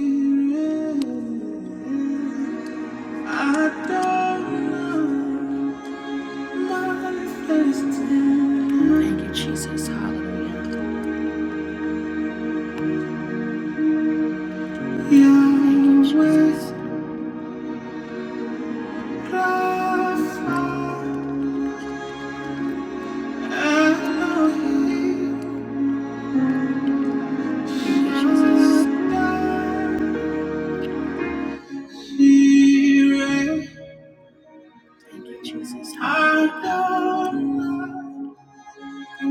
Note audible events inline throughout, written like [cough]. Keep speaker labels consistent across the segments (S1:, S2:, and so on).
S1: I don't know my destiny. Your ways glorify Elohim. I don't see it. I don't know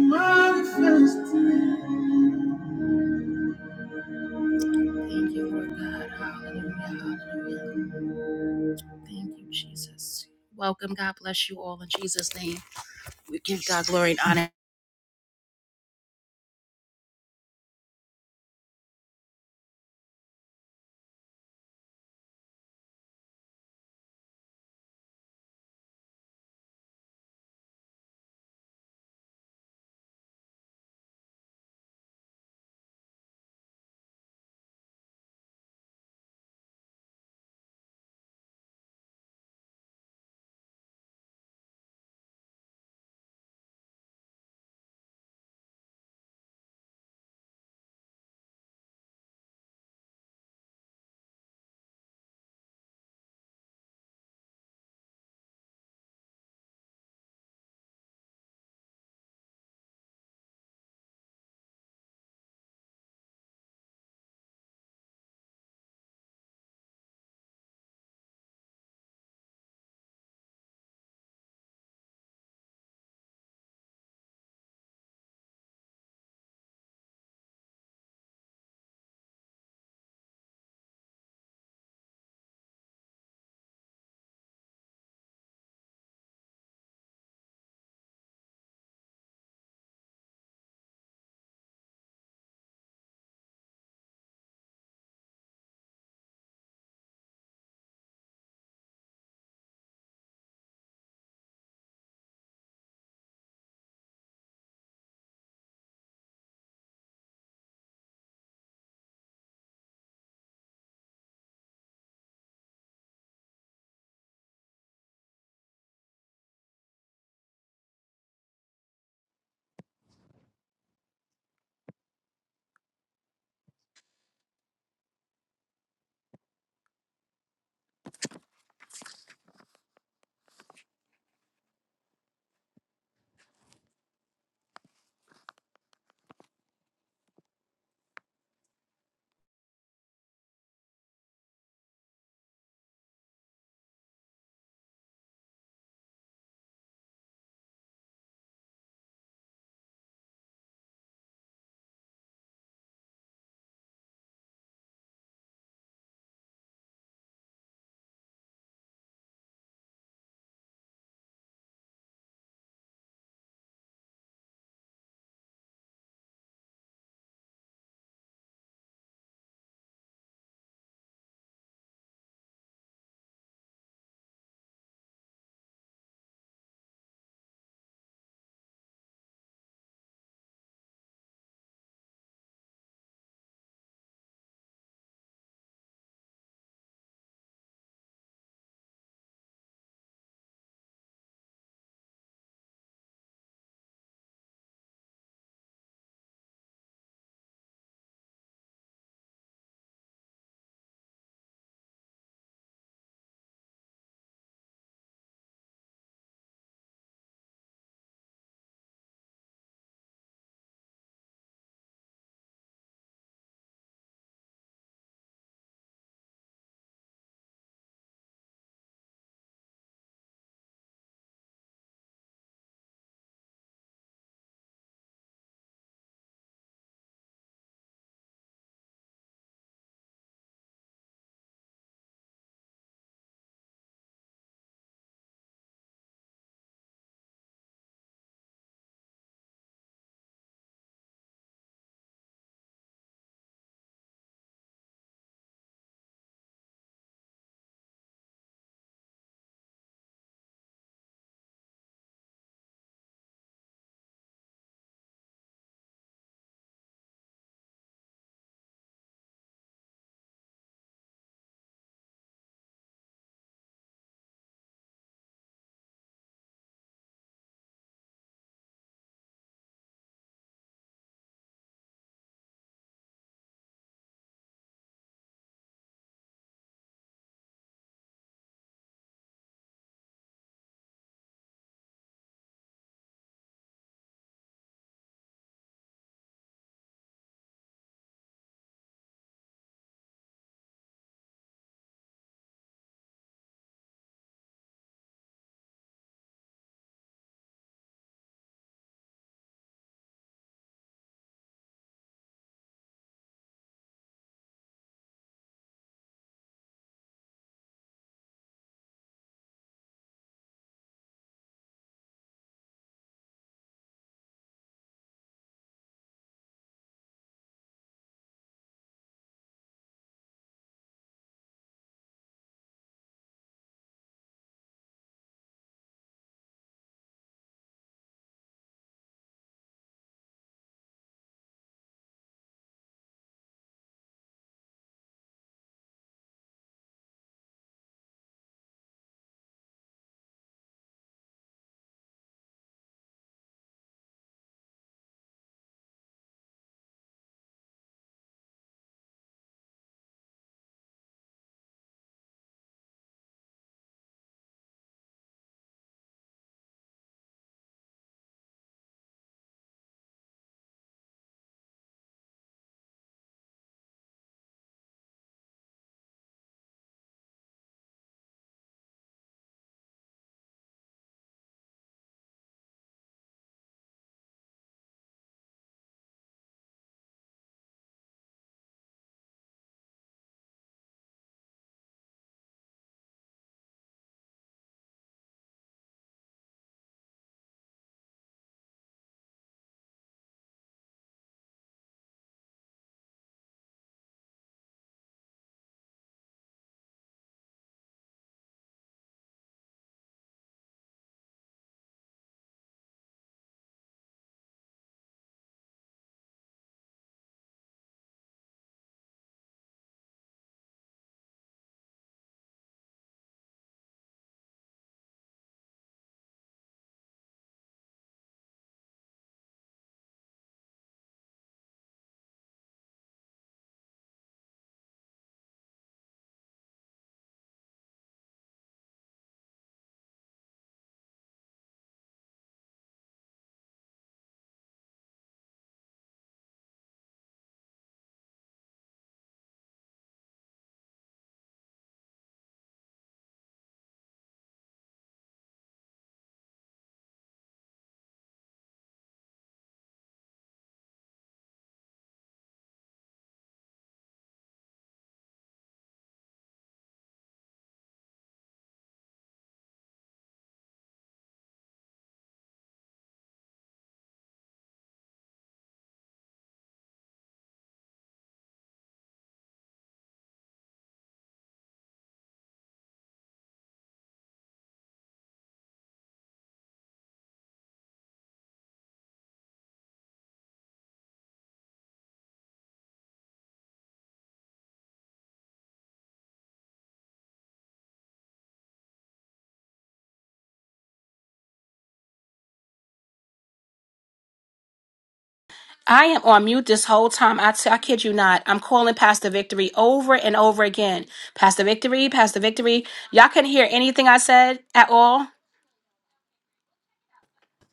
S1: I am on mute this whole time. I t- I kid you not. I'm calling Pastor Victory over and over again. Pastor Victory, Pastor Victory. Y'all couldn't hear anything I said at all.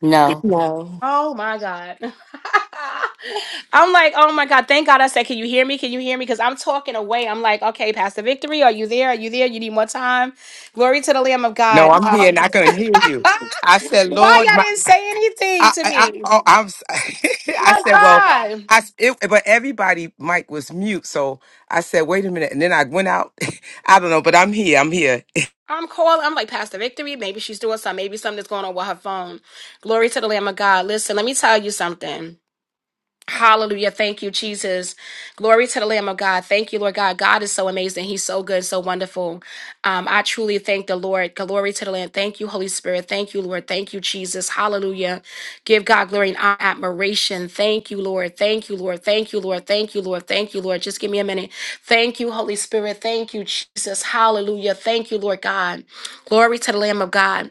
S2: No.
S3: No,
S1: Oh my God. [laughs] I'm like, oh my God. Thank God I said, can you hear me? Can you hear me? Because I'm talking away. I'm like, okay, Pastor Victory, are you there? Are you there? You need more time? Glory to the Lamb of
S4: No,
S1: God.
S4: I'm here
S1: Um,
S4: and I couldn't hear you. I said,
S1: why
S4: Lord,
S1: y'all
S4: my,
S1: didn't say anything
S4: I,
S1: to
S4: I, I,
S1: me?
S4: oh, I'm, s- [laughs] I
S1: My
S4: said, well,
S1: God.
S4: I, s- it, but everybody, Mike was mute. So I said, wait a minute. And then I went out. [laughs] I don't know, but I'm here. I'm here.
S1: I'm calling. I'm like, Pastor Victory, maybe she's doing something. Maybe something that's going on with her phone. Glory to the Lamb of God. Listen, let me tell you something. Hallelujah. Thank you, Jesus. Glory to the Lamb of God. Thank you, Lord God. God is so amazing. He's so good, so wonderful. Um, I truly thank the Lord. Glory to the Lamb. Thank you, Holy Spirit. Thank you, Lord. Thank you, Jesus. Hallelujah. Give God glory and honor, admiration. Thank you, Lord. Thank you, Lord. Thank you, Lord. Thank you, Lord. Thank you, Lord. Just give me a minute. Thank you, Holy Spirit. Thank you, Jesus. Hallelujah. Thank you, Lord God. Glory to the Lamb of God.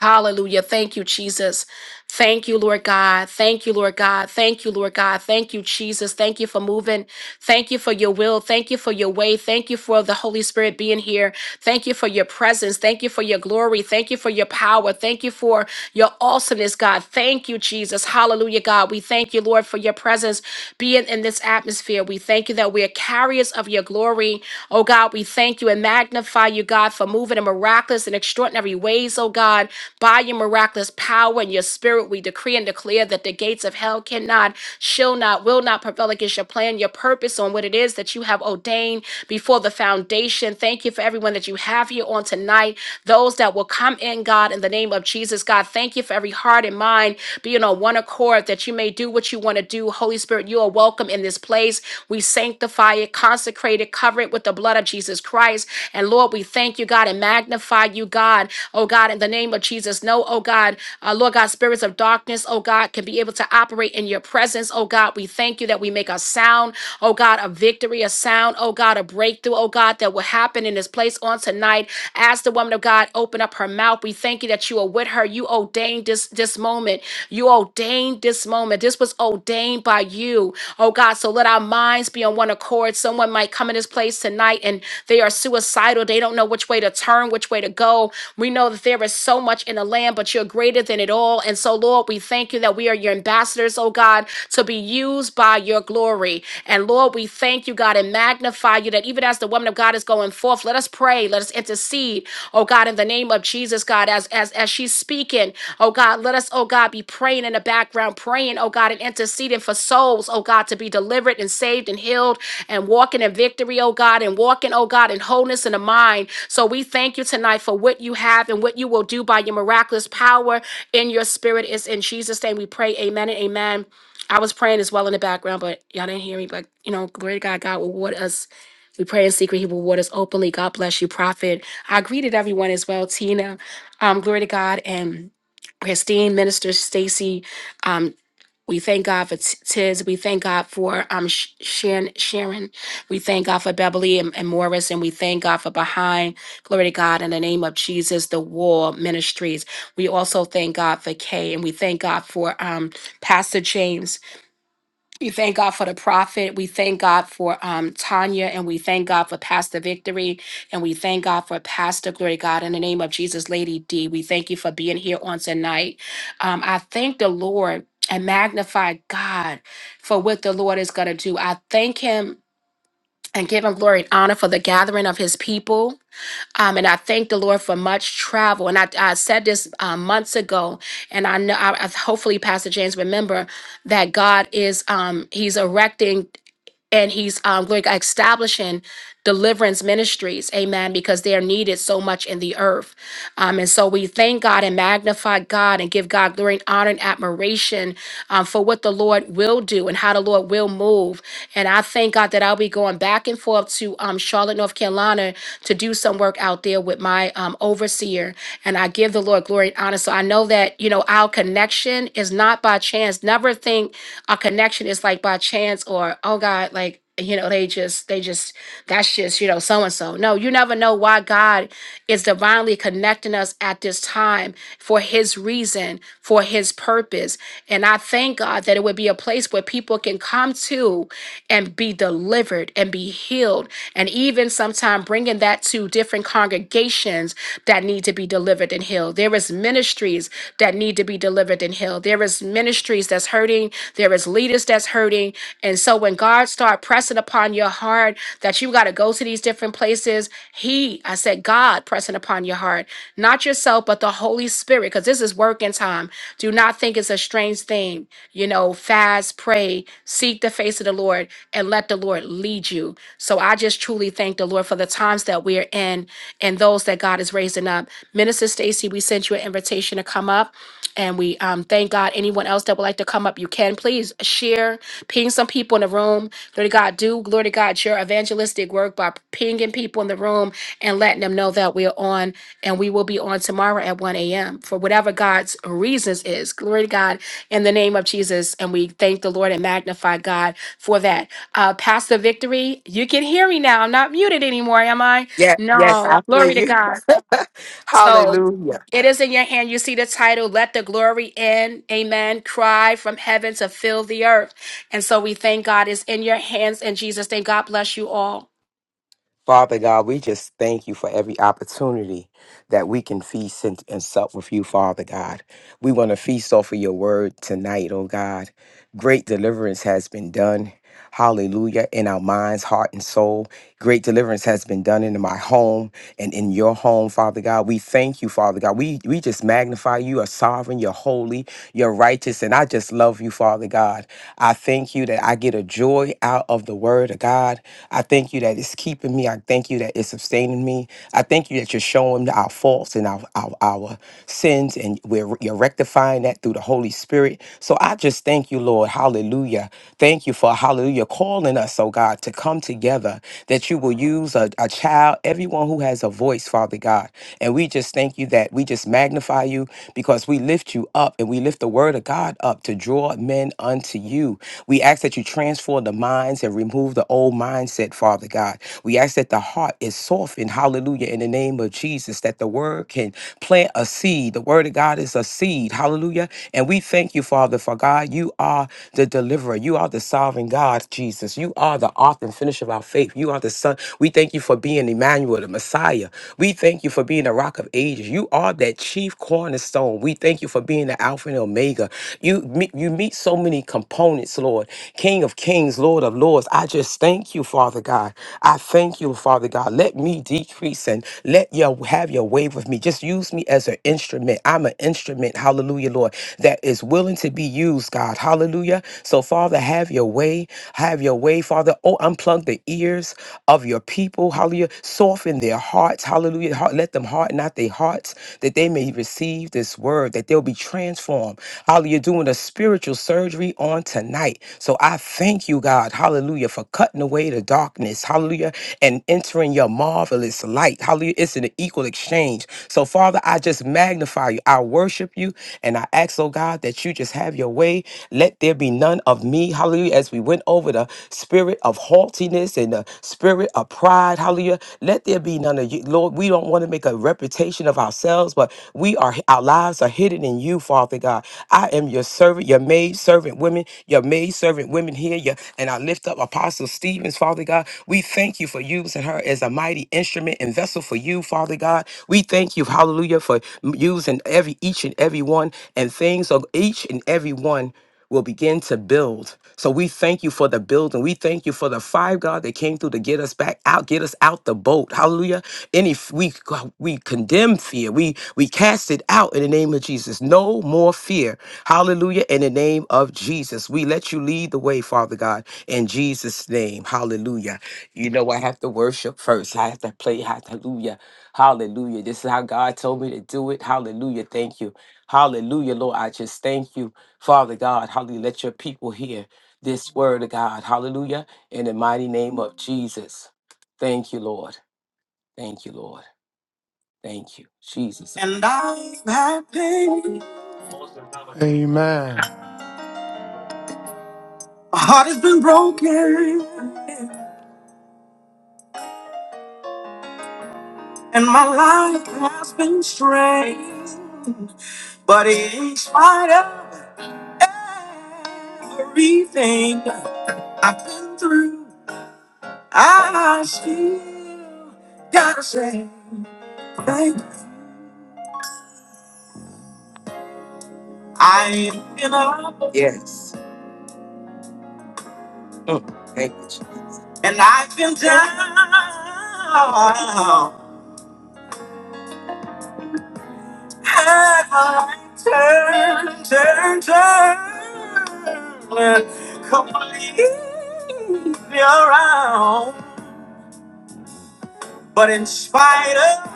S1: Hallelujah. Thank you, Jesus. Thank you, Lord God. Thank you, Lord God. Thank you, Lord God. Thank you, Jesus. Thank you for moving. Thank you for your will. Thank you for your way. Thank you for the Holy Spirit being here. Thank you for your presence. Thank you for your glory. Thank you for your power. Thank you for your awesomeness, God. Thank you, Jesus. Hallelujah, God. We thank you, Lord, for your presence being in this atmosphere. We thank you that we are carriers of your glory. Oh, God, we thank you and magnify you, God, for moving in miraculous and extraordinary ways, oh, God. By your miraculous power and your spirit, we decree and declare that the gates of hell cannot, shall not, will not prevail against your plan, your purpose on what it is that you have ordained before the foundation. Thank you for everyone that you have here on tonight those that will come in, God, in the name of Jesus. God, thank you for every heart and mind being on one accord that you may do what you want to do. Holy Spirit, you are welcome in this place. We sanctify it, consecrate it, cover it with the blood of Jesus Christ. And Lord, we thank you, God, and magnify you, God. Oh God, in the name of Jesus. No, oh God, uh, Lord God, spirits of darkness, oh God, can be able to operate in your presence. Oh God, we thank you that we make a sound, oh God, a victory, a sound, oh God, a breakthrough, oh God, that will happen in this place on tonight. As the woman woman of God open up her mouth. We thank you that you are with her. You ordained this this moment. You ordained this moment. This was ordained by you. Oh God, so let our minds be on one accord. Someone might come in this place tonight and they are suicidal. They don't know which way to turn, which way to go. We know that there is so much in the land, but you're greater than it all. And so, Lord, we thank you that we are your ambassadors, oh God, to be used by your glory. And Lord, we thank you, God, and magnify you that even as the woman of God is going forth, let us pray, let us intercede, Oh God, in the name of Jesus, God, as as as she's speaking, oh God, let us, oh God, be praying in the background, praying, oh God, and interceding for souls, oh God, to be delivered and saved and healed and walking in victory, oh God, and walking, oh God, in wholeness in the mind. So we thank you tonight for what you have and what you will do by your miraculous power in your spirit. It's in Jesus' name we pray. Amen and amen. I was praying as well in the background, but y'all didn't hear me. But you know, glory to God, God will reward us. We pray in secret, He will reward us openly. God bless you, prophet. I greeted everyone as well, Tina. Um, glory to God and Christine, Minister Stacy. Um, we thank God for T- Tiz. We thank God for um, Sh- Sharon, Sharon. We thank God for Beverly and, and Morris. And we thank God for Behind. Glory to God in the name of Jesus, the War Ministries. We also thank God for Kay. And we thank God for um, Pastor James. We thank God for the prophet. We thank God for um, Tanya, and we thank God for Pastor Victory, and we thank God for Pastor Glory God. In the name of Jesus, Lady D, we thank you for being here on tonight. Um, I thank the Lord and magnify God for what the Lord is going to do. I thank Him and give Him glory and honor for the gathering of His people. Um, and I thank the Lord for much travel. And I, I said this uh, months ago, and I know I, I- hopefully Pastor James remember that God is um, He's erecting and he's um, going to establishing deliverance ministries amen because they are needed so much in the earth um, and so we thank god and magnify god and give god glory and honor and admiration um, for what the lord will do and how the lord will move and i thank god that i'll be going back and forth to um, charlotte north carolina to do some work out there with my um, overseer and I give the Lord glory and honor. So I know that, you know, our connection is not by chance. Never think our connection is like by chance or, oh God, like, you know, they just, they just, that's just, you know, so and so. No, you never know why God is divinely connecting us at this time for his reason, for his purpose. And I thank God that it would be a place where people can come to and be delivered and be healed. And even sometimes bringing that to different congregations that need to be delivered and healed. There is ministries that need to be delivered and healed. There is ministries that's hurting. There is leaders that's hurting. And so when God start pressing upon your heart that you got to go to these different places, He, I said, God pressing upon your heart, not yourself, but the Holy Spirit, because this is working time. Do not think it's a strange thing. You know, fast, pray, seek the face of the Lord, and let the Lord lead you. So I just truly thank the Lord for the times that we are in and those that God is raising up. Minister Stacy, we sent you an invitation to come up. And we um, thank God. Anyone else that would like to come up, you can please share, ping some people in the room. Glory to God, do glory to God your evangelistic work by pinging people in the room and letting them know that we're on and we will be on tomorrow at 1 a.m. for whatever God's reasons is. Glory to God in the name of Jesus. And we thank the Lord and magnify God for that. Uh, Pastor Victory, you can hear me now. I'm not muted anymore, am I?
S4: Yeah. Yes. I
S1: No,
S4: hear
S1: glory to
S4: you.
S1: God.
S4: [laughs]
S1: So
S4: Hallelujah.
S1: it is in your hand. You see the title, Let the Glory In. Amen. Cry from heaven to fill the earth. And so we thank God it's in your hands. And Jesus, thank God bless you all.
S4: Father God, we just thank you for every opportunity that we can feast and, and sup with you, Father God. We want to feast off of your word tonight, oh God. Great deliverance has been done. Hallelujah. In our minds, heart, and soul. Great deliverance has been done in my home and in your home, Father God. We thank you, Father God. We we just magnify you. You're sovereign, you're holy, you're righteous. And I just love you, Father God. I thank you that I get a joy out of the word of God. I thank you that it's keeping me. I thank you that it's sustaining me. I thank you that you're showing our faults and our, our, our sins and we're, you're rectifying that through the Holy Spirit. So I just thank you, Lord. Hallelujah. Thank you for hallelujah calling us, oh God, to come together that you will use a, a child, everyone who has a voice, Father God. And we just thank you that we just magnify you because we lift you up and we lift the word of God up to draw men unto you. We ask that you transform the minds and remove the old mindset, Father God. We ask that the heart is softened, hallelujah, in the name of Jesus, that the the word can plant a seed. The word of God is a seed. Hallelujah. And we thank you, Father, for God. You are the deliverer. You are the sovereign God, Jesus. You are the author and finish of our faith. You are the Son. We thank you for being Emmanuel, the Messiah. We thank you for being the rock of ages. You are that chief cornerstone. We thank you for being the Alpha and Omega. You meet, you meet so many components, Lord. King of kings, Lord of lords. I just thank you, Father God. I thank you, Father God. Let me decrease increase and let your have your way with me. Just use me as an instrument. I'm an instrument, hallelujah, Lord, that is willing to be used, God. Hallelujah. So, Father, have your way. Have your way, Father. Oh, unplug the ears of your people. Hallelujah. Soften their hearts. Hallelujah. Heart- Let them harden not their hearts that they may receive this word, that they'll be transformed. Hallelujah. Doing a spiritual surgery on tonight. So I thank you, God. Hallelujah. For cutting away the darkness. Hallelujah And and entering your marvelous light. Hallelujah. It's an equal exchange. So, Father, I just magnify you. I worship you. And I ask, oh God, that you just have your way. Let there be none of me. Hallelujah. As we went over the spirit of haughtiness and the spirit of pride. Hallelujah. Let there be none of you. Lord, we don't want to make a reputation of ourselves, but we are our lives are hidden in you, Father God. I am your servant, your maid servant women, your maid servant women here. Your, and I lift up Apostle Stevens hands, Father God. We thank you for using her as a mighty instrument and vessel for you, Father God. We thank you, hallelujah, for m- using every each and every one and things of each and every one will begin to build. So we thank you for the building. We thank you for the five God that came through to get us back out, get us out the boat. Hallelujah. Any f- we c- we condemn fear. We we cast it out in the name of Jesus. No more fear. Hallelujah. In the name of Jesus. We let you lead the way, Father God in Jesus' name. Hallelujah. You know, I have to worship first. I have to play hallelujah. Hallelujah. This is how God told me to do it. Hallelujah. Thank you. Hallelujah, Lord. I just thank you, Father God. Hallelujah. Let your people hear this word of God. Hallelujah. In the mighty name of Jesus. Thank you, Lord. Thank you, Lord. Thank you, Jesus. And pain,
S5: Amen.
S4: my heart has been broken, and my life has been strained. But in spite of everything I've been through, I still gotta say thank you. I've been up. Yes. Mm, thank you. Jesus. And I've been down. Had my turn, turn, turn. Completely around. But in spite of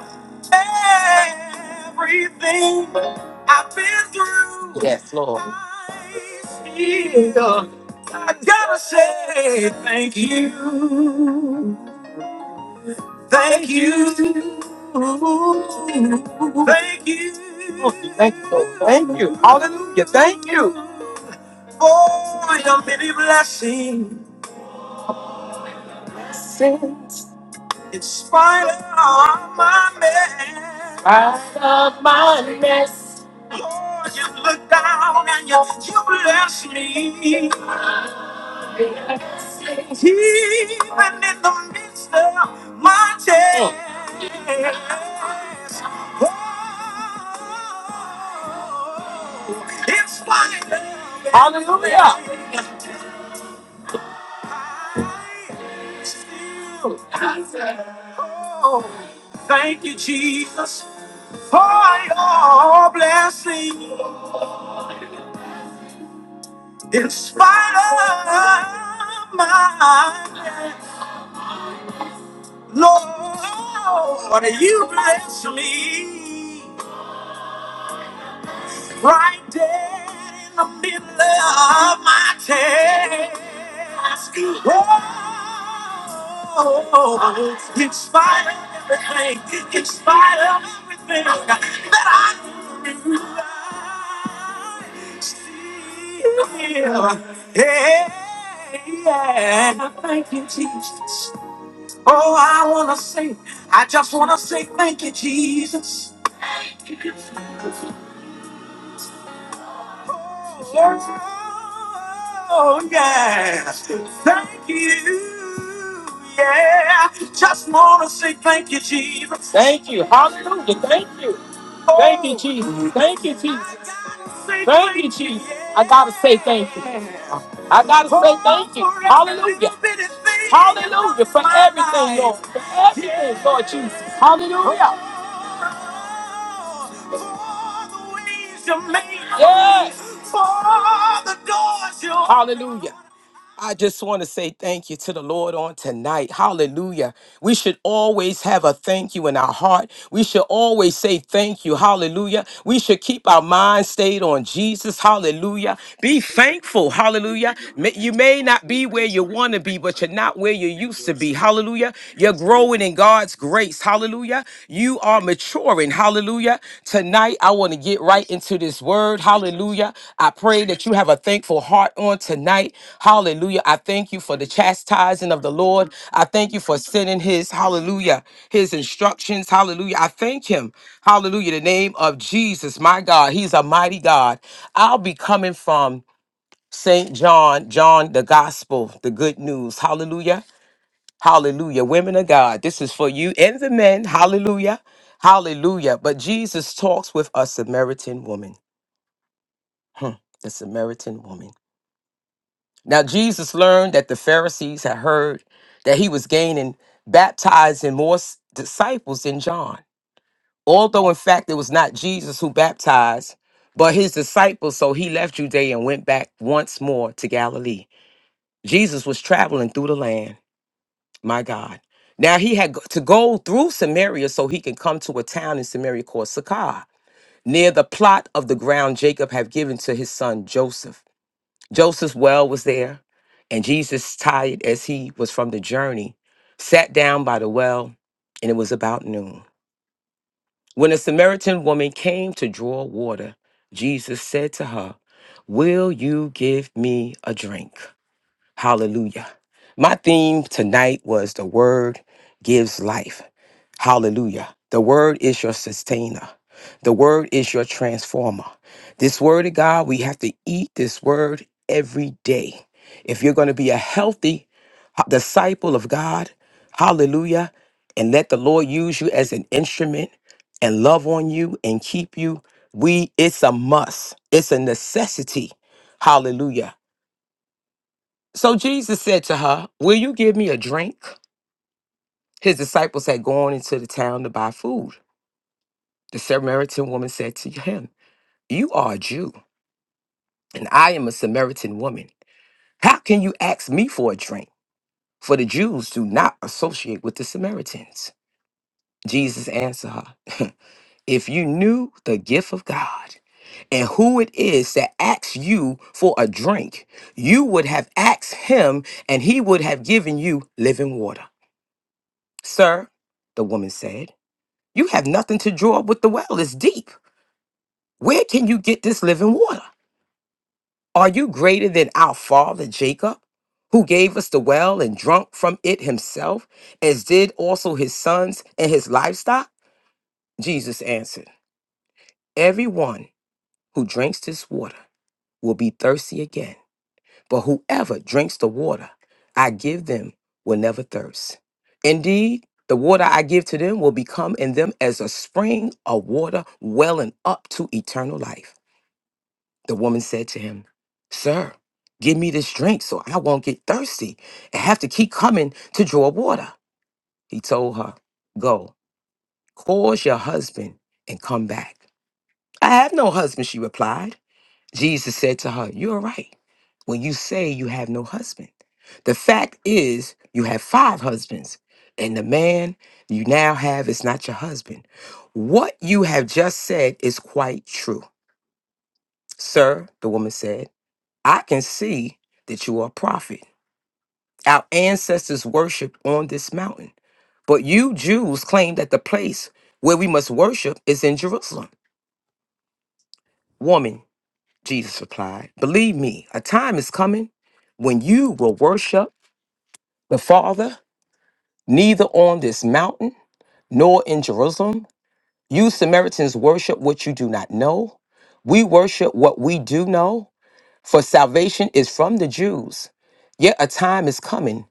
S4: everything I've been through, yes, Lord. I still- I gotta say thank you, thank you, thank you, thank you, thank you, hallelujah, thank you for your many blessings in spite of all my mess. Lord, you look down and you, you bless me. Even in the midst of my test. Oh, in spite of it, Hallelujah. I still Oh, thank you, Jesus, for your blessing. In spite of my Lord, you bless me. right there in the middle of my task. Oh, in spite of everything, in spite of everything that I knew, I still, yeah, yeah. Thank you, Jesus. Oh, I wanna say, I just wanna say thank you, Jesus. Oh, yeah. Thank you. Yeah. Just want to say thank you, Jesus. Thank you. Hallelujah. Thank you. Thank you, Jesus. Thank you, Jesus. Thank you, Jesus. I gotta say thank you. I gotta say thank you. Hallelujah. Hallelujah for everything, Lord. For everything, Lord Jesus. Hallelujah. Yes. Hallelujah. I just want to say thank you to the Lord on tonight. Hallelujah. We should always have a thank you in our heart. We should always say thank you. Hallelujah. We should keep our mind stayed on Jesus. Hallelujah. Be thankful. Hallelujah. May- You may not be where you want to be, but you're not where you used to be. Hallelujah. You're growing in God's grace. Hallelujah you are maturing. Hallelujah. Tonight, I want to get right into this word. Hallelujah. I pray that you have a thankful heart on tonight. Hallelujah. I thank you for the chastising of the Lord. I thank you for sending his, hallelujah, his instructions. Hallelujah. I thank him. Hallelujah. The name of Jesus, my God. He's a mighty God. I'll be coming from St. John, John, the gospel, the good news. Hallelujah. Hallelujah. Women of God, this is for you and the men. Hallelujah. Hallelujah. But Jesus talks with a Samaritan woman. Hmm, the Samaritan woman. Now, Jesus learned that the Pharisees had heard that he was gaining, baptizing more s- disciples than John. Although, in fact, it was not Jesus who baptized, but his disciples. So he left Judea and went back once more to Galilee. Jesus was traveling through the land. My God. Now he had go- to go through Samaria so he can come to a town in Samaria called Sychar, near the plot of the ground Jacob had given to his son Joseph. Joseph's well was there, and Jesus, tired as he was from the journey, sat down by the well, and it was about noon. When a Samaritan woman came to draw water, Jesus said to her, Will you give me a drink? Hallelujah. My theme tonight was the word gives life. Hallelujah. The word is your sustainer. The word is your transformer. This word of God, we have to eat this word every day. If you're going to be a healthy uh, disciple of God, hallelujah, and let the Lord use you as an instrument and love on you and keep you, we it's a must. It's a necessity. Hallelujah. So Jesus said to her, "Will you give me a drink?" His disciples had gone into the town to buy food. The Samaritan woman said to him, You are a Jew, and I am a Samaritan woman. How can you ask me for a drink? For the Jews do not associate with the Samaritans. Jesus answered her, [laughs] If you knew the gift of God and who it is that asks you for a drink, you would have asked him, and he would have given you living water. Sir, the woman said, You have nothing to draw up with the well, is deep. Where can you get this living water? Are you greater than our father Jacob, who gave us the well and drunk from it himself, as did also his sons and his livestock? Jesus answered, Everyone who drinks this water will be thirsty again, but whoever drinks the water I give them will never thirst. Indeed, the water I give to them will become in them as a spring of water welling up to eternal life. The woman said to him, Sir, give me this drink so I won't get thirsty and have to keep coming to draw water. He told her, Go, call your husband and come back. I have no husband, she replied. Jesus said to her, You're right when you say you have no husband. The fact is, you have five husbands, and the man you now have is not your husband. What you have just said is quite true. Sir, the woman said. I can see that you are a prophet. Our ancestors worshiped on this mountain. But you Jews claim that the place where we must worship is in Jerusalem. Woman, Jesus replied, believe me, a time is coming when you will worship the Father neither on this mountain nor in Jerusalem. You Samaritans worship what you do not know. We worship what we do know For salvation is from the Jews. Yet a time is coming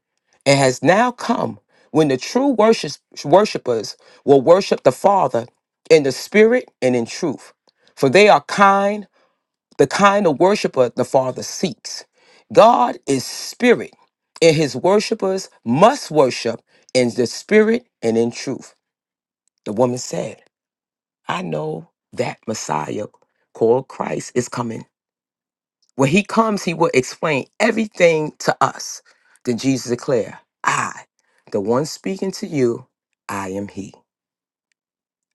S4: and has now come when the true worship- worshipers will worship the Father in the Spirit and in truth. For they are kind, the kind of worshiper the Father seeks. God is spirit, and his worshipers must worship in the spirit and in truth. The woman said, I know that Messiah called Christ is coming. When he comes, he will explain everything to us. Then Jesus declared, I, the one speaking to you, I am he.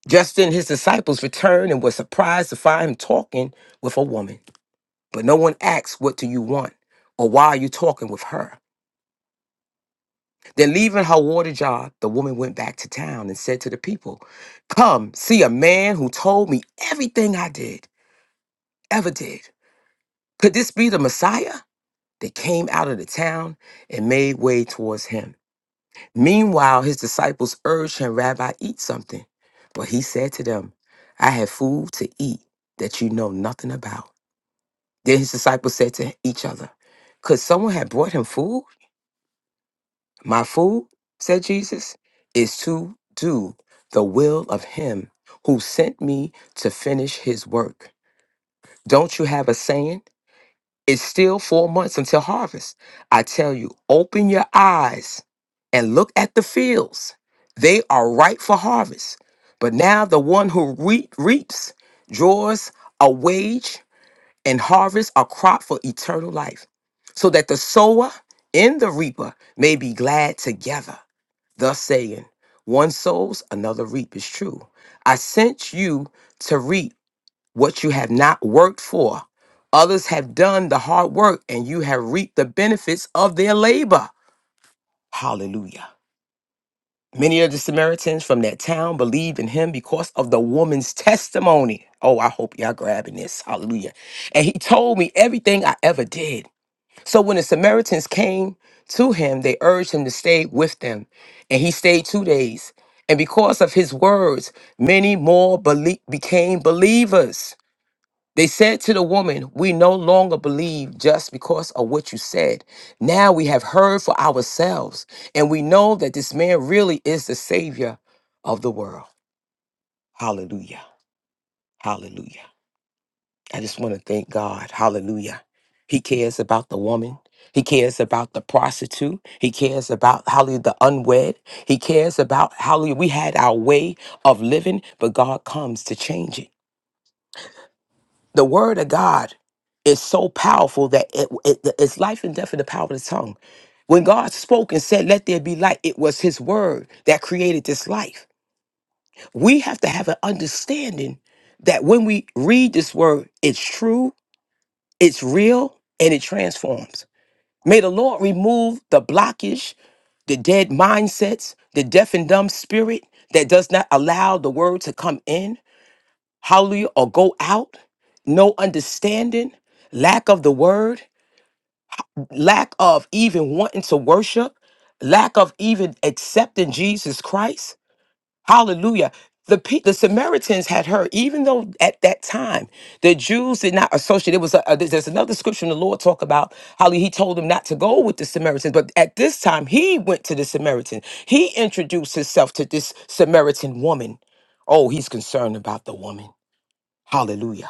S4: Just then his disciples returned and were surprised to find him talking with a woman. But no one asked, What do you want? Or why are you talking with her? Then leaving her water jar, the woman went back to town and said to the people, Come, see a man who told me everything I did, ever did. Could this be the Messiah? They came out of the town and made way towards him. Meanwhile, his disciples urged him, Rabbi, eat something. But he said to them, I have food to eat that you know nothing about. Then his disciples said to each other, Could someone have brought him food? My food, said Jesus, is to do the will of him who sent me to finish his work. Don't you have a saying? It's still four months until harvest. I tell you, open your eyes and look at the fields. They are ripe for harvest. But now the one who re- reaps draws a wage and harvests a crop for eternal life, so that the sower and the reaper may be glad together. Thus saying, one sows, another reap is true. I sent you to reap what you have not worked for. Others have done the hard work and you have reaped the benefits of their labor. Hallelujah. Many of the Samaritans from that town believed in him because of the woman's testimony. Oh, I hope y'all grabbing this. Hallelujah. And he told me everything I ever did. So when the Samaritans came to him, they urged him to stay with them. And he stayed two days. And because of his words, many more belie- became believers. They said to the woman, We no longer believe just because of what you said. Now we have heard for ourselves, and we know that this man really is the Savior of the world. Hallelujah. Hallelujah. I just want to thank God. Hallelujah. He cares about the woman. He cares about the prostitute. He cares about hallelujah the unwed. He cares about hallelujah. We had our way of living, but God comes to change it. the word of God is so powerful that it, it- it's life and death in the power of the tongue. When God spoke and said, Let there be light, it was his word that created this life. We have to have an understanding that when we read this word, it's true, it's real, and it transforms. May the Lord remove the blockage, the dead mindsets, the deaf and dumb spirit that does not allow the word to come in hallelujah, or go out, no understanding, lack of the word, lack of even wanting to worship, lack of even accepting Jesus Christ. Hallelujah. The, pe- the Samaritans had heard, even though at that time the Jews did not associate. It was a, a- there's another scripture in the Lord talk about how he told them not to go with the Samaritans, but at this time he went to the Samaritan. He introduced himself to this Samaritan woman. Oh, he's concerned about the woman. Hallelujah.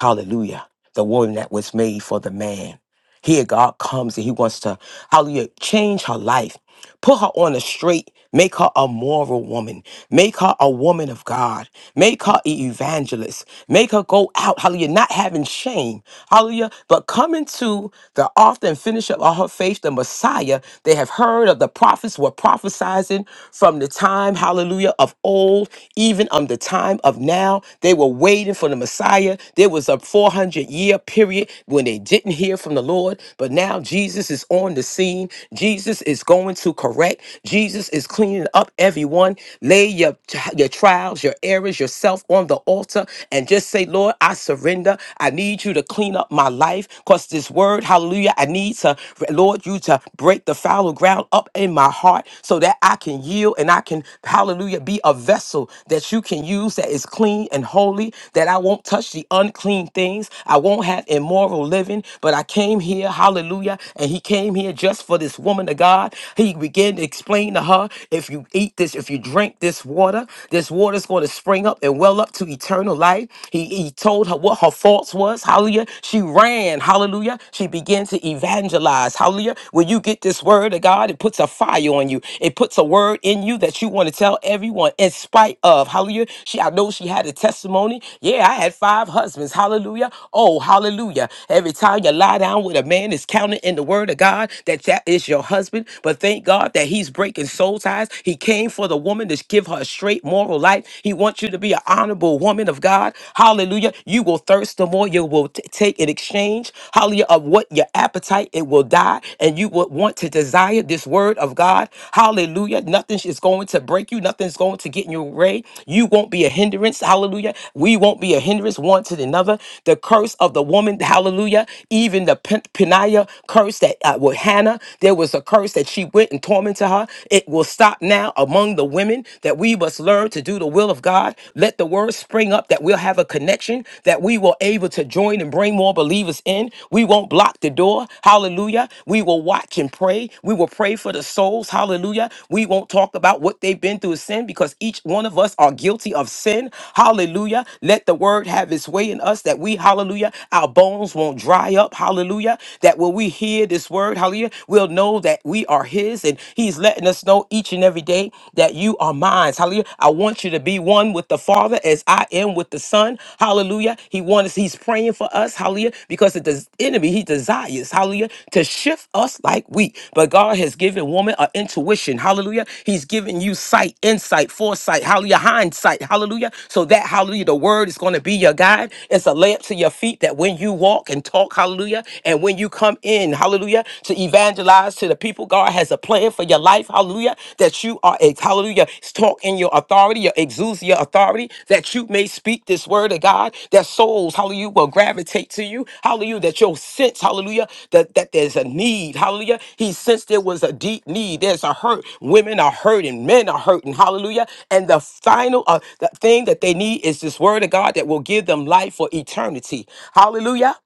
S4: Hallelujah. The woman that was made for the man. Here, God comes and He wants to, hallelujah, change her life, put her on the straight, make her a moral woman, make her a woman of God, make her an evangelist, make her go out, hallelujah, not having shame, hallelujah, but coming to the author and finisher of her faith, the Messiah. They have heard of the prophets were prophesizing from the time, hallelujah, of old, even on the time of now. They were waiting for the Messiah. There was a 400 year period when they didn't hear from the Lord the Lord, but now Jesus is on the scene. Jesus is going to correct. Jesus is cleaning up everyone. Lay your, your trials, your errors, yourself on the altar and just say, Lord, I surrender. I need you to clean up my life because this word, hallelujah, I need to, Lord, you to break the fallow ground up in my heart so that I can yield and I can, hallelujah, be a vessel that you can use that is clean and holy, that I won't touch the unclean things. I won't have immoral living, but I can came here, hallelujah, and he came here just for this woman of God. He began to explain to her, if you eat this, if you drink this water, this water is going to spring up and well up to eternal life. He, he told her what her faults was, hallelujah. She ran, hallelujah. She began to evangelize, hallelujah. When you get this word of God, it puts a fire on you. It puts a word in you that you want to tell everyone in spite of, hallelujah. She, I know she had a testimony. Yeah, I had five husbands, hallelujah. Oh, hallelujah. Every time you lie down with a man is counted in the word of God, that that is your husband. But thank God that he's breaking soul ties. He came for the woman to give her a straight moral life. He wants you to be an honorable woman of God. Hallelujah. You will thirst the more you will t- take in exchange. Hallelujah. Of what your appetite, it will die. And you will want to desire this word of God. Hallelujah. Nothing is going to break you. Nothing's going to get in your way. You won't be a hindrance. Hallelujah. We won't be a hindrance one to the another. The curse of the woman, hallelujah, even the Pen- Peniah curse that uh, with Hannah, there was a curse that she went and tormented her. It will stop now among the women that we must learn to do the will of God. Let the word spring up that we'll have a connection, that we will able to join and bring more believers in. We won't block the door. Hallelujah. We will watch and pray. We will pray for the souls. Hallelujah. We won't talk about what they've been through in sin because each one of us are guilty of sin. Hallelujah. Let the word have its way in us that we, hallelujah, our bones won't dry dry up. Hallelujah. That when we hear this word, hallelujah, we'll know that we are His and He's letting us know each and every day that you are mine. Hallelujah. I want you to be one with the Father as I am with the Son. Hallelujah. He wants, He's praying for us. Hallelujah. Because the enemy, He desires, hallelujah, to shift us like wheat. But God has given woman an intuition. Hallelujah. He's given you sight, insight, foresight. Hallelujah. Hindsight. Hallelujah. So that, hallelujah, the word is going to be your guide. It's a lamp to your feet that when you walk and walk and talk. Hallelujah. And when you come in, hallelujah, to evangelize to the people, God has a plan for your life. Hallelujah. That you are, ex- hallelujah, talk in your authority, your exudes your authority, that you may speak this word of God, that souls, hallelujah, will gravitate to you. Hallelujah. That you'll sense, hallelujah, that, that there's a need. Hallelujah. He sensed there was a deep need. There's a hurt. Women are hurting. Men are hurting. Hallelujah. And the final uh, the thing that they need is this word of God that will give them life for eternity. Hallelujah.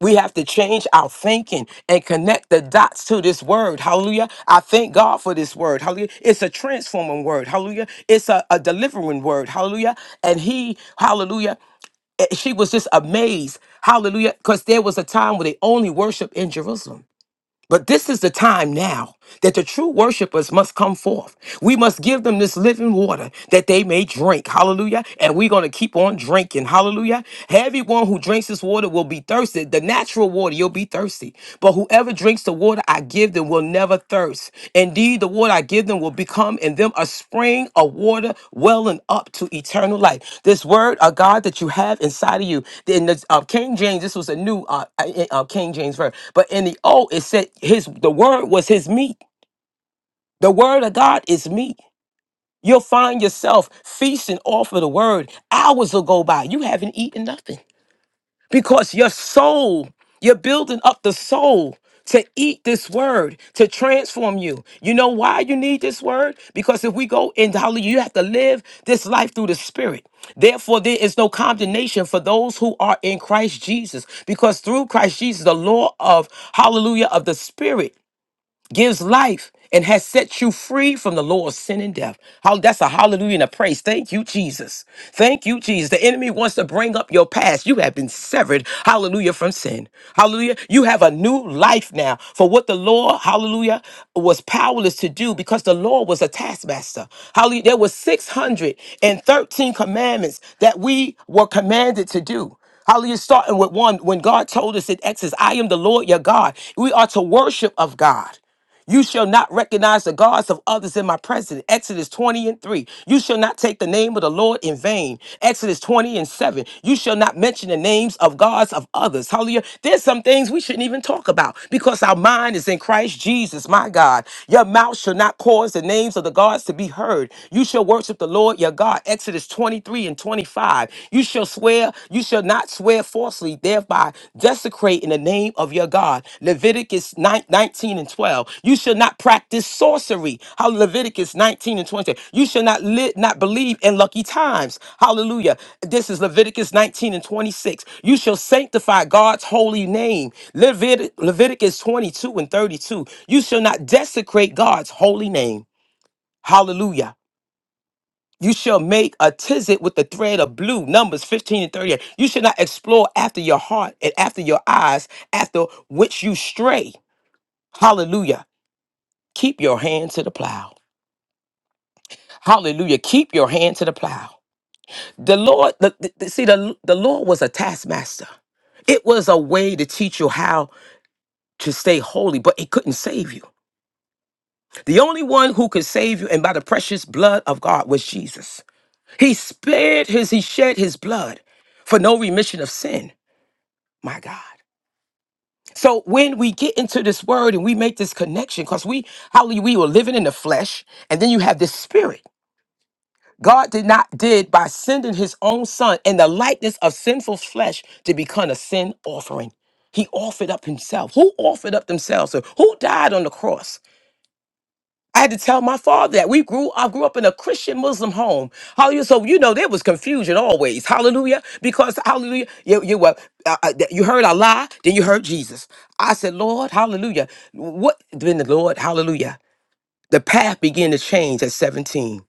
S4: We have to change our thinking and connect the dots to this word. Hallelujah. I thank God for this word. Hallelujah. It's a transforming word. Hallelujah. It's a, a delivering word. Hallelujah. And he, hallelujah, eh, she was just amazed. Hallelujah. Because there was a time where they only worshiped in Jerusalem. But this is the time now that the true worshipers must come forth. We must give them this living water that they may drink. Hallelujah. And we're going to keep on drinking. Hallelujah. Everyone who drinks this water will be thirsty. The natural water, you'll be thirsty. But whoever drinks the water I give them, will never thirst. Indeed, the water I give them will become in them a spring of water welling up to eternal life. This word of God that you have inside of you, in the uh, King James, this was a new uh, uh, uh, King James verse, but in the old, it said his the word was his meat. The word of God is meat. You'll find yourself feasting off of the word. Hours will go by. You haven't eaten nothing because your soul, you're building up the soul to eat this word to transform you. You know why you need this word? Because if we go into hallelujah, you have to live this life through the spirit. Therefore, there is no condemnation for those who are in Christ Jesus, because through Christ Jesus, the law of hallelujah of the spirit gives life and has set you free from the law of sin and death. How that's a hallelujah and a praise. Thank you, Jesus. Thank you, Jesus. The enemy wants to bring up your past. You have been severed, hallelujah, from sin. Hallelujah. You have a new life now for what the law, hallelujah, was powerless to do because the law was a taskmaster. Hallelujah. There were 613 commandments that we were commanded to do. Hallelujah. Starting with one, when God told us in Exodus, I am the Lord your God. We are to worship of God. You shall not recognize the gods of others in my presence. Exodus 20 and 3. You shall not take the name of the Lord in vain. Exodus 20 and 7. You shall not mention the names of gods of others. Hallelujah. There's some things we shouldn't even talk about because our mind is in Christ Jesus, my God. Your mouth shall not cause the names of the gods to be heard. You shall worship the Lord your God. Exodus 23 and 25. You shall swear you shall not swear falsely, thereby desecrating the name of your God. Leviticus 9, 19 and 12. You shall not practice sorcery. How Leviticus 19 and 20. You shall not li- not believe in lucky times. Hallelujah. This is Leviticus 19 and 26. You shall sanctify God's holy name. Levit- Leviticus 22 and 32. You shall not desecrate God's holy name. Hallelujah. You shall make a tizzit with the thread of blue, Numbers 15 and 38. You should not explore after your heart and after your eyes, after which you stray. Hallelujah. Keep your hand to the plow. Hallelujah. Keep your hand to the plow. The Lord, the, the- the- see, the, the Lord was a taskmaster. It was a way to teach you how to stay holy, but it couldn't save you. The only one who could save you, and by the precious blood of God, was Jesus. He spared his, he shed his blood for no remission of sin. My God. So when we get into this word and we make this connection, because we hallelujah, we were living in the flesh, and then you have this spirit. God did not did by sending his own son in the likeness of sinful flesh to become a sin offering. He offered up himself. Who offered up themselves? Who died on the cross? I had to tell my father that we grew. I grew up in a Christian Muslim home. Hallelujah. So you know there was confusion always. Hallelujah. Because Hallelujah, you you were uh, uh, that you heard Allah, then you heard Jesus. I said, Lord, Hallelujah. What then the Lord, Hallelujah. The path began to change at 17,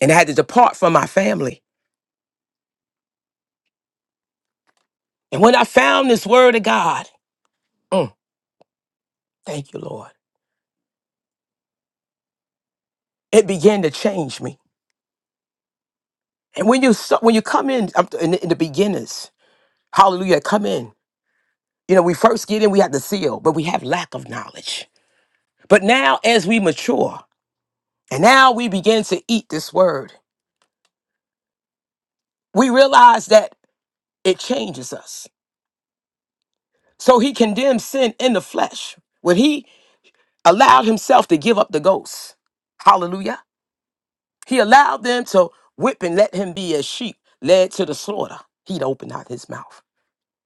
S4: and I had to depart from my family. And when I found this Word of God, mm, thank you, Lord. It began to change me. And when you so- when you come in, I'm- in the in the beginners, Hallelujah, come in. You know, we first get in, we have the seal, but we have lack of knowledge. But now, as we mature and now we begin to eat this word, we realize that it changes us. So he condemned sin in the flesh when he allowed himself to give up the ghost. Hallelujah. He allowed them to whip and let him be as sheep led to the slaughter. He'd open out his mouth.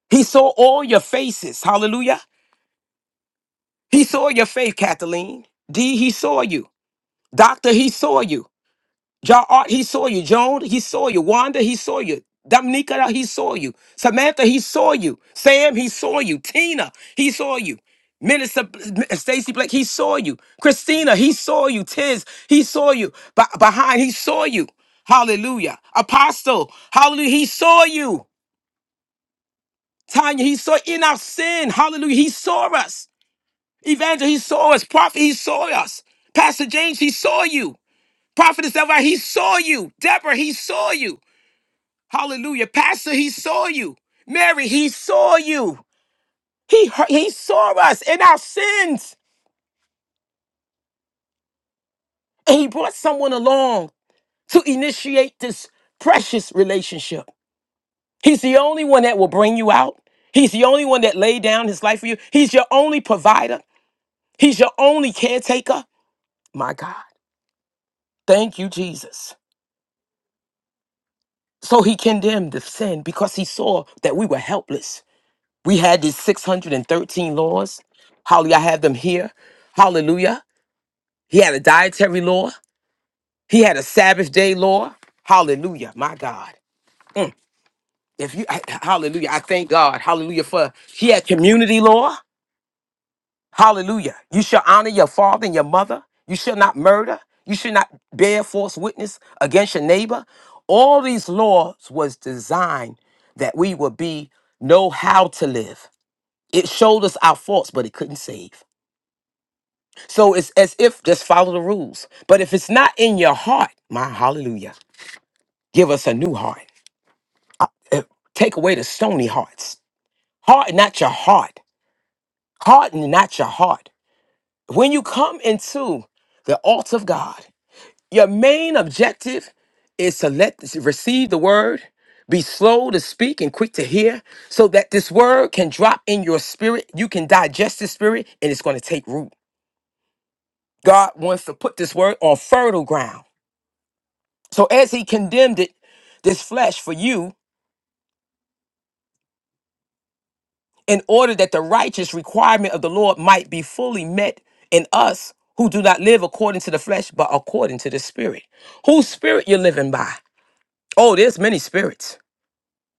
S4: He saw all your faces. Hallelujah. He saw your faith, Kathleen. D, he saw you. Doctor, he saw you. Ja Art, he saw you. Joan, he saw you. Wanda, he saw you. Dominica, uh, he saw you. Samantha, he saw you. Sam, he saw you. Tina, he saw you. Minister Stacy Blake, he saw you. Christina, he saw you. Tiz, he saw you. Ba- behind, he saw you. Hallelujah. Apostle, hallelujah, he saw you. Tanya, he saw in our sin. Hallelujah, he saw us. Evangel, he saw us. Prophet, he saw us. Pastor James, he saw you. Prophetess Elvira, he saw you. Deborah, he saw you. Hallelujah. Pastor, he saw you. Mary, he saw you. He, heard- he saw us in our sins. And he brought someone along to initiate this precious relationship. He's the only one that will bring you out. He's the only one that laid down his life for you. He's your only provider. He's your only caretaker. My God. Thank you, Jesus. So he condemned the sin because he saw that we were helpless. We had these 613 laws. Holly, I have them here. Hallelujah. He had a dietary law. He had a Sabbath day law. Hallelujah, my God. If you I- hallelujah, I thank God. Hallelujah for he had community law. Hallelujah. You shall honor your father and your mother. You shall not murder. You should not bear false witness against your neighbor. All these laws was designed that we would be know how to live. It showed us our faults, but it couldn't save. So it's as if just follow the rules. But if it's not in your heart, my hallelujah. Give us a new heart. Uh, Take away the stony hearts. Harden not your heart. Harden not your heart. When you come into the altar of God, your main objective is to let to receive the word, be slow to speak and quick to hear, so that this word can drop in your spirit. You can digest this spirit, and it's going to take root. God wants to put this word on fertile ground. So as He condemned it, this flesh for you. in order that the righteous requirement of the Lord might be fully met in us who do not live according to the flesh, but according to the spirit. Whose spirit you're living by? Oh, there's many spirits.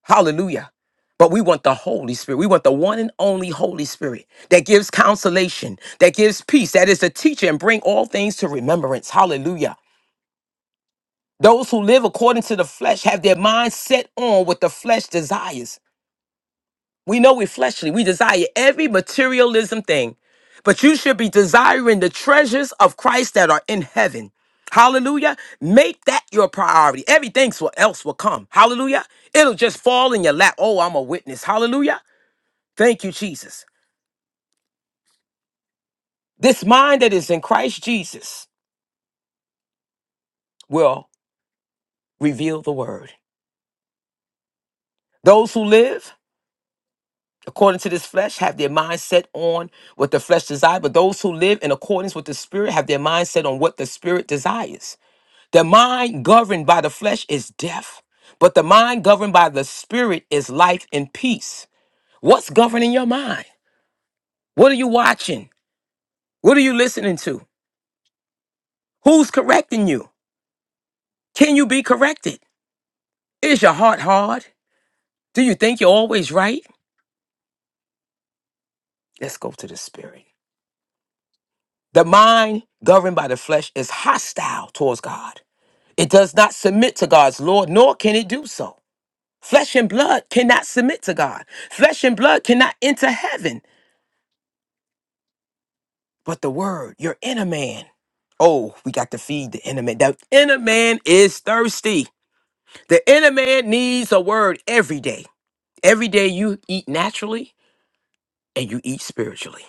S4: Hallelujah. But we want the Holy Spirit. We want the one and only Holy Spirit that gives consolation, that gives peace, that is the teacher and bring all things to remembrance. Hallelujah. Those who live according to the flesh have their minds set on what the flesh desires. We know we're fleshly. We desire every materialism thing, but you should be desiring the treasures of Christ that are in heaven. Hallelujah. Make that your priority. Everything so- else will come. Hallelujah. It'll just fall in your lap. Oh, I'm a witness. Hallelujah. Thank you, Jesus. This mind that is in Christ Jesus will reveal the word. Those who live according to this flesh have their mind set on what the flesh desires, but those who live in accordance with the spirit have their mind set on what the spirit desires. The mind governed by the flesh is death, but the mind governed by the spirit is life and peace. What's governing your mind? What are you watching? What are you listening to? Who's correcting you? Can you be corrected? Is your heart hard? Do you think you're always right? Let's go to the spirit. The mind governed by the flesh is hostile towards God. It does not submit to God's Lord, nor can it do so. Flesh and blood cannot submit to God. Flesh and blood cannot enter heaven. But the word, your inner man. Oh, we got to feed the inner man. The inner man is thirsty. The inner man needs a word every day. Every day you eat naturally and you eat spiritually.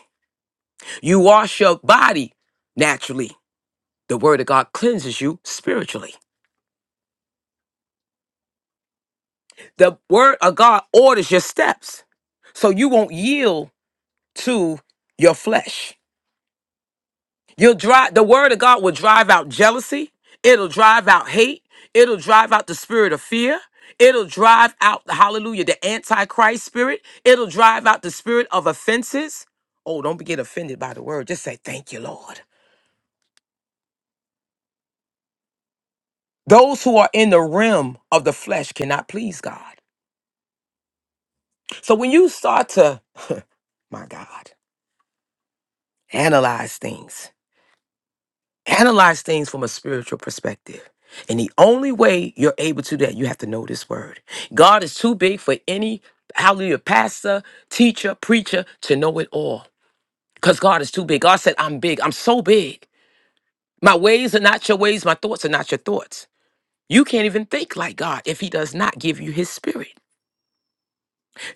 S4: You wash your body naturally. The word of God cleanses you spiritually. The word of God orders your steps so you won't yield to your flesh. You'll drive the word of God will drive out jealousy. It'll drive out hate. It'll drive out the spirit of fear. It'll drive out hallelujah the antichrist spirit. It'll drive out the spirit of offenses. Oh, don't be- get offended by the word. Just say thank you, Lord. Those who are in the realm of the flesh cannot please God. So when you start to, my God, analyze things, analyze things from a spiritual perspective. And the only way you're able to do that, you have to know this word. God is too big for any hallelujah pastor, teacher, preacher to know it all. Because God is too big. God said, I'm big. I'm so big. My ways are not your ways. My thoughts are not your thoughts. You can't even think like God if He does not give you His spirit.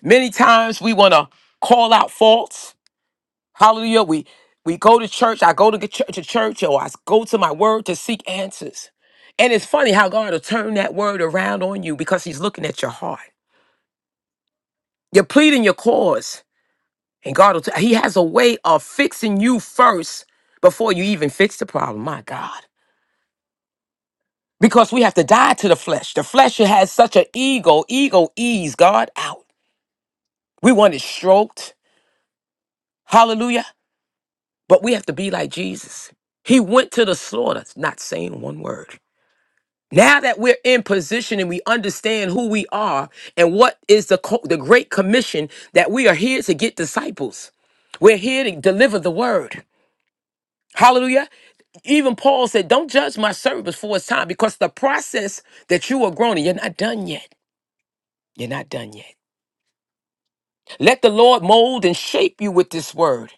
S4: Many times we want to call out faults Hallelujah. We we go to church. I go to get church, to church, or I s- go to my word to seek answers. And it's funny how God will turn that word around on you because He's looking at your heart. You're pleading your cause, and God will. T- he has a way of fixing you first before you even fix the problem. My God. Because we have to die to the flesh. The flesh has such an ego. Ego ease God out. We want it stroked. Hallelujah. But we have to be like Jesus. He went to the slaughter, not saying one word. Now that we're in position and we understand who we are and what is the co- the great commission that we are here to get disciples. We're here to deliver the word. Hallelujah. Even Paul said, "Don't judge my servant before it's time because the process that you are growing, in, you're not done yet. You're not done yet. Let the Lord mold and shape you with this word.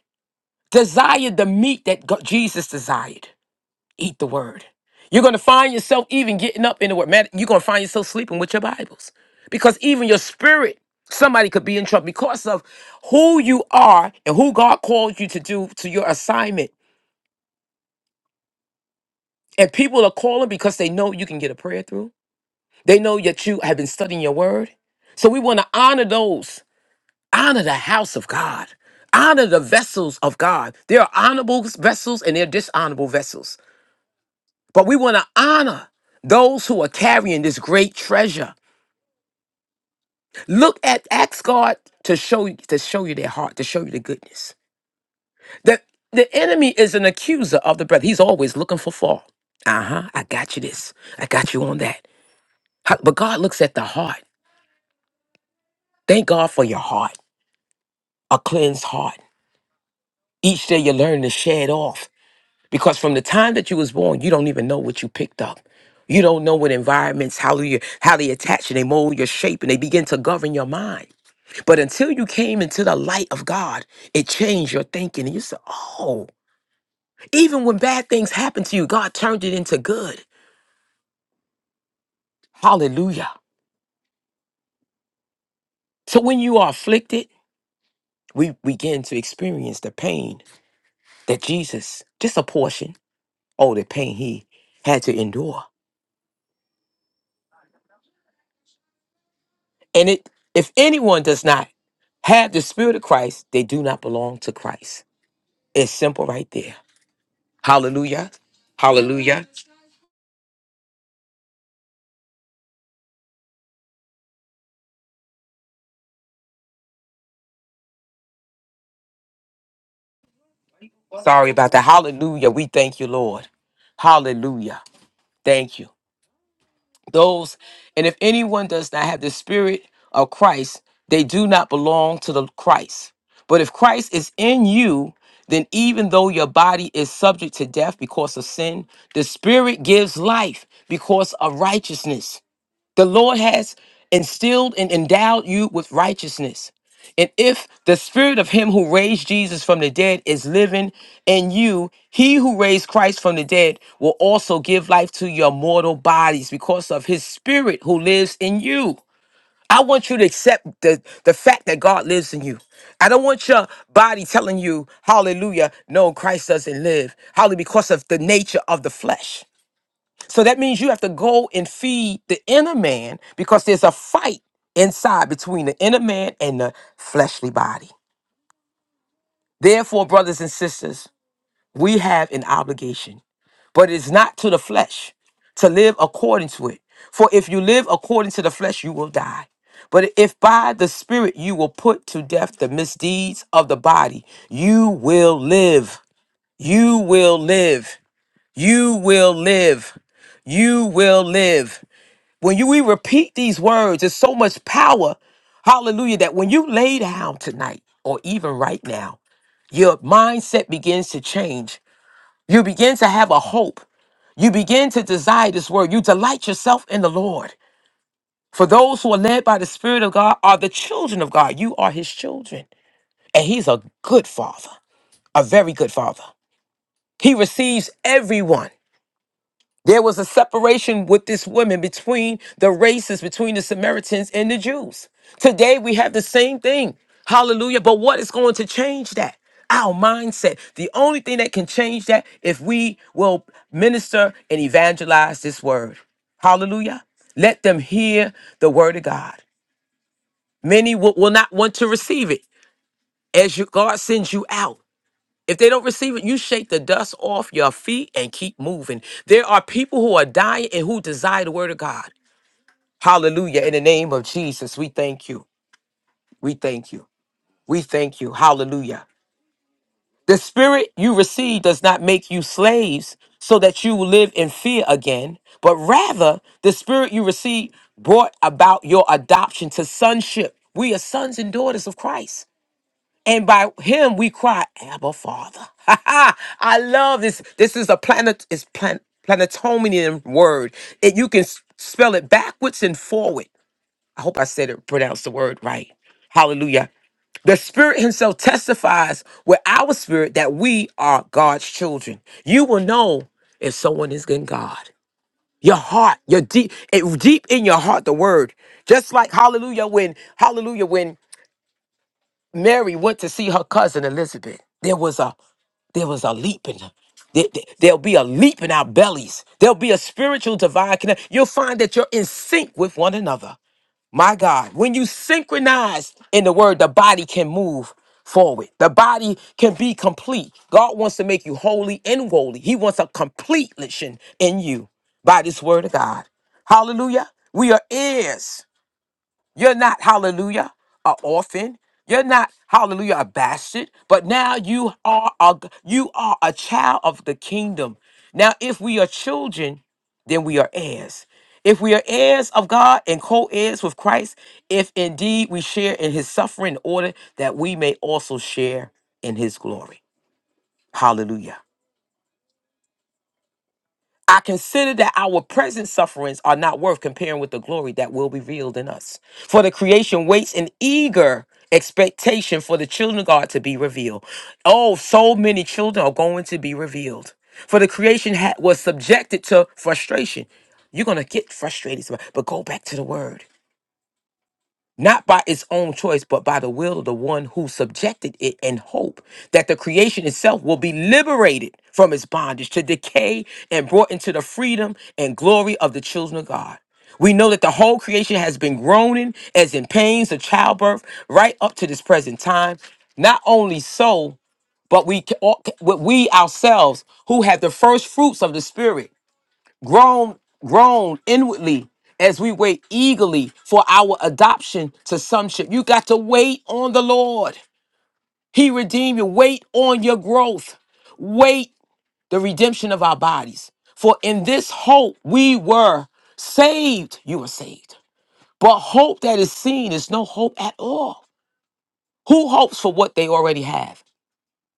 S4: Desire the meat that God, Jesus desired. Eat the word. You're going to find yourself even getting up in the word. Man, you're going to find yourself sleeping with your Bibles because even your spirit, somebody could be in trouble because of who you are and who God called you to do to your assignment. And people are calling because they know you can get a prayer through. They know that you have been studying your word. So we want to honor those, honor the house of God, honor the vessels of God. There are honorable vessels and there are dishonorable vessels. but we want to honor those who are carrying this great treasure. Look at ask God to show you to show you their heart, to show you the goodness. The the enemy is an accuser of the brother. He's always looking for fall. Uh-huh. I got you this. I got you on that. How- But God looks at the heart. Thank God for your heart, a cleansed heart. Each day you learn to shed off. Because from the time that you was born, you don't even know what you picked up. You don't know what environments, how you how they attach and they mold your shape and they begin to govern your mind. But until you came into the light of God, it changed your thinking. And you said, oh, even when bad things happen to you, God turned it into good. Hallelujah. So when you are afflicted, we begin to experience the pain that Jesus, just a portion, oh, the pain he had to endure. And it, if anyone does not have the spirit of Christ, they do not belong to Christ. It's simple right there. Hallelujah. Hallelujah. Sorry about that. Hallelujah. We thank you, Lord. Hallelujah. Thank you. Those, and if anyone does not have the spirit of Christ, they do not belong to the Christ. But if Christ is in you, then even though your body is subject to death because of sin, the spirit gives life because of righteousness. The Lord has instilled and endowed you with righteousness. And if the spirit of him who raised Jesus from the dead is living in you, he who raised Christ from the dead will also give life to your mortal bodies because of his spirit who lives in you. I want you to accept the, the fact that God lives in you. I don't want your body telling you, hallelujah, no, Christ doesn't live. Hallelujah, because of the nature of the flesh. So that means you have to go and feed the inner man because there's a fight inside between the inner man and the fleshly body. Therefore, brothers and sisters, we have an obligation, but it's not to the flesh to live according to it. For if you live according to the flesh, you will die. But if by the Spirit you will put to death the misdeeds of the body, you will live. You will live. You will live. You will live. When you we repeat these words, there's so much power. Hallelujah. That when you lay down tonight or even right now, your mindset begins to change. You begin to have a hope. You begin to desire this word. You delight yourself in the Lord. For those who are led by the Spirit of God are the children of God. You are his children. And he's a good father, a very good father. He receives everyone. There was a separation with this woman between the races, between the Samaritans and the Jews. Today we have the same thing. Hallelujah. But what is going to change that? Our mindset. The only thing that can change that if we will minister and evangelize this word. Hallelujah. Let them hear the word of God. Many will, will not want to receive it as you, God sends you out. If they don't receive it, you shake the dust off your feet and keep moving. There are people who are dying and who desire the word of God. Hallelujah. In the name of Jesus, we thank you. We thank you. We thank you. Hallelujah. The spirit you receive does not make you slaves so that you will live in fear again, but rather the spirit you receive brought about your adoption to sonship. We are sons and daughters of Christ. And by him we cry, Abba Father. [laughs] I love this. This is a planet is plan, planetonian word. And you can s- spell it backwards and forward. I hope I said it pronounced the word right. Hallelujah. The Spirit Himself testifies with our spirit that we are God's children. You will know if someone is in God. Your heart, your deep, it, deep in your heart, the word. Just like Hallelujah, when Hallelujah, when Mary went to see her cousin Elizabeth. There was a there was a leap in her. There, there- there'll be a leap in our bellies. There'll be a spiritual divine connect. You'll find that you're in sync with one another. My God, when you synchronize in the word, the body can move forward. The body can be complete. God wants to make you holy and holy. He wants a completion in you by this word of God. Hallelujah. We are heirs. You're not, hallelujah, a orphan. You're not, hallelujah, a bastard, but now you are a you are a child of the kingdom. Now, if we are children, then we are heirs. If we are heirs of God and co-heirs with Christ, if indeed we share in his suffering in order that we may also share in his glory. Hallelujah. I consider that our present sufferings are not worth comparing with the glory that will be revealed in us. For the creation waits in eager expectation for the children of God to be revealed. Oh, so many children are going to be revealed. For the creation ha- was subjected to frustration. You're going to get frustrated, somebody, but go back to the word not by its own choice, but by the will of the one who subjected it in hope that the creation itself will be liberated from its bondage to decay and brought into the freedom and glory of the children of God. We know that the whole creation has been groaning as in pains of childbirth right up to this present time. Not only so, but we, ca- all- we ourselves who have the first fruits of the Spirit grown grown inwardly as we wait eagerly for our adoption to sonship you got to wait on the lord he redeemed you wait on your growth wait the redemption of our bodies for in this hope we were saved you were saved but hope that is seen is no hope at all who hopes for what they already have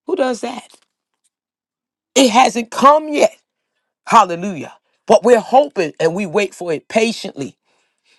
S4: who does that it hasn't come yet hallelujah but we're hoping and we wait for it patiently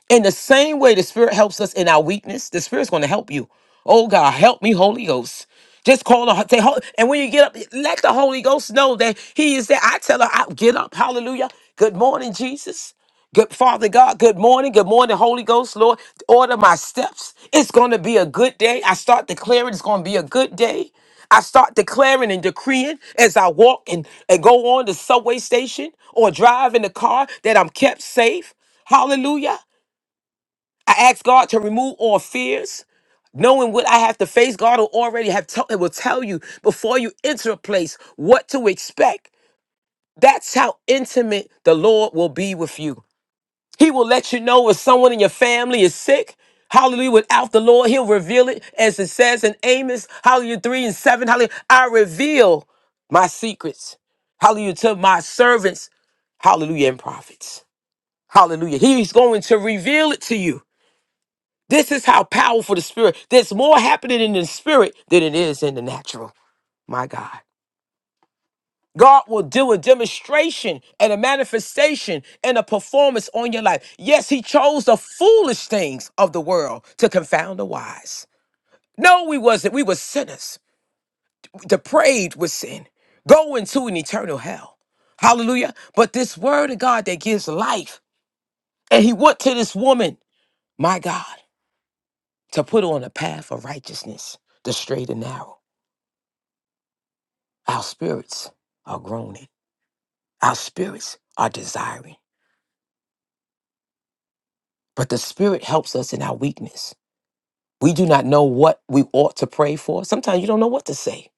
S4: In the same way the Spirit helps us in our weakness, the Spirit's going to help you. Oh God, help me, Holy Ghost. Just call the say, "Hol-" and when you get up, let the Holy Ghost know that He is there. I tell her, I, get up, Hallelujah. Good morning, Jesus. Good Father God, good morning. Good morning, Holy Ghost, Lord. Order my steps. It's going to be a good day. I start declaring it's going to be a good day. I start declaring and decreeing as I walk and, and go on the subway station or drive in the car that I'm kept safe. Hallelujah. I ask God to remove all fears, knowing what I have to face. God will already have tell it will tell you before you enter a place what to expect. That's how intimate the Lord will be with you. He will let you know if someone in your family is sick. Hallelujah. Without the Lord, He'll reveal it as it says in Amos, Hallelujah 3 and 7. Hallelujah. I reveal my secrets. Hallelujah to my servants. Hallelujah and prophets. Hallelujah. He's going to reveal it to you. This is how powerful the spirit. There's more happening in the spirit than it is in the natural. My God. God will do a demonstration and a manifestation and a performance on your life. Yes, he chose the foolish things of the world to confound the wise. No, we wasn't. We were sinners, depraved with sin, going to an eternal hell. Hallelujah. But this word of God that gives life, and he went to this woman, my God, to put her on a path of righteousness, the straight and narrow. Our spirits are groaning. Our spirits are desiring. But the Spirit helps us in our weakness. We do not know what we ought to pray for. Sometimes you don't know what to say.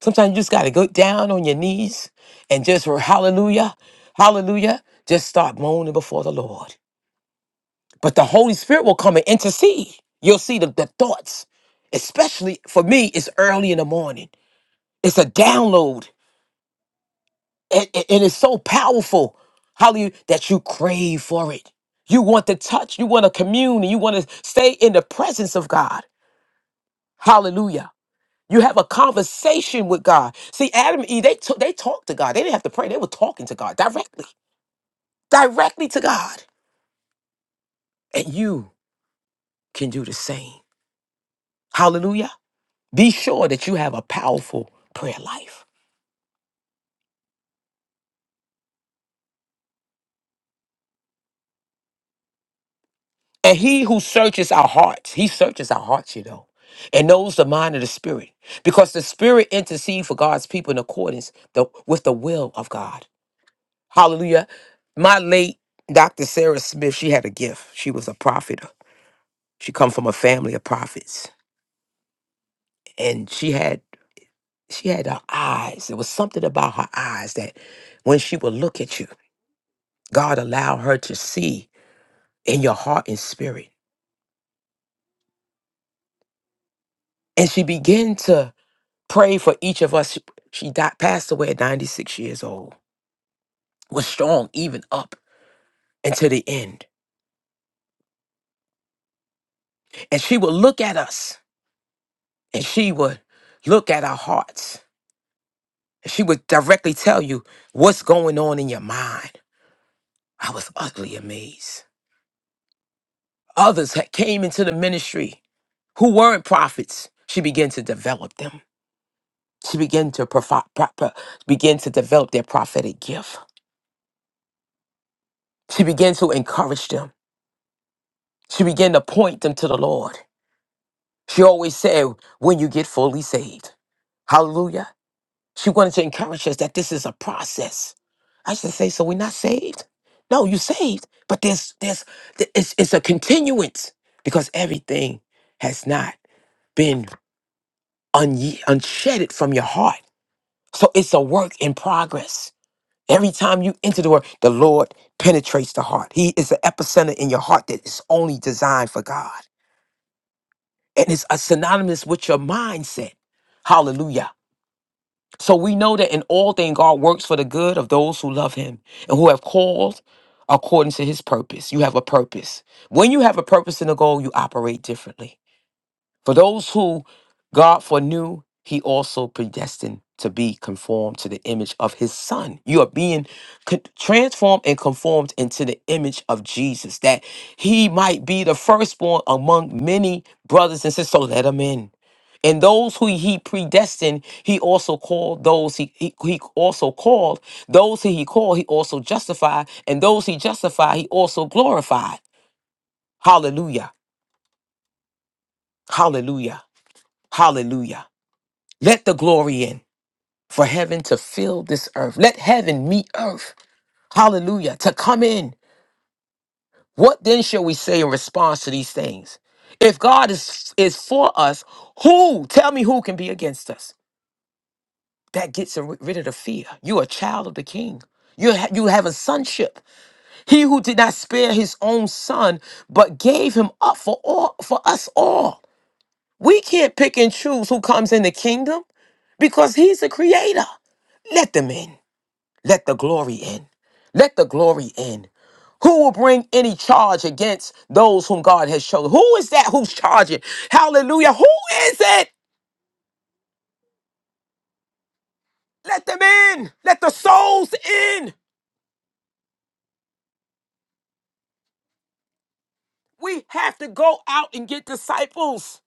S4: Sometimes you just got to go down on your knees and just hallelujah, hallelujah, just start moaning before the Lord. But the Holy Spirit will come and intercede. You'll see the, the thoughts, especially for me, it's early in the morning. It's a download and, and- and it's so powerful hallelujah that you crave for it you want to touch you want to commune and you want to stay in the presence of god hallelujah you have a conversation with god see adam and eve they, t- they talked to god they didn't have to pray they were talking to god directly directly to god and you can do the same hallelujah be sure that you have a powerful prayer life And he who searches our hearts, he searches our hearts, you know, and knows the mind of the spirit, because the spirit intercedes for God's people in accordance the, with the will of God. Hallelujah. My late Dr. Sarah Smith, she had a gift. She was a prophet. She come from a family of prophets, and she had she had her eyes. There was something about her eyes that when she would look at you, God allowed her to see in your heart and spirit, and she began to Pray for each of us. She died, passed away at 96 years old, was strong even up until the end. And she would look at us and she would look at our hearts. And she would directly tell you what's going on in your mind. I was utterly amazed. Others had came into the ministry who weren't prophets. She began to develop them. She began to profi- pro- pro- began to develop their prophetic gift. She began to encourage them. She began to point them to the Lord. She always said, when you get fully saved. Hallelujah. She wanted to encourage us that this is a process. I should say, so we're not saved? No, you're saved. But there's there's th- it's, it's a continuance because everything has not been unye unshedded from your heart. So it's a work in progress. Every time you enter the word, the Lord penetrates the heart. He is the epicenter in your heart that is only designed for God. And it's a synonymous with your mindset. Hallelujah. So we know that in all things God works for the good of those who love him and who have called according to his purpose. You have a purpose. When you have a purpose and a goal, you operate differently. For those who God foreknew, he also predestined to be conformed to the image of his son. You are being con- transformed and conformed into the image of Jesus, that he might be the firstborn among many brothers and sisters. So let him in. And those who he predestined, he also called those he, he, he also called. Those who he called, he also justified. And those he justified, he also glorified. Hallelujah. Hallelujah. Hallelujah. Let the glory in for heaven to fill this earth. Let heaven meet earth. Hallelujah. To come in. What then shall we say in response to these things? If God is is for us, who tell me who can be against us? That gets ri- rid of the fear. You're a child of the king. You, ha- you have a sonship. He who did not spare his own son, but gave him up for all for us all. We can't pick and choose who comes in the kingdom because he's the creator. Let them in. Let the glory in. Let the glory in. Who will bring any charge against those whom God has chosen? Who is that who's charging? Hallelujah. Who is it? Let them in. Let the souls in. We have to go out and get disciples.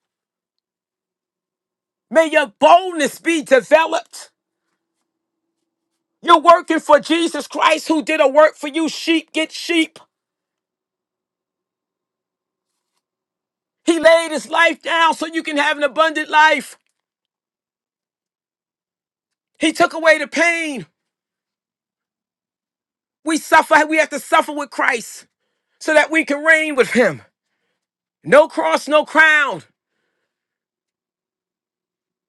S4: May your boldness be developed. You're working for Jesus Christ who did a work for you. Sheep get sheep. He laid his life down so you can have an abundant life. He took away the pain. We suffer, we have to suffer with Christ. so that we can reign with him. No cross, no crown.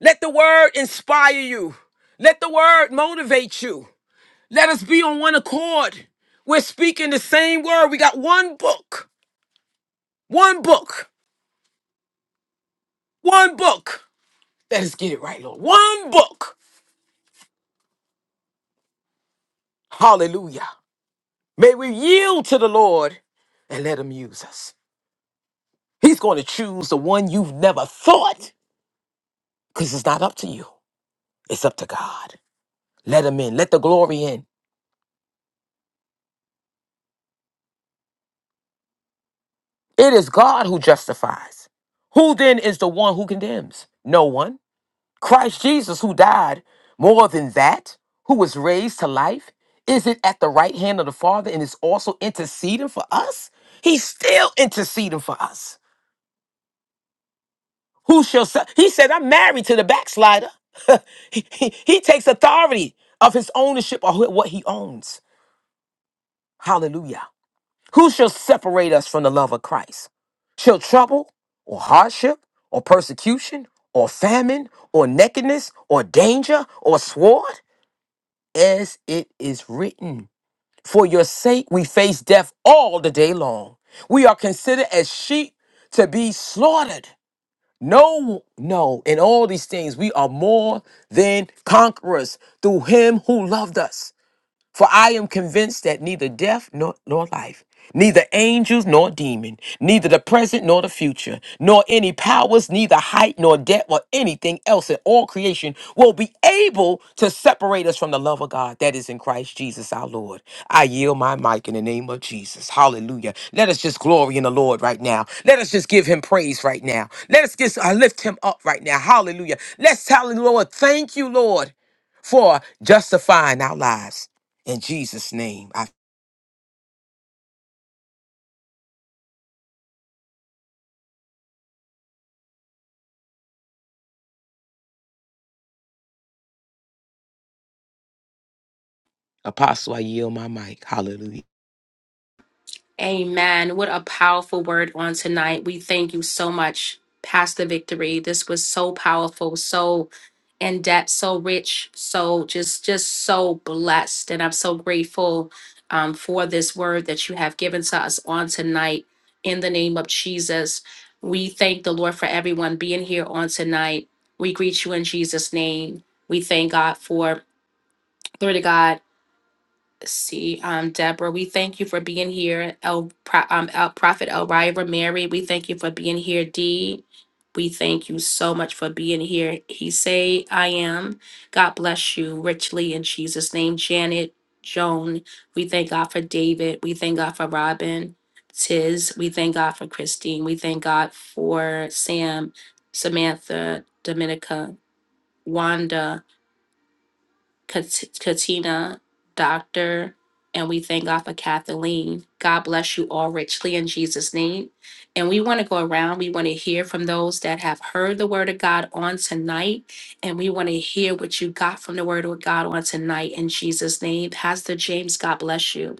S4: Let the word inspire you. Let the word motivate you. Let us be on one accord. We're speaking the same word. We got one book, one book, one book. Let us get it right, Lord. One book. Hallelujah. May we yield to the Lord and let him use us. He's going to choose the one you've never thought because it's not up to you, it's up to God. Let him in, let the glory in. It is God who justifies. Who then is the one who condemns? No one. Christ Jesus, who died, more than that, who was raised to life, is it at the right hand of the Father and is also interceding for us? He's still interceding for us. Who shall se- He said, I'm married to the backslider. [laughs] he, he he takes authority of his ownership of what he owns. Hallelujah. Who shall separate us from the love of Christ? Shall trouble or hardship or persecution or famine or nakedness or danger or sword? As it is written, for your sake we face death all the day long. We are considered as sheep to be slaughtered. No, no, in all these things we are more than conquerors through him who loved us. For I am convinced that neither death nor, nor life, neither angels nor demon, neither the present nor the future, nor any powers, neither height nor depth or anything else in all creation will be able to separate us from the love of God that is in Christ Jesus our Lord. I yield my mic in the name of Jesus. Hallelujah. Let us just glory in the Lord right now. Let us just give him praise right now. Let us just uh, lift him up right now. Hallelujah. Let's tell the Lord, thank you, Lord for justifying our lives. In Jesus' name, I apostle, I yield my mic. Hallelujah.
S1: Amen. What a powerful word on tonight. We thank you so much, Pastor Victory. This was so powerful, so in depth, so rich, so just just so blessed. And I'm so grateful um, for this word that you have given to us on tonight. In the name of Jesus, we thank the Lord for everyone being here on tonight. We greet you in Jesus' name. We thank God for glory to God see, um, Deborah, we thank you for being here. El, Pro- um, El Prophet Elvira Mary, we thank you for being here. D, we thank you so much for being here. He say, I am. God bless you richly in Jesus' name. Janet, Joan, we thank God for David. We thank God for Robin, Tiz. We thank God for Christine. We thank God for Sam, Samantha, Dominica, Wanda. Kat- Katina, Doctor, and we thank God for Kathleen. God bless you all richly in Jesus' name. And we want to go around. We want to hear from those that have heard the word of God on tonight. And we want to hear what you got from the word of God on tonight in Jesus' name. Pastor James, God bless you.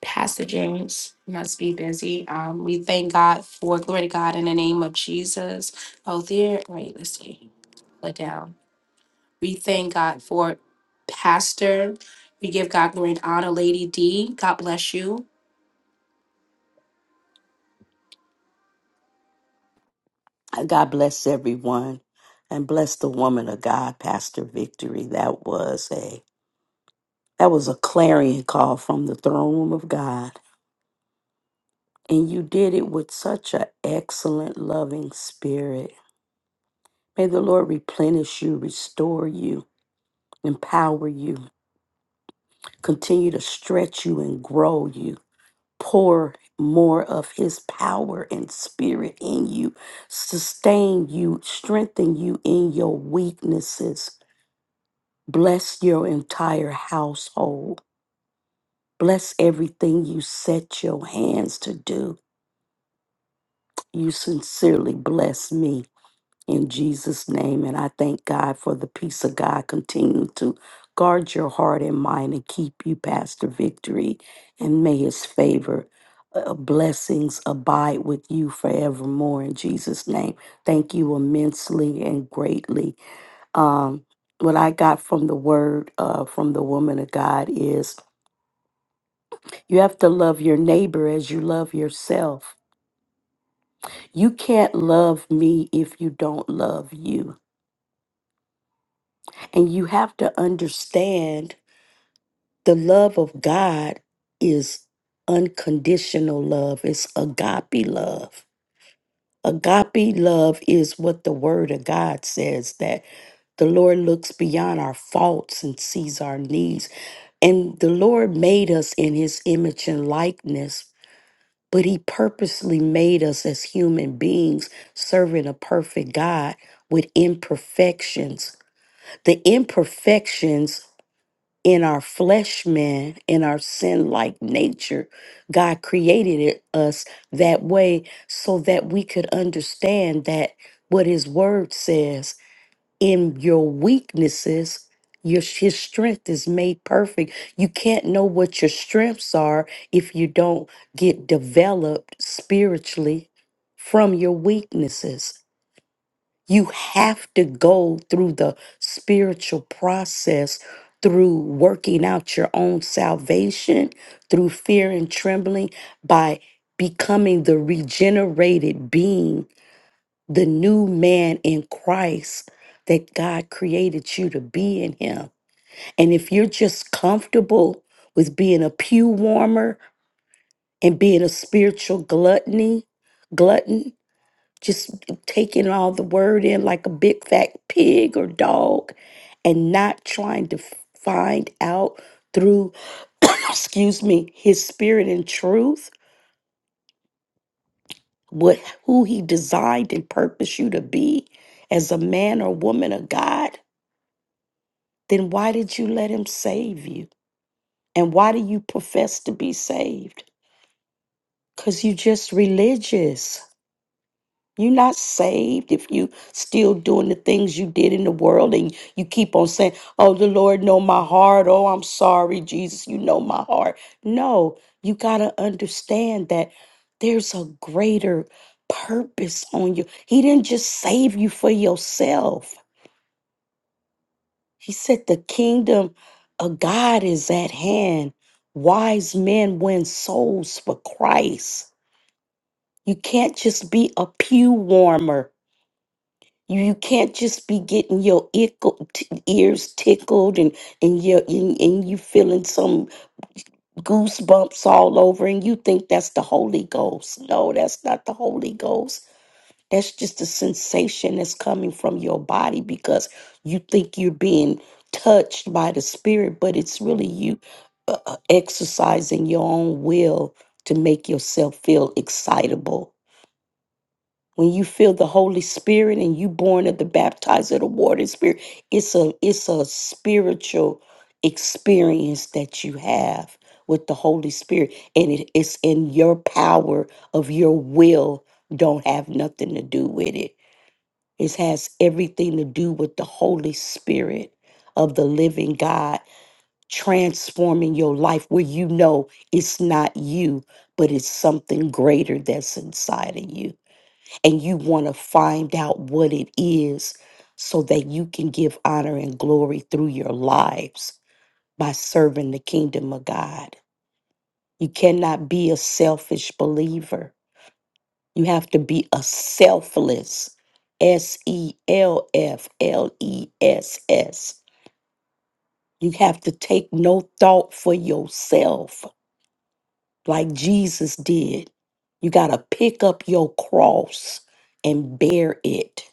S1: Pastor James must be busy. Um, we thank God for glory to God in the name of Jesus. Oh, there. Wait, let's see. Put it down. We thank God for Pastor. We give God glory and honor, Lady D. God bless you.
S2: God bless everyone and bless the woman of God, Pastor Victory. That was a that was a clarion call from the throne room of God. And you did it with such an excellent, loving spirit. May the Lord replenish you, restore you, empower you, continue to stretch you and grow you, pour more of His power and spirit in you, sustain you, strengthen you in your weaknesses Bless your entire household. Bless everything you set your hands to do. You sincerely bless me in Jesus' name. And I thank God for the peace of God. Continue to guard your heart and mind and keep you past the victory. And may his favor, uh, uh, blessings abide with you forevermore in Jesus' name. Thank you immensely and greatly. Um, what I got from the word uh, from the woman of God is You have to love your neighbor as you love yourself. You can't love me if you don't love you. And you have to understand the love of God is unconditional love, it's agape love. Agape love is what the word of God says that the Lord looks beyond our faults and sees our needs. And the Lord made us in his image and likeness but he purposely made us as human beings serving a perfect God with imperfections. The imperfections in our flesh man, in our sin like nature, God created it, us that way so that we could understand that what his word says in your weaknesses, your his strength is made perfect. You can't know what your strengths are if you don't get developed spiritually from your weaknesses. You have to go through the spiritual process through working out your own salvation through fear and trembling by becoming the regenerated being the new man in Christ that God created you to be in Him. And if you're just comfortable with being a pew warmer and being a spiritual gluttony, glutton, just taking all the word in like a big fat pig or dog and not trying to find out through [coughs] excuse me his spirit and truth what who he designed and purposed you to be as a man or woman of God then why did you let him save you? And why do you profess to be saved? Because you just religious. You're not saved if you still doing the things you did in the world and you keep on saying, Oh, the Lord know my heart. Oh, I'm sorry, Jesus, you know my heart. No, you gotta understand that there's a greater purpose on you. He didn't just save you for yourself. He said, The kingdom of God is at hand. Wise men win souls for Christ. You can't just be a pew warmer. You, you can't just be getting your ickle, t- ears tickled and and you and, and you feeling some goosebumps all over and you think that's the Holy Ghost. No, that's not the Holy Ghost. That's just a sensation that's coming from your body because you think you're being touched by the spirit, but it's really you uh, uh, exercising your own will to make yourself feel excitable. When you feel the Holy Spirit and you born of the Baptizer, of the water and spirit, it's a it's a spiritual experience that you have with the Holy Spirit. And it, it's in your power of your will don't have nothing to do with it it has everything to do with the Holy Spirit of the living God transforming your life where you know it's not you, but it's something greater that's inside of you. And you want to find out what it is so that you can give honor and glory through your lives by serving the kingdom of God. You cannot be a selfish believer you have to be a selfless, S E L F L E S S. You have to take no thought for yourself like Jesus did. You got to pick up your cross and bear it.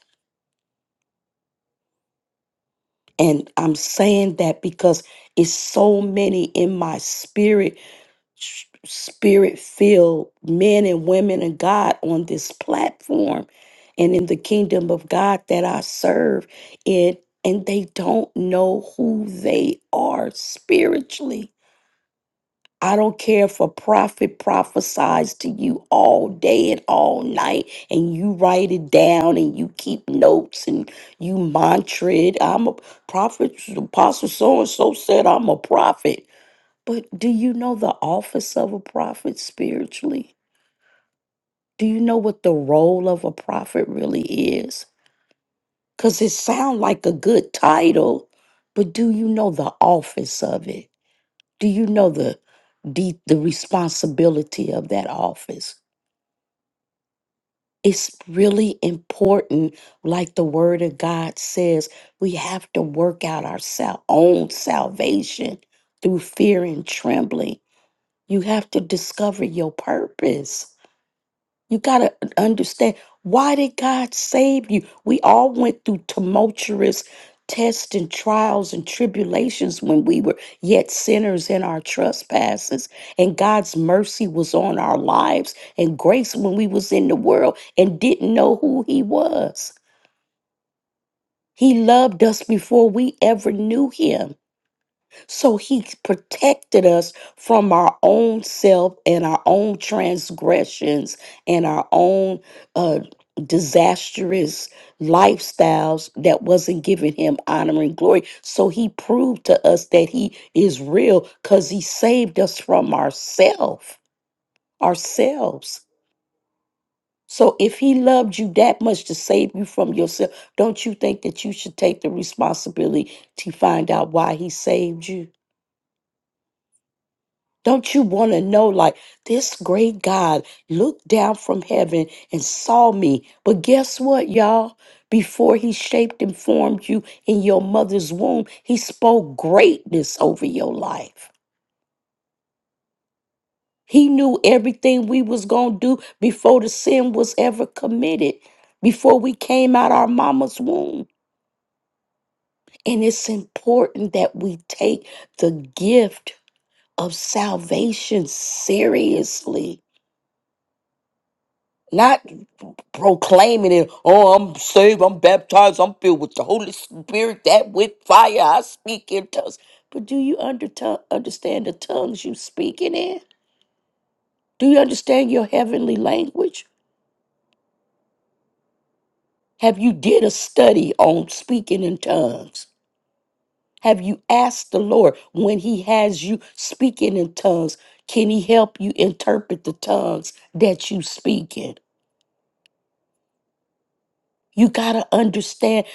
S2: And I'm saying that because it's so many in my spirit spirit filled men and women of God on this platform and in the kingdom of God that I serve in, and they don't know who they are spiritually. I don't care if a prophet prophesies to you all day and all night, and you write it down and you keep notes and you mantra it. I'm a prophet, Apostle so and so said I'm a prophet but do you know the office of a prophet spiritually? Do you know what the role of a prophet really is? Because it sounds like a good title, but do you know the office of it? Do you know the, the, the responsibility of that office? It's really important, like the word of God says, we have to work out our sal- own salvation through fear and trembling. You have to discover your purpose. You got to understand why did God save you? We all went through tumultuous tests and trials and tribulations when we were yet sinners in our trespasses and God's mercy was on our lives and grace when we was in the world and didn't know who he was. He loved us before we ever knew him. So he protected us from our own self and our own transgressions and our own uh, disastrous lifestyles that wasn't giving him honor and glory. So he proved to us that he is real because he saved us from ourself, ourselves. So if he loved you that much to save you from yourself, don't you think that you should take the responsibility to find out why he saved you? Don't you want to know, like, this great God looked down from heaven and saw me? But guess what, y'all? Before he shaped and formed you in your mother's womb, he spoke greatness over your life. He knew everything we was going to do before the sin was ever committed, before we came out our mama's womb. And it's important that we take the gift of salvation seriously. Not proclaiming it. Oh, I'm saved, I'm baptized, I'm filled with the Holy Spirit, that with fire, I speak in tongues. But do you under understand the tongues you speaking in? Do you understand your heavenly language? Have you did a study on speaking in tongues? Have you asked the Lord when he has you speaking in tongues, can he help you interpret the tongues that you speak in? You got to understand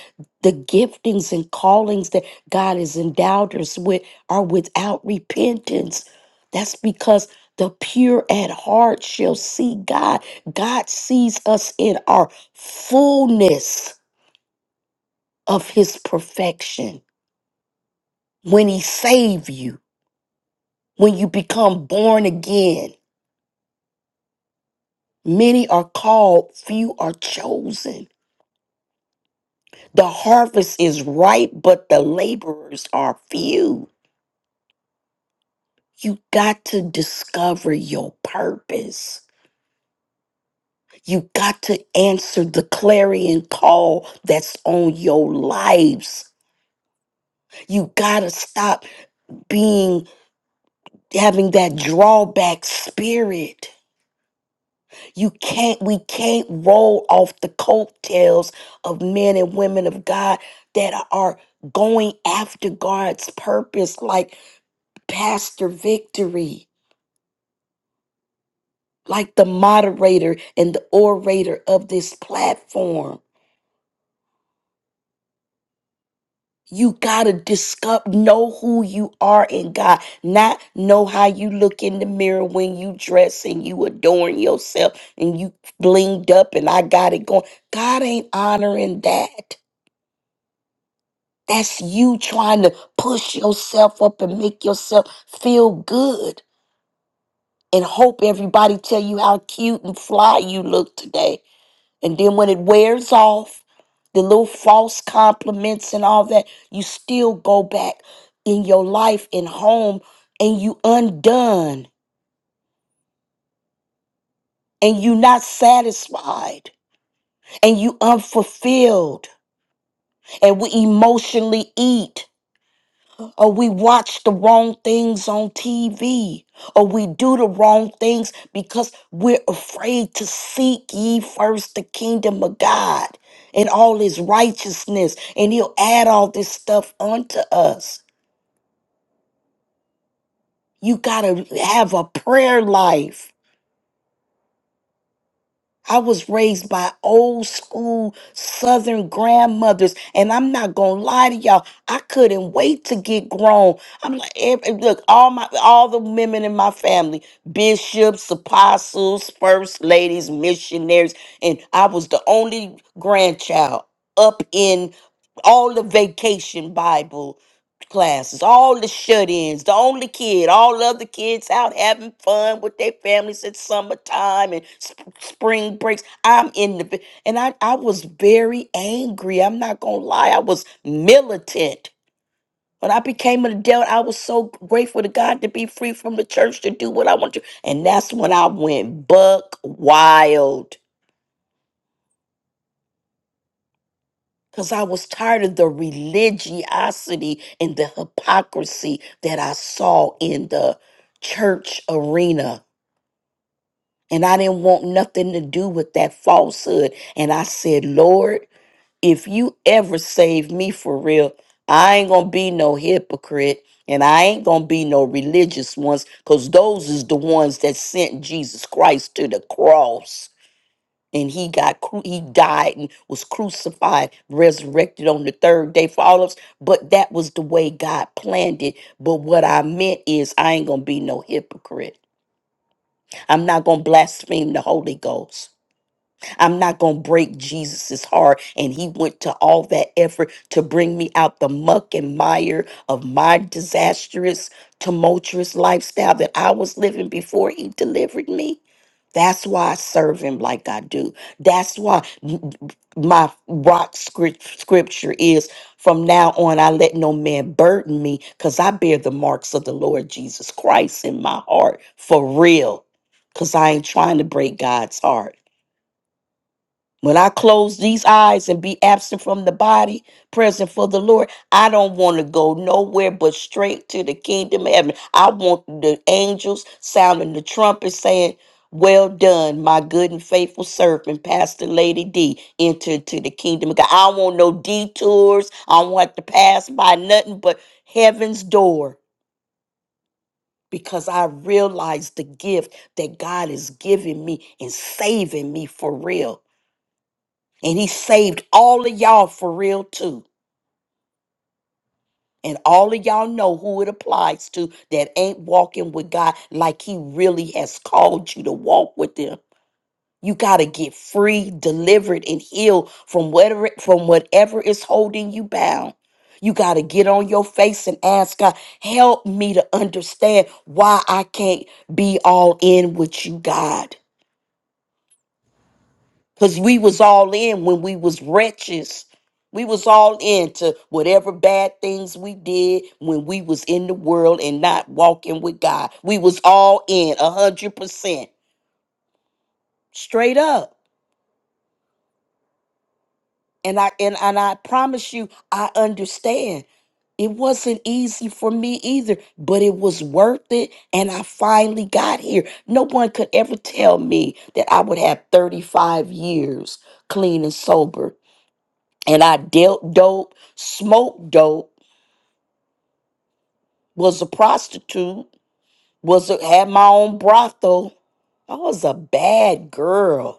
S2: the giftings and callings that God has endowed us with are without repentance. That's because the pure at heart shall see God. God sees us in our fullness of his perfection. When he save you, when you become born again, many are called, few are chosen. The harvest is ripe, but the laborers are few. You got to discover your purpose. You got to answer the clarion call that's on your lives. You got to stop being having that drawback spirit. You can't we can't roll off the coattails of men and women of God that are going after God's purpose like Pastor Victory, like the moderator and the orator of this platform You gotta discover, know who you are in God, not know how you look in the mirror when you dress and you adorn yourself and you blinged up and I got it going. God ain't honoring that. That's you trying to push yourself up and make yourself feel good and hope everybody tell you how cute and fly you look today. And then when it wears off, the little false compliments and all that, you still go back in your life and home and you undone and you not satisfied and you unfulfilled and we emotionally eat or we watch the wrong things on TV, or we do the wrong things because we're afraid to seek ye first the kingdom of God and all his righteousness, and he'll add all this stuff unto us. You got to have a prayer life. I was raised by old school Southern grandmothers, and I'm not gonna lie to y'all. I couldn't wait to get grown. I'm like, every, look, all my all the women in my family, bishops, apostles, first ladies, missionaries, and I was the only grandchild up in all the vacation Bible classes, all the shut-ins, the only kid, all the other kids out having fun with their families at summertime and sp- spring breaks. I'm in the vi- and I I was very angry. I'm not gonna lie, I was militant. When I became an adult, I was so grateful to God to be free from the church to do what I want to. And that's when I went buck wild because I was tired of the religiosity and the hypocrisy that I saw in the church arena. And I didn't want nothing to do with that falsehood. And I said, Lord, if you ever save me for real, I ain't going to be no hypocrite and I ain't going to be no religious ones because those is the ones that sent Jesus Christ to the cross and he got cru- he died and was crucified resurrected on the third day for all of us but that was the way god planned it but what i meant is i ain't gonna be no hypocrite i'm not gonna blaspheme the holy ghost I'm not going to break Jesus's heart. And he went to all that effort to bring me out the muck and mire of my disastrous, tumultuous lifestyle that I was living before he delivered me. That's why I serve him like I do. That's why m- my rock script, scripture is from now on, I let no man burden me because I bear the marks of the Lord Jesus Christ in my heart for real. Because I ain't trying to break God's heart. When I close these eyes and be absent from the body, present for the Lord, I don't want to go nowhere but straight to the kingdom of heaven. I want the angels sounding the trumpet saying, well done, my good and faithful servant, Pastor Lady D, into to the kingdom of God. I don't want no detours. I don't want to pass by nothing but heaven's door because I realize the gift that God is giving me and saving me for real. And he saved all of y'all for real too. And all of y'all know who it applies to that ain't walking with God like he really has called you to walk with him. You got to get free, delivered and healed from whatever from whatever is holding you bound. You got to get on your face and ask God, help me to understand why I can't be all in with you, God. because we was all in when we was wretches we was all into whatever bad things we did when we was in the world and not walking with god we was all in a hundred percent straight up and i and, and i promise you i understand it wasn't easy for me either but it was worth it and i finally got here no one could ever tell me that i would have 35 years clean and sober and I dealt dope, smoked dope, was a prostitute, was a, had my own brothel. I was a bad girl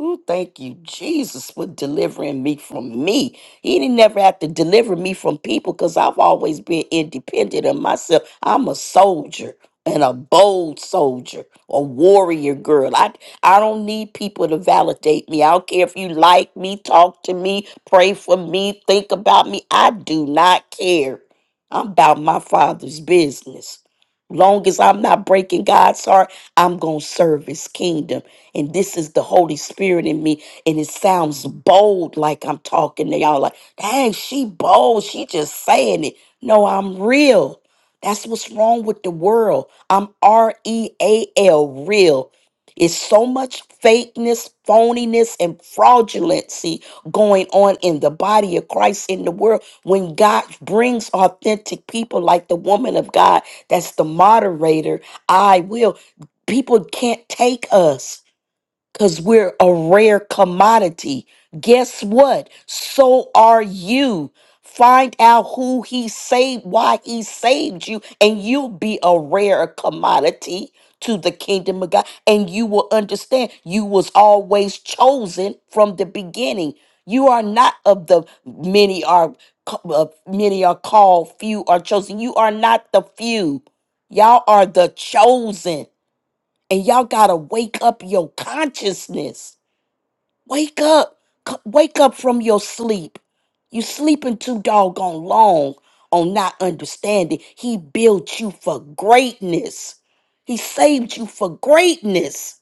S2: Ooh, thank you, Jesus, for delivering me from me. He didn't never have to deliver me from people because I've always been independent of myself. I'm a soldier and a bold soldier, a warrior girl. I I don't need people to validate me. I don't care if you like me, talk to me, pray for me, think about me. I do not care. I'm about my father's business. Long as I'm not breaking God's heart, I'm gonna serve his kingdom. And this is the Holy Spirit in me. And it sounds bold like I'm talking to y'all like, dang, she bold. She just saying it. No, I'm real. That's what's wrong with the world. I'm R E A L, real. It's so much fakeness, phoniness, and fraudulency going on in the body of Christ in the world. When God brings authentic people like the woman of God, that's the moderator, I will. People can't take us because we're a rare commodity. Guess what? So are you. Find out who he saved, why he saved you, and you'll be a rare commodity to the kingdom of God. And you will understand you was always chosen from the beginning. You are not of the many are ca- uh, many are called, few are chosen. You are not the few. Y'all are the chosen. And y'all got to wake up your consciousness. Wake up. C- Wake up from your sleep. You sleeping too doggone long on not understanding. He built you for greatness. He saved you for greatness.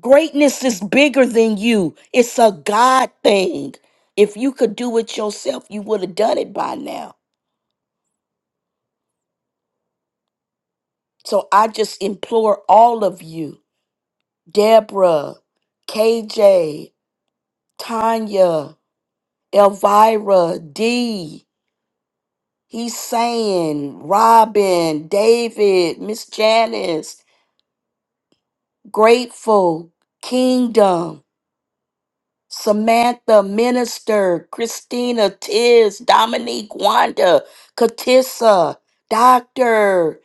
S2: Greatness is bigger than you. It's a God thing. If you could do it yourself, you would have done it by now. So I just implore all of you, Deborah, KJ, Tanya, Elvira, D, he's saying, Robin, David, Miss Janice, Grateful, Kingdom. Samantha, Minister, Christina, Tiz, Dominique, Wanda, Katissa, Doctor,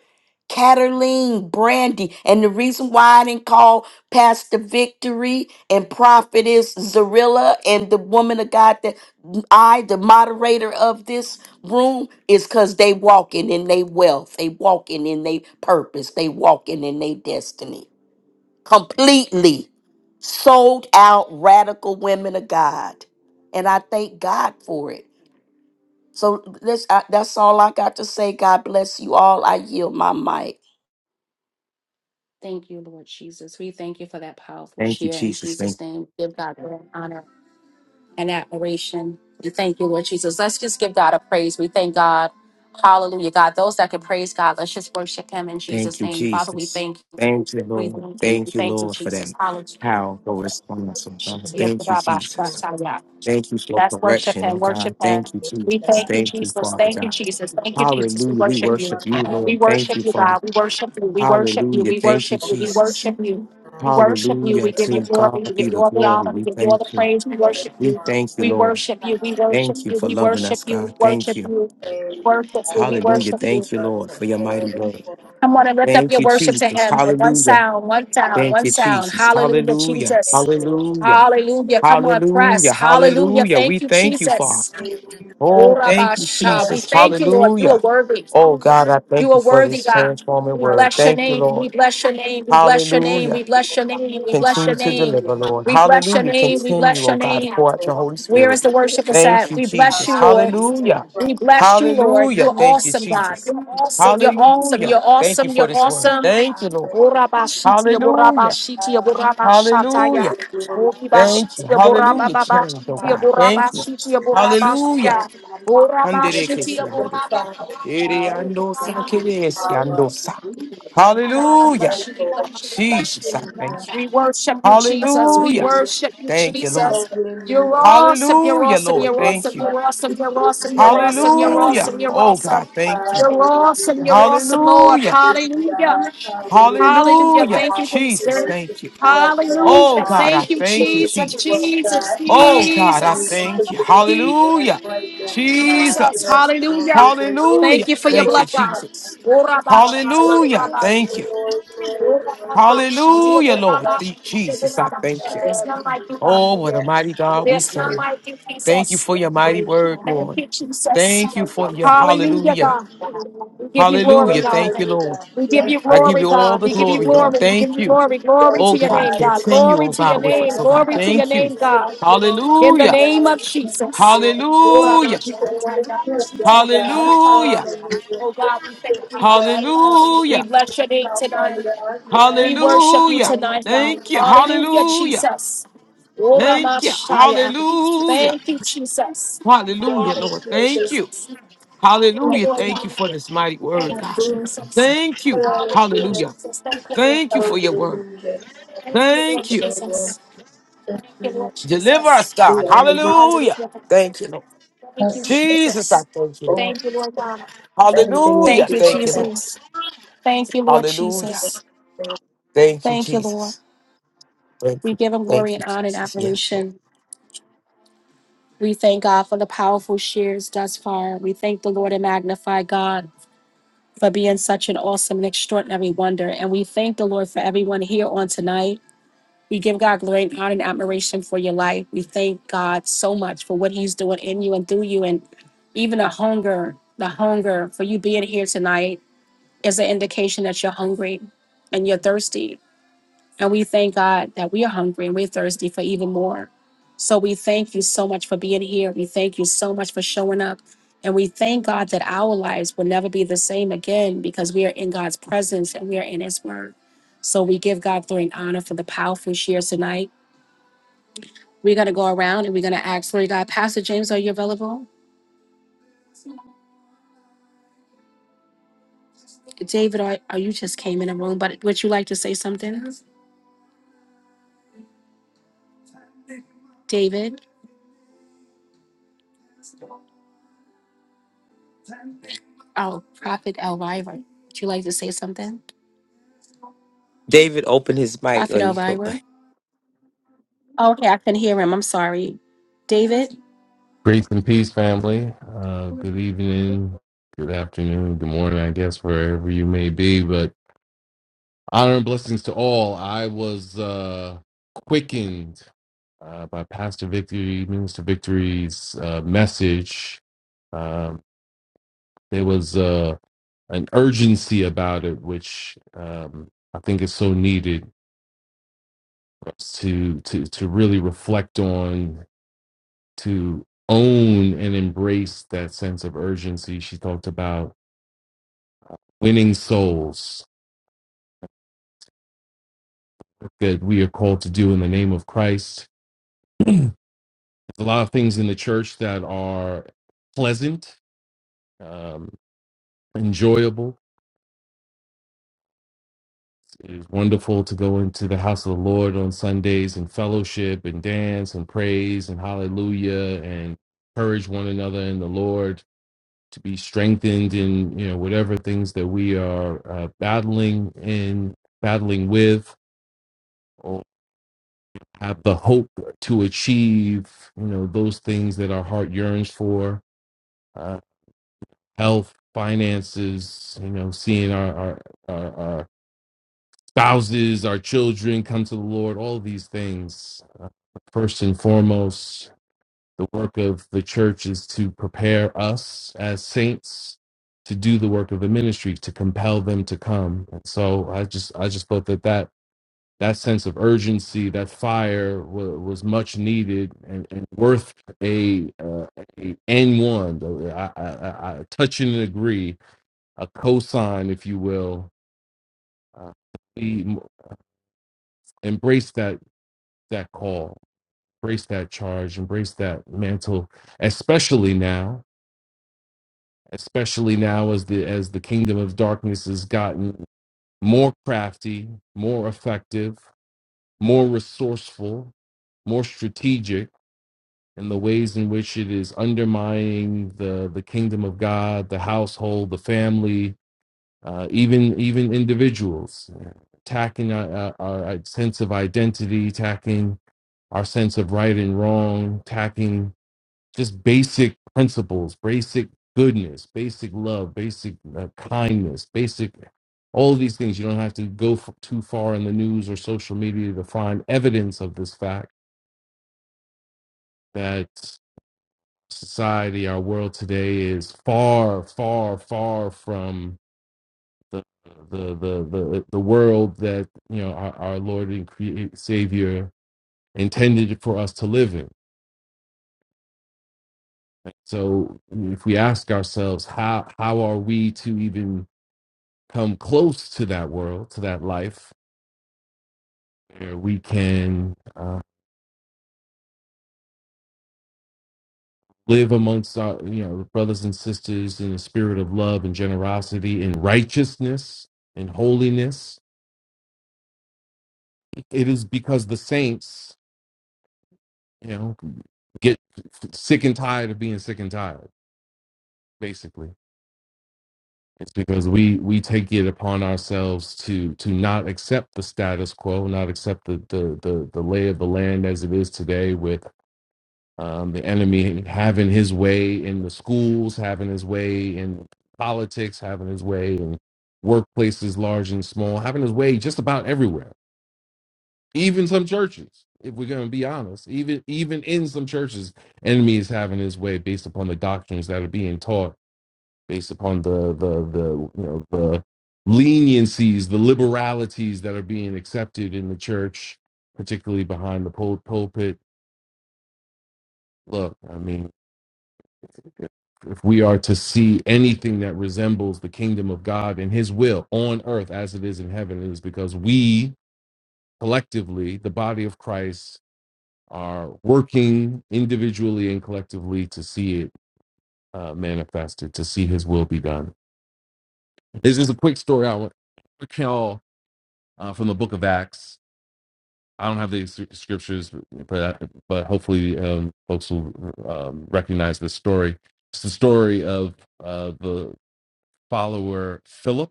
S2: Cataline, Brandy. And the reason why I didn't call Pastor Victory and Prophetess Zarilla and the woman of God that I, the moderator of this room, is because they walking in their wealth. They walking in their purpose. They walking in their destiny completely sold out radical women of God. And I thank God for it. So this, I, that's all I got to say. God bless you all. I yield my mic.
S1: Thank you, Lord Jesus. We thank you for that powerful
S4: Thank you,
S1: share in
S4: Jesus.
S1: Jesus'
S4: Thank,
S1: name. Give God glory and honor and admiration. We thank you, Lord Jesus. Let's just give God a praise. We thank God. Hallelujah, God. Those that can praise God, let's just worship Him in
S4: thank
S1: Jesus'
S4: you,
S1: name. Father, we
S4: Jesus.
S1: thank you.
S4: Thank you,
S1: We
S4: Lord.
S1: thank you. We
S4: Thank you,
S1: thank you,
S4: Lord, for
S1: Jesus.
S4: that
S1: Hallelujah.
S4: powerful response. oh God. Thank you, Jesus. Thank you for
S1: That's worship
S4: correction,
S1: Him.
S4: oh
S1: worship
S4: God.
S1: Him.
S4: Thank you,
S1: we
S4: Jesus.
S1: thank you,
S4: Thank you,
S1: Jesus.
S4: Father
S1: Thank you,
S4: God.
S1: Jesus. Thank you, Jesus. We
S4: Hallelujah. We
S1: worship you.
S4: worship you,
S1: We
S4: Lord. Thank
S1: worship
S4: you,
S1: you,
S4: Father.
S1: God. We worship you. We worship you.
S4: Hallelujah.
S1: We
S4: Thank you,
S1: worship you. We
S4: Jesus.
S1: worship you. We worship you. We
S4: Hallelujah.
S1: give you
S4: To God
S1: glory. We give
S4: be
S1: you
S4: the
S1: all the
S4: glory.
S1: honor. We
S4: We
S1: give you all
S4: thank
S1: the
S4: you.
S1: praise. We worship
S4: We
S1: you.
S4: thank you,
S1: We
S4: Lord.
S1: worship you. We worship
S4: Thank you
S1: you.
S4: for
S1: We
S4: loving
S1: worship
S4: us,
S1: you.
S4: God.
S1: We
S4: Thank
S1: worship
S4: you.
S1: you. We worship you. We
S4: Hallelujah.
S1: worship you.
S4: Thank you, Lord, for your mighty word.
S1: Come on and lift up
S4: Thank
S1: your
S4: you,
S1: worship to
S4: Jesus.
S1: him. And one
S4: Hallelujah.
S1: sound, one sound,
S4: Thank
S1: one
S4: you,
S1: sound.
S4: Jesus.
S1: Hallelujah,
S4: Hallelujah.
S1: Jesus.
S4: Hallelujah.
S1: Hallelujah. Come on, press.
S4: Hallelujah.
S1: Hallelujah.
S4: Hallelujah.
S1: Thank
S4: We
S1: you,
S4: thank you, Father.
S1: Jesus.
S4: Oh, thank you,
S1: Urabasha. We
S4: Jesus.
S1: thank you, Lord. You are
S4: Hallelujah.
S1: worthy.
S4: Oh, God, I
S1: You
S4: thank you
S1: are
S4: for
S1: worthy,
S4: this
S1: God.
S4: transforming
S1: We
S6: Hallelujah.
S4: word.
S1: bless your
S4: Thank you,
S1: name. We
S4: Lord.
S1: bless your name. We bless your name.
S4: Hallelujah.
S1: We bless your name. We bless
S4: Continue
S1: your
S4: to
S1: name.
S4: deliver, Lord.
S1: We bless your
S4: Hallelujah.
S1: name. We bless
S4: Continue,
S1: your
S4: oh God, to
S1: name.
S4: pour out your Holy
S1: Where
S4: Spirit.
S1: is the worship is
S4: Thank
S1: at?
S4: you,
S1: We bless
S4: Jesus.
S1: you, Lord.
S4: Hallelujah.
S1: We bless you, Lord.
S4: Hallelujah.
S1: You're
S4: Thank you,
S1: awesome, God.
S4: Jesus.
S1: You're awesome. You're awesome.
S4: Hallelujah.
S1: You're
S4: Thank you
S1: awesome.
S4: for
S1: You're
S4: this word.
S1: awesome.
S4: Thank you, Lord.
S1: Orabashiti,
S4: Hallelujah.
S1: Borabashiti, Borabashataya.
S4: Hallelujah. Thank you.
S1: Oribashiti,
S4: Hallelujah. Change, oh
S1: Borababashiti,
S4: God. Thank you.
S1: Borabashiti,
S4: Hallelujah.
S1: Borabashia. Orabashiti,
S4: Handerekesiando.
S1: Borababashiti, Borabashia.
S4: Ereandosakeresiandosa.
S1: God, we
S4: Hallelujah.
S1: bless you, we bless you, we bless
S4: Jesus,
S1: you.
S4: I thank you.
S1: We worship you, Jesus. We
S4: Hallelujah.
S1: worship you,
S4: Thank you, Lord.
S1: Jesus. You're awesome, you're
S4: Hallelujah,
S1: awesome,
S4: Lord.
S6: Hallelujah.
S1: you're
S4: Thank
S1: awesome,
S4: you.
S1: you're awesome, you're awesome, you're awesome, you're
S4: Hallelujah.
S1: awesome, you're
S4: Oh,
S1: awesome.
S4: God, thank you.
S1: You're awesome, you're awesome, Lord.
S4: Hallelujah.
S1: Hallelujah. Hallelujah.
S4: Hallelujah.
S1: Thank you, Holy
S4: Jesus,
S1: Spirit.
S4: thank you. Oh,
S1: Hallelujah.
S4: God, I
S1: Thank you,
S4: thank you,
S1: Jesus,
S4: Jesus.
S1: Jesus,
S4: Oh, God, I
S1: Jesus,
S4: thank you. Hallelujah.
S1: Jesus.
S4: Jesus.
S1: Hallelujah.
S4: Hallelujah.
S1: Thank you for your
S4: Thank you,
S1: blood, God.
S4: Jesus.
S1: Ora ba sha, Ora
S4: Hallelujah.
S1: ba sha,
S4: Thank you.
S1: Ora Oraba, oraba, oraba, shitiya,
S4: Hallelujah, Lord.
S1: oraba,
S4: Dear Jesus, I
S1: oraba.
S4: thank you.
S1: There's none like you, God.
S4: Oh, what a
S6: Yes,
S4: mighty God we
S1: There's
S6: yes.
S1: none
S4: serve.
S1: like you,
S4: Thank you
S1: Jesus.
S4: for your mighty
S6: Thank you,
S4: word,
S1: Thank
S4: Lord.
S1: you, Jesus.
S4: Thank you
S6: God.
S4: for
S6: Hallelujah.
S4: your
S6: Yes,
S1: Hallelujah,
S6: Lord.
S4: hallelujah.
S1: God. We give
S6: We
S1: you glory,
S4: Hallelujah.
S6: glorify
S4: Thank you,
S1: God.
S6: you,
S4: Lord.
S6: God.
S1: We give
S6: Yes,
S1: you
S4: I
S6: Lord.
S4: give
S1: glory,
S4: you all
S1: God.
S4: the
S1: We give you
S4: glory,
S6: Hallelujah.
S4: Lord.
S1: glory. We give
S4: Thank
S1: you
S4: you.
S1: glory. Glory
S6: Thank
S4: Oh
S1: to
S6: you,
S1: your
S4: God,
S6: God.
S1: name,
S6: It
S1: God.
S6: belongs
S4: continue,
S1: Glory
S4: oh
S1: to
S6: to you,
S1: your
S4: God, with us.
S1: name.
S4: Oh
S6: God.
S4: God,
S1: Glory to your
S6: Hallelujah.
S4: thank you.
S1: name, God.
S6: It belongs to
S1: In
S6: you,
S1: the
S4: Hallelujah.
S1: name
S6: God. We
S1: of
S6: thank
S1: Jesus.
S6: you, Lord.
S1: Oh
S6: We
S4: Hallelujah.
S6: thank you for what you have done, God.
S4: Hallelujah.
S6: Hallelujah. We
S1: God, we thank
S6: Thank you,
S1: you.
S6: God. Hallelujah.
S1: We
S4: Hallelujah.
S6: We
S1: bless
S6: Thank
S1: your name
S6: South
S1: tonight.
S6: Florida, God. Yes,
S1: We
S6: Lord.
S1: worship you
S4: Hallelujah.
S1: tonight, God.
S4: Thank you.
S6: Hallelujah.
S1: Hallelujah,
S6: Thank
S4: Hallelujah.
S1: Jesus.
S6: you, God.
S4: Thank you. Hallelujah.
S1: Thank you, Jesus.
S4: Hallelujah,
S6: Thank
S1: Hallelujah,
S6: you,
S4: Lord. Thank
S6: Jesus.
S4: you.
S1: Jesus. Thank you,
S4: Hallelujah.
S1: Lord
S4: Thank
S1: God.
S4: you for this mighty
S1: Thank
S4: word,
S1: you,
S4: God.
S6: Thank you,
S1: Jesus.
S4: Thank you.
S1: Hallelujah,
S6: Hallelujah.
S4: Hallelujah.
S1: Jesus. Thank you, Lord.
S4: Thank you for your word.
S6: Hallelujah.
S1: Thank you, Lord
S4: Thank you.
S6: Hallelujah.
S1: Jesus.
S6: Thank
S1: Thank
S6: you,
S1: you,
S6: Lord.
S1: Lord
S4: Deliver
S1: Jesus.
S4: us, God.
S6: We honor you.
S4: Hallelujah.
S1: Hallelujah.
S4: Thank you, Lord.
S1: Thank you,
S6: Bless you
S4: Jesus, I
S1: Jesus.
S4: thank you, Lord.
S6: for
S1: Thank you, Lord God.
S6: everything that
S4: Hallelujah.
S1: Thank
S6: you
S1: you,
S4: Thank
S6: are.
S4: you, Lord.
S1: Jesus. Thank you, Lord
S4: Hallelujah.
S1: Jesus.
S4: Thank you,
S1: Thank you, Lord.
S4: Jesus. Thank
S1: We
S4: you.
S1: give him
S4: Thank
S1: glory and
S4: you,
S1: honor and
S4: Jesus. Yes, Lord.
S1: admiration. We thank God for the powerful shares thus far. We thank the Lord and magnify God for being such an awesome and extraordinary wonder. And we thank the Lord for everyone here on tonight. We give God glory and honor and admiration for your life. We thank God so much for what He's doing in you and through you, and even the hunger, the hunger for you being here tonight is an indication that you're hungry and you're thirsty. And we thank God that we are hungry and we're thirsty for even more. So we thank you so much for being here. We thank you so much for showing up. And we thank God that our lives will never be the same again because we are in God's presence and we are in His Word. So we give God glory and honor for the powerful shares tonight. We're going to go around and we're going to ask, Lord God, Pastor James, are you available? David, are, are you just came in the room, but would you like to say something? David, oh, Prophet Elvira, would you like to say something? Prophet Elvira? Okay, I couldn't hear him. I'm sorry. David?
S7: Grace and peace, family. Uh, good evening, good afternoon, good morning, I guess, wherever you may be. But honor and blessings to all. I was uh, quickened uh, by Pastor Victory, Minister Victory's uh, message. Um, there was uh, an urgency about it, which um, I think is so needed to, to, to really reflect on, to own and embrace that sense of urgency she talked about winning souls that we are called to do in the name of Christ. There's a lot of things in the church that are pleasant, um, enjoyable. It is wonderful to go into the house of the Lord on Sundays and fellowship and dance and praise and hallelujah and encourage one another in the Lord to be strengthened in you know whatever things that we are uh, battling in battling with have the hope to achieve you know those things that our heart yearns for uh, health finances you know seeing our, our our our spouses our children come to the lord all these things first and foremost the work of the church is to prepare us as saints to do the work of the ministry to compel them to come and so i just i just thought that that that sense of urgency, that fire was, was much needed and, and worth a, uh, a N one. though I, I, I I touch and agree, a cosign, if you will. Uh, we embrace that that call, embrace that charge, embrace that mantle, especially now, especially now as the as the kingdom of darkness has gotten more crafty, more effective, more resourceful, more strategic and the ways in which it is undermining the the kingdom of God, the household, the family, uh, even even individuals, attacking our, our, our sense of identity, attacking our sense of right and wrong, attacking just basic principles, basic goodness, basic love, basic uh, kindness, basic all of these things. You don't have to go f- too far in the news or social media to find evidence of this fact that society, our world today is far, far, far from the the the the, the world that you know our, our Lord and Cre- Savior intended for us to live in. So, if we ask ourselves, how how are we to even come close to that world, to that life, where we can uh, live amongst our you know brothers and sisters in a spirit of love and generosity, in righteousness, and holiness? It is because the saints, you know, get sick and tired of being sick and tired. Basically, it's because we we take it upon ourselves to to not accept the status quo, not accept the the the, the lay of the land as it is today with. Um, the enemy having his way in the schools, having his way in politics, having his way in workplaces large and small, having his way just about everywhere even some churches if we're going to be honest even even in some churches enemy is having his way based upon the doctrines that are being taught based upon the the the you know the leniencies the liberalities that are being accepted in the church particularly behind the pul- pulpit look i mean if we are to see anything that resembles the kingdom of God and his will on earth as it is in heaven, it is because we collectively, the body of Christ, are working individually and collectively to see it uh, manifested, to see His will be done. This is a quick story I want to tell uh, from the Book of Acts. I don't have the s- scriptures, but but hopefully um, folks will um, recognize this story. It's the story of uh, the follower Philip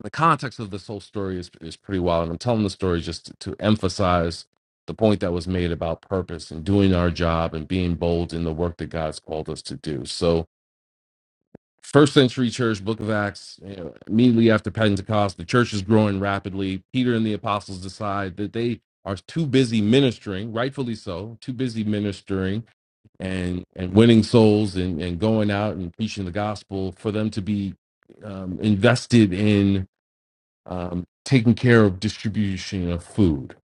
S7: the context of this whole story is is pretty wild, and I'm telling the story just to, to emphasize the point that was made about purpose and doing our job and being bold in the work that God's called us to do. So, first century church, Book of Acts, you know, immediately after Pentecost, the church is growing rapidly. Peter and the apostles decide that they are too busy ministering, rightfully so, too busy ministering and and winning souls and and going out and preaching the gospel for them to be um, invested in um, taking care of distribution of food,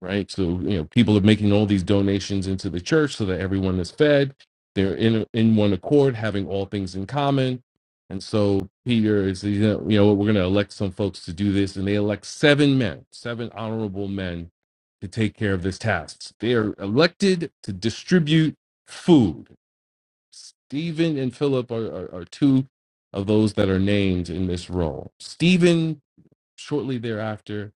S7: right? So you know, people are making all these donations into the church so that everyone is fed. They're in in one accord, having all things in common. And so Peter is, you know, you know what, we're going to elect some folks to do this, and they elect seven men, seven honorable men, to take care of this task. They are elected to distribute food. Stephen and Philip are, are, are two of those that are named in this role. Stephen shortly thereafter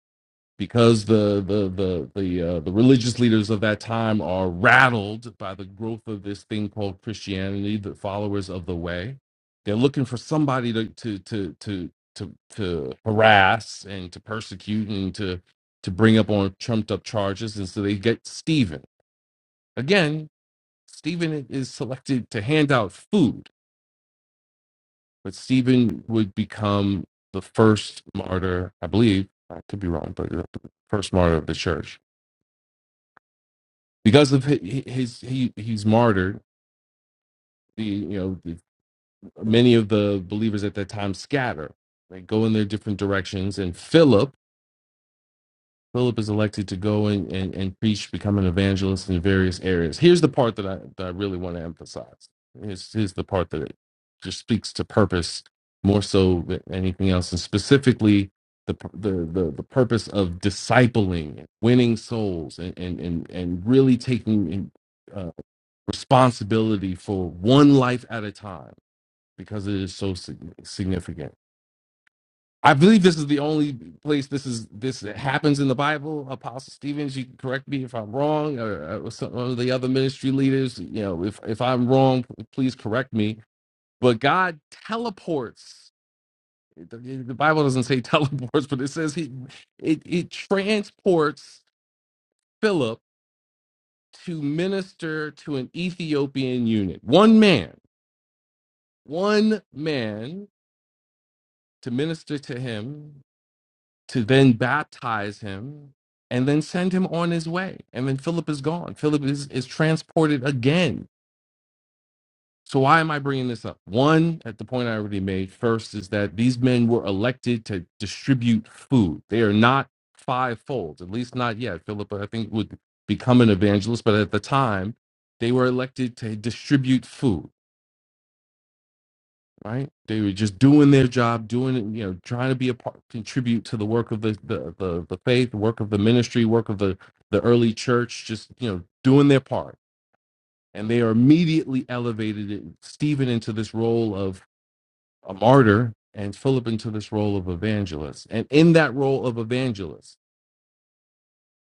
S7: because the the the the uh, the religious leaders of that time are rattled by the growth of this thing called Christianity, the followers of the way. They're looking for somebody to to to to to, to harass and to persecute and to to bring up on trumped up charges, and so they get Stephen again. Stephen is selected to hand out food but Stephen would become the first martyr, I believe. I could be wrong, but uh, the first martyr of the church because of his, his he he's martyred. The you know the, many of the believers at that time scatter. They go in their different directions, and Philip Philip is elected to go and, and, and preach, become an evangelist in various areas. Here's the part that I, that I really want to emphasize. Here's, here's the part that it just speaks to purpose more so than anything else, and specifically the the the, the purpose of discipling, winning souls, and and and, and really taking uh, responsibility for one life at a time because it is so sig- significant. I believe this is the only place this is this happens in the Bible. Apostle Stevens, you can correct me if I'm wrong, or, or some of the other ministry leaders. You know, if if I'm wrong, please correct me. But God teleports. The, the Bible doesn't say [laughs] teleports, but it says he it, it transports Philip to minister to an Ethiopian unit. One man, one man to minister to him to then baptize him and then send him on his way. And then Philip is gone. Philip is, is transported again. So, why am I bringing this up? One, at the point I already made first, is that these men were elected to distribute food. They are not fivefold, at least not yet. Philip, I think, would become an evangelist, but at the time, they were elected to distribute food. right? They were just doing their job, doing it, you know, trying to be a part, contribute to the work of the the the, the faith, the work of the ministry, work of the the early church, just you know, doing their part. And they are immediately elevated it- Stephen into this role of a martyr and Philip into this role of evangelist. And in that role of evangelist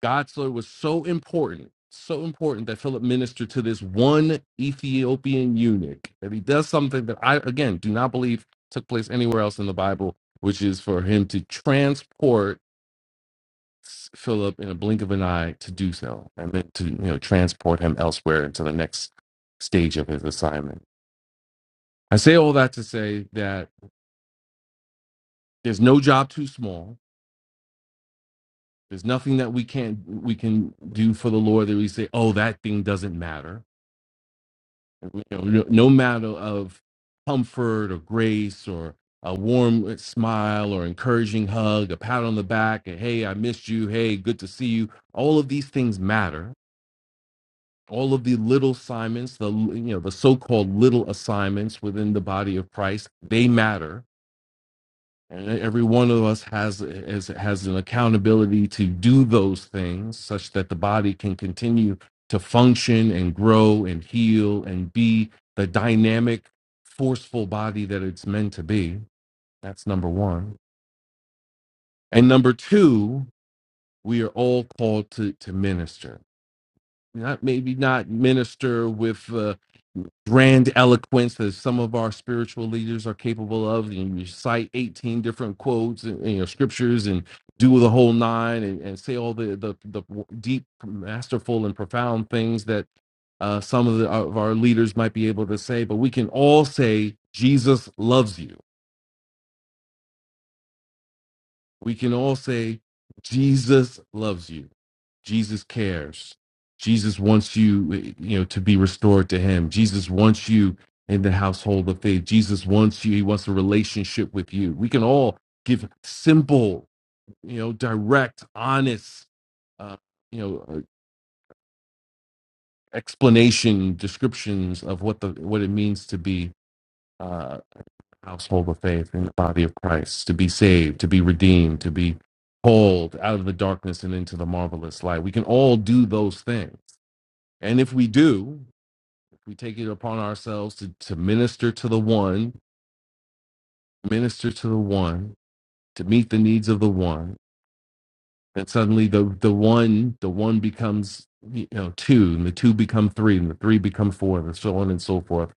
S7: Godslayer was so important, so important that Philip ministered to this one Ethiopian eunuch, that he does something that I, again, do not believe took place anywhere else in the Bible, which is for him to transport S- Philip in a blink of an eye to do so, and then to, you know, transport him elsewhere into the next stage of his assignment. I say all that to say that there's no job too small. There's nothing that we can't we can do for the Lord that we say, oh, that thing doesn't matter You know, no no matter of comfort or grace or a warm uh, smile or encouraging hug, a pat on the back, and hey, I missed you. Hey, good to see you. All of these things matter. All of the little assignments, the you know the so-called little assignments within the body of Christ, they matter and every one of us has has, has an accountability to do those things such that the body can continue to function and grow and heal and be the dynamic, forceful body that it's meant to be. That's number one. And number two, we are all called to, to minister not maybe not minister with uh, grand eloquence as some of our spiritual leaders are capable of and you cite 18 different quotes and you know scriptures and do the whole nine and, and say all the, the the deep masterful and profound things that uh, some of, the, of our leaders might be able to say but we can all say jesus loves you we can all say Jesus loves you. Jesus cares. Jesus wants you, you know, to be restored to him. Jesus wants you in the household of faith. Jesus wants you. He wants a relationship with you. We can all give simple, you know, direct, honest, uh, you know, uh, explanation descriptions of what the what it means to be uh, household of faith in the body of Christ, to be saved, to be redeemed, to be pulled out of the darkness and into the marvelous light. We can all do those things. And if we do, if we take it upon ourselves to, to minister to the one, minister to the one, to meet the needs of the one, then suddenly the, the one, the one becomes you know two, and the two become three, and the three become four, and so on and so forth.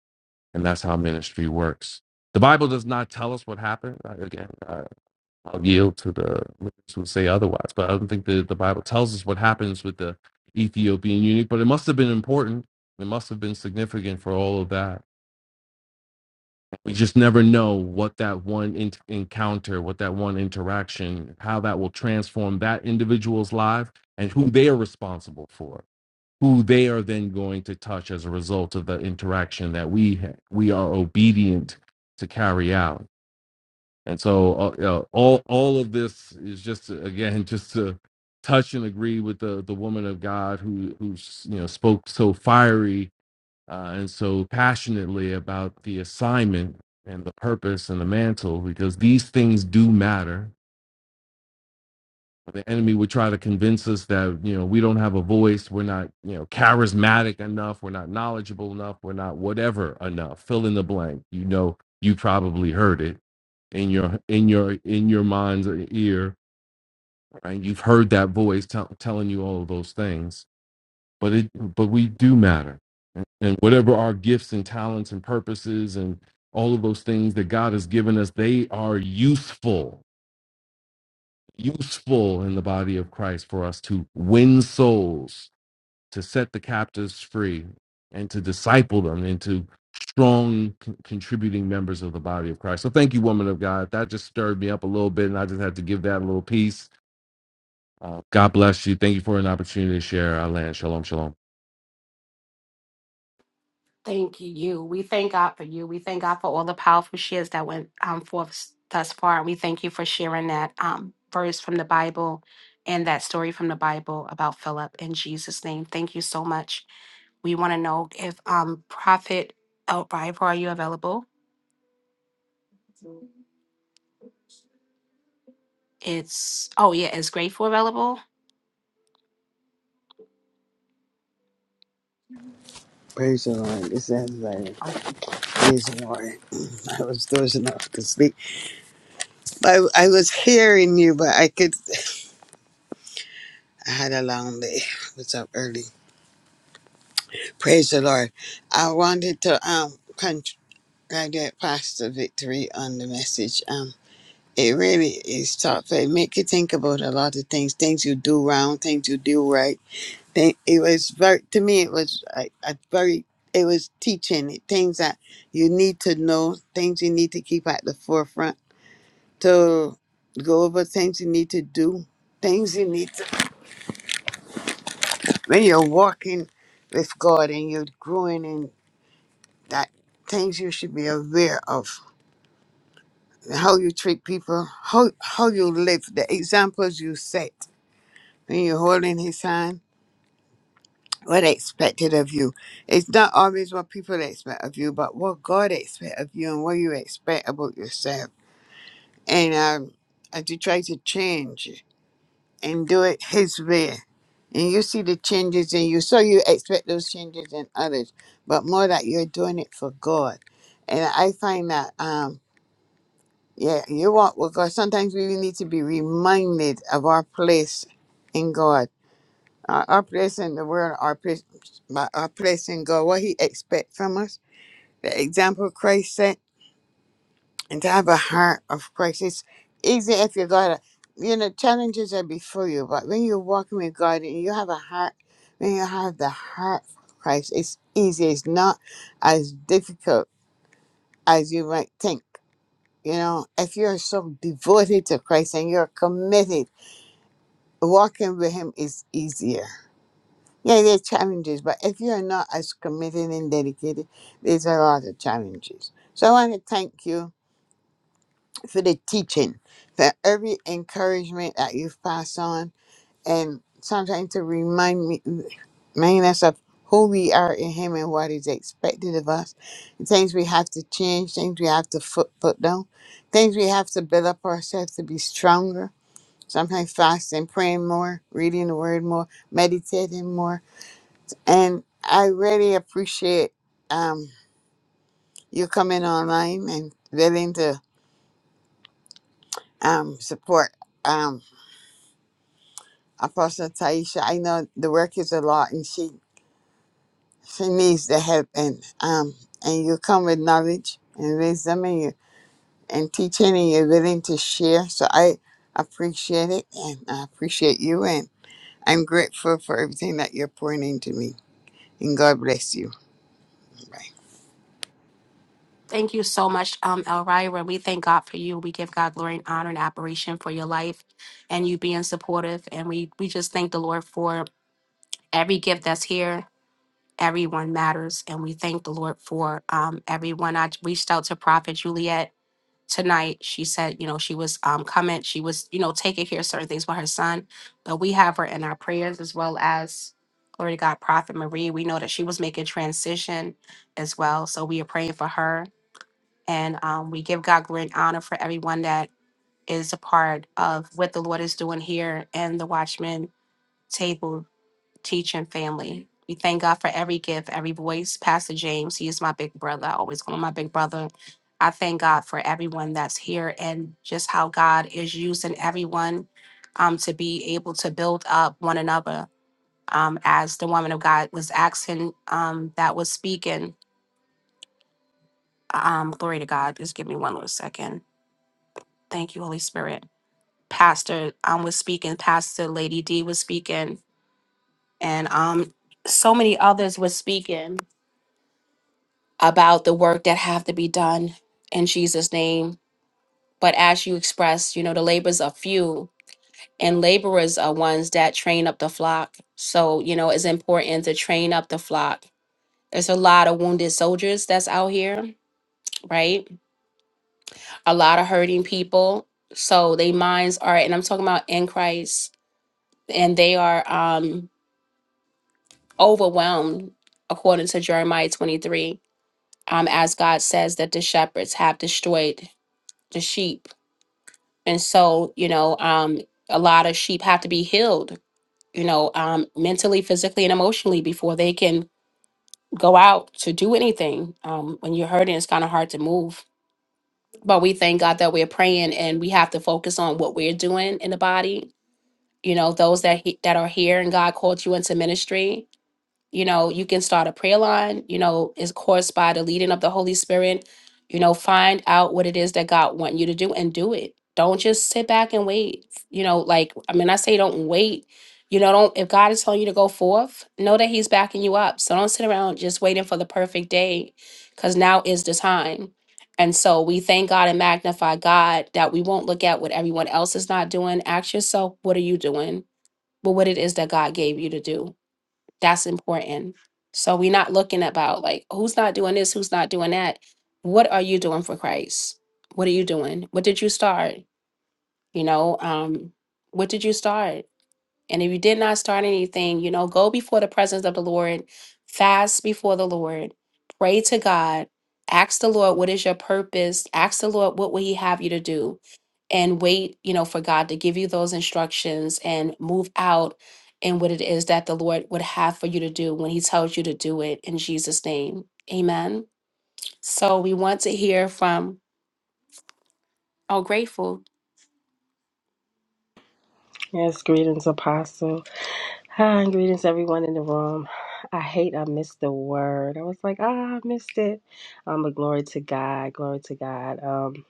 S7: And that's how ministry works. The Bible does not tell us what happened. Again, I, I'll yield to the witness who say otherwise. But I don't think the, the Bible tells us what happens with the Ethiopian eunuch, but it must have been important. It must have been significant for all of that. We just never know what that one in- encounter, what that one interaction, how that will transform that individual's life and who they are responsible for, who they are then going to touch as a result of the interaction that we ha- we are obedient to carry out. And so, uh, you know, all all of this is just to- again [laughs] just to touch and agree with the the woman of God who who you know spoke so fiery uh, and so passionately about the assignment and the purpose and the mantle because these things do matter the enemy would try to convince us that you know we don't have a voice we're not you know charismatic enough we're not knowledgeable enough we're not whatever enough fill in the blank you know you probably heard it in your in your in your mind's ear right you've heard that voice tell telling you all of those things but it but we do matter and whatever our gifts and talents and purposes and all of those things that God has given us they are useful useful in the body of Christ for us to win souls, to set the captives free, and to disciple them into strong con- contributing members of the body of Christ. So thank you, woman of God. That just stirred me up a little bit, and I just had to give that a little piece. Uh, God bless you. Thank you for an opportunity to share our land. Shalom, shalom.
S1: Thank you. We thank God for you. We thank God for all the powerful shares that went um, forth thus far. And we thank you for sharing that um, verse from the Bible and that story from the Bible about Philip in Jesus' name. Thank you so much. We want to know if um, Prophet Elbriver, are you available? It's, oh, yeah, is Grateful available?
S8: Praise the Lord. This is like,
S1: Oh,
S8: praise the Lord. [laughs] [clears throat] I was doze enough to sleep. I, I was hearing you, but I could, I had a long day. I was up early. Praise the Lord. I wanted to um congratulate Pastor Victory on the message. Um, it really is tough. It make you think about a lot of things, things you do wrong, things you do right. Think- It was very, to me, it was a, a very, it was teaching things that you need to know, things you need to keep at the forefront to go over things you need to do, things you need to, when you're walking with God and you're growing in that, things you should be aware of, how you treat people, how, how you live, the examples you set when you're holding His hand, what expected of you. It's not always what people expect of you, but what God expects of you and what you expect about yourself. And um, as you try to change. and do it his way. And you see the changes in you. So you expect those changes in others, but more that you're doing it for God. And I find that, um, yeah, you walk with God. Sometimes we need to be reminded of our place in God, our, our place in the world, our place, our place in God, what He expects from us. The example Christ set and to have a heart of Christ. It's easy if you got a, you know, challenges are before you, but when you're walking with God and you have a heart, when you have the heart of Christ, it's easy. It's not as difficult as you might think. You know, if you're so devoted to Christ and you're committed, walking with Him is easier. Yeah, there are challenges, but if you're not as committed and dedicated, there's a lot of challenges. So I want to thank you for the teaching, for every encouragement that you pass on, and sometimes to remind me, remind us of who we are in Him and what is expected of us, and things we have to change, things we have to put put down, things we have to build up ourselves to be stronger. Sometimes fasting, praying more, reading the Word more, meditating more, and I really appreciate um, you coming online and willing to um, support. Um, Apostle Taisha, I know the work is a lot and she she needs the help and um and you come with knowledge and wisdom and you and teaching and you're willing to share. So I appreciate it and I appreciate you and I'm grateful for everything that you're pouring into me. And God bless you.
S1: Thank you so much, um, Elvira. We thank God for you. We give God glory and honor and admiration for your life and you being supportive. And we, we just thank the Lord for every gift that's here, everyone matters. And we thank the Lord for um, everyone. I reached out to Prophet Juliet tonight. She said, you know, she was um, coming. She was, you know, taking care of certain things with her son. But we have her in our prayers as well as, glory to God, Prophet Marie. We know that she was making transition as well. So we are praying for her. And um, we give God glory and honor for everyone that is a part of what the Lord is doing here and the Watchman table teaching family. We thank God for every gift, every voice. Pastor James, he is my big brother. I always call him my big brother. I thank God for everyone that's here and just how God is using everyone um, to be able to build up one another. Um, as the woman of God was asking, um, that was speaking. Um, glory to God. Just give me one little second. Thank you, Holy Spirit. Pastor um, was speaking. Pastor Lady D was speaking, and um, so many others were speaking about the work that have to be done in Jesus' name. But as you express, you know, the labors are few and laborers are ones that train up the flock. So, you know, it's important to train up the flock. There's a lot of wounded soldiers that's out here, right? A lot of hurting people. So they minds are, and I'm talking about in Christ, and they are um overwhelmed according to Jeremiah 23. Um, as God says that the shepherds have destroyed the sheep and so you know um a lot of sheep have to be healed you know um mentally physically and emotionally before they can go out to do anything um when you're hurting it's kind of hard to move but we thank god that we're praying and we have to focus on what we're doing in the body you know those that he, that are here and god called you into ministry you know you can start a prayer line you know is caused by the leading of the holy spirit you know find out what it is that god want you to do and do it don't just sit back and wait you know like i mean i say don't wait you know don't if god is telling you to go forth know that he's backing you up so don't sit around just waiting for the perfect day because now is the time and so we thank god and magnify god that we won't look at what everyone else is not doing ask yourself what are you doing but what it is that god gave you to do that's important. So we're not looking about like who's not doing this, who's not doing that. What are you doing for Christ? What are you doing? What did you start? You know, um, what did you start? And if you did not start anything, you know, go before the presence of the Lord, fast before the Lord, pray to God, ask the Lord, what is your purpose? Ask the Lord, what will He have you to do? And wait, you know, for God to give you those instructions and move out in what it is that the Lord would have for you to do when He tells you to do it in Jesus' name. Amen. So we want to hear from, oh, grateful.
S6: Yes, greetings, Apostle. Hi, and greetings, everyone in the room. I hate I missed the word. I was like, ah, I missed it. Um, but glory to God, glory to God. Um,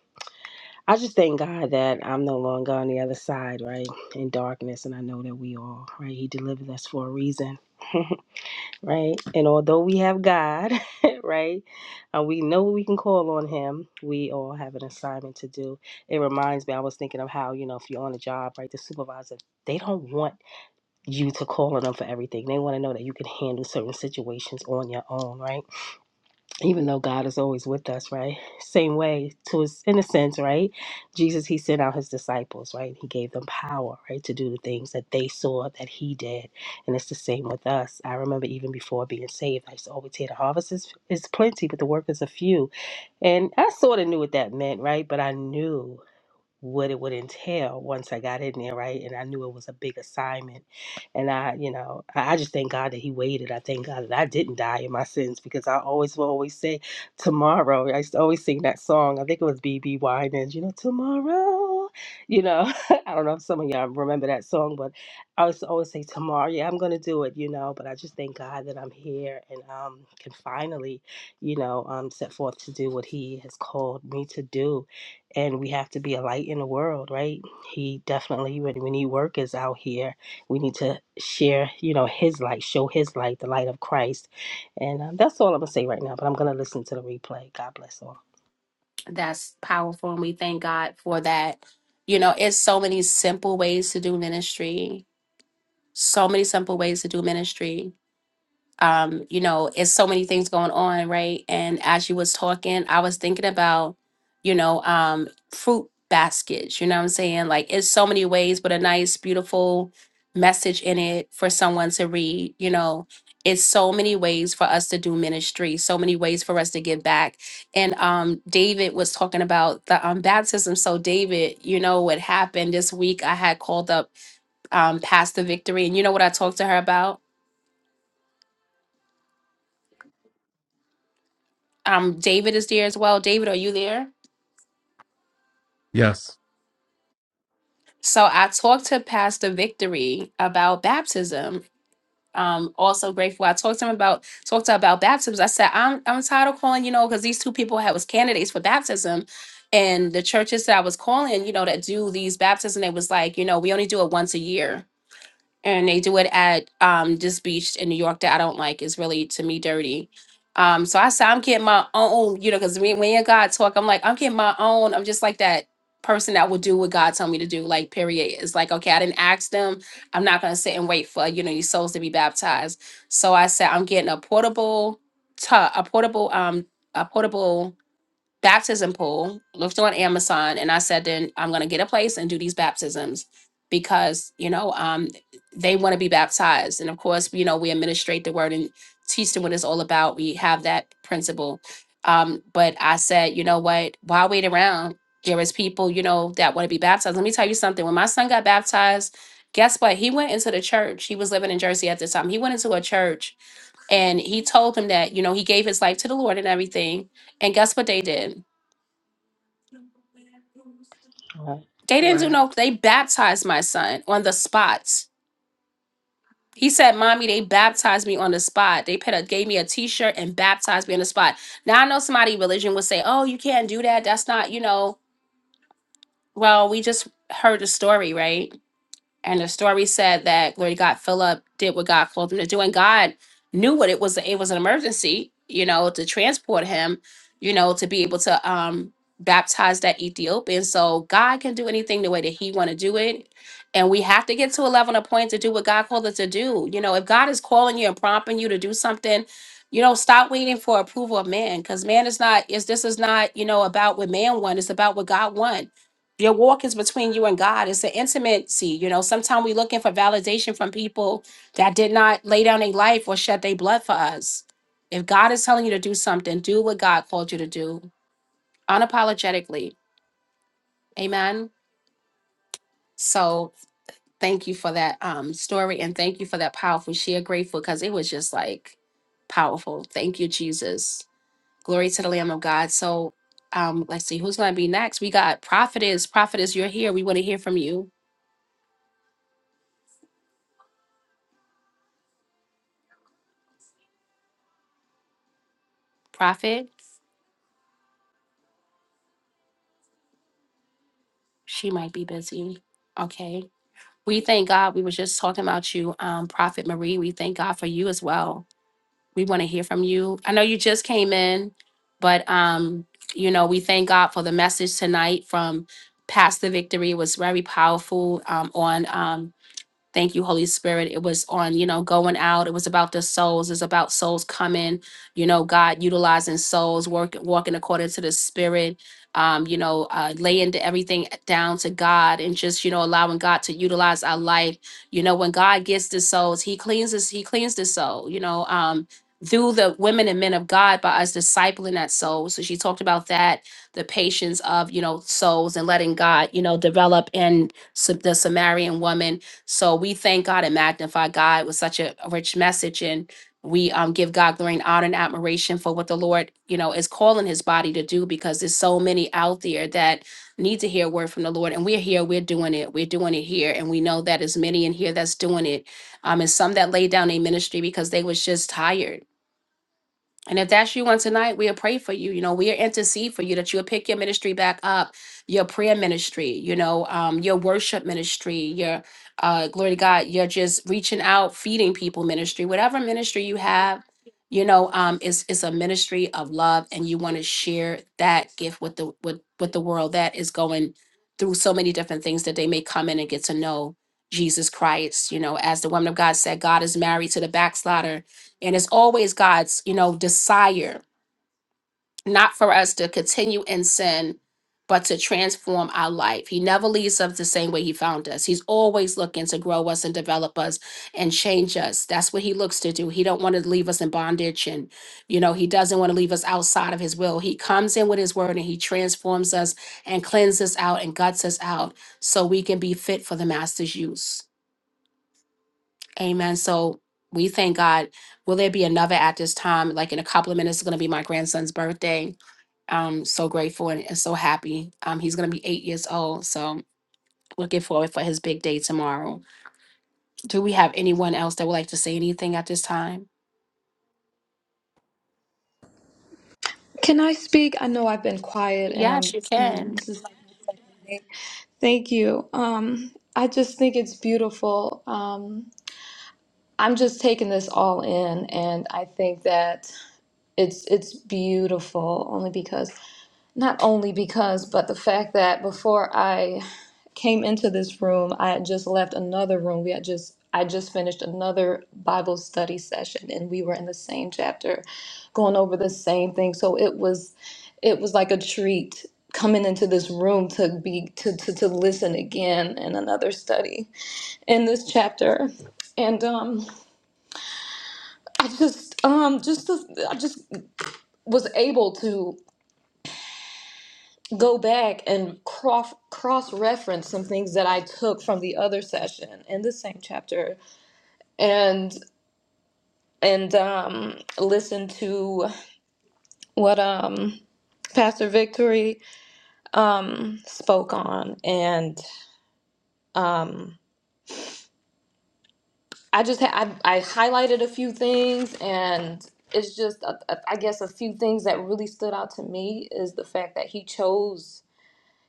S6: I just thank God that I'm no longer on the other side, right, in darkness, and I know that we all, right, He delivered us for a reason. [laughs] right? And although we have God, [laughs] right, and we know we can call on Him, we all have an assignment to do. It reminds me, I was thinking of how, you know, if you're on a job, right, the supervisor, they don't want you to call on them for everything. They want to know that you can handle certain situations on your own, right? even though God is always with us, right? Same way to his in a sense, right? Jesus he sent out his disciples, right? And He gave them power, right, to do the things that they saw that he did. And it's the same with us. I remember even before being saved, I used to always hear the harvest is, is plenty, but the workers are few. And I sort of knew what that meant, right? But I knew what it would entail once I got in there, right? And I knew it was a big assignment. And I, you know, I I just thank God that He waited. I thank God that I didn't die in my sins because I always will always say, tomorrow. I used to always sing that song. I think it was B.B. Winans, you know, tomorrow. You know, [laughs] I don't know if some of y'all remember that song, but I used to always say, tomorrow, yeah, I'm going to do it, you know. But I just thank God that I'm here and um, can finally, you know, um, set forth to do what He has called me to do and we have to be a light in the world, right? He definitely, when, we he work is out here, we need to share, you know, his light, show his light, the light of Christ. And um, that's all I'm going to say right now, but I'm going to listen to the replay. God bless all.
S1: that's powerful and we thank god for that you know it's so many simple ways to do ministry so many simple ways to do ministry um, you know, it's so many things going on, right? And as you was talking, I was thinking about, you know, um, fruit baskets, you know what I'm saying? Like it's so many ways, but a nice, beautiful message in it for someone to read, you know. It's so many ways for us to do ministry, so many ways for us to give back. And um David was talking about the um baptism. So David, you know what happened this week I had called up um Pastor Victory and you know what I talked to her about? um David is there as well. David, are you there?
S7: Yes.
S1: So I talked to Pastor Victory about baptism. Um, also grateful. I talked to him about talked to him about baptisms. I said, I'm I'm tired of calling, you know, because these two people had was candidates for baptism. And the churches that I was calling, you know, that do these baptisms, they was like, you know, we only do it once a year and they do it at um this beach in New York that I don't like. It's really to me dirty. Um, so I said I'm getting my own, you know, because when when you and God talk, I'm like I'm getting my own. I'm just like that person that will do what God told me to do. Like period. It's like okay, I didn't ask them. I'm not gonna sit and wait for you know these souls to be baptized. So I said I'm getting a portable, tu- a portable um a portable baptism pool, looked on Amazon, and I said, then I'm going to get a place and do these baptisms because, you know, um, they want to be baptized. And of course, you know, we administrate the word and teach them what it's all about. We have that principle. Um, but I said, you know what? Why wait around? There is people, you know, that want to be baptized. Let me tell you something. When my son got baptized, guess what? He went into the church. He was living in Jersey at the time. He went into a church and he told them that, you know, he gave his life to the Lord and everything. And guess what they did?
S6: All
S1: They didn't do no, they baptized my son on the spot. He said, Mommy, they baptized me on the spot. They put a, gave me a t shirt and baptized me on the spot. Now I know somebody religion would say, Oh, you can't do that. That's not, you know, well, we just heard the story, right? And the story said that glory to God, Philip did what God called him to do, and God knew what it was. It was an emergency, you know, to transport him, you know, to be able to um baptize that Ethiopian. So God can do anything the way that He want to do it, and we have to get to a level and a point to do what God called us to do. You know, if God is calling you and prompting you to do something. You know, stop waiting for approval of man, because man is not is this is not you know about what man want. It's about what God want your walk is between you and God. It's an intimacy. You know, sometimes we're looking for validation from people that did not lay down their life or shed their blood for us. If God is telling you to do something, do what God called you to do unapologetically. Amen. So thank you for that um, story and thank you for that powerful share. Grateful because it was just like powerful. Thank you, Jesus. Glory to the Lamb of God. So um, let's see who's going to be next. We got prophetess. Prophetess, you're here. We want to hear from you, prophet. She might be busy. Okay. We thank God. We were just talking about you, um, Prophet Marie. We thank God for you as well. We want to hear from you. I know you just came in, but um, you know, we thank God for the message tonight from Pastor Victory. It was very powerful um, on um, Thank you, Holy Spirit. It was on, you know, going out. It was about the souls. It's about souls coming, you know, God utilizing souls, work, walking according to the Spirit, um, you know, uh, laying the- everything down to God and just, you know, allowing God to utilize our life. You know, when God gets the souls, He cleans us, He cleans the soul, you know, um, through the women and men of God by us discipling that soul. So she talked about that, the patience of, you know, souls and letting God, you know, develop in Sa- the Samaritan woman so we thank God and magnify God with such a a rich message and we um, give God glory and honor and admiration for what the Lord, you know, is calling his body to do because there's so many out there that need to hear a word from the Lord. And we're here, we're doing it, we're doing it here. And we know that as many in here that's doing it. Um, and some that laid down a ministry because they was just tired and if that's you on tonight, we'll pray for you. You know, we'll intercede for you that you'll pick your ministry back up, your prayer ministry, you know, um, your worship ministry, your uh glory to God, you're just reaching out, feeding people ministry, whatever ministry you have, you know, um, it's it's a ministry of love, and you want to share that gift with the with with the world that is going through so many different things that they may come in and get to know Jesus Christ. You know, as the woman of God said, God is married to the backslider and it's always God's, you know, desire not for us to continue in sin, but to transform our life. He never leaves us the same way he found us. He's always looking to grow us and develop us and change us. That's what he looks to do. He don't want to leave us in bondage and you know, he doesn't want to leave us outside of his will. He comes in with his word and he transforms us and cleanses us out and guts us out so we can be fit for the master's use. Amen. So we thank God. Will there be another at this time? Like in a couple of minutes, it's going to be my grandson's birthday. I'm so grateful and, and so happy. Um, he's going to be eight years old. So looking forward for his big day tomorrow. Do we have anyone else that would like to say anything at this time?
S9: Can I speak? I know I've been quiet and
S1: Yes,
S9: I'm
S1: you
S9: mm,
S1: can.
S9: this is Thank you. Um, I just think it's beautiful. Um, I'm just taking this all in, and I think that it's it's beautiful only because not only because, but the fact that before I came into this room, I had just left another room. We had just I just finished another Bible study session and we were in the same chapter going over the same thing. So it was it was like a treat coming into this room to be to to, to listen again in another study in this chapter. And um I just um just to, I just was able to go back and cross cross reference some things that I took from the other session in the same chapter and and um listen to what um Pastor Victory um spoke on and um I just ha- I, I highlighted a few things and it's just uh, uh, I guess a few things that really stood out to me is the fact that he chose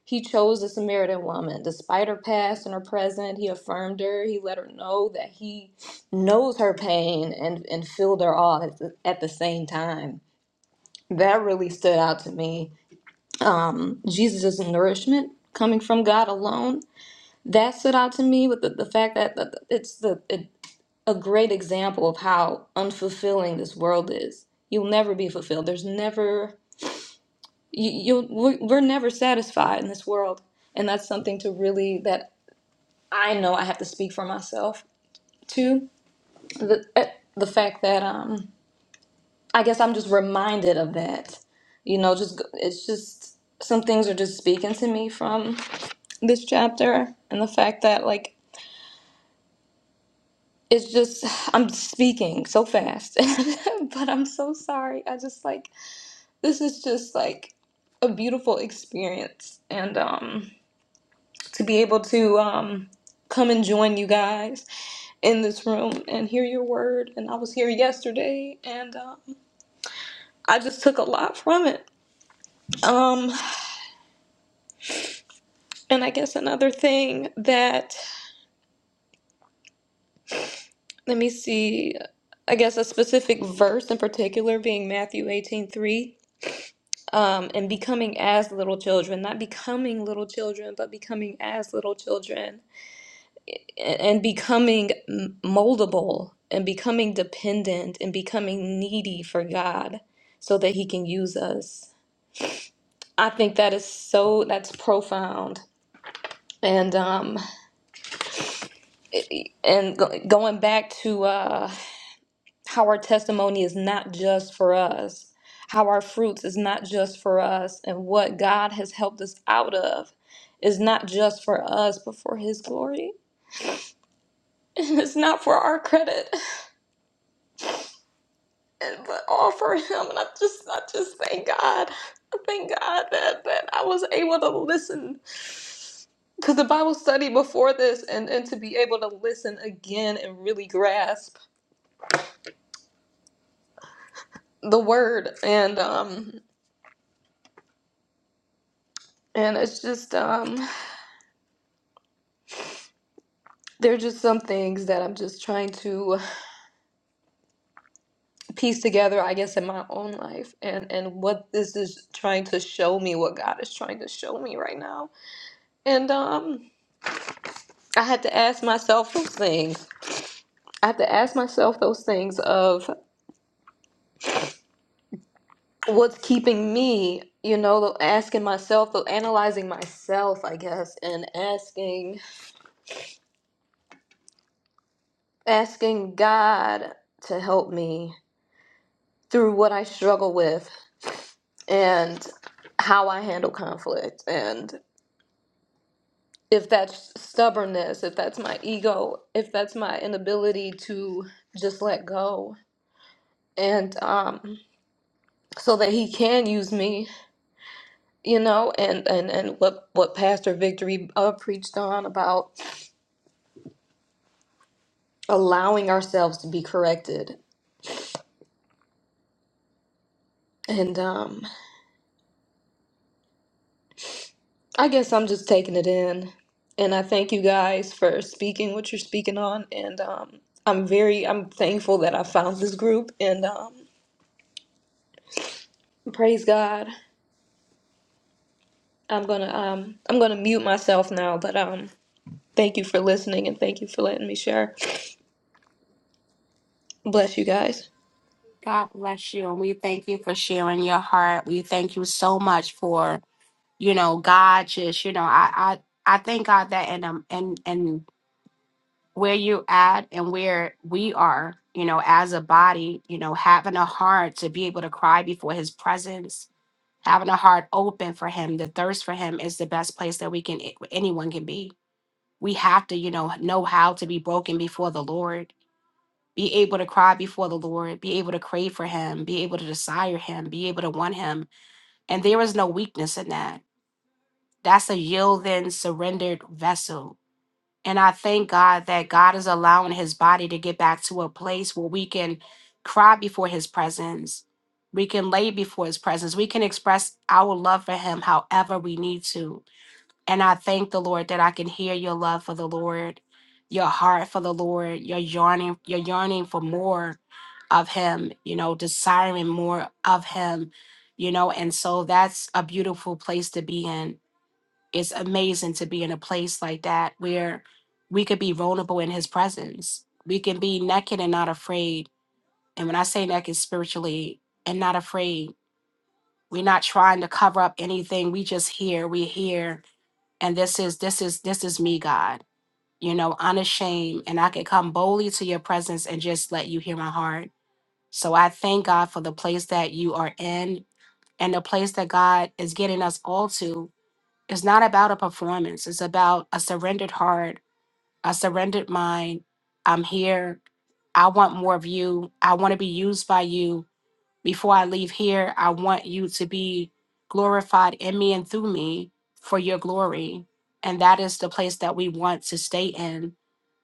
S9: He chose the Samaritan woman. Despite her past and her present, he affirmed her. He let her know that he knows her pain and, and filled her all at the, at the same time. That really stood out to me. Um, Jesus' nourishment coming from God alone, that stood out to me with the, the fact that that- that it's the, it, a great example of how unfulfilling this world is. You'll never be fulfilled. There's never, you, you'll, we're, we're never satisfied in this world and that's something to really that I know I have to speak for myself too. The eh, the fact that um, I guess I'm just reminded of that. You know, just go- it's just some things are just speaking to me from this chapter, and the fact that like it's just I'm speaking so fast, [laughs] but I'm so sorry. I just like this is just like a beautiful experience, and um, to be able to um come and join you guys in this room and hear your word. And I was here yesterday, and um, I just took a lot from it. Um, and I guess another thing that let me see, I guess a specific verse in particular being Matthew eighteen three. Um, and becoming as little children, not becoming little children, but becoming as little children, and, and becoming m- moldable, and becoming dependent, and becoming needy for God so that He can use us I think that is so that's profound. And um and go, going back to uh how our testimony is not just for us, how our fruits is not just for us and what God has helped us out of is not just for us but for his glory. [laughs] And it's not for our credit, and but all for him. And I just I just thank God. I thank God that that I was able to listen Cause the Bible study before this and, and to be able to listen again and really grasp the word and um and it's just um there are just some things that I'm just trying to piece together I guess in my own life and and what this is trying to show me what God is trying to show me right now and um I had to ask myself those things I had to ask myself those things of. what's keeping me, you know, asking myself, analyzing myself, I guess, and asking asking God to help me through what I struggle with and how I handle conflict and if that's stubbornness, if that's my ego, if that's my inability to just let go and um so that he can use me, you know, and and and what what Pastor Victory uh, preached on about allowing ourselves to be corrected. And um, I guess I'm just taking it in. And I thank you guys for speaking what you're speaking on. And um, I'm very I'm thankful that I found this group. And um, praise God. I'm gonna um, I'm gonna mute myself now. But um, thank you for listening and thank you for letting me share. Bless you guys.
S1: God bless you. And we thank you for sharing your heart. We thank you so much for, you know, God just, you know, I I, I thank God that and um and and where you at and where we are, you know, as a body, you know, having a heart to be able to cry before his presence, having a heart open for him, the thirst for him is the best place that we can anyone can be. We have to, you know, know how to be broken before the Lord be able to cry before the Lord, be able to crave for Him, be able to desire Him, be able to want Him. And there is no weakness in that. That's a yielding, surrendered vessel. And I thank God that God is allowing His body to get back to a place where we can cry before His presence. We can lay before His presence. We can express our love for Him however we need to and I thank the Lord that I can hear your love for the Lord, your heart for the Lord, your yearning, your yearning for more of him, you know, desiring more of him, you know, and so that's a beautiful place to be in. It's amazing to be in a place like that where we could be vulnerable in his presence. We can be naked and not afraid. And when I say naked spiritually and not afraid, we're not trying to cover up anything. We just hear, we hear and this is this is this is me god you know unashamed and i can come boldly to your presence and just let you hear my heart so i thank god for the place that you are in and the place that god is getting us all to it's not about a performance it's about a surrendered heart a surrendered mind i'm here i want more of you i want to be used by you before I leave here, I want you to be glorified in me and through me for your glory. And that is the place that we want to stay in,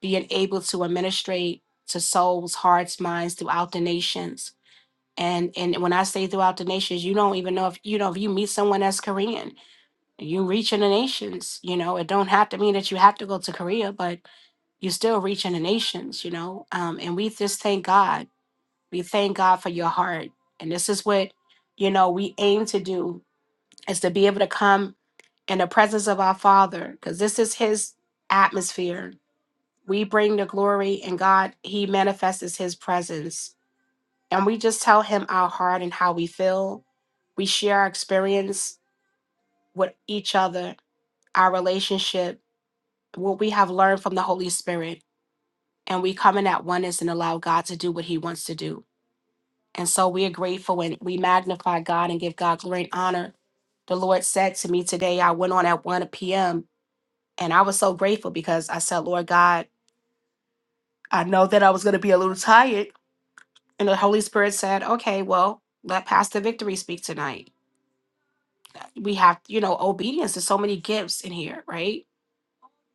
S1: being able to administrate to souls, hearts, minds throughout the nations. And and when I say throughout the nations, you don't even know if you know if you meet someone that's Korean, you reaching the nations. You know, it don't have to mean that you have to go to Korea, but you're still reaching the nations. You know, um, and we just thank God we thank God for your heart. And this is what, you know, we aim to do is to be able to come in the presence of our Father, because this is His atmosphere. We bring the glory, and God, He manifests His presence. And we just tell Him our heart and how we feel. We share our experience with each other, our relationship, what we have learned from the Holy Spirit. And we come in at oneness and allow God to do what He wants to do. And so we are grateful and we magnify God and give God glory and honor. The Lord said to me today, I went on at 1 p.m. and I was so grateful because I said, Lord God, I know that I was going to be a little tired. And the Holy Spirit said, okay, well, let Pastor Victory speak tonight. We have, you know, obedience. There's so many gifts in here, right?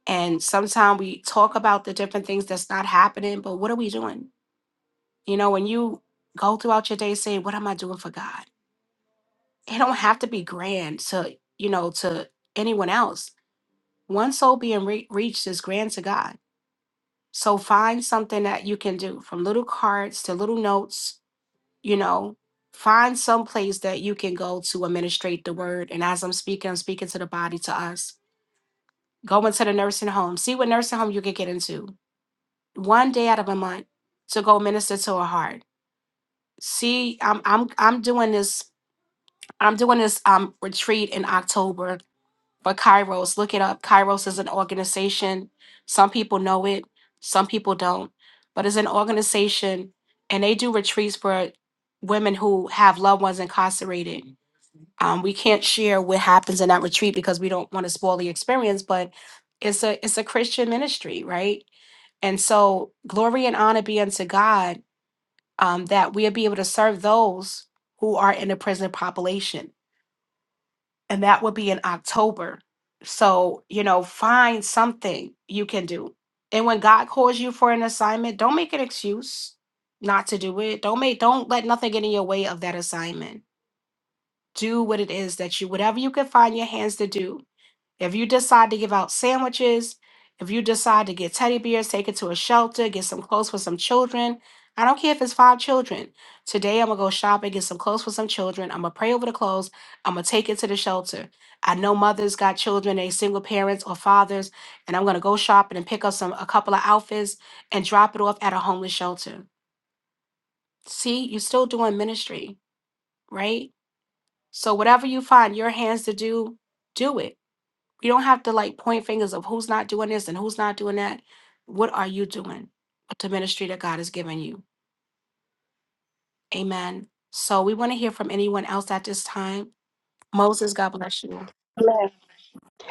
S1: And sometimes we talk about the different things that's not happening, but what are we doing? You know, when you go throughout your day saying, what am I doing for God? it don't have to be grand to you know to anyone else one soul being re- reached is grand to god so find something that you can do from little cards to little notes you know find some place that you can go to administrate the word and as i'm speaking i'm speaking to the body to us go into the nursing home see what nursing home you can get into one day out of a month to go minister to a heart see i'm i'm i'm doing this i'm doing this um retreat in october But Kairos, look it up. Kairos is an organization. Some people know it, some people don't. But it's an organization, and they do retreats for women who have loved ones incarcerated. Um, we can't share what happens in that retreat because we don't want to spoil the experience. But it's a it's a Christian ministry, right? And so glory and honor be unto God um, that we'll be able to serve those who are in the prison population and that would be in October. So, you know, find something you can do. And when God calls you for an assignment, don't make an excuse not to do it. Don't make don't let nothing get in your way of that assignment. Do what it is that you whatever you can find your hands to do if you decide to give out sandwiches, if you decide to get teddy bears, take it to a shelter, get some clothes for some children. I don't care if it's five children. Today I'm gonna go shopping, get some clothes for some children. I'm gonna pray over the clothes. I'm gonna take it to the shelter. I know mothers got children, they single parents or fathers, and I'm gonna go shopping and pick up some a couple of outfits and drop it off at a homeless shelter. See, you're still doing ministry, right? So whatever you find your hands to do, do it you don't have to like point fingers of who's not doing this and who's not doing that. What are you doing with the ministry that God has given you? Amen. So we want to hear from anyone else at this time. Moses, God bless you.
S6: right.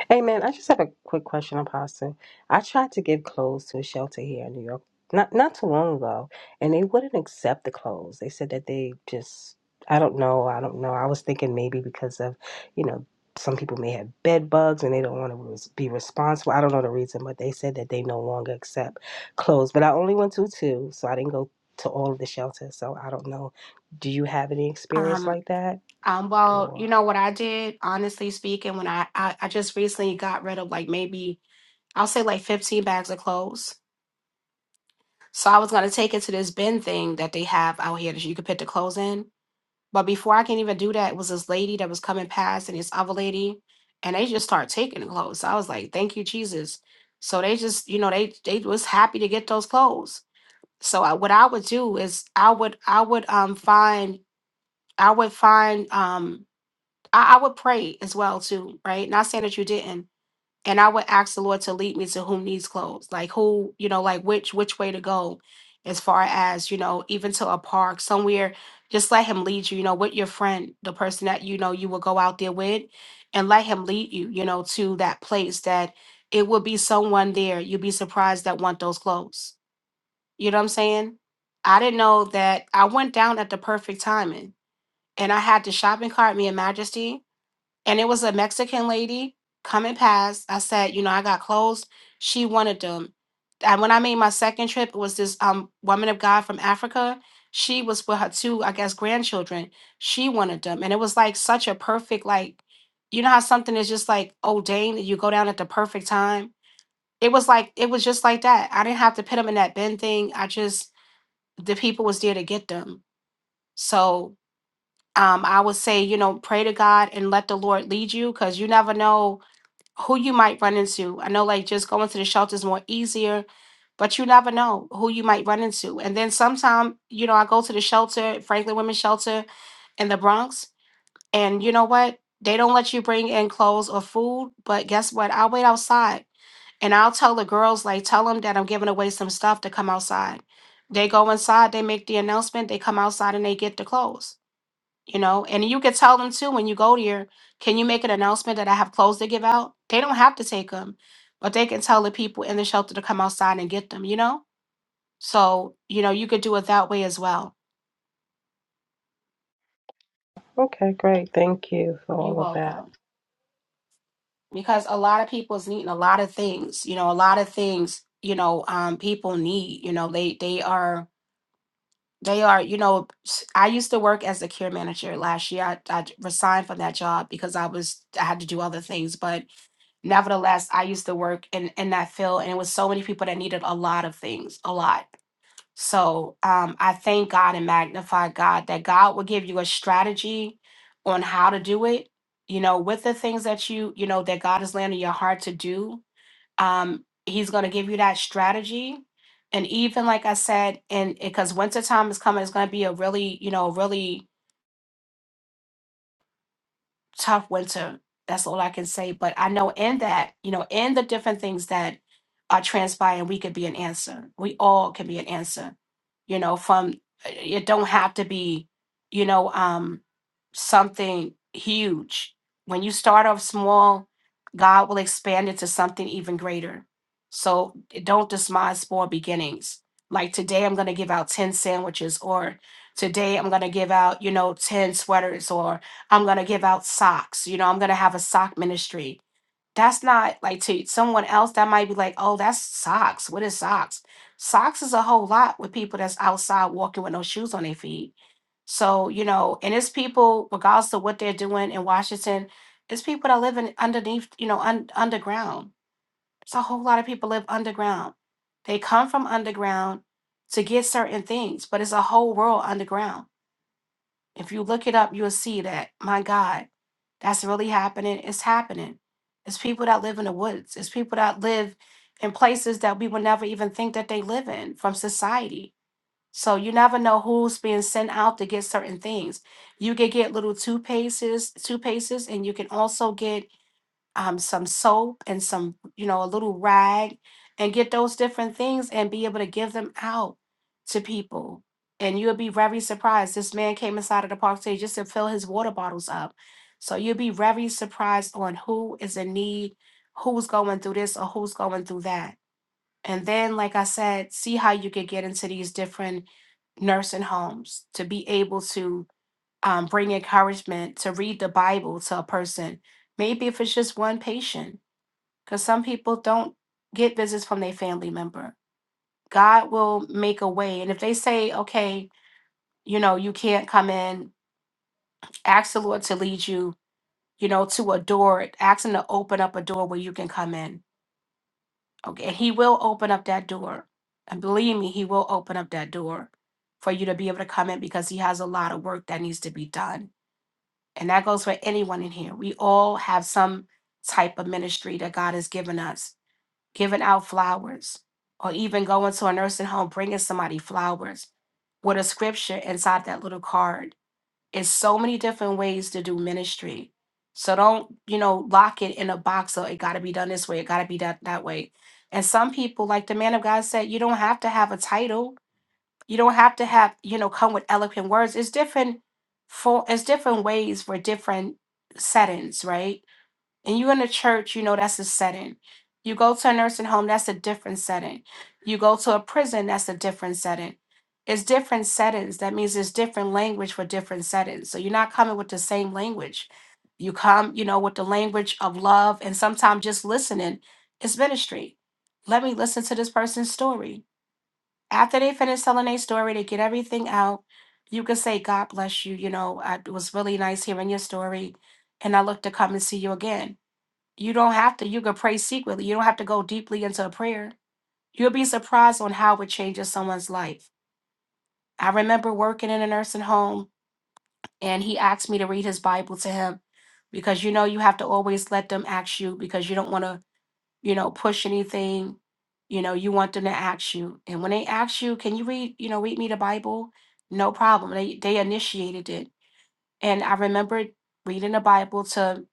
S6: Hey man, I just have a quick question, Apostle. I tried to give clothes to a shelter here in New York not not too long ago, and they wouldn't accept the clothes. They said that they just I don't know, I don't know. I was thinking maybe because of, you know, some people may have bed bugs and they don't want to res- be responsible. I don't know the reason, but they said that they no longer accept clothes. But I only went to two, so I didn't go to all of the shelters. So I don't know. Do you have any experience
S1: Um,
S6: like that?
S1: um, well, you
S6: Or
S1: know what I did, honestly speaking, when I, I I just recently got rid of like maybe I'll say like 15 bags of clothes. So I was gonna take it to this bin thing that they have out here that you could put the clothes in. But before I can even do that, it was this lady that was coming past and this other lady, and they just start taking the clothes. I was like, thank you, Jesus. So they just, you know, they they was happy to get those clothes. So I, what I would do is I would I would um find I would find um I, I would pray as well too, right? Not saying that you didn't, and I would ask the Lord to lead me to whom needs clothes, like who, you know, like which which way to go, as far as you know, even to a park somewhere. Just let Him lead you, you know, with your friend, the person that you know you will go out there with, and let Him lead you, you know, to that place that it will be someone there. You'll be surprised that want those clothes. You know what I'm saying? I didn't know that I went down at the perfect timing, and I had the shopping cart, me and Majesty and it was a Mexican lady coming past. I said, you know, I got clothes. She wanted them. And when I made my second trip, it was this um woman of God from Africa. She was with her two, I guess, grandchildren. She wanted them. And it was like such a perfect, like, you know how something is just like ordained and you go down at the perfect time? It was like, it was just like that. I didn't have to put them in that bin thing. I just the people was there to get them. So um I would say, you know, pray to God and let the Lord lead you because you never know who you might run into. I know like just going to the shelter is more easier, but you never know who you might run into. And then sometime, you know, I go to the shelter, Franklin Women's Shelter in the Bronx, and you know what? They don't let you bring in clothes or food, but guess what? I'll wait outside and I'll tell the girls, like, tell them that I'm giving away some stuff to come outside. They go inside, they make the announcement, they come outside and they get the clothes you know and you could tell them too when you go there can you make an announcement that i have clothes to give out they don't have to take them but they can tell the people in the shelter to come outside and get them you know so you know you could do it that way as well
S6: okay, great. Thank you for
S1: you're
S6: all of that.
S1: welcome because a lot of people is needing a lot of things you know a lot of things you know um people need you know they they are They are, you know, s- I used to work as a care manager last year. I, I resigned from that job because I was I had to do other things, but nevertheless, I used to work in in that field, and it was so many people that needed a lot of things, a lot. So um, I thank God and magnify God that God will give you a strategy on how to do it. You know, with the things that you you know that God has landed in your heart to do, um, he's going to give you that strategy. And even like I said, and because wintertime is coming, it's going to be a really, you know, really tough winter. That's all I can say. But I know in that, you know, in the different things that are transpiring, we could be an answer. We all can be an answer. You know, from it don't have to be, you know, um, something huge. When you start off small, God will expand it to something even greater. So don't despise small beginnings. Like today, I'm going to give out 10 sandwiches, or today, I'm going to give out, you know, 10 sweaters, or I'm going to give out socks. You know, I'm going to have a sock ministry. That's not like to someone else that might be like, oh, that's socks. What is socks? Socks is a whole lot with people that's outside walking with no shoes on their feet. So, you know, and it's people, regardless of what they're doing in Washington, it's people that live in underneath, you know, un- underground. It's a whole lot of people live underground. They come from underground to get certain things, but it's a whole world underground if you look it up, you'll see that, my God, that's really happening. It's happening. It's people that live in the woods, it's people that live in places that we would never even think that they live in from society. So you never know who's being sent out to get certain things. You can get little two paces, two paces, and you can also get um, some soap and some, you know, a little rag and get those different things and be able to give them out to people. And you'll be very surprised. This man came inside of the park today just to fill his water bottles up. So you'll be very surprised on who is in need, who's going through this or who's going through that. And then, like I said, see how you could get into these different nursing homes to be able to um, bring encouragement to read the Bible to a person. Maybe if it's just one patient, because some people don't get visits from their family member. God will make a way. And if they say, okay, you know, you can't come in, ask the Lord to lead you, you know, to a door, ask Him to open up a door where you can come in. Okay. And He will open up that door. And believe me, He will open up that door for you to be able to come in because He has a lot of work that needs to be done And that goes for anyone in here. We all have some type of ministry that God has given us, giving out flowers, or even going to a nursing home, bringing somebody flowers with a scripture inside that little card. It's so many different ways to do ministry. So don't, you know, lock it in a box of it got to be done this way, it got to be done that way. And some people, like the man of God said, you don't have to have a title you don't have to have you know come with eloquent words it's different for it's different ways for different settings right and you in a church you know that's a setting you go to a nursing home that's a different setting you go to a prison that's a different setting it's different settings that means it's different language for different settings so you're not coming with the same language you come you know with the language of love and sometimes just listening is ministry let me listen to this person's story after they finish telling their story, they get everything out. You can say, God bless you. You know, I, it was really nice hearing your story, and I look to come and see you again. You don't have to. You can pray secretly. You don't have to go deeply into a prayer. You'll be surprised on how it changes someone's life. I remember working in a nursing home, and he asked me to read his Bible to him because you know you have to always let them ask you because you don't want to you know, push anything, you know, you want them to ask you. And when they ask you, can you read, you know, read me the Bible? No problem. They they initiated it. And I remember reading the Bible to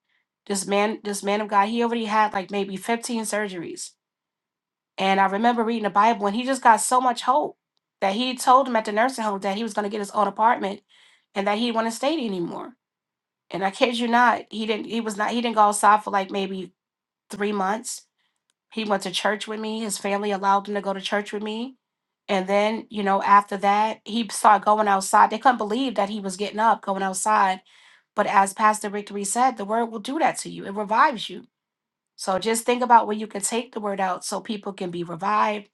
S1: this man, this man of God, he already had like maybe 15 surgeries. And I remember reading the Bible and he just got so much hope that he told him at the nursing home that he was gonna get his own apartment and that he wouldn't stay there anymore. And I kid you not, he didn't he was not he didn't go outside for like maybe three months he went to church with me. His family allowed him to go to church with me. And then, you know, after that, he started going outside. They couldn't believe that he was getting up, going outside. But as Pastor Victory said, the word will do that to you. It revives you. So just think about where you can take the word out so people can be revived.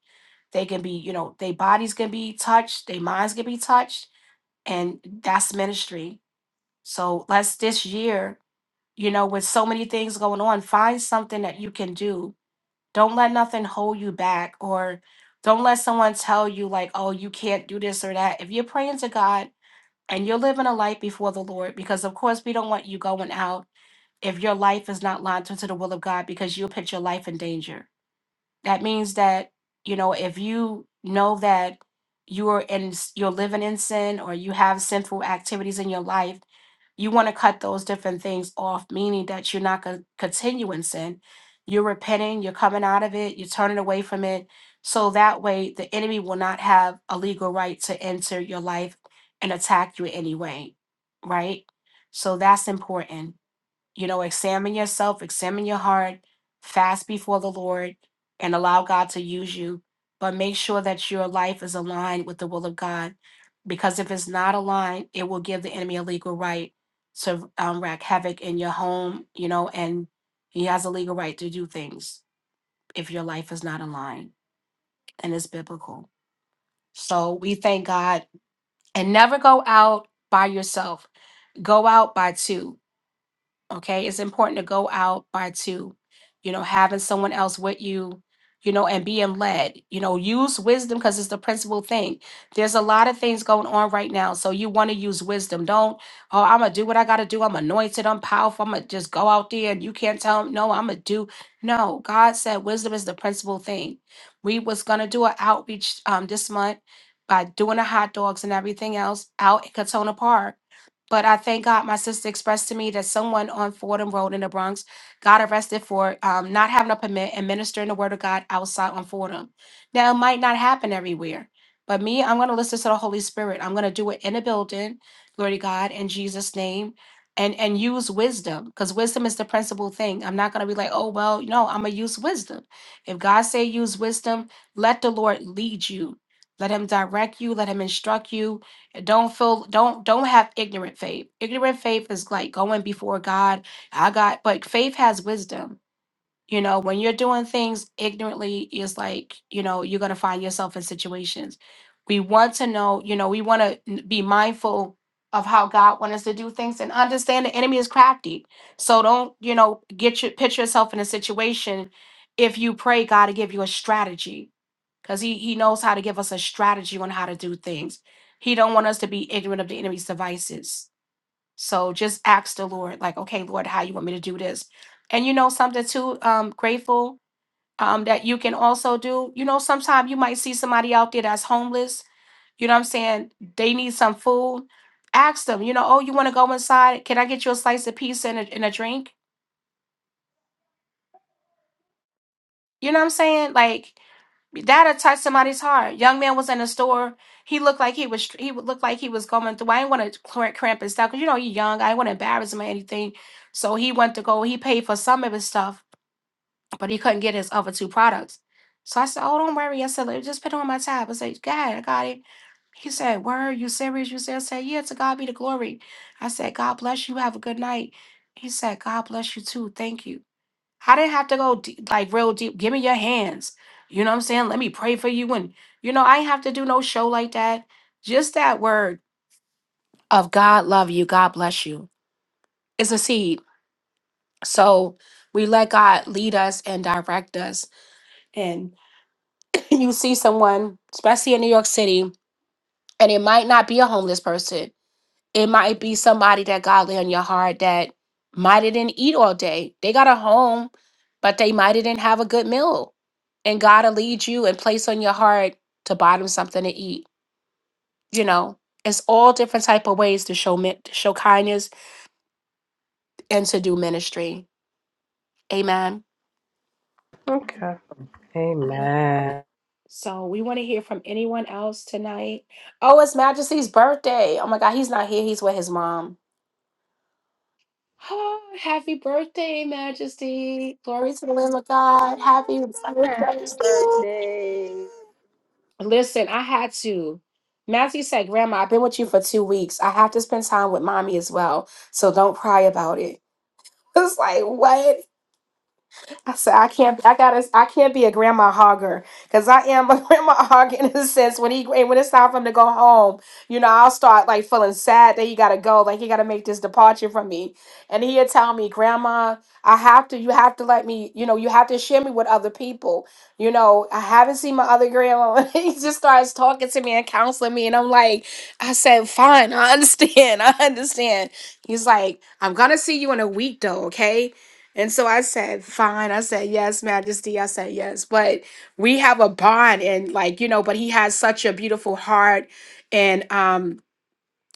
S1: They can be, you know, their bodies can be touched, their minds can be touched. And that's ministry. So let's this year, you know, with so many things going on, find something that you can do don't let nothing hold you back or don't let someone tell you, like, oh, you can't do this or that. If you're praying to God and you're living a life before the Lord, because of course we don't want you going out if your life is not lined up to the will of God because you'll put your life in danger. That means that, you know, if you know that you're in s- you're living in sin or you have sinful activities in your life, you want to cut those different things off, meaning that you're not going to continue in sin. You're repenting, you're coming out of it, you're turning away from it. So that way the enemy will not have a legal right to enter your life and attack you in any way, right? So that's important you know, examine yourself, examine your heart, fast before the Lord, and allow God to use you. But make sure that your life is aligned with the will of God, because if it's not aligned, it will give the enemy a legal right to um, wreak havoc in your home, you know, and he has a legal right to do things if your life is not aligned and it's biblical. So we thank God and never go out by yourself, go out by two okay it's important to go out by two you know having someone else with you you know and being led you know use wisdom because it's the principal thing there's a lot of things going on right now so you want to use wisdom don't oh i'm gonna do what i gotta do i'm anointed i'm powerful i'm gonna just go out there and you can't tell them no i'm gonna do no god said wisdom is the principal thing we was gonna do an outreach um this month by doing the hot dogs and everything else out in Katona Park but I thank God my sister expressed to me that someone on Fordham Road in the Bronx got arrested for um, not having a permit and ministering the word of God outside on Fordham. Now, it might not happen everywhere, but me, I'm going to listen to the Holy Spirit. I'm going to do it in a building, glory to God, in Jesus' name. And, and use wisdom because wisdom is the principal thing. I'm not gonna be like, oh well, no, I'm gonna use wisdom. If God say use wisdom, let the Lord lead you, let Him direct you, let Him instruct you, don't feel don't don't have ignorant faith. Ignorant faith is like going before God. I got but faith has wisdom. You know, when you're doing things ignorantly, it's like, you know, you're going to find yourself in situations. We want to know, you know, we want to be mindful of how God wants us to do things and understand the enemy is crafty. So don't, you know, get your put yourself in a situation if you pray God to give you a strategy because he, he knows how to give us a strategy on how to do things. He don't want us to be ignorant of the enemy's devices so just ask the Lord, like, okay, Lord, how you want me to do this? And you know something too, um, grateful um that you can also do. You know, sometimes you might see somebody out there that's homeless. You know what I'm saying? They need some food. Ask them, you know, oh, you want to go inside? Can I get you a slice of pizza and a, and a drink? You know what I'm saying? Like that'll touch somebody's heart. Young man was in the store. He looked like he was he would look like he was going through. I didn't want to cramp, cramp his stuff because you know he's young. I didn't want to embarrass him or anything. So he went to go. He paid for some of his stuff, but he couldn't get his other two products. So I said, "Oh, don't worry." I said, "Just put it on my tab." I said, "God, I got it." He said, "Word, you serious?" You serious? I said, "Yeah." To God be the glory. I said, "God bless you. Have a good night." He said, "God bless you too. Thank you." I didn't have to go deep, like real deep. Give me your hands. You know what I'm saying? Let me pray for you. And, you know, I ain't have to do no show like that. Just that word of God love you, God bless you. It's a seed. So we let God lead us and direct us. And [clears throat] you see someone, especially in New York City, and it might not be a homeless person. It might be somebody that God lay on your heart that might have didn't eat all day. They got a home, but they might have didn't have a good meal. And God will lead you and place on your heart to buy them something to eat. You know, it's all different type of ways to show min- to show kindness and to do ministry. Amen.
S6: Okay. Amen.
S1: So we want to hear from anyone else tonight. Oh, it's Majesty's birthday. Oh my God, he's not here. He's with his mom. [sighs] Ah, Happy birthday, Majesty. Glory to the Lamb of God. Happy birthday.
S6: Happy birthday.
S1: Listen, I had to. Matthew said, Grandma, I've been with you for two weeks. I have to spend time with mommy as well. So don't cry about it. [laughs] It's like, what? I said I can't. I gotta. I can't be a grandma hogger because I am a [laughs] grandma hog in a sense. When he when it's time for him to go home, you know, I'll start like feeling sad that he gotta go. Like he gotta make this departure from me, and he'll tell me, "Grandma, I have to. You have to let me. You know, you have to share me with other people. You know, I haven't seen my other grandma." [laughs] And he just starts talking to me and counseling me, and I'm like, I said, "Fine, I understand. [laughs] I understand." He's like, "I'm gonna see you in a week though, okay?" And so I said, fine. I said, yes, Majesty. I said, yes. But we have a bond and like, you know, but he has such a beautiful heart. And um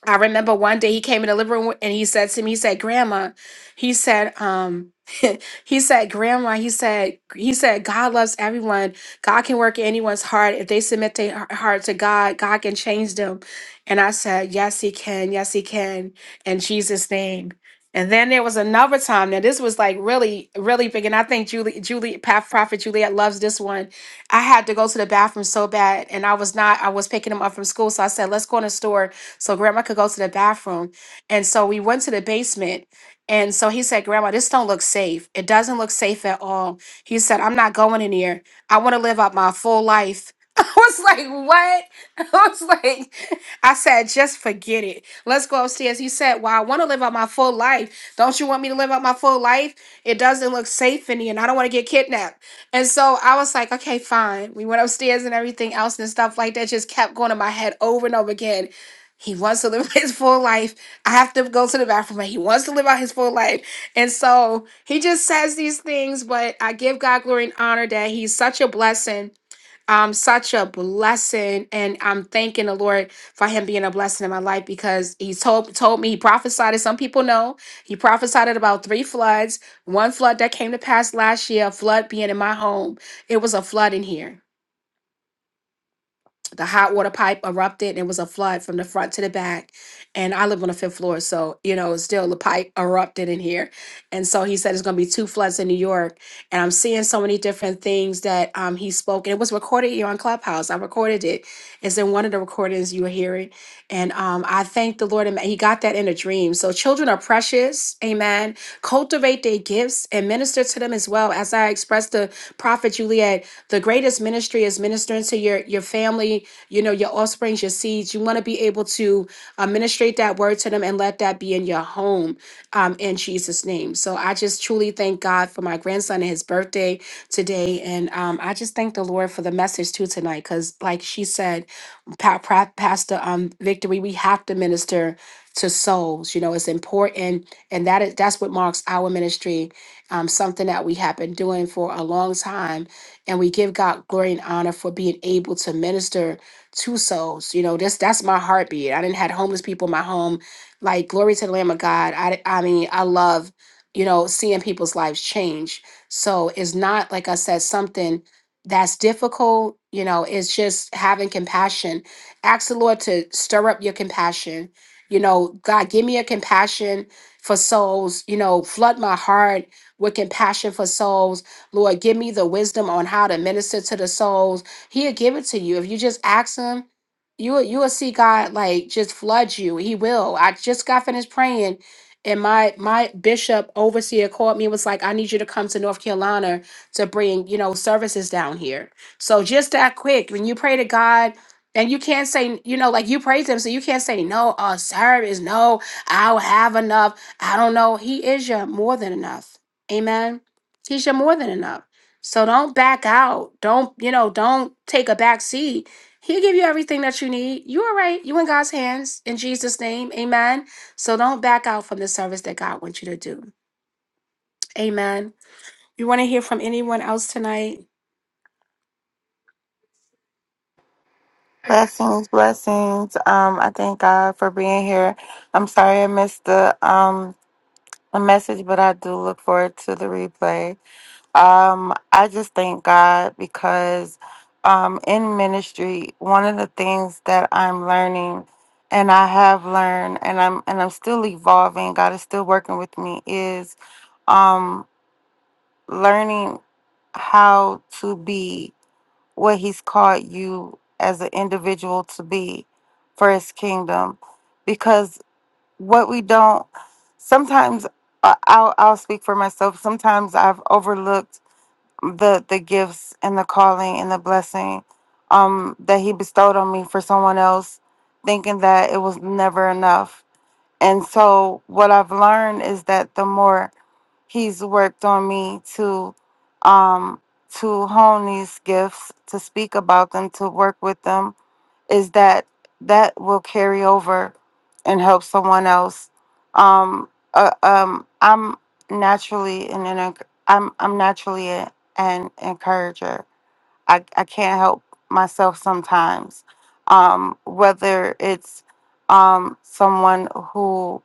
S1: I remember one day he came in the living room and he said to me, he said, Grandma, he said, um, [laughs] he said, Grandma, he said, he said, God loves everyone. God can work in anyone's heart. If they submit their heart heart to God, God can change them. And I said, Yes, he can, yes, he can, in Jesus' name. And then there was another time. Now this was like really, really big. And I think Julie, Julie, Path Prophet Juliet loves this one. I had to go to the bathroom so bad, and I was not. I was picking him up from school, so I said, "Let's go in the store so grandma could go to the bathroom. And so we went to the basement. And so he said, Grandma, this don't look safe. It doesn't look safe at all. He said, I'm not going in here. I want to live out my full life. [laughs] I was like, what? [laughs] I was like, I said, just forget it. Let's go upstairs. He said, Well, I want to live out my full life. Don't you want me to live out my full life? It doesn't look safe in here, and I don't want to get kidnapped. And so I was like, okay, fine. We went upstairs and everything else and stuff like that just kept going in my head over and over again. He wants to live [laughs] his full life. I have to go to the bathroom, but he wants to live out his full life. And so he just says these things, but I give God glory and honor that he's such a blessing um such a blessing and i'm thanking the lord for him being a blessing in my life because he told told me he prophesied as some people know he prophesied it about three floods one flood that came to pass last year a flood being in my home it was a flood in here the hot water pipe erupted and it was a flood from the front to the back and i live on the fifth floor so you know still the pipe erupted in here and so he said it's going to be two floods in new york and i'm seeing so many different things that um, he spoke and it was recorded here on clubhouse i recorded it it's in one of the recordings you were hearing and um, i thank the lord and he got that in a dream so children are precious amen cultivate their gifts and minister to them as well as i expressed to prophet juliet the greatest ministry is ministering to your your family you know, your offsprings, your seeds. You want to be able to administrate that word to them and let that be in your home um, in Jesus' name. So I just truly thank God for my grandson and his birthday today. And um, I just thank the Lord for the message too tonight because, like she said, pa- pra- Pastor um, Victory, we have to minister to souls. You know, it's important, and that is that's what marks our ministry. Um, something that we have been doing for a long time, and we give God glory and honor for being able to minister two souls. You know, that's that's my heartbeat. I didn't had homeless people in my home. Like glory to the Lamb of God. I I mean, I love you know seeing people's lives change. So it's not like I said something that's difficult. You know, it's just having compassion. Ask the Lord to stir up your compassion. You know, God, give me a compassion for souls. You know, flood my heart with compassion for souls. Lord, give me the wisdom on how to minister to the souls He'll give it to you if you just ask him. You will- you will see God like just flood you. He will. I just got finished praying, and my my bishop overseer called me and was like, "I need you to come to North Carolina to bring you know services down here." So just that quick, when you pray to God. And you can't say, you know, like you praise him, so you can't say no, uh, service, no, I'll have enough. I don't know. He is your more than enough. Amen. He's your more than enough. So don't back out. Don't, you know, don't take a back seat. He'll give you everything that you need. You all right. You in God's hands. In Jesus' name. Amen. So don't back out from the service that God wants you to do. Amen. You want to hear from anyone else tonight.
S10: Blessings, blessings. Um, I thank God for being here. I'm sorry I missed the um the message, but I do look forward to the replay. Um, I just thank God because um in ministry, one of the things that I'm learning and I have learned and I'm and I'm still evolving, God is still working with me, is um learning how to be what he's called you as an individual to be for his kingdom because what we don't sometimes I- I'll, I'll speak for myself sometimes i've overlooked the the gifts and the calling and the blessing um that he bestowed on me for someone else thinking that it was never enough and so what i've learned is that the more he's worked on me to um to hone these gifts to speak about them to work with them is that that will carry over and help someone else um uh, um i'm naturally an, an i'm i'm naturally a, an encourager i i can't help myself sometimes um whether it's um someone who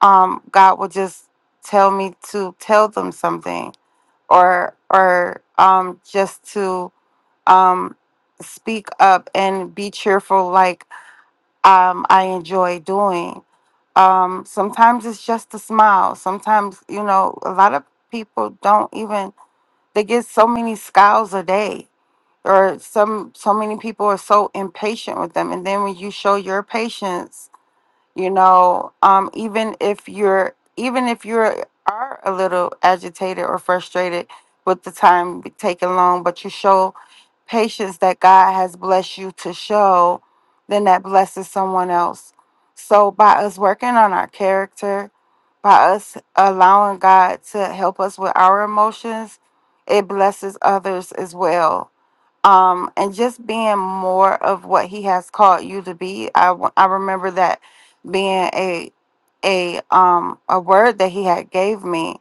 S10: um, God will just tell me to tell them something or or um, just to um, speak up and be cheerful like um, I enjoy doing. Um, sometimes it's just a smile. Sometimes, you know, a lot of people don't even they get so many scowls a day or some so many people are so impatient with them and then when you show your patience you know um even if you're even if you are are a little agitated or frustrated with the time taking long but you show patience that god has blessed you to show then that blesses someone else so by us working on our character by us allowing god to help us with our emotions it blesses others as well um, and just being more of what he has called you to be. I, w- I remember that being a a um a word that he had gave me.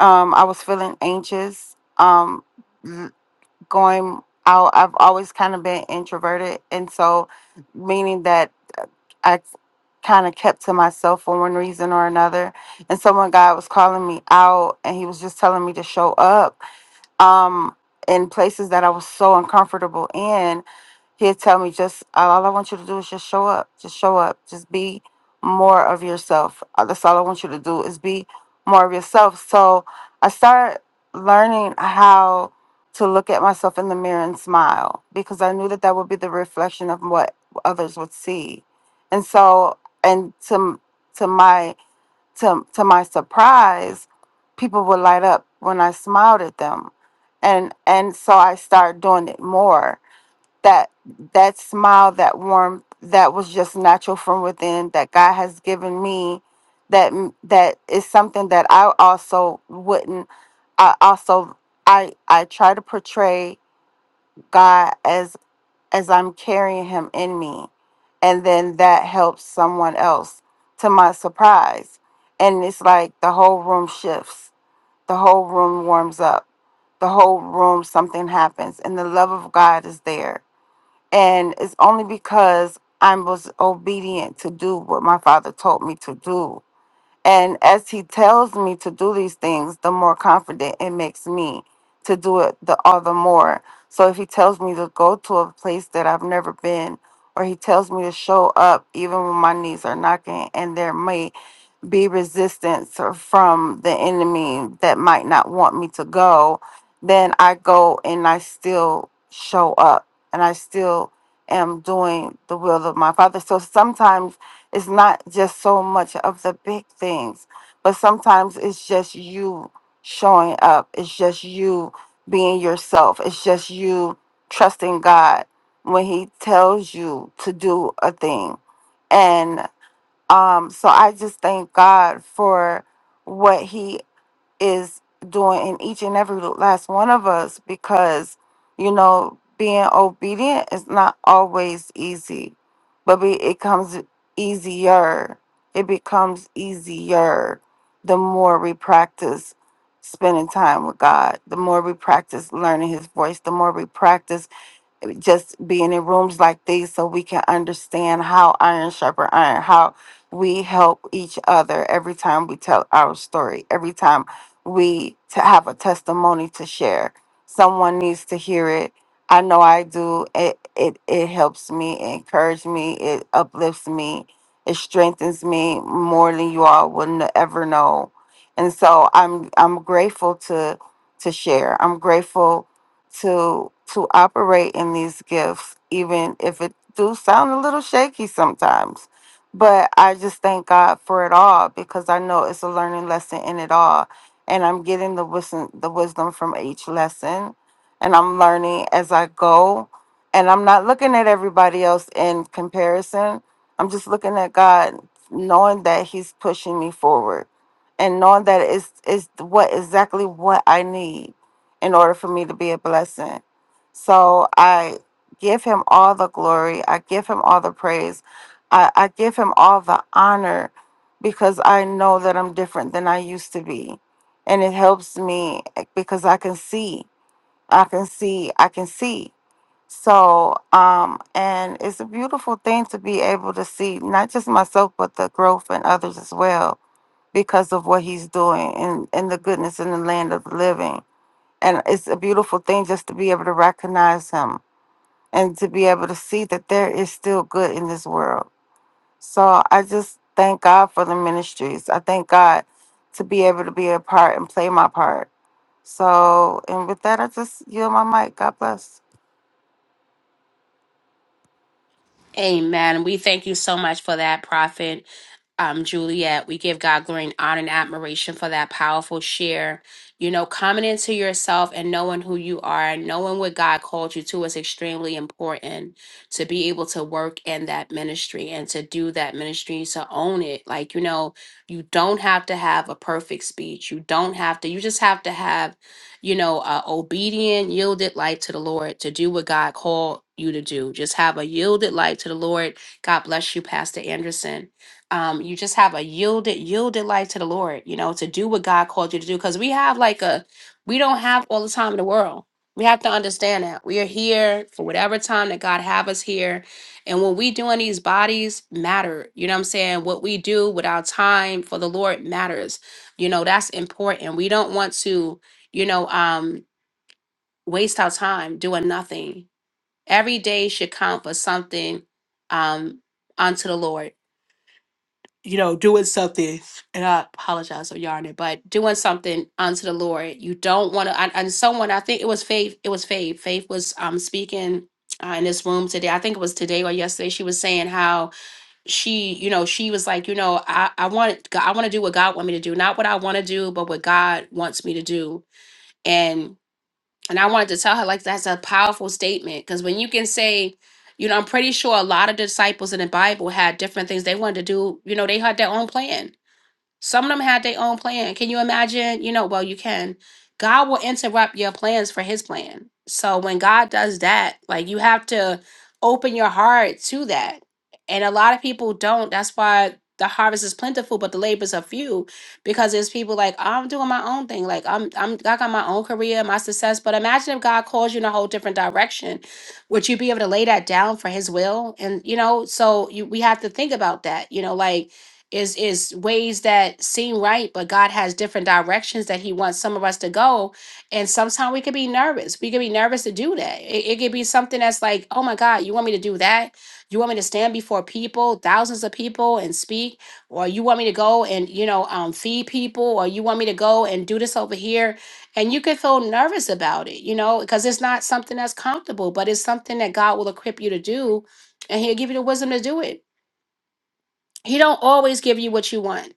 S10: Um, I was feeling anxious. Um, l- going out, I've always kind of been introverted, and so meaning that I kind of kept to myself for one reason or another. And so when God was calling me out, and He was just telling me to show up um, in places that I was so uncomfortable in, he'd tell me just all I want you to do is just show up, just show up, just be more of yourself. Uh, That's all I want you to do is be more of yourself. So I started learning how to look at myself in the mirror and smile because I knew that that would be the reflection of what others would see. And so, and to to my to to my surprise, people would light up when I smiled at them. And and so I started doing it more. That that smile, that warmth, that was just natural from within that God has given me that m- that is something that I also wouldn't I also I I try to portray God as as I'm carrying him in me. And then that helps someone else to my surprise. And it's like the whole room shifts, the whole room warms up, the whole room, something happens, and the love of God is there. And it's only because I was obedient to do what my father told me to do and as he tells me to do these things, the more confident it makes me to do it the all the more. So if he tells me to go to a place that I've never been, or he tells me to show up even when my knees are knocking and there may be resistance or from the enemy that might not want me to go, then I go and I still show up and I still am doing the will of my Father. So sometimes it's not just so much of the big things, but sometimes it's just you showing up, it's just you being yourself, it's just you trusting God when He tells you to do a thing. and. Um, so I just thank God for what He is doing in each and every last one of us because, you know, being obedient is not always easy, but be, it comes easier. It becomes easier the more we practice spending time with God, the more we practice learning His voice, the more we practice just being in rooms like these so we can understand how iron sharper iron, how we help each other every time we tell our story, every time we to have a testimony to share. Someone needs to hear it. I know I do. It it it helps me, it encourages me, it uplifts me, it strengthens me more than you all would n- ever know. And so I'm I'm grateful to to share. I'm grateful to to operate in these gifts even if it do sound a little shaky sometimes but i just thank god for it all because i know it's a learning lesson in it all and i'm getting the wisdom the wisdom from each lesson and i'm learning as i go and i'm not looking at everybody else in comparison i'm just looking at god knowing that he's pushing me forward and knowing that it's it's what exactly what i need in order for me to be a blessing. So I give him all the glory. I give him all the praise. I, I give him all the honor because I know that I'm different than I used to be. And it helps me eh, because I can see. I can see. I can see. So, um, and it's a beautiful thing to be able to see not just myself, but the growth in others as well because of what he's doing and, and the goodness in the land of the living. And it's a beautiful thing just to be able to recognize him and to be able to see that there is still good in this world. So I just thank God for the ministries. I thank God to be able to be a part and play my part. So, and with that, I just yield my mic. God bless.
S1: Amen. We thank you so much for that, Prophet um, Juliet. We give God glory and honor and admiration for that powerful share. You know, coming into yourself and knowing who you are and knowing what God called you to is extremely important to be able to work in that ministry and to do that ministry, to own it. Like, you know, you don't have to have a perfect speech. You don't have to, you just have to have you know, uh, obedient, yielded life to the Lord to do what God called you to do. Just have a yielded life to the Lord. God bless you, Pastor Anderson. Um, you just have a yielded, yielded life to the Lord, you know, to do what God called you to do. Because we have like a, we don't have all the time in the world. We have to understand that we are here for whatever time that God have us here. And what we do in these bodies matter. You know what I'm saying? What we do with our time for the Lord matters. You know, that's important. We don't want to you know, um, waste our time doing nothing. Every day should count for something um, unto the Lord. You know, doing something, and I apologize for yarning, but doing something unto the Lord. You don't want to. And and someone, I think it was Faith. It was Faith. Faith was um, speaking uh, in this room today. I think it was today or yesterday. She was saying how she, you know, she was like, you know, I, I want, I want to do what God want me to do, not what I want to do, but what God wants me to do. And And I wanted to tell her, like, that's a powerful statement. Because when you can say, you know, I'm pretty sure a lot of disciples in the Bible had different things they wanted to do. You know, they had their own plan. Some of them had their own plan. Can you imagine? You know, well, you can. God will interrupt your plans for his plan. So when God does that, like you have to open your heart to that. And a lot of people don't. That's why the harvest is plentiful, but the labors are few because there's people like, I'm doing my own thing. Like I'm I'm I got my own career, my success. But imagine if God calls you in a whole different direction. Would you be able to lay that down for his will? And you know, so you we have to think about that. You know, like is is ways that seem right but god has different directions that he wants some of us to go and sometimes we could be nervous we could be nervous to do that it, it could be something that's like oh my god you want me to do that you want me to stand before people thousands of people and speak or you want me to go and you know um, feed people or you want me to go and do this over here and you could feel nervous about it you know because it's not something that's comfortable but it's something that god will equip you to do and he'll give you the wisdom to do it he don't always give you what you want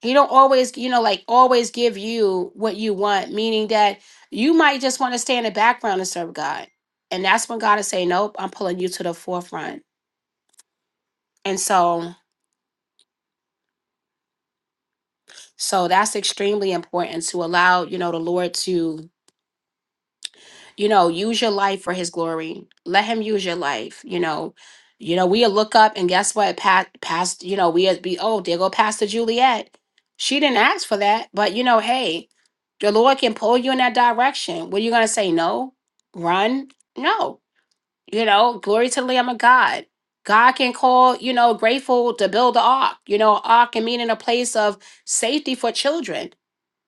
S1: he don't always you know like always give you what you want meaning that you might just want to stay in the background and serve god and that's when god is saying, nope i'm pulling you to the forefront and so so that's extremely important to allow you know the lord to you know use your life for his glory let him use your life you know you know we'll look up and guess what pat past you know we'll be oh there go pastor juliet she didn't ask for that but you know hey the lord can pull you in that direction were you gonna say no run no you know glory to the lamb of god god can call you know grateful to build the ark you know ark can mean in a place of safety for children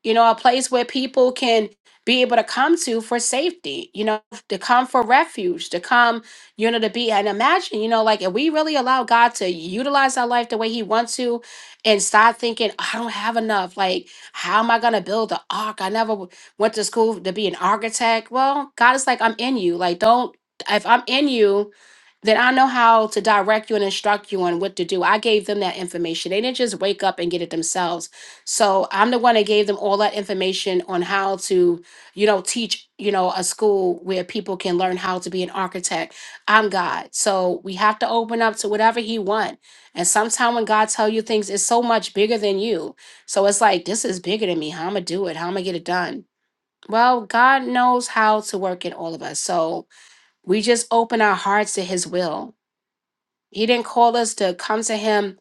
S1: you know, a place where people can be able to come to for safety, you know, to come for refuge, to come, you know, to be. And imagine, you know, like if we really allow God to utilize our life the way He wants to and start thinking, I don't have enough. Like, how am I going to build the ark? I never w- went to school to be an architect. Well, God is like, I'm in you. Like, don't, if I'm in you, then I know how to direct you and instruct you on what to do. I gave them that information. They didn't just wake up and get it themselves. So I'm the one that gave them all that information on how to, you know, teach, you know, a school where people can learn how to be an architect. I'm God. So we have to open up to whatever he want. And sometimes when God tell you things, it's so much bigger than you. So it's like, this is bigger than me. How am I do it? How am I get it done? Well, God knows how to work in all of us. So we just open our hearts to his will he didn't call us to come to him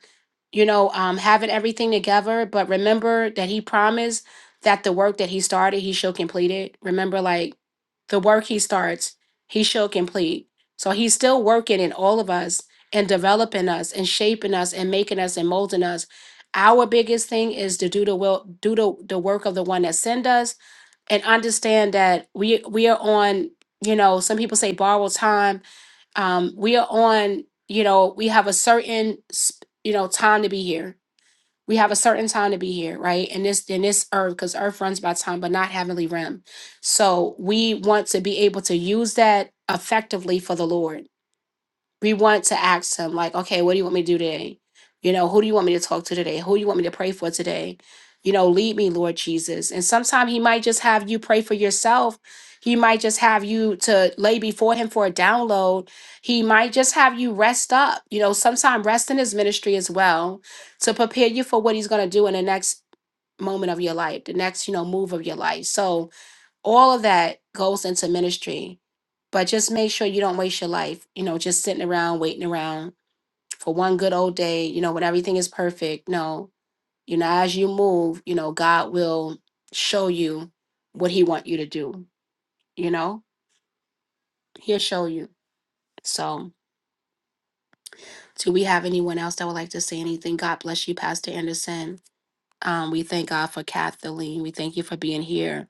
S1: you know, um, having everything together. But remember that he promised that the work that he started, he shall complete it. Remember, like the work he starts, he shall complete. So he's still working in all of us and developing us and shaping us and making us and molding us. Our biggest thing is to do the will, do the, the work of the one that sent us, and understand that we we are on. You know, some people say borrowed time um, we are on you know we have a certain sp- you know time to be here we have a certain time to be here right and this in this earth because earth runs by time but not heavenly realm so we want to be able to use that effectively for the lord we want to ask him like okay what do you want me to do today you know who do you want me to talk to today who do you want me to pray for today you know lead me lord jesus and sometimes he might just have you pray for yourself he might just have you to lay before him for a download he might just have you rest up you know sometimes rest in his ministry as well to prepare you for what he's going to do in the next moment of your life the next you know move of your life so all of that goes into ministry but just make sure you don't waste your life you know just sitting around waiting around for one good old day you know when everything is perfect no you know as you move you know god will show you what he want you to do you know he'll show you so do we have anyone else that would like to say anything god bless you pastor anderson um, we thank god for kathleen we thank you for being here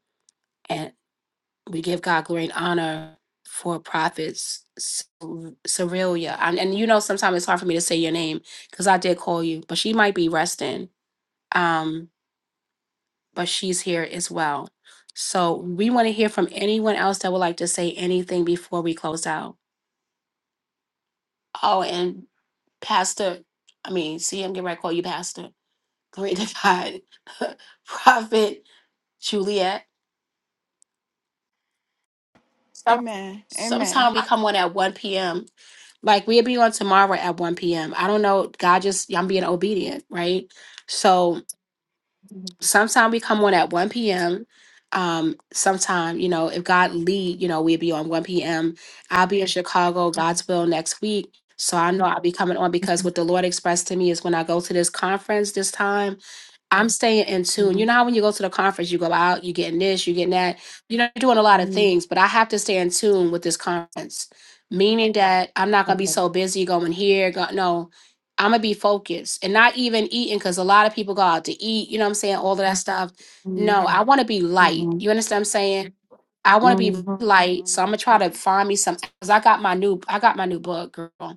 S1: we give God glory and honor for prophets Cerilla. And, and you know, sometimes it's hard for me to say your name because I did call you, but she might be resting. Um, but she's here as well. So we want to hear from anyone else that would like to say anything before we close out. Oh, and Pastor, I mean, see, I'm getting ready to call you Pastor. Glory to God. [laughs] Prophet Juliet. Some
S10: Amen. Amen.
S1: sometime we come on at one p.m. Like we'll be on tomorrow at one p.m. I don't know. God just I'm being obedient, right? So sometime we come on at one p.m. Um, sometime you know if God lead, you know we'll be on one p.m. I'll be in Chicago,
S10: Mhm,
S1: God's will next week. So I know I'll be coming on because what the Lord expressed to me is when I go to this conference this time. I'm staying in tune. You
S10: mhm,
S1: know how when you go to the conference, you go out, you getting this, you getting that. You know, you're doing a lot of
S10: mhm.
S1: things, but I have to stay in tune with this conference, meaning that I'm not gonna be
S10: Okay.
S1: so busy going here. Go, no, I'm gonna be focused and not even eating because a lot of people go out to eat. You know what I'm saying? All of that stuff.
S10: Mhm,
S1: No, I want to be light.
S10: mhm,
S1: You understand what I'm saying? I want to be light, so I'm gonna
S10: mhm,
S1: try to
S10: mhm.
S1: find me some. Cause I got my new, I got my new book, girl.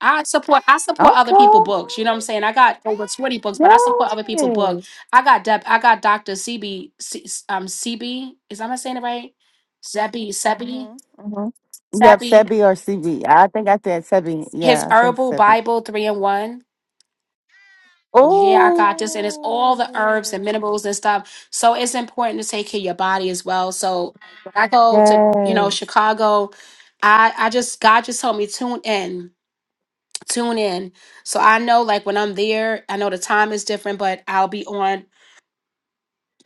S1: I support I support other people
S10: Okay.
S1: books. You know what I'm saying? I got over 20 books, but I support other people
S10: Yes.
S1: books. I got Deb I got Dr. CB um CB. Is am I saying it right? Zebby Sebi
S10: Mhm. Mhm. Yep,
S1: Sebi.
S10: Sebi or CB. I think I said Sebi.
S1: His
S10: Yeah, I think
S1: herbal
S10: Sebi.
S1: Bible three in one. Yeah, I got this. And it's all the herbs and
S10: Oh.
S1: minerals and stuff. So it's important to take care of your body as well. So when I go to, you know,
S10: Yes.
S1: Chicago, I I just God just told me tune in. tune in. So I know like when I'm there, I know the time is different, but I'll be on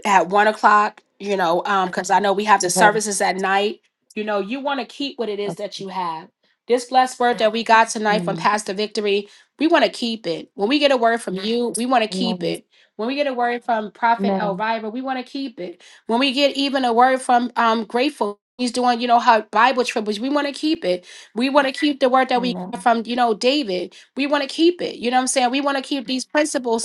S1: at one o'clock, you know, um, because I know we have the
S10: Okay.
S1: services at night. You know, you want to keep what it is
S10: okay.
S1: that you have. This blessed word that we got tonight from
S10: Amen.
S1: Pastor Victory, we want to keep it. When we get a word from you, we want to keep
S10: Amen.
S1: it. When we get a word from Prophet
S10: Amen.
S1: Elvira, we want to keep it. When we get even a word from um Grateful, he's doing, you know, how Bible triples, we want to keep it. We want to keep the word that we got from, you know, David. We want to keep it. You know what I'm saying? We want to keep these principles.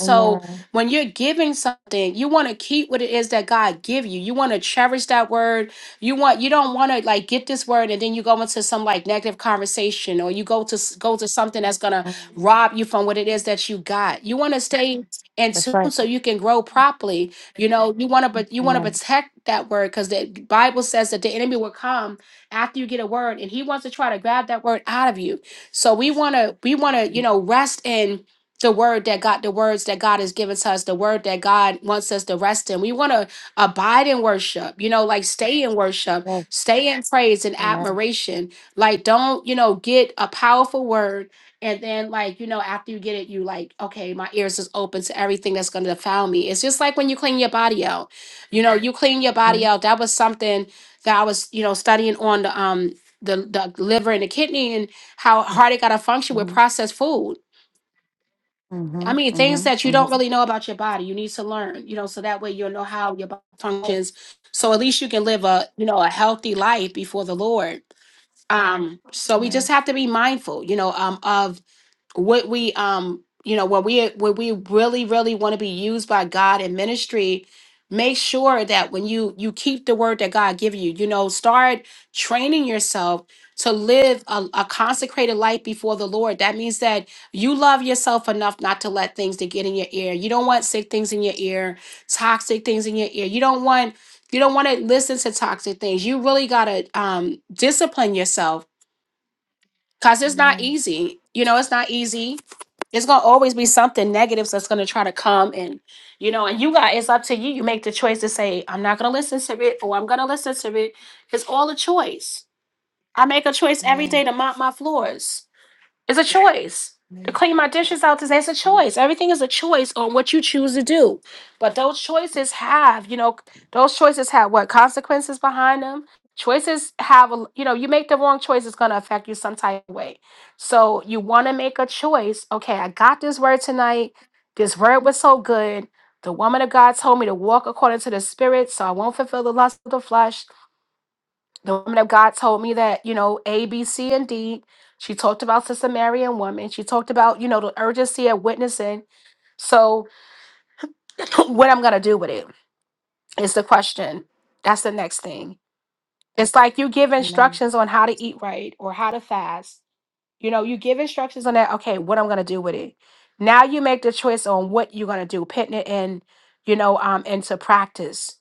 S10: Amen.
S1: So
S10: Amen.
S1: when you're giving something, you want to keep what it is that God give you. You want to cherish that word. You want you don't want to like get this word and then you go into some like negative conversation or you go to s- go to something that's going to
S10: Mhm.
S1: rob you from what it is that you got. You want to stay in
S10: That's
S1: tune
S10: right.
S1: so you can grow properly. You know, you want to but you want to
S10: Amen.
S1: protect that word cuz the Bible says that the enemy will come after you get a word and he wants to try to grab that word out of you. So we want to we want to,
S10: hmm
S1: you know, rest in the word that God, the words that God has given to us, the word that God wants us to rest in. We want to abide in worship, you know, like stay in worship,
S10: Yes.
S1: stay in praise and
S10: Amen.
S1: admiration. Like, don't, you know, get a powerful word. And then, like, you know, after you get it, you like, okay, my ears is open to everything that's going to defile me. It's just like when you clean your body out, you know, you clean your body
S10: Mm-hmm.
S1: out. That was something that I was, you know, studying on the, um, the, the liver and the kidney and how hard it got to function with
S10: Mm-hmm.
S1: processed food
S10: Mm-hmm.
S1: I mean,
S10: Mm-hmm.
S1: things that you don't
S10: Mm-hmm.
S1: really know about your body, you need to learn, you know, so that way you'll know how your body functions. So at least you can live a, you know, a healthy life before the Lord. Um, so we just
S10: Amen.
S1: have to be mindful, you know, um, of what we um you know when we when we really really want to be used by god in ministry make sure that when you you keep the word that god give you you know start training yourself to live a, a consecrated life before the lord that means that you love yourself enough not to let things to get in your ear you don't want sick things in your ear toxic things in your ear you don't want you don't want to listen to toxic things you really got to um, discipline yourself Cause it's not
S10: Amen.
S1: easy. You know, it's not easy. It's gonna always be something negative that's gonna try to come and you know, and you got it's up to you. You make the choice to say, I'm not gonna listen to it or I'm gonna listen to it. It's all a choice. I make a choice every day to mop my floors. It's a choice.
S10: Amen.
S1: To
S10: Amen.
S1: clean my dishes out today It's a choice. Everything is a choice on what you choose to do. But those choices have, you know, those choices have what consequences behind them. Choices have, a you know, you make the wrong choice, it's going to affect you some type of way. So you want to make a choice. Okay, I got this word tonight. This word was so good. The woman of God told me to walk according to the spirit, so I won't fulfill the lust of the flesh the woman of God told me that, you know, A, B, C, and D. She talked about the Samaritan woman. She talked about, you know, the urgency of witnessing. So [laughs] [clears throat] what I'm gonna do with it is the question. That's the next thing. It's like you give
S10: Amen.
S1: instructions on how to eat right or how to fast. You know, you give instructions on that, okay, what I'm gonna do with it. Now you make the choice on what you're gonna do, putting it in, you know, um, into practice.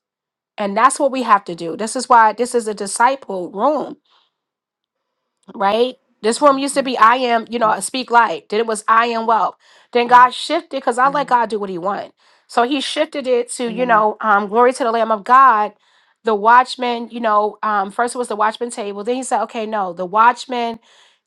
S1: And that's what we have to do. This is why this is a disciple room right? This room used to be I am, you
S10: Mhm. Mhm.
S1: know, speak light. Then it was I am wealth. Then
S10: Mhm.
S1: God shifted because I let God do what He want. So He shifted it to, you
S10: Amen.
S1: know, um, glory to the Lamb of God. The watchman, you know, um, first it was the watchman table. Then He said, okay, no, the watchman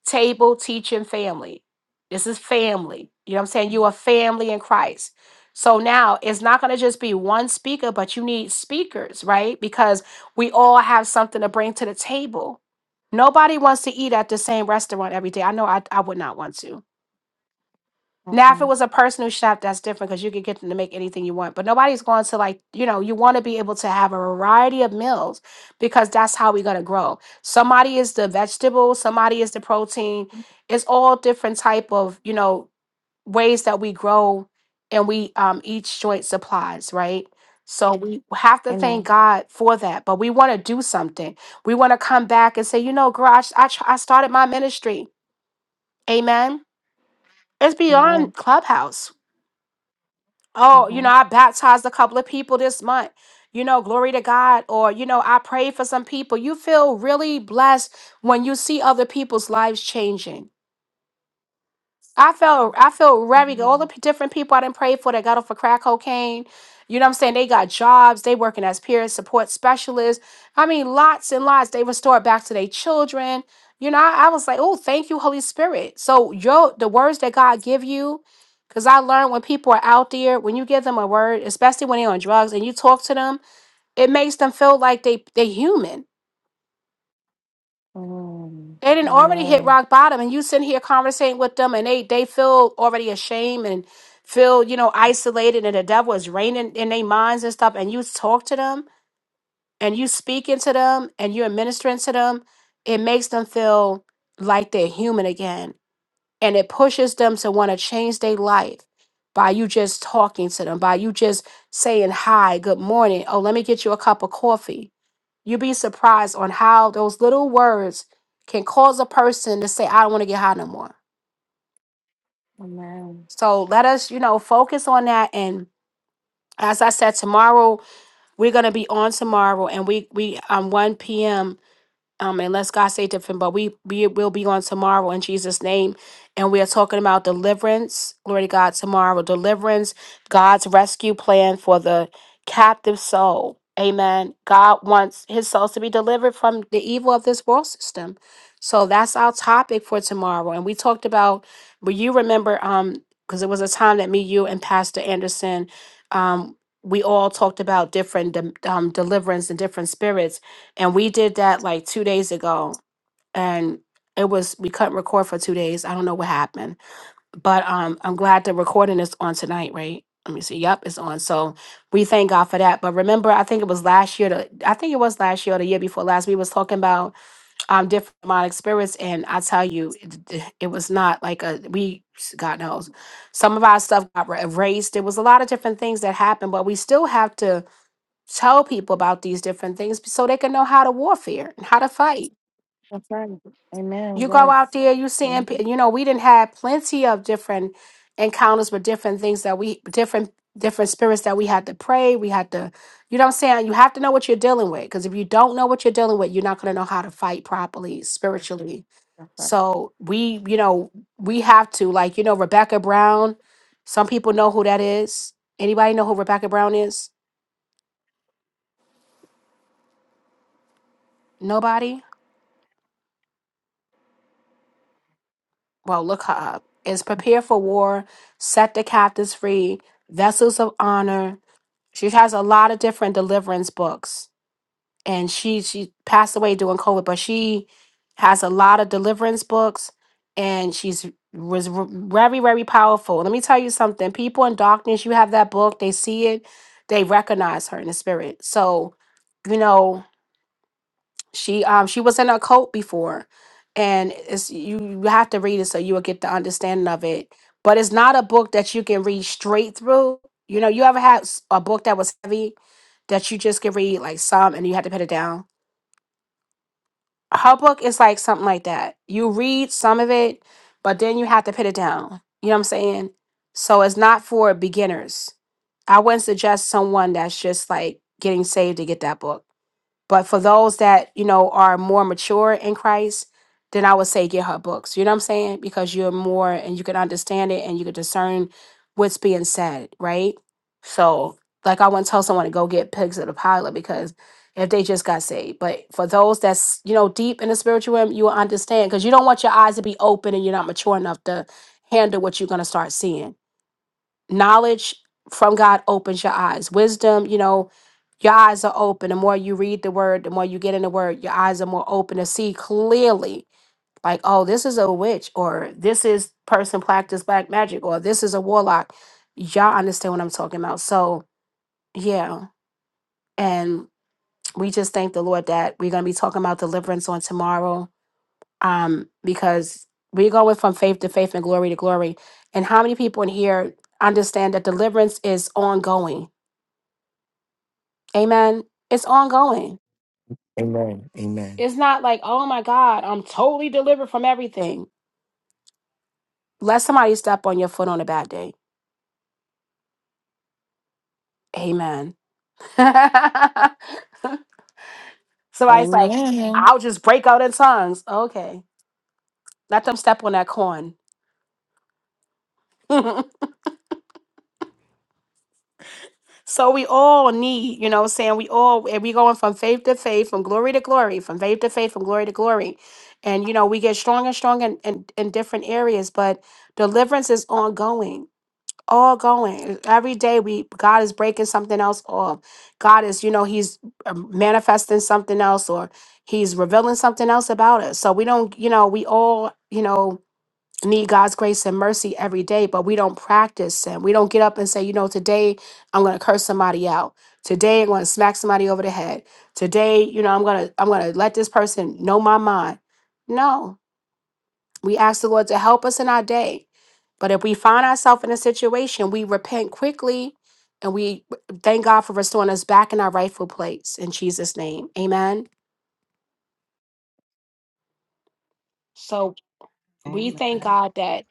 S1: table teaching family. This is family. You know what I'm saying? You
S10: Mm-hmm.
S1: are family in Christ. So now it's not going to just be one speaker, but you need speakers, right? Because we all have something to bring to the table Nobody wants to eat at the same restaurant every day. I know I, I would not want to. Now, if it
S10: Uh-uh.
S1: was a personal chef, that's different because you could get them to make anything you want. But nobody's going to like, you know, you want to be able to have a variety of meals because that's how we're going to grow. Somebody is the vegetable, somebody is the protein. It's all different type of, you know, ways that we grow and we um, each joint supplies, right? So we have to thank
S10: Amen.
S1: God for that, but we want to do something. We want to come back and say, you know, girl, I, s- I, tr- I started my ministry. Amen. It's
S10: Amen.
S1: beyond Clubhouse. Oh, you know,
S10: Mhm.
S1: I baptized a couple of people this month. You know, glory to God. Or, you know, I prayed for some people. You feel really blessed when you see other people's lives changing I felt I felt very good. All the
S10: Amen.
S1: p- different people I didn't pray for that got off of crack cocaine. You know what I'm saying? They got jobs. They working as peer support specialists. I mean, lots and lots. They restored back to their children. You know, I, I was like, oh, thank you, Holy Spirit. So your the words that God give you, because I learned when people are out there, when you give them a word, especially when they're on drugs and you talk to them, it makes them feel like they they human
S10: Mm.
S1: they didn't already hit
S10: Amen.
S1: rock bottom, and you sit here conversating with them, and they they feel already ashamed and feel you know isolated, and the devil is reigning in their minds and stuff. And you talk to them, and you speaking to them, and you're ministering to them. It makes them feel like they're human again, and it pushes them to want to change their life by you just talking to them, by you just saying hi, good morning. Oh, let me get you a cup of coffee You'd be surprised on how those little words can cause a person to say, I don't want to get high no more.
S10: Amen.
S1: So let us, you know, focus on that. And as I said, tomorrow, we're gonna be on tomorrow and we we um 1 p.m. um, unless God say different, but we we will be on tomorrow in Jesus' name. And we are talking about deliverance. Glory to God tomorrow. Deliverance, God's rescue plan for the captive soul. Amen. God wants his souls to be delivered from the evil of this world system. So that's our topic for tomorrow. And we talked about, but you remember, um, because it was a time that me, you, and Pastor Anderson, um, we all talked about different de- um, deliverance and different spirits and we did that like two days ago and it was we couldn't record for two days i don't know what happened but um i'm glad the recording is on tonight right let me see yep it's on so we thank god for that but remember i think it was last year the, i think it was last year or the year before last we was talking about um different demonic spirits and i tell you it, it was not like a we god knows some of our stuff got erased there was a lot of different things that happened but we still have to tell people about these different things so they can know how to warfare and how to fight.
S10: That's right. Amen.
S1: You go out
S10: Yes.
S1: there, you seeing, pe-
S10: Mhm.
S1: you know, we didn't have plenty of different encounters with different things that we different different spirits that we had to pray. We had to, you know, what I'm saying you have to know what you're dealing with because if you don't know what you're dealing with, you're not going to know how to fight properly spiritually.
S10: That's right.
S1: So we, you know, we have to like, you know, Rebecca Brown. Some people know who that is. Anybody know who Rebecca Brown is? Nobody. well, look her up, is prepare for war, set the captives free, vessels of honor. She has a lot of different deliverance books. And she she passed away during COVID, but she has a lot of deliverance books and she's was r- very, very powerful. Let me tell you something. People in darkness, you have that book, they see it, they recognize her in the spirit. So, you know, she um she was in a cult before, and it's you you have to read it so you will get the understanding of it. But it's not a book that you can read straight through. You know, you ever had s- a book that was heavy that you just could read like some and you had to put it down. Her book is like something like that. You read some of it, but then you have to put it down. You know what I'm saying? So it's not for beginners. I wouldn't suggest someone that's just like getting saved to get that book but for those that, you know, are more mature in Christ, then I would say get her books. You know what I'm saying? Because you're more and you can understand it and you can discern what's being said, right? So, like, I wouldn't tell someone to go get Pigs of the Pilot because if they just got saved. But for those that's, you know, deep in the spiritual realm, you will understand because you don't want your eyes to be open and you're not mature enough to handle what you're going to start seeing knowledge from God opens your eyes. Wisdom, you know, your eyes are open. The more you read the word, the more you get in the word, your eyes are more open to see clearly. Like, oh, this is a witch, or this is person practice black magic, or this is a warlock. Y'all understand what I'm talking about. So yeah. And we just thank the Lord that we're gonna be talking about deliverance on tomorrow. Um, because we're going from faith to faith and glory to glory. And how many people in here understand that deliverance is ongoing? Amen. It's ongoing. It's not like, oh my God, I'm totally delivered from everything. Let somebody step on your foot on a bad day. Amen. [laughs] Somebody's like,
S10: Amen.
S1: I'll just break out in tongues. Okay. Let them step on that corn. [laughs] so we all need, you know what I'm saying? We all, and we going from faith to faith, from glory to glory, from faith to faith, from glory to glory. And, you know, we get stronger and stronger in, in, in different areas, but deliverance is ongoing all going every day we god is breaking something else off god is you know he's uh, manifesting something else or he's revealing something else about us so we don't you know we all you know need god's grace and mercy every day but we don't practice and we don't get up and say you know today i'm going to curse somebody out today i'm going to smack somebody over the head today you know i'm going to i'm going to let this person know my mind no we ask the Lord to help us in our day. But if we find ourselves in a situation, we repent quickly and we thank God for restoring us back in our rightful place in Jesus' name. Amen. So we
S6: Amen.
S1: thank God that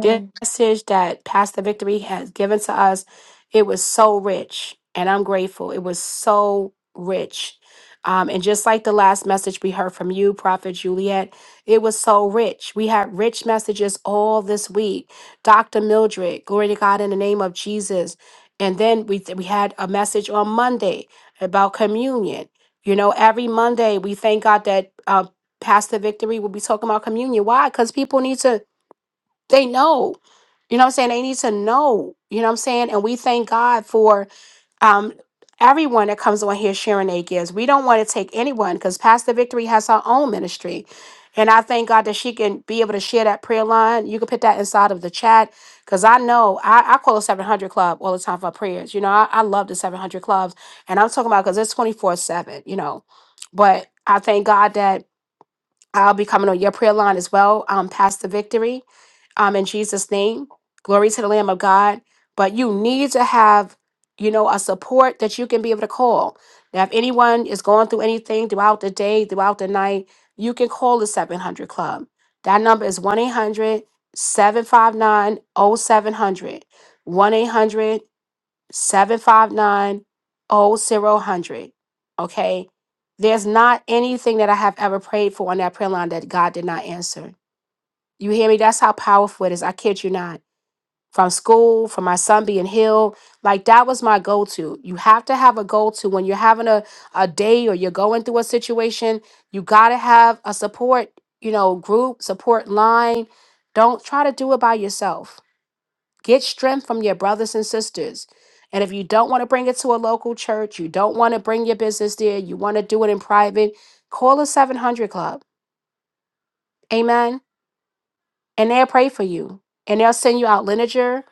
S1: This message that Pastor Victory has given to us, it was so rich, and I'm grateful. It was so rich. Um, and just like the last message we heard from you, Prophet Juliet, it was so rich. We had rich messages all this week. Dr. Mildred, glory to God in the name of Jesus. And then we we had a message on Monday about communion. You know, every Monday we thank God that uh, Pastor Victory will be talking about communion. Why? Because people need to they know. You know what I'm saying? They need to know. You know what I'm saying? And we thank God for um everyone that comes on here sharing their gifts. We don't want to take anyone because Pastor Victory has her own ministry. And I thank God that she can be able to share that prayer line. You can put that inside of the chat because I know I, I call the 700 Club all the time for prayers. You know, I, I love the 700 Clubs. And I'm talking about because it's 24 7, you know. But I thank God that I'll be coming on your prayer line as well, um, Pastor Victory, um, in Jesus' name. Glory to the Lamb of God. But you need to have, you know, a support that you can be able to call. Now, if anyone is going through anything throughout the day, throughout the night, you can call the 700 Club. That number is 1 800 759, oh zero hundred. Okay. There's not anything that I have ever prayed for on that prayer line that God did not answer. You hear me? That's how powerful it is. I kid you not. From school, from my son being healed, like that was my go to. You have to have a go to when you're having a, a day or you're going through a situation. You got to have a support, you know, group, support line. Don't try to do it by yourself Get strength from your brothers and sisters. And if you don't want to bring it to a local church, you don't want to bring your business there, you want to do it in private, call a 700 Club. Amen. And they'll pray for you. And they'll send you out lineager.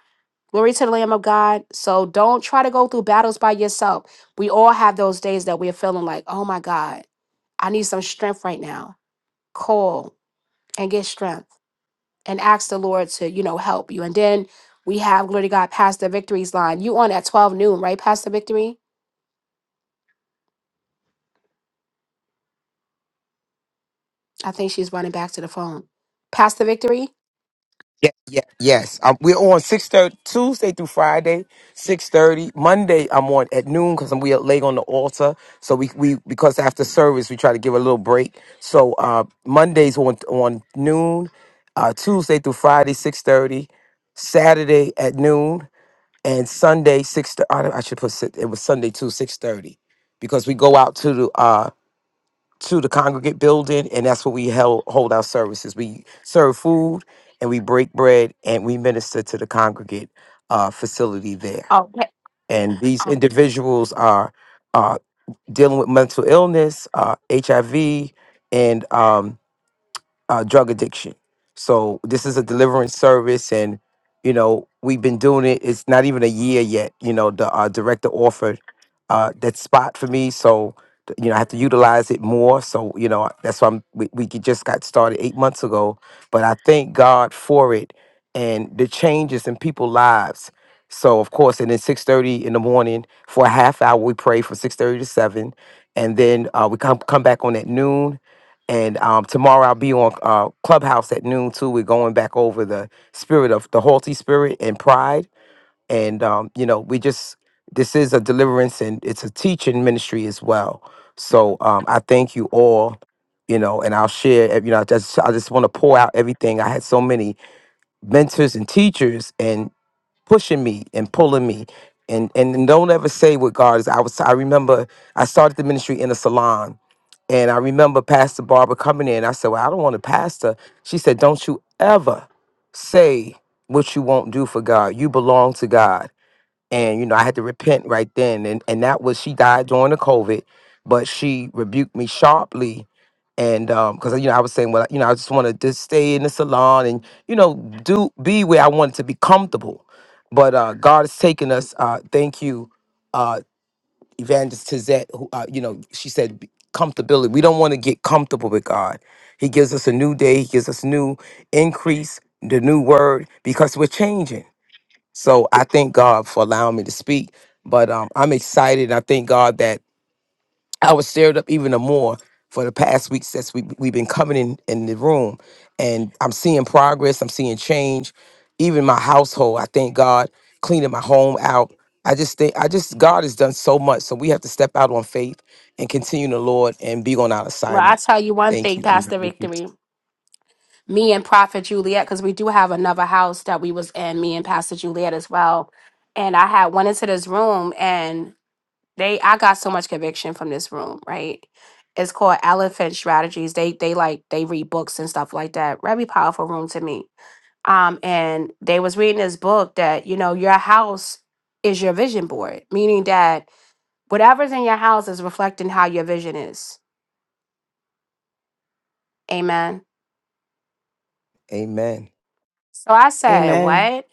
S1: Glory to the Lamb of God. So don't try to go through battles by yourself. We all have those days that we're feeling like, oh my God, I need some strength right now. Call and get strength. and ask the Lord to, you know, help you. And then we have, glory to God, Pastor Victory's line. You on at 12 noon, right, Pastor Victory? I think she's running back to the phone. Pastor Victory?
S4: Yeah, yeah, yes. Um, we're on six thirty Tuesday through Friday, six thirty. Monday, I'm on at noon because we are late on the altar. So we, we because after service we try to give a little break. So uh, Mondays on on noon, uh, Tuesday through Friday six thirty, Saturday at noon, and Sunday six. thir- I, I should put si- it was Sunday too six thirty, because we go out to the uh to the congregate building, and that's where we held, hold our services. We serve food, and we break bread, and we minister to the congregate uh, facility there.
S1: Oh,
S4: And these Oh, individuals are uh, dealing with mental illness, uh, HIV, and um, uh, drug addiction. So this is a deliverance service, and you know we've been doing it. It's not even a year yet. You know the uh, director offered uh, that spot for me, so th- you know I have to utilize it more. So you know that's why I'm, we we could- just got started eight months ago, but I thank God for it and the changes in people's lives. So of course, and then six thirty in the morning for a half hour, we pray from six thirty to seven, and then uh, we come come back on at noon and um, tomorrow I'll be on uh, Clubhouse at noon too. We're going back over the spirit of the haughty spirit and pride. And, um, you know, we just, this is a deliverance and it's a teaching ministry as well. So um, I thank you all, you know, and I'll share, ev- you know, I just, I just want to pour out everything. I had so many mentors and teachers pushing me and pulling me. And and don't ever say what God is. I was I remember I started the ministry in a salon. And I remember Pastor Barbara coming in. I said, Well, I don't want to pastor. She said, Don't you ever say what you won't do for God. You belong to God and you know I had to repent right then, and and that was she died during the COVID, but she rebuked me sharply, and um because you know I was saying well you know I just want to just stay in the salon and you know do be where I wanted to be comfortable, but uh God has taken us. uh Thank you, uh Evangelist Tizette. Who uh, you know she said "Be- comfortability. We don't want to get comfortable with God. He gives us a new day. He gives us new increase, the new word because we're changing. So I thank God for allowing me to speak. But um, I'm excited. I thank God that I was stirred up even more for the past week since we, we've been coming in, in the room. And I'm seeing progress, I'm seeing change. Even my household, I thank God, cleaning my home out. I just think, I just, God has done so much. So we have to step out on faith and continue in the Lord and be on our
S1: Well, I
S4: assignment.
S1: tell you one
S4: Thank
S1: thing,
S4: you. And
S1: Pastor Victory. Me and Prophet Juliet, because we do have another house that we was in, me and Pastor Juliet as well. And I had went into this room and they I got so much conviction from this room, right? It's called Elephant Strategies. They they like they read books and stuff like that. Very powerful room to me. um, and they was reading this book that you know your house is your vision board, meaning that whatever's in your house is reflecting how your vision is. Amen.
S4: amen.
S1: So I said,
S10: Amen.
S1: "What?"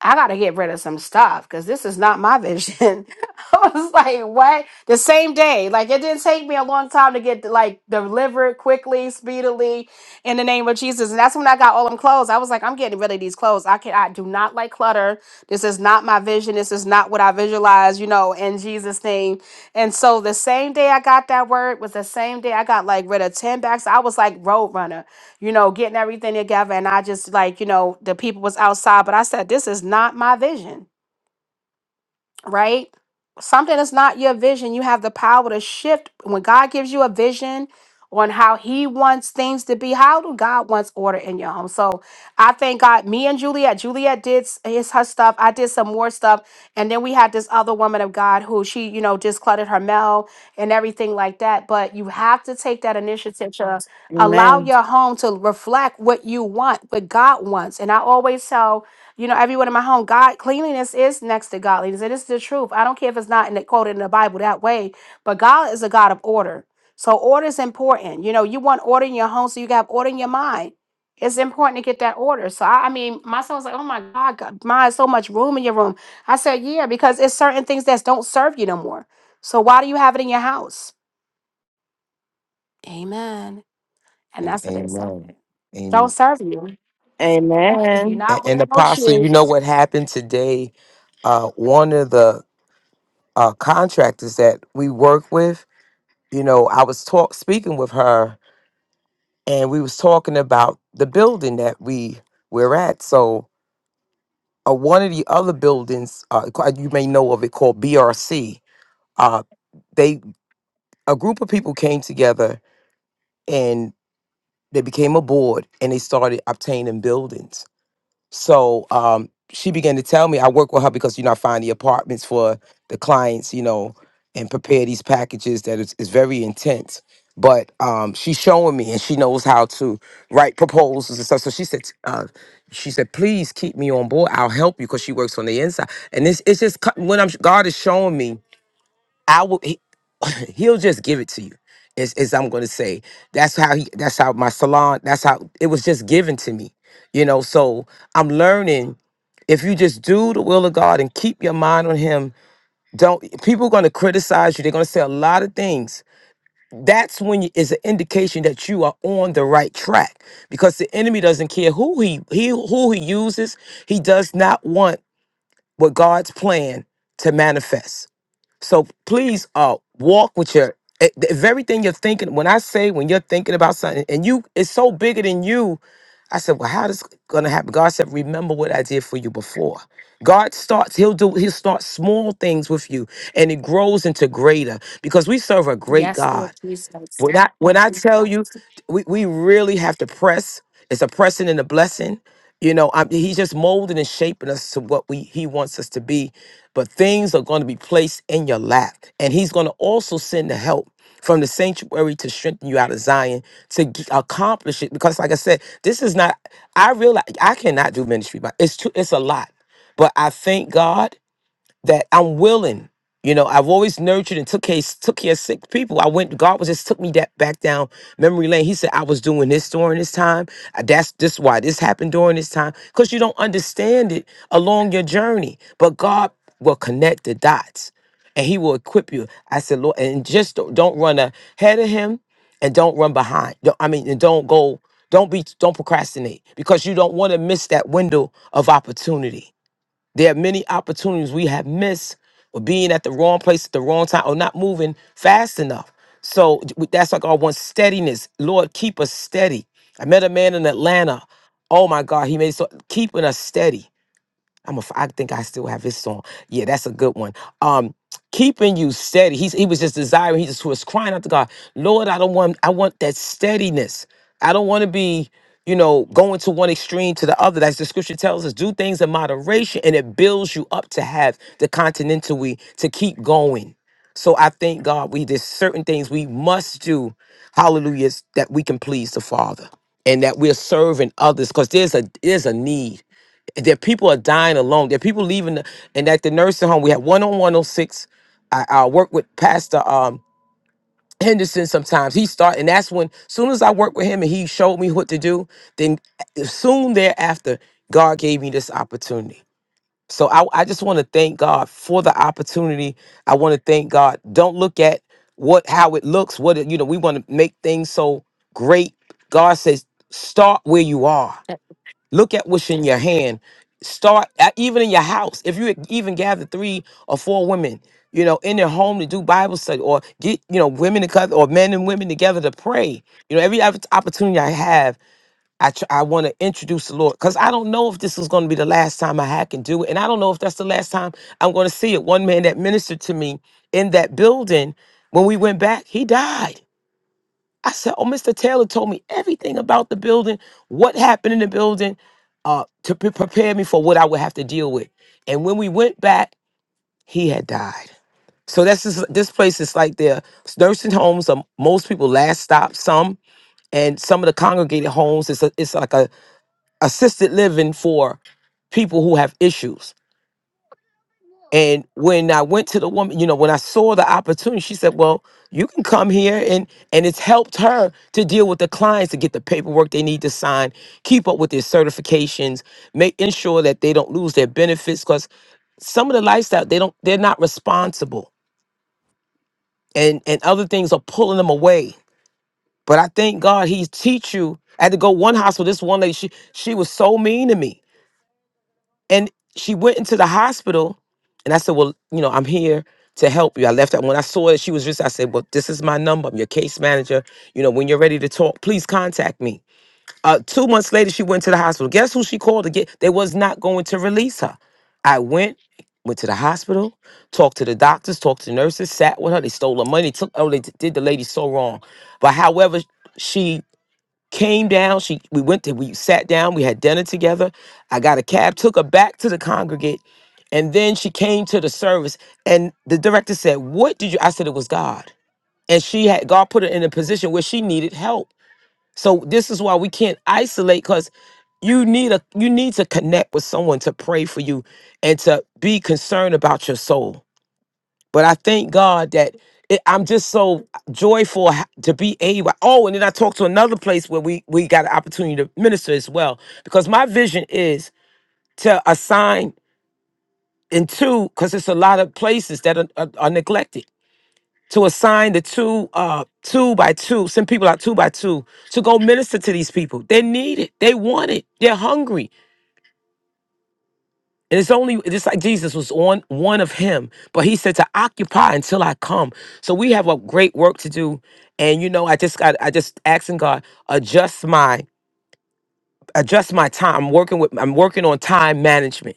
S1: I gotta get rid of some stuff because this is not my vision. [laughs] I was like, what? The same day. Like it didn't take me a long time to get like delivered quickly, speedily, in the name of Jesus. And that's when I got all them clothes. I was like, I'm getting rid of these clothes. I can I do not like clutter. This is not my vision. This is not what I visualize, you know, in Jesus' name. And so the same day I got that word was the same day I got like rid of 10 bags. I was like roadrunner you know, getting everything together. And I just like, you know, the people was outside, but I said, this is not my vision right? Something that's not your vision, you have the power to shift. When God gives you a vision on how He wants things to be, how do God wants order in your home? So I thank God. Me and Juliet, Juliet did s- his her stuff. I did some more stuff, and then we had this other woman of God who she, you know, just cluttered her mail and everything like that. But you have to take that initiative to allow
S10: Amen.
S1: your home to reflect what you want, what God wants. And I always tell you know, everyone in my home. God, cleanliness is next to godliness. It is the truth. I don't care if it's not in the, quoted in the Bible that way, but God is a God of order. So order is important. You know, you want order in your home, so you got order in your mind. It's important to get that order. So I, I mean, my son was like, "Oh my God, God, my so much room in your room." I said, "Yeah, because it's certain things that don't serve you no more. So why do you have it in your house?" Amen. And
S4: And
S1: that's what they said.
S4: amen.
S1: Don't
S4: Amen.
S1: serve you. You're
S10: Amen.
S4: And,
S1: not
S4: and
S1: wearing no
S4: Apostle,
S1: shoes.
S4: you know what happened today? uh, one of the uh, contractors that we work with, you know, I was talk speaking with her, and we was talking about the building that we we're at. So uh, one of the other buildings, uh, ca- you may know of it, called BRC. Uh, they a group of people came together and they became a board and they started obtaining buildings So um, she began to tell me, I work with her because, you know, I find the apartments for the clients, you know, and prepare these packages that is, is very intense. But um, she's showing me and she knows how to write proposals and stuff. So she said, uh, she said, please keep me on board. I'll help you because she works on the inside. And it's, it's just cut- when I'm God is showing me, I will he'll just give it to you is, is i'm going to say that's how he that's how my salon that's how it was just given to me you know so i'm learning if you just do the will of god and keep your mind on him don't people going to criticize you they're going to say a lot of things that's when you, is an indication that you are on the right track because the enemy doesn't care who he, he who he uses he does not want what god's plan to manifest so please uh walk with your e- if everything you're thinking. When I say when you're thinking about something and you it's so bigger than you, I said, Well, how this gonna happen? God said, Remember what I did for you before. God starts, he'll do he'll start small things with you and it grows into greater because we serve a great
S1: Yes,
S4: God.
S1: Lord Jesus.
S4: When I when I tell you, we, we really have to press. It's a pressing and a blessing. You know, I, he's just molding and shaping us to what we he wants us to be. But things are going to be placed in your lap, and he's going to also send the help from the sanctuary to strengthen you out of Zion to g- accomplish it. Because, like I said, this is not. I realize I cannot do ministry, but it's too. It's a lot. But I thank God that I'm willing. You know, I've always nurtured and took care, took care of sick people. I went, God was just took me that back down memory lane. He said, I was doing this during this time. Uh, That's this why this happened during this time. Because you don't understand it along your journey. But God will connect the dots and he will equip you. I said, Lord, and just don't, don't run ahead of him and don't run behind. Don't- I mean, and don't go, don't be, don't procrastinate because you don't want to miss that window of opportunity there are many opportunities we have missed or being at the wrong place at the wrong time or not moving fast enough. So d- w- that's like our one steadiness. Lord, keep us steady. I met a man in Atlanta. Oh my God, he made so keeping us steady. I'm a. f- I think I still have his song. Yeah, that's a good one. Um, keeping you steady. He's he was just desiring. He just was crying out to God, Lord, I don't want. I want that steadiness. I don't want to be, you know, going to one extreme to the other. That's the scripture tells us. Do things in moderation, and it builds you up to have the continentally to keep going. So I thank God. We there's certain things we must do. Hallelujahs that we can please the Father, and that we're serving others because there's a there's a need that people are dying alone. That people leaving, the, and at the nursing home, we have one on 106. I, I work with Pastor um, Henderson sometimes. He start, and that's when, soon as I worked with him and he showed me what to do, then eh, soon thereafter, God gave me this opportunity. So I, I just want to thank God for the opportunity. I want to thank God. Don't look at what how it looks. What it, you know, we want to make things so great. God says, start where you are Look at what's in your hand. Start at, even in your house. If you even gather three or four women, you know, in their home to do Bible study or get, you know, women to cut or men and women together to pray. You know, every opp- opportunity I have, I tr- I want to introduce the Lord because I don't know if this is going to be the last time I ha- can do it, and I don't know if that's the last time I'm going to see it. One man that ministered to me in that building when we went back, he died. I said, "Oh, Mr. Taylor told me everything about the building, what happened in the building, uh, to pre- prepare me for what I would have to deal with." And when we went back, he had died. So that's just, this place is like their nursing homes. Are most people last stop some, and some of the congregated homes. It's a, it's like a assisted living for people who have issues. And when I went to the woman, you know, when I saw the opportunity, she said, "Well, you can come here and and it's helped her to deal with the clients to get the paperwork they need to sign, keep up with their certifications, make ensure that they don't lose their benefits cuz some of the lifestyle they don't they're not responsible and and other things are pulling them away but i thank god he teach you i had to go one hospital this one lady she she was so mean to me And she went into the hospital, and I said, "Well, you know, I'm here to help you." I left out when I saw that she was just. I said, "Well, this is my number. I'm your case manager. You know, when you're ready to talk, please contact me." Uh, two months later, she went to the hospital. Guess who she called again? They was not going to release her. I went. Went to the hospital, talked to the doctors, talked to nurses, sat with her. They stole her money. Took oh, they did the lady so wrong. But however, she came down. She we went to we sat down, we had dinner together. I got a cab, took her back to the congregate, and then she came to the service. And the director said, What did you I said it was God. And she had God put her in a position where she needed help. So this is why we can't isolate because you need a you need to connect with someone to pray for you and to be concerned about your soul but I thank God that it, I'm just so joyful ha- to be able. Oh, and then I talked to another place where we we got an opportunity to minister as well, because my vision is to assign in two, because it's a lot of places that are, are, are neglected. To assign the two, uh, two by two, send people out two by two to go minister to these people. They need it. They want it. They're hungry. And it's only just like Jesus was on one of him, but he said to occupy until I come. So we have a great work to do. And you know, I just got I just asking God, adjust my adjust my time. I'm working with I'm working on time management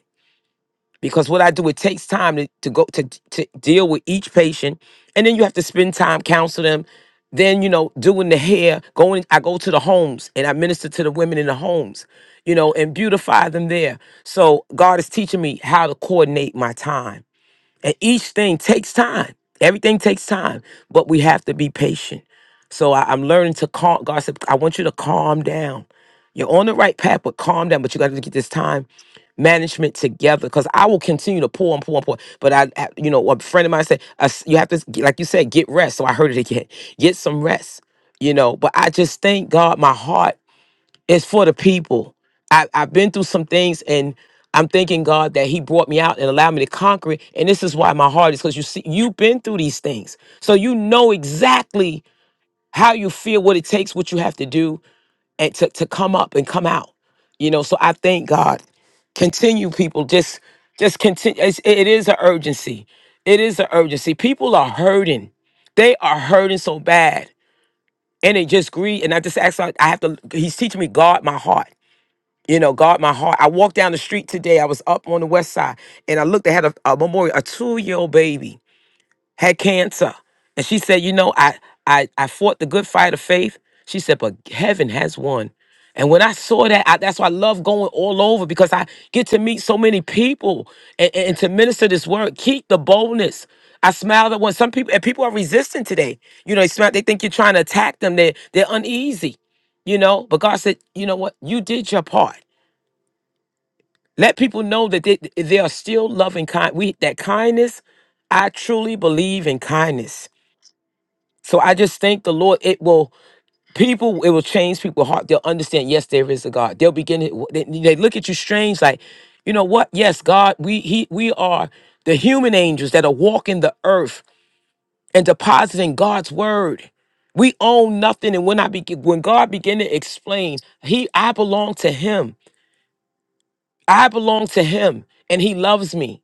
S4: because what I do, it takes time to, to go to, to deal with each patient, and then you have to spend time counseling them. Then you know, doing the hair, going, I go to the homes and I minister to the women in the homes, you know, and beautify them there. So God is teaching me how to coordinate my time and each thing takes time. Everything takes time, but we have to be patient. So I, am learning to calm. God said, I want you to calm down. You're on the right path, but calm down. But you got to get this time management together because I will continue to pour and pour and pour. But I, I- you know, a friend of mine said, "Uh, s- you have to, s- get- like you said, get rest. So I heard it again. Get some rest, you know. But I just thank God my heart it's for the people. I, I've been through some things and I'm thanking God that He brought me out and allowed me to conquer it. And this is why my heart is because you see, you've been through these things. So you know exactly how you feel, what it takes, what you have to do, and to, to come up and come out. You know, so I thank God. Continue, people. Just just continue. It's, it is an urgency. It is an urgency. People are hurting. They are hurting so bad. And they just grieve. And I just ask, like, I have to, he's teaching me guard my heart you know, guard my heart. I walked down the street today. I was up on the west side and I looked, they had a, a memorial, a two year old baby had cancer. And she said, You know, I, I, I fought the good fight of faith. She said, But heaven has won. And when I saw that, I, that's why I love going all over because I get to meet so many people and, and to minister this word. Keep the boldness. I smile at when some people and people are resistant today. You know, they smile, they think you're trying to attack them. They they're uneasy, you know. But God said, you know what? You did your part. Let people know that they, they are still loving kind. We that kindness, I truly believe in kindness. So I just thank the Lord. It will people. It will change people's heart. They'll understand. Yes, there is a God. They'll begin. to- They, they look at you strange, like you know what? Yes, God. We he we are the human angels that are walking the earth and depositing God's word. We own nothing, and when I begin, when God began to explain, He, I belong to Him. I belong to Him, and He loves me.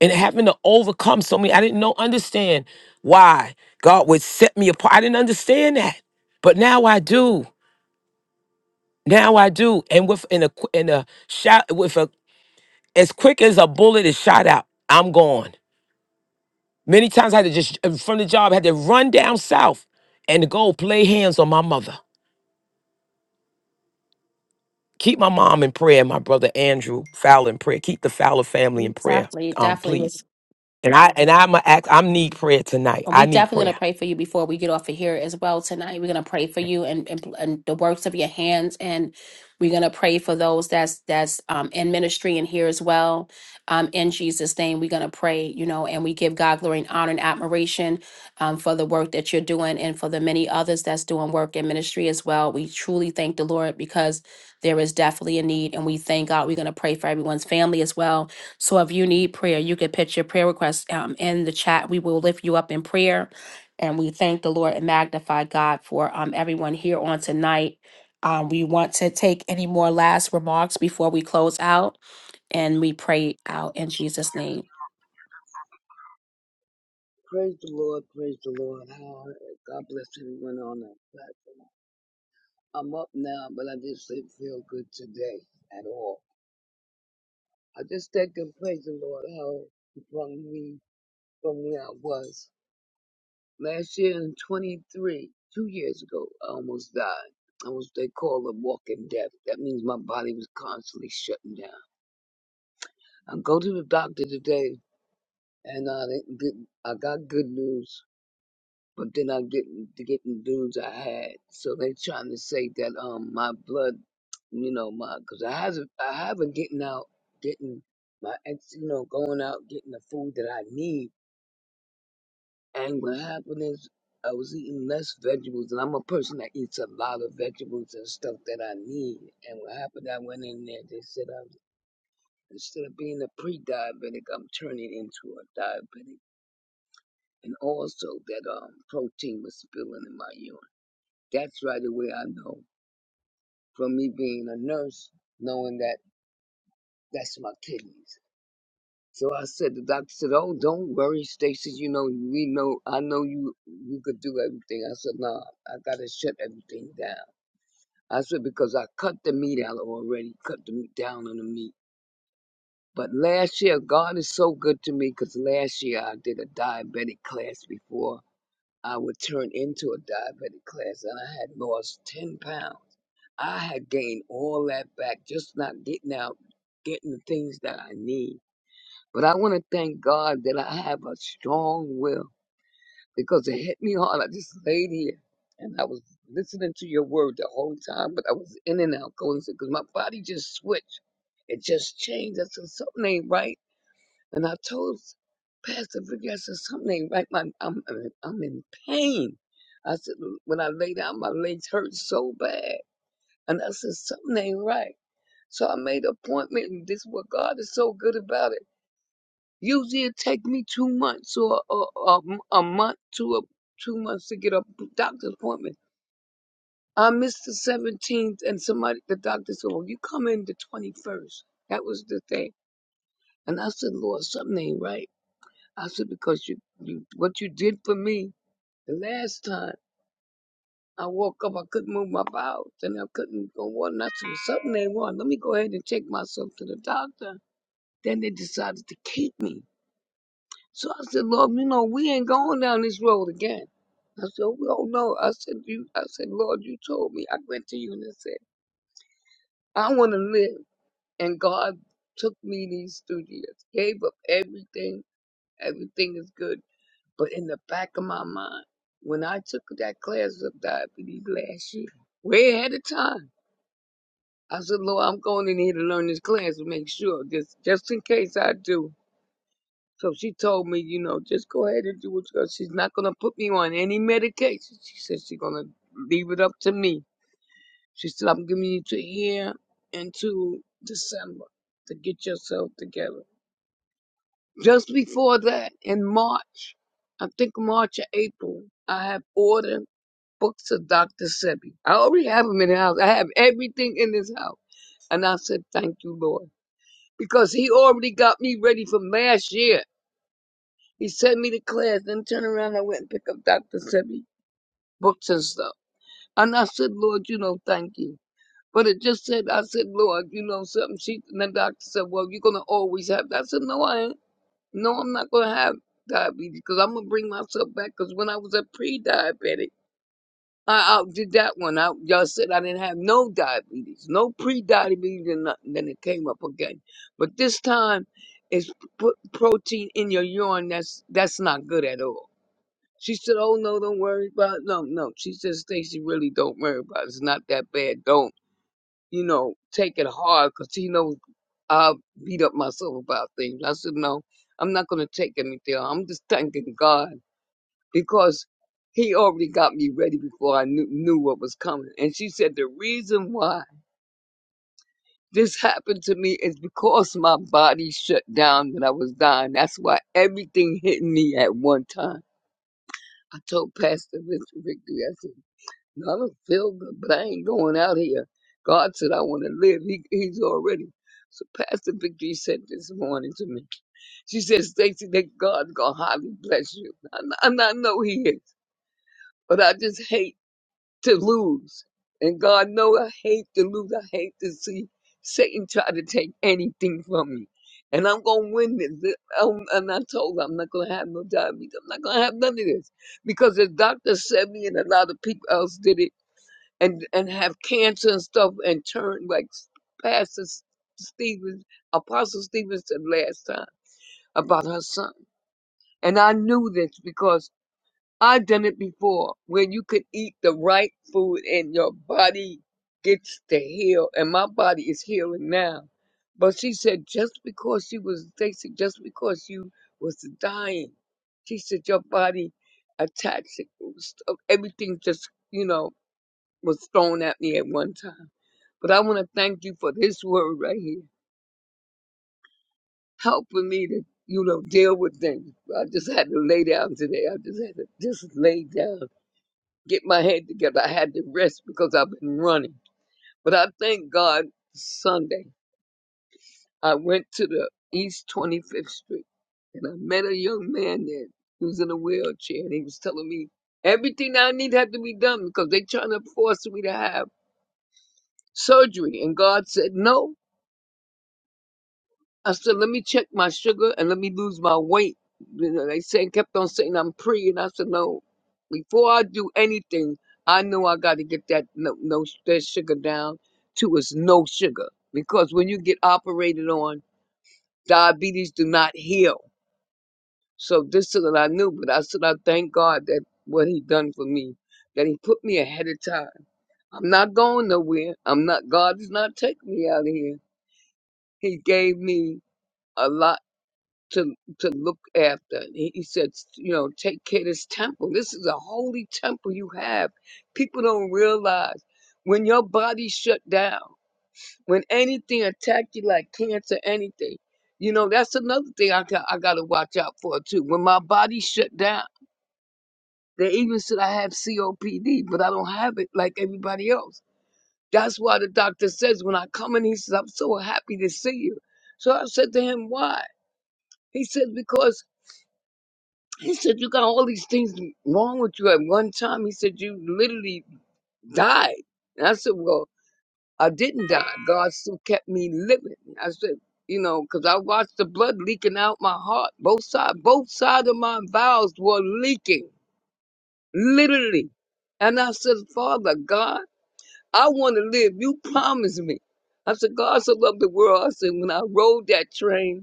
S4: and having to overcome so many. I didn't know understand why God would set me apart. I didn't understand that, but now I do. Now I do. And with in a qu- in a shot with a as quick as a bullet is shot out, I'm gone. Many times I had to just from the job I had to run down south and go play hands on my mother. Keep my mom in prayer, and my brother Andrew Fowler in prayer. Keep the Fowler family in prayer,
S1: Definitely,
S4: um,
S1: definitely.
S4: please. And I and I'm a act. I need prayer tonight.
S1: And
S4: I
S1: we
S4: need
S1: definitely going
S4: prayer.
S1: to pray for you before we get off of here as well tonight. We're going to pray for
S4: Okay.
S1: you and, and and the works of your hands, and we're going to pray for those that's that's um, in ministry and here as well. Um, in Jesus' name, we're going to pray, you know, and we give God glory and honor and admiration um, for the work that you're doing and for the many others that's doing work in ministry as well. We truly thank the Lord because there is definitely a need, and we thank God. We're going to pray for everyone's family as well so if you need prayer, you can put your prayer request um, in the chat. We will lift you up in prayer. And we thank the Lord and magnify God for um, everyone here on tonight. Um, we want to take any more last remarks before we close out and we pray out in Jesus' name.
S11: Praise the Lord, praise the Lord. How- God bless everyone on that platform. I'm up now, but I just didn't feel good today at all. I just thank and praise the Lord how He brought me from where I was. Last year in 23, two years ago, I almost died. I was, they call it walking death. That means my body was constantly shutting down. I go to the doctor today, and I, didn't get- I got good news. but then I didn't get the dudes I had. So they trying to say that um my blood, you know, my because I haven't I haven't getting out getting my ex, you know, going out getting the food that I need. And what happened is I was eating less vegetables, and I'm a person that eats a lot of vegetables and stuff that I need. And what happened? I went in there. They said I was instead of being a pre-diabetic, I'm turning into a diabetic. And also that um protein was spilling in my urine. That's right away I know from me being a nurse, knowing that that's my kidneys. So I said, the doctor said, "Oh, don't worry, Stacy. You know, we know. I know you. You could do everything." I said, "No, I gotta shut everything down." I said because I cut the meat out already, cut the meat down on the meat. But last year, God is so good to me because last year I did a diabetic class before I would turn into a diabetic class, and I had lost ten pounds. I had gained all that back, just not getting out, getting the things that I need. But I want to thank God that I have a strong will because it hit me hard. I just laid here and I was listening to your word the whole time, but I was in and out going because my body just switched. It just changed. I said, something ain't right. And I told Pastor Vicky, I said, something ain't right. My, I'm, I'm I'm in pain. I said, when I lay down, my legs hurt so bad. And I said, something ain't right. So I made an appointment, and this is what God is so good about it. Usually it take me two months or a, a, a month to a, two months to get a doctor's appointment. I missed the 17th, and somebody, the doctor said, "Well, you come in the 21st." That was the thing, and I said, "Lord, something ain't right." I said, "Because you, you, what you did for me the last time." I woke up, I couldn't move my bowels, and I couldn't go water. And I said, "Well, something ain't wrong. Let me go ahead and take myself to the doctor. Then they decided to keep me. So I said, Lord, you know, we ain't going down this road again. I said, oh oh, no. I said, you, I said, Lord, you told me. I went to you and I said, I want to live. And God took me these two years, gave up everything. Everything is good. But in the back of my mind, when I took that class of diabetes last year, way ahead of time, I said, Lord, I'm going in here to learn this class to make sure, just, just in case I do. So she told me, you know, just go ahead and do what you got. She's not going to put me on any medication. She said she's going to leave it up to me. She said, I'm giving you to here until December to get yourself together. Just before that, in March, I think March or April, I have ordered books of Dr. Sebi. I already have them in the house. I have everything in this house. And I said, thank you, Lord. Because he already got me ready for last year. He sent me to class, then turned around. I went and picked up Dr. Sebi books and stuff. And I said, Lord, you know, thank you. But it just said, I said, Lord, you know, something. She, and the doctor said, well, you're going to always have that. I said, no, I ain't. No, I'm not going to have diabetes because I'm going to bring myself back because when I was a pre-diabetic, I outdid that one. I, y'all said I didn't have no diabetes, no pre-diabetes and nothing. Then it came up again. But this time, it's put protein in your urine that's that's not good at all she said, "Oh no, don't worry about it. no, no." She said, "Stacy, really don't worry about it. It's not that bad. Don't you know? Take it hard, 'cause he knows I'll beat up myself about things." I said, "No, I'm not gonna take anything. I'm just thanking God because He already got me ready before I knew, knew what was coming." And she said, "The reason why this happened to me is because my body shut down that I was dying. That's why everything hit me at one time." I told Pastor Victory, I said. I don't feel good, but I ain't going out here. God said I want to live. He, he's already. So Pastor Victory said this morning to me. She said, Stacy, that God's gonna highly bless you. And I, and I know He is, but I just hate to lose. And God know I hate to lose. I hate to see Satan try to take anything from me. And I'm gonna win this. Um, And I told her I'm not gonna have no diabetes. I'm not gonna have none of this because the doctor said me, and a lot of people else did it and and have cancer and stuff and turn like Pastor S- Stephen, Apostle Stephen said last time about her son. And I knew this because I done it before, where you could eat the right food and your body gets to heal, and my body is healing now. But she said just because she was, they said just because you was dying, she said your body attached it, it was- everything just you know was thrown at me at one time but I want to thank you for this word right here, helping me to, you know, deal with things. I just had to lay down today. I just had to just lay down, get my head together. I had to rest because I've been running. But I thank God Sunday. I went to the East 25th Street and I met a young man there. He was in a wheelchair and he was telling me everything I need had to be done because they trying to force me to have surgery. And God said no. I said, let me check my sugar and let me lose my weight. You know, they saying kept on saying I'm pre, and I said, no. Before I do anything, I know I got to get that no, no that sugar down to is no sugar because when you get operated on, diabetes do not heal. So this is what I knew, but I said I thank God that what He done for me, that He put me ahead of time. I'm not going nowhere. I'm not. God is not taking me out of here. He gave me a lot. to to look after. And He, he said, you know, take care of this temple. This is a holy temple you have. People don't realize when your body shut down, when anything attack you like cancer, anything. You know, that's another thing I got, I got to watch out for too. When my body shut down, they even said I have COPD, but I don't have it like everybody else. That's why the doctor says when I come in, he says, I'm so happy to see you. So I said to him, why? He said, because He said, You got all these things wrong with you at one time. He said, You literally died. And I said, Well, I didn't die. God still kept me living. I said, You know, because I watched the blood leaking out my heart. Both sides, both sides of my bowels were leaking, literally. And I said, Father, God, I want to live. You promised me. I said, God so loved the world. I said, When I rode that train,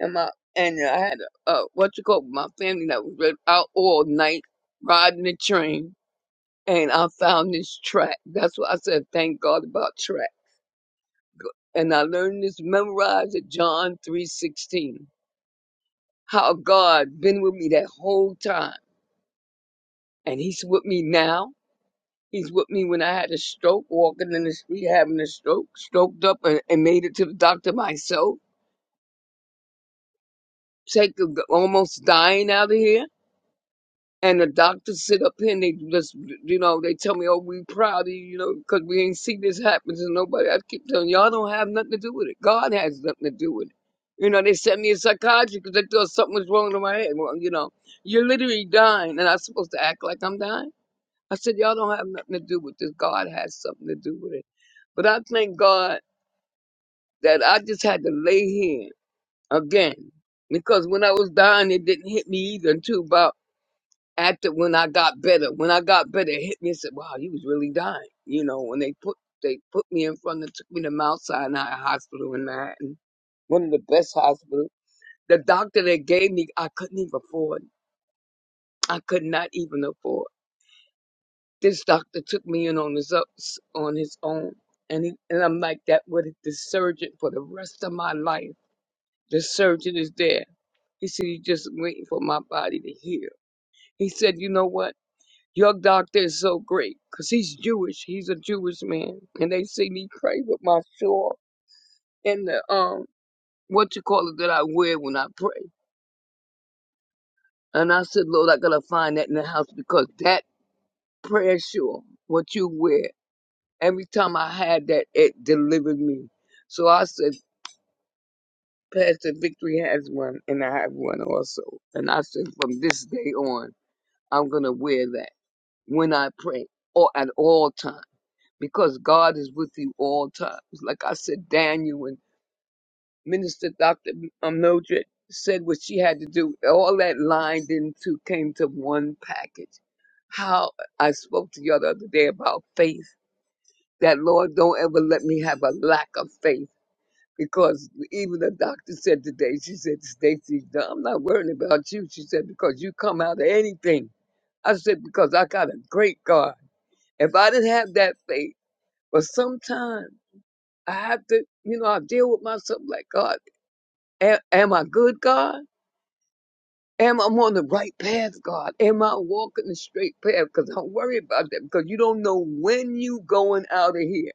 S11: and my and I had a uh, what you call my family that was really out all night riding the train, and I found this track. That's what I said. Thank God about track. And I learned this memorized at John three sixteen. How God been with me that whole time, and He's with me now. He's with me when I had a stroke, walking in the street, having a stroke, stroked up and, and made it to the doctor myself, take almost dying out of here. And the doctors sit up here and they just, you know, they tell me, oh, we proud of you, you know, because we ain't see this happen to nobody. I keep telling y'all don't have nothing to do with it. God has nothing to do with it. You know, they sent me a psychiatrist because they thought something was wrong with my head. Well, you know, you're literally dying, and I'm supposed to act like I'm dying. I said, y'all don't have nothing to do with this. God has something to do with it. But I thank God that I just had to lay here again because when I was dying, it didn't hit me either until about after when I got better, when I got better, it hit me and said, "Wow, you was really dying." You know, when they put they put me in front and took me to Mount Sinai Hospital in Manhattan, one of the best hospitals. The doctor that gave me, I couldn't even afford. I could not even afford. This doctor took me in on his ups, on his own, and he, and I'm like that with the surgeon for the rest of my life. The surgeon is there. He said he's just waiting for my body to heal. He said, "You know what? Your doctor is so great because he's Jewish. He's a Jewish man. And they see me pray with my shawl and the, um, what you call it that I wear when I pray. And I said, Lord, I gotta find that in the house because that prayer shawl, what you wear, every time I had that, it delivered me. So I said, Pastor Victory has one and I have one also. And I said, from this day on, I'm gonna wear that when I pray or at all times. because God is with you all times. Like I said, Daniel and Minister Dr. Mildred said what she had to do. All that lined into came to one package. How I spoke to you the other day about faith. That Lord, don't ever let me have a lack of faith. Because even the doctor said today, she said, Stacy, I'm not worrying about you. She said, because you come out of anything. I said, because I got a great God. If I didn't have that faith, but sometimes I have to, you know, I deal with myself like God. Am, am I good, God? Am I on the right path, God? Am I walking the straight path? Because don't worry about that because you don't know when you going out of here.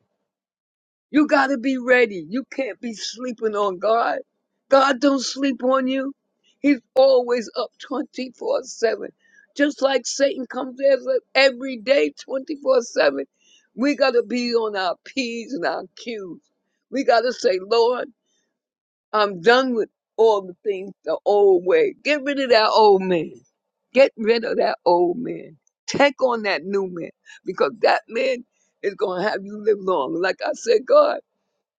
S11: You got to be ready. You can't be sleeping on God. God don't sleep on you. He's always up 24-7. Just like Satan comes at us every day 24-7. We got to be on our P's and our Q's. We got to say, Lord, I'm done with all the things the old way. Get rid of that old man. Get rid of that old man. Take on that new man because that man is going to have you live long. Like I said, God,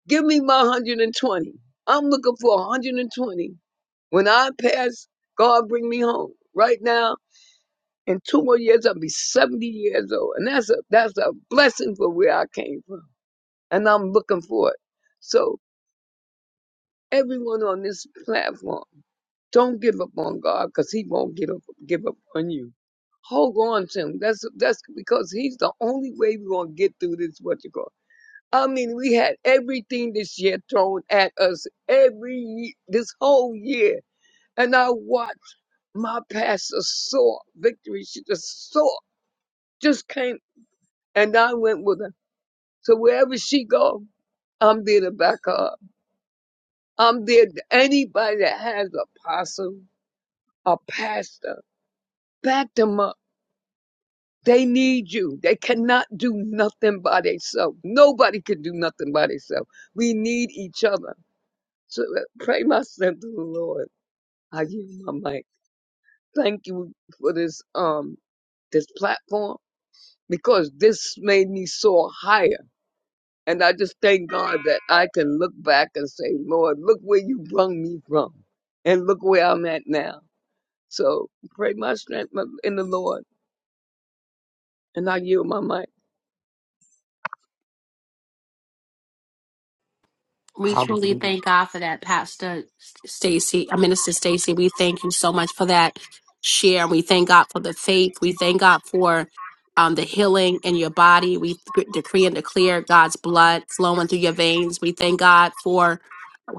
S11: give me my 120. I'm looking for 120. When I pass, God bring me home. Right now, in two more years, I'll be 70 years old. And that's a, that's a blessing for where I came from. And I'm looking for it. So everyone on this platform, Don't give up on God because He won't give up, give up on you. Hold on to Him. That's that's because He's the only way we're gonna get through this. What you call? I mean, we had everything this year thrown at us every ye- this whole year, and I watched my pastor soar victory. She just soar, just came, and I went with her. So wherever she go, I'm there to back her up. I'm there. To anybody that has a apostle, a pastor, back them up They need you. They cannot do nothing by themselves. Nobody can do nothing by themselves. We need each other. So uh, pray my strength to the Lord. I give you my mic. Thank you for this um this platform because this made me soar higher. And I just thank God that I can look back and say, Lord, look where you brought me from and look where I'm at now. So pray my strength uh, in the Lord and I yield my mic.
S1: We truly thank God for that, Pastor Stacy, uh, Minister Stacy. We thank you so much for that share. We thank God for the faith. We thank God for um, the healing in your body. We th- decree and declare God's blood flowing through your veins. We thank God for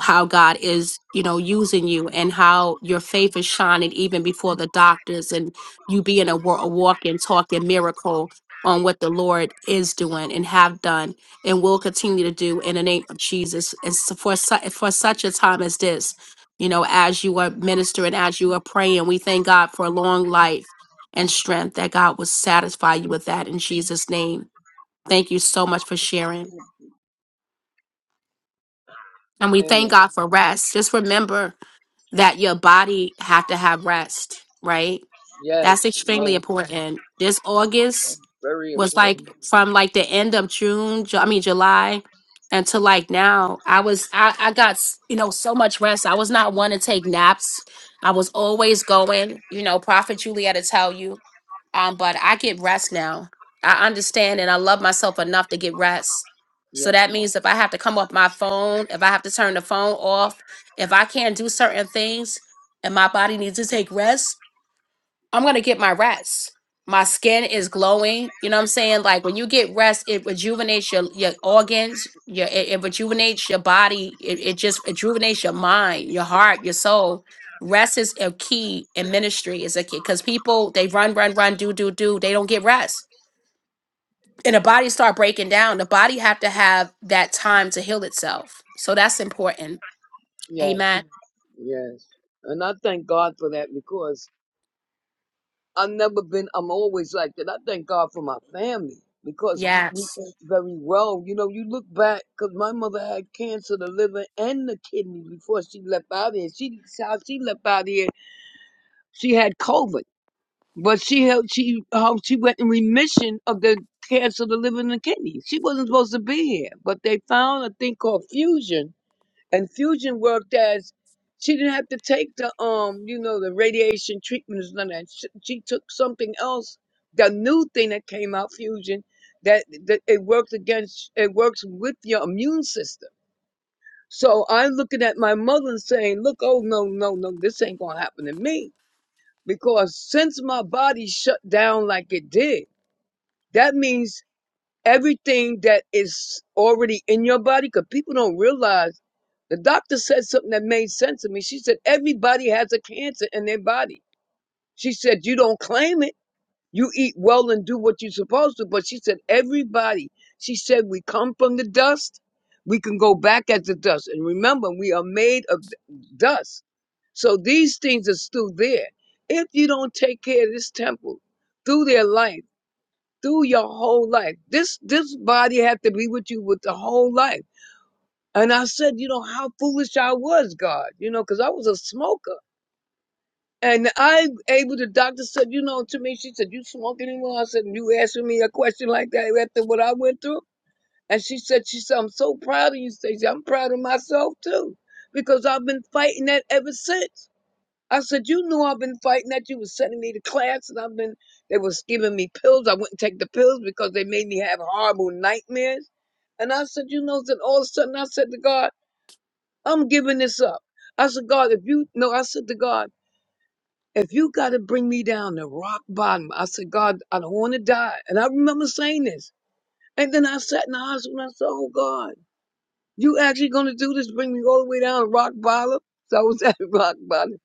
S1: how God is, you know, using you and how your faith is shining even before the doctors and you being a, wa- a walk and talk and miracle on what the Lord is doing and have done and will continue to do in the name of Jesus. And so for su- for such a time as this, you know, as you are ministering, as you are praying, we thank God for a long life and strength that God will satisfy you with that in Jesus' name. Thank you so much for sharing. And we
S11: And
S1: thank God for rest. Just remember that your body have to have rest, right? That's extremely
S11: that's
S1: important. This August,
S11: very
S1: was like
S11: important.
S1: from like the end of June, Ju- I mean July, until like now. I was I I got s- you know so much rest. I was not one to take naps. I was always going. You know, Prophet Julietta tell you. Um, but I get rest now. I understand and I love myself enough to get rest. So
S11: Yes.
S1: that means if I have to come off my phone, if I have to turn the phone off, if I can't do certain things, and my body needs to take rest. I'm gonna get my rest. My skin is glowing. You know what I'm saying? Like when you get rest, it rejuvenates your your organs. Your it, it rejuvenates your body. It, it just rejuvenates your mind, your heart, your soul. Rest is a key in ministry. Is a key because people they run, run, run, do, do, do. They don't get rest, and the body start breaking down. The body have to have that time to heal itself. So that's important.
S11: Yes,
S1: Amen.
S11: yes. And I thank God for that because I've never been, I'm always like that. I thank God for my family because we, we
S1: Yes.
S11: ate very well. You know, you look back, because my mother had cancer, the liver and the kidney before she left out here. She, how she left out here, she had COVID. But she held, she, how she went in remission of the cancer, the liver and the kidney. She wasn't supposed to be here, but they found a thing called fusion And Fusion worked as she didn't have to take the um, you know, the radiation treatments none of that. She, she took something else, the new thing that came out, Fusion, that, that it works against, it works with your immune system. So I'm looking at my mother and saying, look, oh no, no, no, this ain't gonna happen to me because since my body shut down like it did, that means Everything that is already in your body, because people don't realize the doctor said something that made sense to me. She said, Everybody has a cancer in their body. She said, You don't claim it. You eat well and do what you're supposed to. But she said, Everybody. She said, We come from the dust. We can go back as the dust. And remember, we are made of d- dust. So these things are still there. If you don't take care of this temple through their life, through your whole life. This this body had to be with you with the whole life. And I said, you know, how foolish I was, God, you know, because I was a smoker. And I able the doctor said, you know, to me, she said, You smoke anymore? I said, You asking me a question like that after what I went through? And she said, She said, I'm so proud of you, Stacey. I'm proud of myself too. Because I've been fighting that ever since. I said, you knew I've been fighting that. You was sending me to class and I've been, they was giving me pills. I wouldn't take the pills because they made me have horrible nightmares. And I said, you know, then all of a sudden I said to God, I'm giving this up. I said, God, if you, no, I said to God, if you got to bring me down to rock bottom, I said, God, I don't want to die. And I remember saying this. And then I sat in the hospital and I said, oh God. You actually gonna do this? Bring me all the way down to rock bottom? [laughs] So I was at [laughs] rock bottom,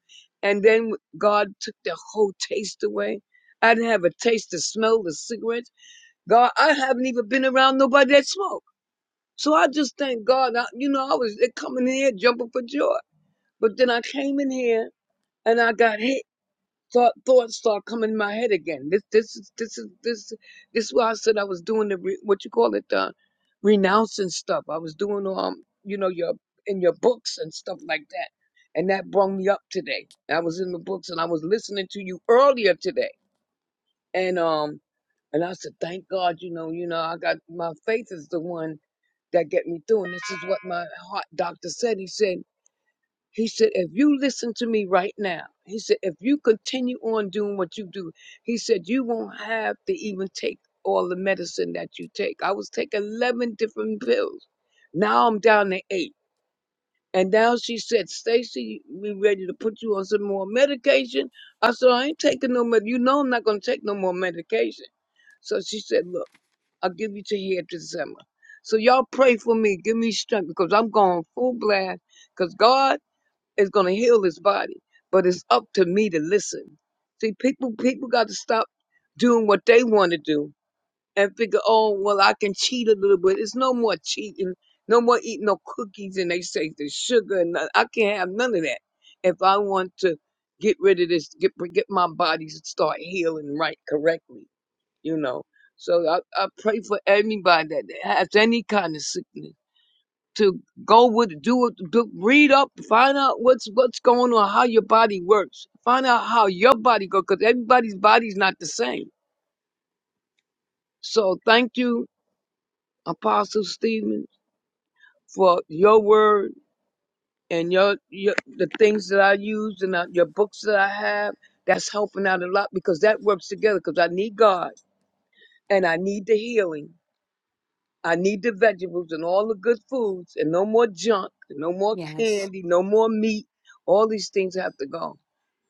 S11: and then God took the whole taste away. I didn't have a taste to smell the cigarettes. God, I haven't even been around nobody that smoked. So I just thank God. I, you know, I was coming in here jumping for joy, but then I came in here and I got hit thought thoughts start coming in my head again. This this is this is this this is why I said I was doing the re, what you call it the renouncing stuff. I was doing um you know your in your books and stuff like that, and that brought me up today. I was in the books and I was listening to you earlier today, and um and I said thank God you know you know I got my faith is the one that get me through, and this is what my heart doctor said. He said. He said, if you listen to me right now, he said, if you continue on doing what you do, he said, you won't have to even take all the medicine that you take. I was taking 11 different pills. Now I'm down to eight. And now she said, Stacy, we ready to put you on some more medication. I said, I ain't taking no med. You know I'm not going to take no more medication. So she said, look, I'll give you till year December. So y'all pray for me. Give me strength because I'm going full blast because God is going to heal his body. But it's up to me to listen. See, people people got to stop doing what they want to do and figure, oh, well, I can cheat a little bit. It's no more cheating, no more eating no cookies and they say the sugar and none- I can't have none of that if I want to get rid of this, get get my body to start healing right correctly, you know. So I, I pray for everybody that has any kind of sickness to go with do it do, read up find out what's what's going on how your body works find out how your body goes because everybody's body's not the same so thank you apostle stephen for your word and your, your the things that i use and uh, your books that i have that's helping out a lot because that works together because i need god and i need the healing i need the vegetables and all the good foods and no more junk no more
S1: Yes.
S11: candy no more meat all these things have to go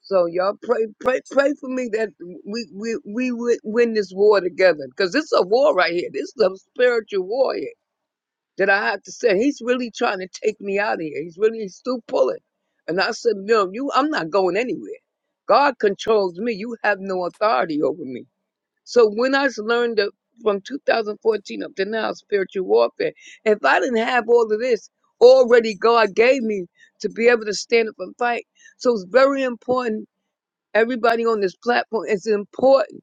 S11: So y'all pray, pray, pray for me that we we we would win this war together. Cause this is a war right here. This is a spiritual war here. That I have to say, he's really trying to take me out of here. He's really he's still pulling. And I said, no, you, I'm not going anywhere. God controls me. You have no authority over me. So when when I s- learned that from 2014 up to now, spiritual warfare, if I didn't have all of this already, God gave me to be able to stand up and fight. So it's very important everybody on this platform, it's important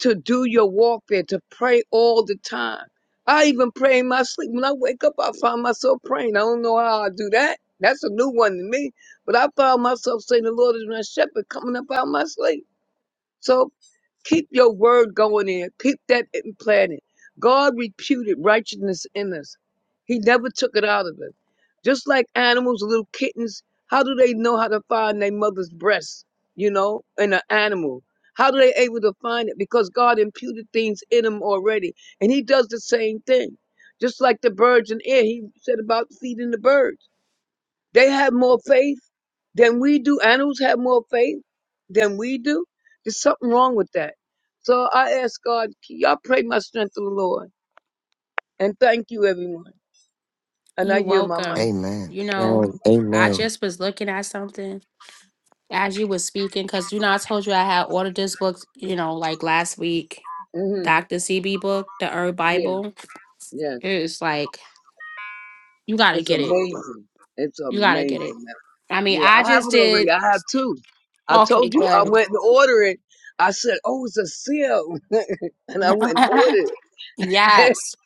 S11: to do your warfare, to pray all the time. I even pray in my sleep. When I wake up, I find myself praying. I don't know how I do that. That's a new one to me. But I found myself saying, The Lord is my shepherd coming up out of my sleep. So Keep your word going in. Keep that implanted. God reputed righteousness in us. He never took it out of us. Just like animals, little kittens, how do they know how to find their mother's breast, you know, in an animal? How do they able to find it? Because God imputed things in them already. And he does the same thing. Just like the birds in air, he said about feeding the birds. They have more faith than we do. Animals have more faith than we do. There's something wrong with that. So I ask God, y'all pray my strength to the Lord. And thank you, everyone. And I
S1: You
S11: yield my mic.
S1: welcome. You know, I just was looking at something as you was speaking because you know I told you I had ordered this book, you know, like last week,
S11: hmm
S1: Dr. CB book, the Herb
S11: Yeah,
S1: Bible.
S11: yes.
S1: It's like you gotta
S11: It's
S1: get it.
S11: amazing. It's
S1: You gotta
S11: amazing.
S1: get it.
S11: man.
S1: I mean,
S11: Yeah,
S1: I
S11: I have
S1: just
S11: it already.
S1: did
S11: I have two. I
S1: okay,
S11: told you I
S1: good.
S11: went and ordered it. I said, oh, it's a seal. [laughs] and I went and ordered
S1: [laughs]
S11: it. [laughs]
S1: yes.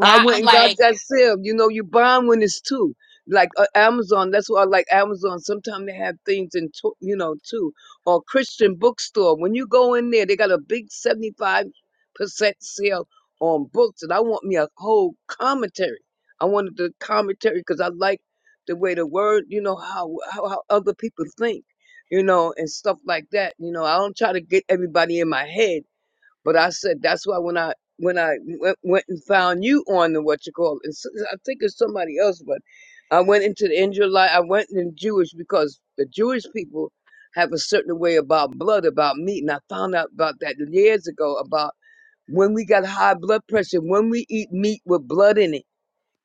S11: I
S1: Yeah,
S11: went
S1: I'm
S11: and got
S1: like,
S11: that sale. You know, you buying when it's two. Like uh, Amazon, that's why I like Amazon. Sometimes they have things in, two, you know, too. Or Christian bookstore. When you go in there, they got a big 75% sale on books. And I want me a whole commentary. I wanted the commentary because I like the way the word, you know, how, how, how other people think, you know, and stuff like that. You know, I don't try to get everybody in my head but I said that's why when I when I went, went and found you on the what you call it, it's- I think it's somebody else, but I went into the end of life. I went in Jewish because the Jewish people have a certain way about blood, about meat, and I found out about that years ago about when we got high blood pressure, when we eat meat with blood in it,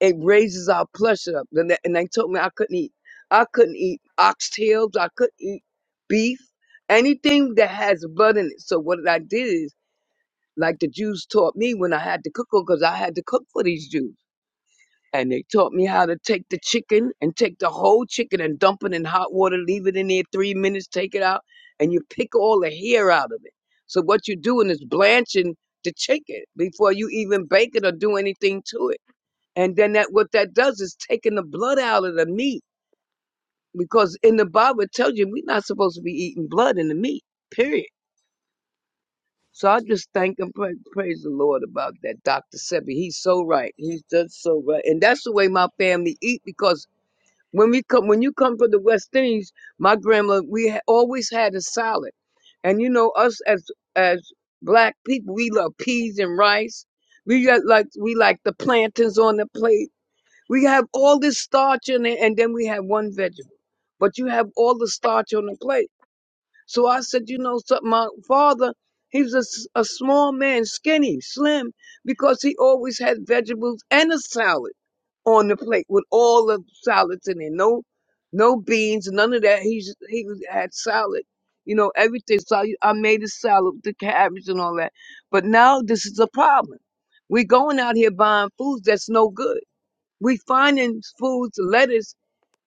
S11: it raises our pressure up. And they and they told me I couldn't eat, I couldn't eat oxtails, I couldn't eat beef, anything that has blood in it. So what I did is like the Jews taught me when I had to cook because I had to cook for these Jews. And they taught me how to take the chicken and take the whole chicken and dump it in hot water, leave it in there three minutes, take it out, and you pick all the hair out of it. So what you're doing is blanching the chicken before you even bake it or do anything to it. And then that what that does is taking the blood out of the meat. Because in the Bible it tells you we're not supposed to be eating blood in the meat. Period. So I just thank and pray, praise the Lord about that, Dr. Sebi. He's so right. He's just so right. And that's the way my family eat because when we come, when you come from the West Indies, my grandma, we ha- always had a salad. And you know, us as, as black people, we love peas and rice. We got like, we like the plantains on the plate. We have all this starch in it and then we have one vegetable, but you have all the starch on the plate. So I said, you know, so my father, he was a, s- a small man, skinny, slim, because he always had vegetables and a salad on the plate with all the salads in it. No, no beans, none of that. He just, he was- had salad, you know, everything. So I, I made a salad with the cabbage and all that. But now this is a problem. we going out here buying foods that's no good. We finding foods, lettuce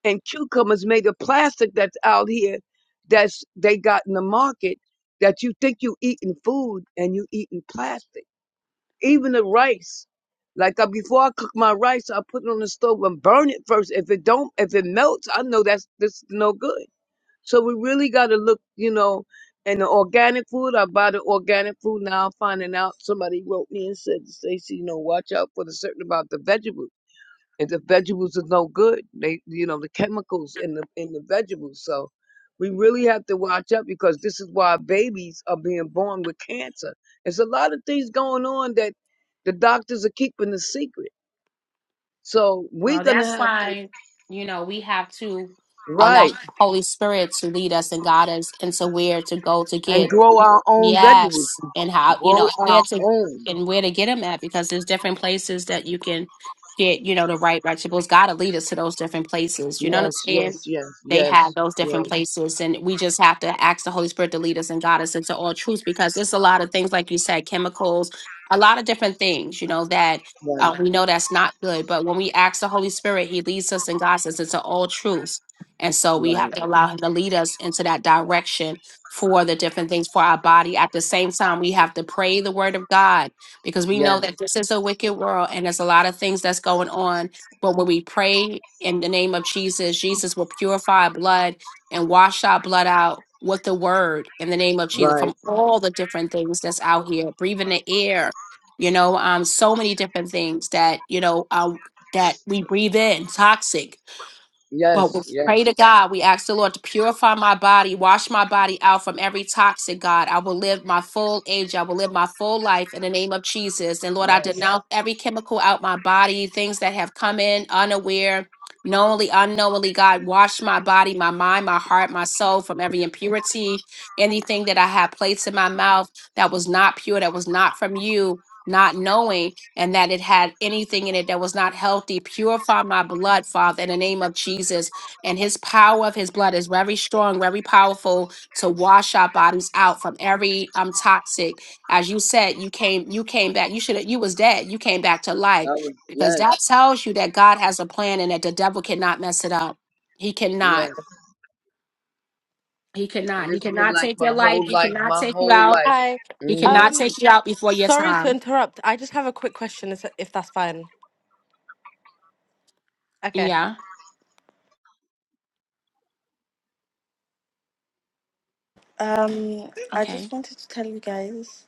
S11: and cucumbers made of plastic that's out here that's they got in the market that you think you eating food and you eating plastic. Even the rice. Like I, before I cook my rice, I put it on the stove and burn it first. If it don't, if it melts, I know that's this is no good. So we really got to look, you know, and the organic food. I buy the organic food now. Finding out somebody wrote me and said, "Stacy, you know, watch out for the certain about the vegetables." and the vegetables are no good. They, you know, the chemicals in the in the vegetables. So we really have to watch out because this is why babies are being born with cancer. There's a lot of things going on that the doctors are keeping a secret. So we're
S1: well,
S11: gonna
S1: that's
S11: have to
S1: why, you know, we have to allow
S11: right
S1: Holy Spirit to lead us and guide us into where to go to get
S11: and grow our own vegetables.
S1: Yes, and how you know
S11: Grow
S1: and
S11: our
S1: where to
S11: own.
S1: and where to get them at because there's different places that you can get you know the right vegetables. God will lead us to those different places. You know what I'm
S11: Yes,
S1: saying?
S11: yes, yes,
S1: They have
S11: yes,
S1: those different
S11: yes.
S1: places, and we just have to ask the Holy Spirit to lead us and guide us into all truth because there's a lot of things like you said, chemicals, a lot of different things. You know that.
S11: Right,
S1: Uh, we know that's not good, but when we ask the Holy Spirit, He leads us and guides us into all truths. And so we have
S11: right.
S1: to allow Him to lead us into that direction for the different things for our body. At the same time, we have to pray the word of God because we know
S11: Yes,
S1: that this is a wicked world and there's a lot of things that's going on. But when we pray in the name of Jesus, Jesus will purify our blood and wash our blood out with the word in the name of Jesus
S11: right.
S1: from all the different things that's out here, breathing the air, you know, um, so many different things that, you know, um, that we breathe in, toxic but we
S11: Yes,
S1: pray to
S11: yes,
S1: God. We ask the Lord to purify my body, wash my body out from every toxic, God. I will live my full age. I will live my full life in the name of Jesus. And Lord, I
S11: yes.
S1: denounce every chemical out my body, things that have come in unaware, knowingly, unknowingly, God. Wash my body, my mind, my heart, my soul from every impurity, anything that I have placed in my mouth that was not pure, that was not from you, not knowing and that it had anything in it that was not healthy. Purify my blood, Father, in the name of Jesus. And his power of his blood is very strong, very powerful to wash our bodies out from every um toxic. As you said, you came, you came back. You should have you was dead. You came back to
S11: I
S1: life.
S11: would-
S1: Because
S11: yes,
S1: that tells you that God has a plan and that the devil cannot mess it up. He cannot.
S11: yes.
S1: He
S11: And
S1: cannot.
S11: this
S1: He
S11: has been
S1: cannot
S11: like
S1: take your
S11: my
S1: life.
S11: whole
S1: He
S11: life,
S1: cannot
S11: my
S1: take you
S11: whole
S1: out.
S11: life.
S12: Hi.
S1: He
S11: Mm-hmm.
S1: cannot
S12: Um,
S1: take you out before your
S12: sorry to
S1: time.
S12: interrupt. I just have a quick question, is- if that's fine. Okay.
S1: Yeah.
S12: Um, I
S1: Okay.
S12: just wanted to tell you guys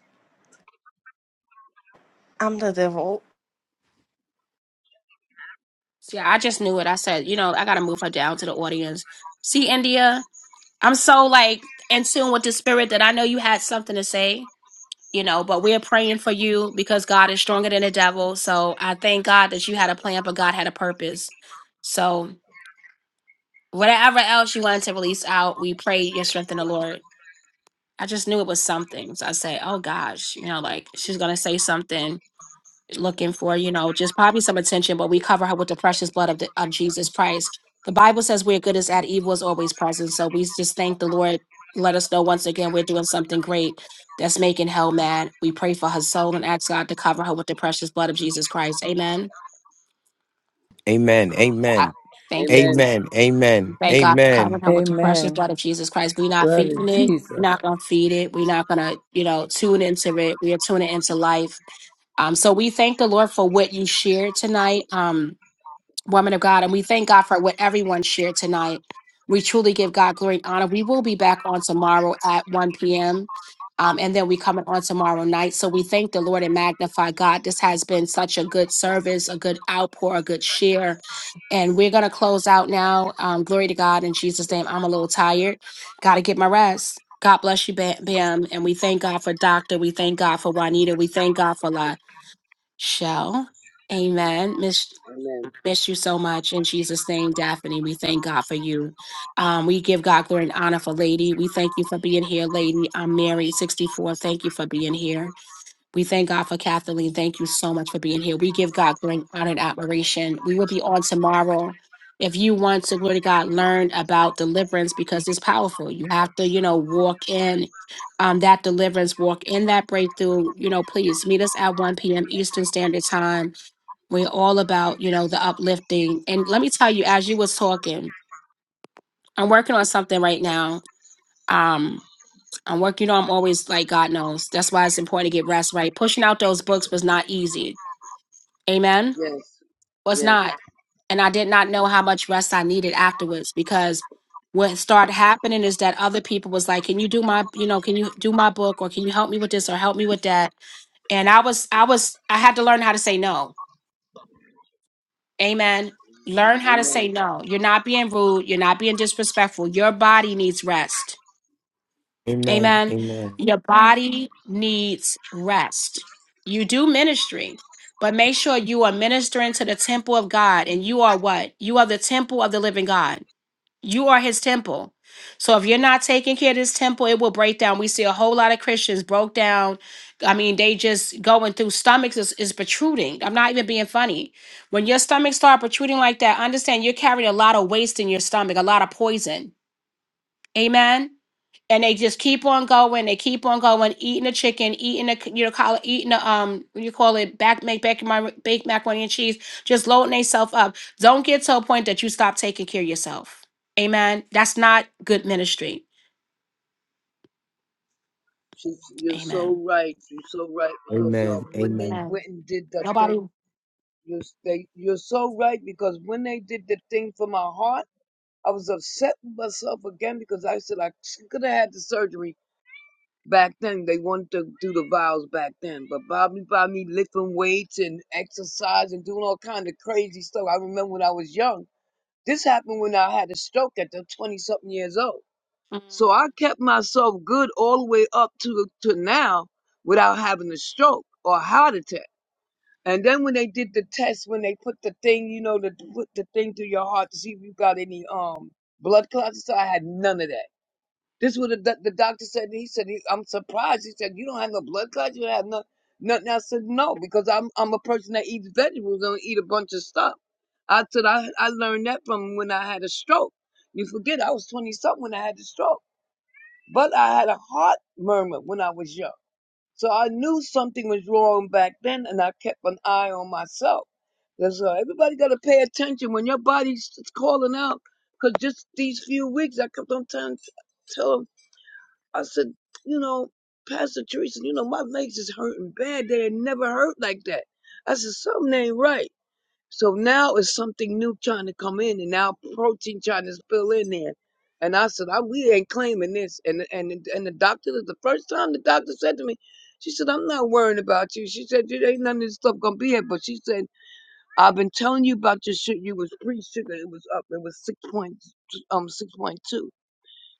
S12: I'm the devil.
S1: See, I just knew it. I said, you know, I gotta move her down to the audience. See, India, I'm so like in tune with the spirit that I know you had something to say, you know, but we're praying for you because God is stronger than the devil. So I thank God that you had a plan, but God had a purpose. So whatever else you wanted to release out, we pray your strength in the Lord. I just knew it was something. So I say, oh gosh, you know, like she's gonna say something looking for, you know, just probably some attention, but we cover her with the precious blood of, the, of Jesus Christ. The Bible says where good is at, evil is always present. So we just thank the Lord. Let us know once again we're doing something great that's making hell mad. We pray for her soul and ask God to cover her with the precious blood of Jesus Christ. Amen.
S4: Amen.
S1: I
S4: Amen.
S1: thank you.
S11: Amen.
S4: Amen. Amen.
S1: Thank God for covering
S4: Amen.
S1: her with the precious
S13: Amen.
S1: blood of Jesus Christ. We're not
S13: Blood
S1: feeding
S13: of
S1: it. We're
S13: Jesus.
S1: not going to feed it. We're not going to, you know, tune into it. We are tuning into life. Um, so we thank the Lord for what you shared tonight. Um, woman of God, and we thank God for what everyone shared tonight. We truly give God glory and honor. We will be back on tomorrow at 1 p.m. Um, and then we coming on tomorrow night. So we thank the Lord and magnify God. This has been such a good service, a good outpour, a good share. And we're going to close out now. Um, glory to God in Jesus' name. I'm a little tired. Got to get my rest. God bless you, Ba- Bam. And we thank God for Doctor. We thank God for Juanita. We thank God for La Shell. Amen. Miss
S11: Amen.
S1: Miss you so much in Jesus' name, Daphne. We thank God for you. Um, we give God glory and honor for Lady. We thank you for being here, Lady. I'm Mary, 64. Thank you for being here. We thank God for Kathleen. Thank you so much for being here. We give God glory and honor and admiration. We will be on tomorrow. If you want to, glory to God, learn about deliverance because it's powerful. You have to, you know, walk in um, that deliverance, walk in that breakthrough. You know, please meet us at 1 p.m. Eastern Standard Time we're all about, you know, the uplifting. And let me tell you, as you was talking, I'm working on something right now. Um, I'm working, you know, I'm always like God knows. That's why it's important to get rest, right? Pushing out those books was not easy. Amen.
S11: Yes.
S1: Was
S11: Yes.
S1: not. And I did not know how much rest I needed afterwards because what started happening is that other people was like, Can you do my, you know, can you do my book or can you help me with this or help me with that? And I was I was I had to learn how to say no Amen. Learn how to say
S11: Amen.
S1: no. You're not being rude. You're not being disrespectful. Your body needs rest.
S4: Amen.
S1: Amen.
S4: Amen.
S1: Your body needs rest. You do ministry, but make sure you are ministering to the temple of God and you are what? You are the temple of the living God. You are his temple. So if you're not taking care of this temple, it will break down. We see a whole lot of Christians broke down. I mean, they just going through stomachs is, is protruding. I'm not even being funny. When your stomach start protruding like that, understand you're carrying a lot of waste in your stomach, a lot of poison. Amen and they just keep on going. They keep on going, eating the chicken, eating the you know, call it, eating the um, what do you call it, back make back my baked macaroni and cheese, just loading themselves up. Don't get to a point that you stop taking care of yourself. Amen. That's not good ministry.
S11: She, you're
S1: Amen.
S11: so right. You're so right because
S4: Amen.
S11: um, when they
S4: Amen.
S11: went and did the thing,
S1: Nobody.
S11: you they, you're so right because when they did the thing for my heart, I was upset with myself again because I said I could have had the surgery back then. They wanted to do the vials back then, but by me, by me lifting weights and exercise and doing all kind of crazy stuff. I remember when I was young. This happened when I had a stroke at the 20 something years old. So
S1: Mm.
S11: I kept myself good all the way up to, to now without having a stroke or a heart attack. And then when they did the test, when they put the thing, you know, the put the thing through your heart to see if you got any um blood clots, so I had none of that. This is what the, doc- the doctor said. He said, he, "I'm surprised." He said, "You don't have no blood clots. You don't have no nothing." I said, "No, because I'm I'm a person that eats vegetables and eat a bunch of stuff." I said, "I I learned that from when I had a stroke. You forget I was twenty something when I had the stroke, but I had a heart murmur when I was young, so I knew something was wrong back then, and I kept an eye on myself. That's why everybody got to pay attention when your body's calling out. Because just these few weeks, I kept on telling." tell I said, you know, Pastor Teresa, you know, my legs is hurting bad. They had never hurt like that. I said, something ain't right. So now it's something new trying to come in and now protein trying to spill in there. And I said, I, we ain't claiming this. And, and, and the doctor, the first time the doctor said to me, she said, I'm not worrying about you. She said, there ain't none of this stuff going to be here. But she said, I've been telling you about your sugar. You was pre-sugar. It was up. It was 6 point, um, 6.2.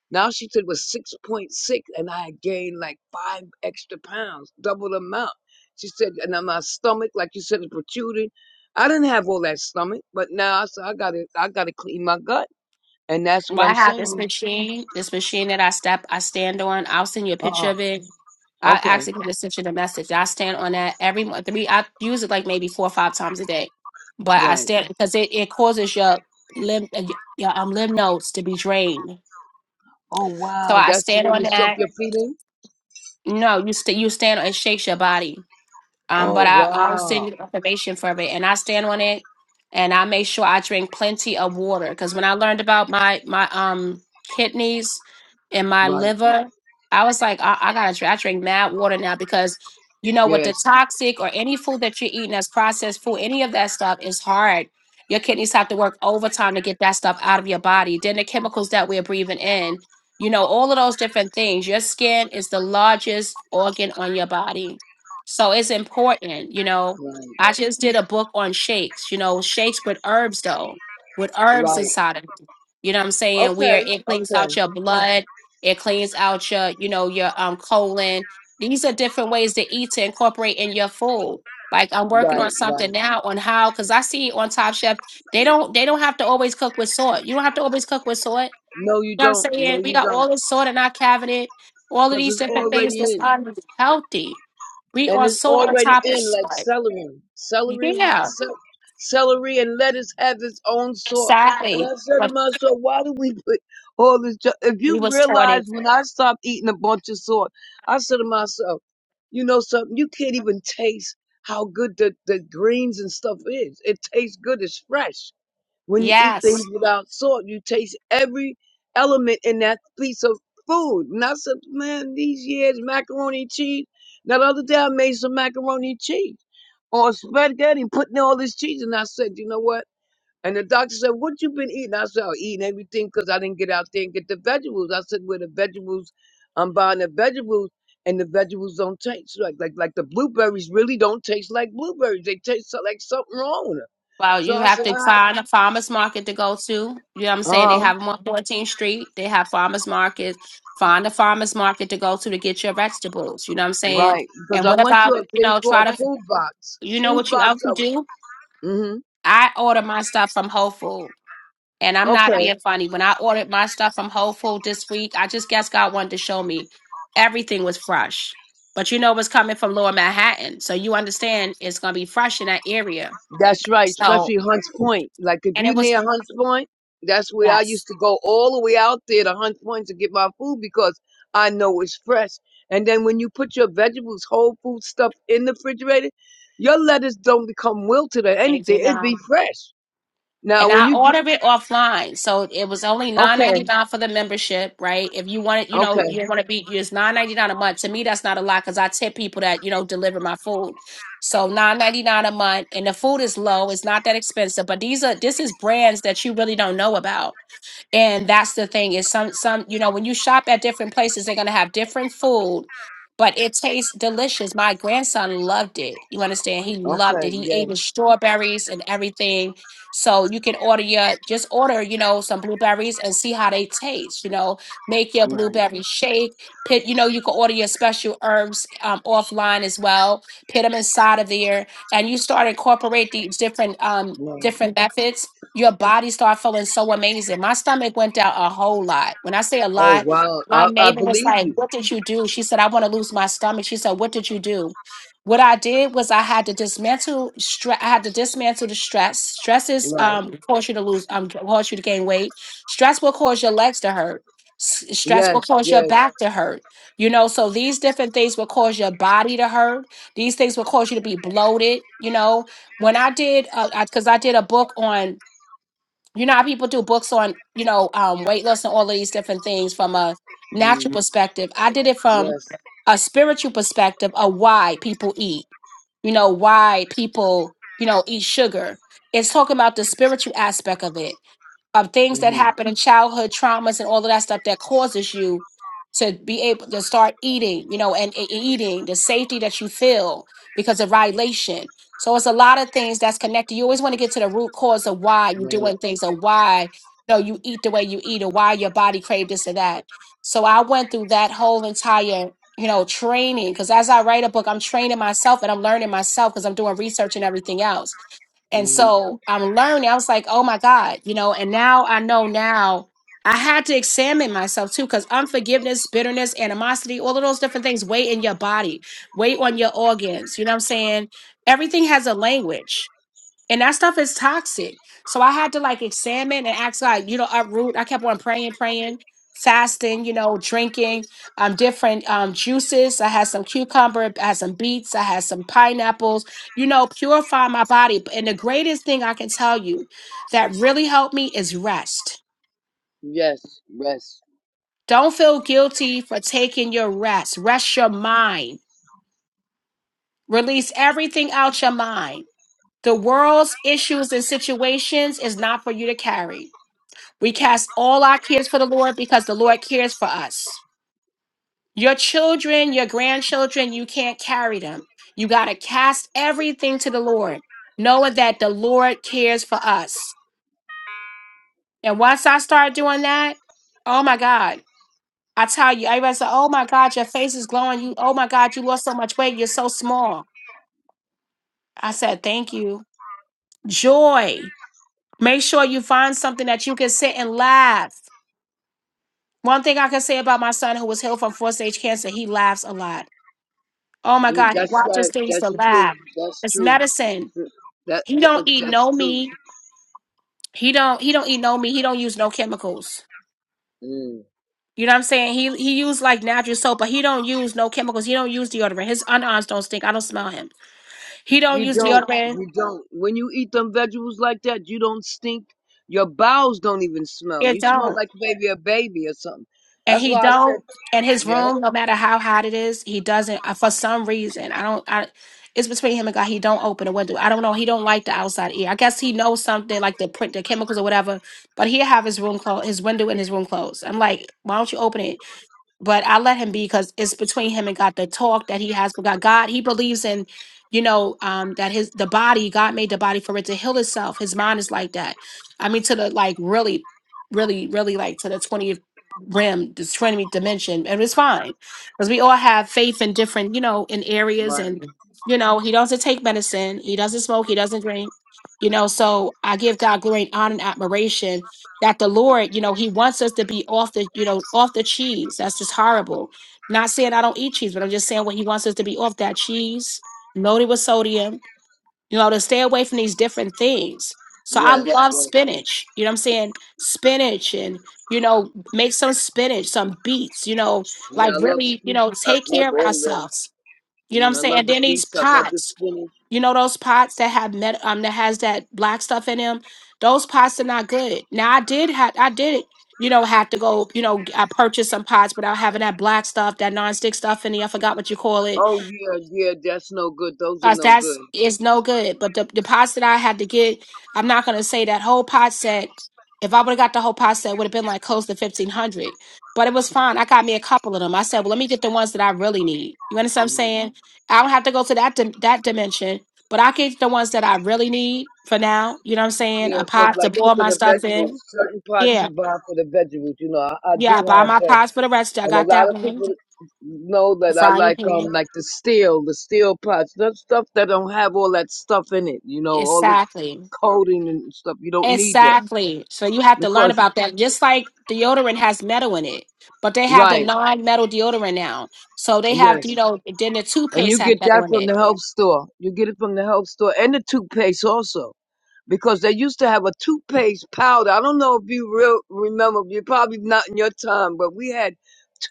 S11: Now she said it was 6.6, and I had gained like five extra pounds, double the amount. She said, and then my stomach, like you said, is protruding. I didn't have all that stomach, but now I said, I gotta, I gotta clean my gut. And that's
S1: Well,
S11: what
S1: I
S11: I'm
S1: have this
S11: saying.
S1: machine, this machine that I step, I stand on. I'll send you a
S11: Uh-uh.
S1: picture of it. I
S11: Okay.
S1: actually can just send you the message. I stand on that every mo- three. I use it like maybe four or five times a day, but I
S11: Right.
S1: stand because it, it causes your limb uh, your um lymph nodes to be drained.
S11: Oh,
S1: So
S11: wow.
S1: I
S11: That's the
S1: stand
S11: one
S1: on
S11: you suck
S1: that.
S11: your feet in?
S1: No, you st- you stand on it shakes your body. Um,
S11: Oh,
S1: but I, I'll send
S11: wow.
S1: you the information from it, and I stand on it, and I make sure I drink plenty of water. Because when I learned about my my um kidneys and my
S11: Right.
S1: liver, I was like, I, I gotta drink. I drink mad water now because you know with
S11: Yes.
S1: the toxic or any food that you're eating that's processed food, any of that stuff is hard. Your kidneys have to work overtime to get that stuff out of your body. Then the chemicals that we're breathing in, you know, all of those different things. Your skin is the largest organ on your body so it's important, you know.
S11: Right.
S1: I just did a book on shakes, you know, shakes with herbs though, with herbs
S11: Right.
S1: inside of it. You know what I'm saying?
S11: Okay.
S1: Where it cleans
S11: Okay.
S1: out your blood, it cleans out your, you know, your um colon. These are different ways to eat to incorporate in your food. Like I'm working
S11: Right.
S1: on
S11: Right.
S1: something now on how, because I see on Top Chef, they don't they don't have to always cook with salt. You don't have to always cook with salt.
S11: No, you
S1: You know what
S11: don't.
S1: I'm
S11: No,
S1: saying? We
S11: you
S1: got
S11: don't.
S1: all this salt in our cabinet, all of
S11: Cause
S1: these
S11: it's
S1: different things
S11: already
S1: that's
S11: in.
S1: unhealthy. We
S11: and
S1: are
S11: it's
S1: so on
S11: already
S1: top of
S11: in like
S1: salt.
S11: celery. Celery, ha-
S1: Yeah,
S11: ce- celery, and lettuce have its own salt. And
S1: exactly.
S11: I said to
S1: But
S11: myself, why do we put all this? ju- If
S1: we
S11: you
S1: was taught
S11: realize
S1: it.
S11: when I stopped eating a bunch of salt, I said to myself, you know something? You can't even taste how good the, the greens and stuff is. It tastes good. It's fresh. When you eat things
S1: Yes.
S11: without salt, you taste every element in that piece of food. And I said, man, these years, macaroni and cheese. Now, the other day, I made some macaroni and cheese on spaghetti, putting all this cheese. And I said, you know what? And the doctor said, what you been eating? I said, I'm eating everything because I didn't get out there and get the vegetables. I said, where the vegetables, I'm buying the vegetables and the vegetables don't taste like, like, like the blueberries really don't taste like blueberries. They taste so- like something wrong with them.
S1: Well,
S11: So
S1: you
S11: I
S1: have
S11: said, I
S1: to
S11: have,
S1: find a farmer's market to go to. You know what I'm saying? They
S11: uh-huh.
S1: have them on 14th Street. They have farmer's markets. Find a farmer's market to go to to get your vegetables. You know what I'm saying?
S11: Right, because
S1: And
S11: I
S1: what
S11: went to
S1: about,
S11: a
S1: you
S11: thing
S1: know,
S11: called
S1: try to,
S11: Food Box.
S1: you know
S11: Food
S1: what you
S11: Box.
S1: also
S11: I was,
S1: do?
S11: hmm
S1: I order my stuff from Whole Foods. And I'm not
S11: Okay,
S1: being funny. When I ordered my stuff from Whole Foods this week, I just guess God wanted to show me everything was fresh. But you know what's coming from Lower Manhattan. So you understand it's gonna be fresh in that area.
S11: that's right.
S1: So
S11: Especially Hunts Point. Like if
S1: and it
S11: you
S1: was
S11: near Hunts Point, that's where I used
S1: yes.
S11: to go all the way out there to Hunts Point to get my food because I know it's fresh. And then when you put your vegetables, whole food stuff in the refrigerator, your lettuce don't become wilted or
S1: They
S11: anything.
S1: did
S11: It
S1: not.
S11: be fresh. Now
S1: and
S11: when
S1: I
S11: you gr-
S1: ordered it offline. So it was only nine
S11: okay,
S1: ninety nine for the membership, right? If you want it, you know,
S11: okay,
S1: you want to be it's nine ninety nine a month. To me, that's not a lot because I tip people that you know deliver my food. So nine ninety nine a month, and the food is low. It's not that expensive, but these are this is brands that you really don't know about. And that's the thing is some some you know when you shop at different places they're gonna have different food, but it tastes delicious. My grandson loved it. You understand? He loved it.
S11: okay,
S1: He ate
S11: yes,
S1: his strawberries and everything. So you can order your just order you know some blueberries and see how they taste. You know, make your
S11: right,
S1: blueberry shake. Pit you know you can order your special herbs um, offline as well. Put them inside of there, and you start incorporate these different um
S11: right.
S1: different methods your body start feeling so amazing. My stomach went down a whole lot. When I say a
S11: Oh
S1: lot,
S11: wow,
S1: my
S11: I, I
S1: neighbor was
S11: believe
S1: like,
S11: you.
S1: What did you do? She said, I want to lose my stomach. She said, What did you do? What I did was I had to dismantle stress. I had to dismantle the stress. Stress is
S11: Right.
S1: um cause you to lose um cause you to gain weight. Stress will cause your legs to hurt. S- Stress will
S11: Yes,
S1: cause your
S11: yes,
S1: back to hurt. You know, so these different things will cause your body to hurt. These things will cause you to be bloated. You know, when I did, because I 'cause I did a book on you know how people do books on you know um, weight loss and all of these different things from a
S11: mm,
S1: natural perspective i did it from
S11: yes,
S1: a spiritual perspective of why people eat you know why people you know eat sugar it's talking about the spiritual aspect of it of things that
S11: mm-hmm,
S1: happen in childhood traumas and all of that stuff that causes you to be able to start eating, you know, and, and eating the safety that you feel because of violation. So it's a lot of things that's connected. You always want to get to the root cause of why you're
S11: right,
S1: doing things or why you know you eat the way you eat or why your body craved this or that. So I went through that whole entire you know training because as I write a book, I'm training myself and I'm learning myself because I'm doing research and everything else. And
S11: mm,
S1: so I'm learning. I was like, oh my God, you know, and now I know now I had to examine myself too, because unforgiveness, bitterness, animosity, all of those different things weigh in your body, weigh on your organs. You know what I'm saying? Everything has a language and that stuff is toxic. So I had to like examine and ask God, you know, uproot. I kept on praying, praying, fasting, you know, drinking um, different um, juices. I had some cucumber, I had some beets, I had some pineapples, you know, purify my body. And the greatest thing I can tell you that really helped me is rest.
S11: yes, yes.
S1: Don't feel guilty for taking your rest. Rest your mind. Release everything out your mind. The world's issues and situations is not for you to carry. We cast all our cares for the Lord because the Lord cares for us. Your children, your grandchildren, you can't carry them. You got to cast everything to the Lord, knowing that the Lord cares for us. And once I start doing that, oh my God, I tell you, everybody said, oh my God, your face is glowing. You, oh my God, you lost so much weight. You're so small. I said, thank you. Joy. Make sure you find something that you can sit and laugh. One thing I can say about my son who was healed from four stage cancer, he laughs a lot. Oh my
S11: Dude,
S1: God, he
S11: that's
S1: watches
S11: right.
S1: things to
S11: That's true.
S1: laugh.
S11: That's
S1: It's
S11: true.
S1: medicine.
S11: [laughs] That,
S1: He
S11: that
S1: don't eat
S11: that's
S1: no
S11: true.
S1: meat. He don't he don't eat no meat. He don't use no chemicals.
S11: Mm.
S1: You know what I'm saying? He he used like natural soap, but he don't use no chemicals. He don't use deodorant. His underarms don't stink. I don't smell him. He don't
S11: You
S1: use
S11: don't.
S1: deodorant.
S11: You don't. When you eat them vegetables like that, you don't stink. Your bowels don't even smell.
S1: It
S11: You smell
S1: don't.
S11: like maybe a baby or something.
S1: and
S11: That's
S1: he
S11: why I
S1: don't
S11: said,
S1: and his
S11: yeah,
S1: room no matter how hot it is he doesn't uh, for some reason i don't i it's between him and god he don't open a window i don't know he don't like the outside air i guess he knows something like the print the chemicals or whatever but he have his room closed his window in his room closed i'm like why don't you open it but I let him be because it's between him and God. The talk that he has with God, God, he believes in, you know, um, that his the body God made the body for it to heal itself. His mind is like that. I mean, to the like really, really, really like to the twentieth rim, the twenty dimension, and it's fine because we all have faith in different, you know, in areas,
S11: right.
S1: and you know, he doesn't take medicine, he doesn't smoke, he doesn't drink. You know, so I give God glory and honor and admiration that the Lord, you know, He wants us to be off the, you know, off the cheese. That's just horrible. Not saying I don't eat cheese, but I'm just saying what He wants us to be off that cheese, loaded with sodium, you know, to stay away from these different things. So I Yeah.
S11: Yes,
S1: love
S11: yes.
S1: spinach. You know what I'm saying? Spinach and, you know, make some spinach, some beets, you know,
S11: Yeah,
S1: like
S11: I love
S1: really, you
S11: sweet.
S1: know,
S11: I
S1: take
S11: love
S1: care of
S11: all that.
S1: ourselves. You know what
S11: Mm,
S1: I'm
S11: I
S1: saying?
S11: love
S1: And
S11: the
S1: then these
S11: beets. I love the
S1: pots.
S11: spinach.
S1: You know those pots that have met um that has that black stuff in them. Those pots are not good. Now I did have I did you know have to go you know I purchased some pots without having that black stuff that nonstick stuff in there. I forgot what you call it
S11: Oh yeah, yeah, that's no good. Those are
S1: Cause
S11: no
S1: that's
S11: good.
S1: is no good. But the deposit I had to get, I'm not gonna say that whole pot set. If I would have got the whole pot set, would have been like close to fifteen hundred. But it was fine. I got me a couple of them. I said, well, let me get the ones that I really need. You understand what I'm saying? I don't have to go to that dim- that dimension, but I get the ones that I really need for now. You know what I'm saying?
S11: Yeah,
S1: A
S11: for
S1: pot to
S11: like
S1: boil
S11: cooking
S1: my
S11: the
S1: stuff
S11: vegetables,
S1: in.
S11: certain pots
S1: Yeah,
S11: you buy for the vegetables. You know, I, I
S1: yeah. I
S11: do
S1: buy
S11: have
S1: my
S11: them,
S1: pots for the rest. I
S11: and a
S1: got
S11: lot
S1: that
S11: of
S1: one.
S11: people know
S1: The
S11: that I
S1: frying
S11: like um
S1: pan.
S11: like the steel, the steel pots, that stuff that don't have all that stuff in it. You know, all the
S1: Exactly.
S11: coating and stuff. You don't need that
S1: Exactly. So you have to learn
S11: because
S1: about that. Just like deodorant has metal in it, but they have the
S11: right,
S1: non-metal deodorant now. So they have,
S11: yes,
S1: you know, then the
S11: and
S1: toothpaste
S11: you
S1: have
S11: get that
S1: metal in
S11: from the
S1: it.
S11: health store. You get it from the health store and the toothpaste also. because they used to have a toothpaste powder. I don't know if you real remember, you're probably not in your time, but we had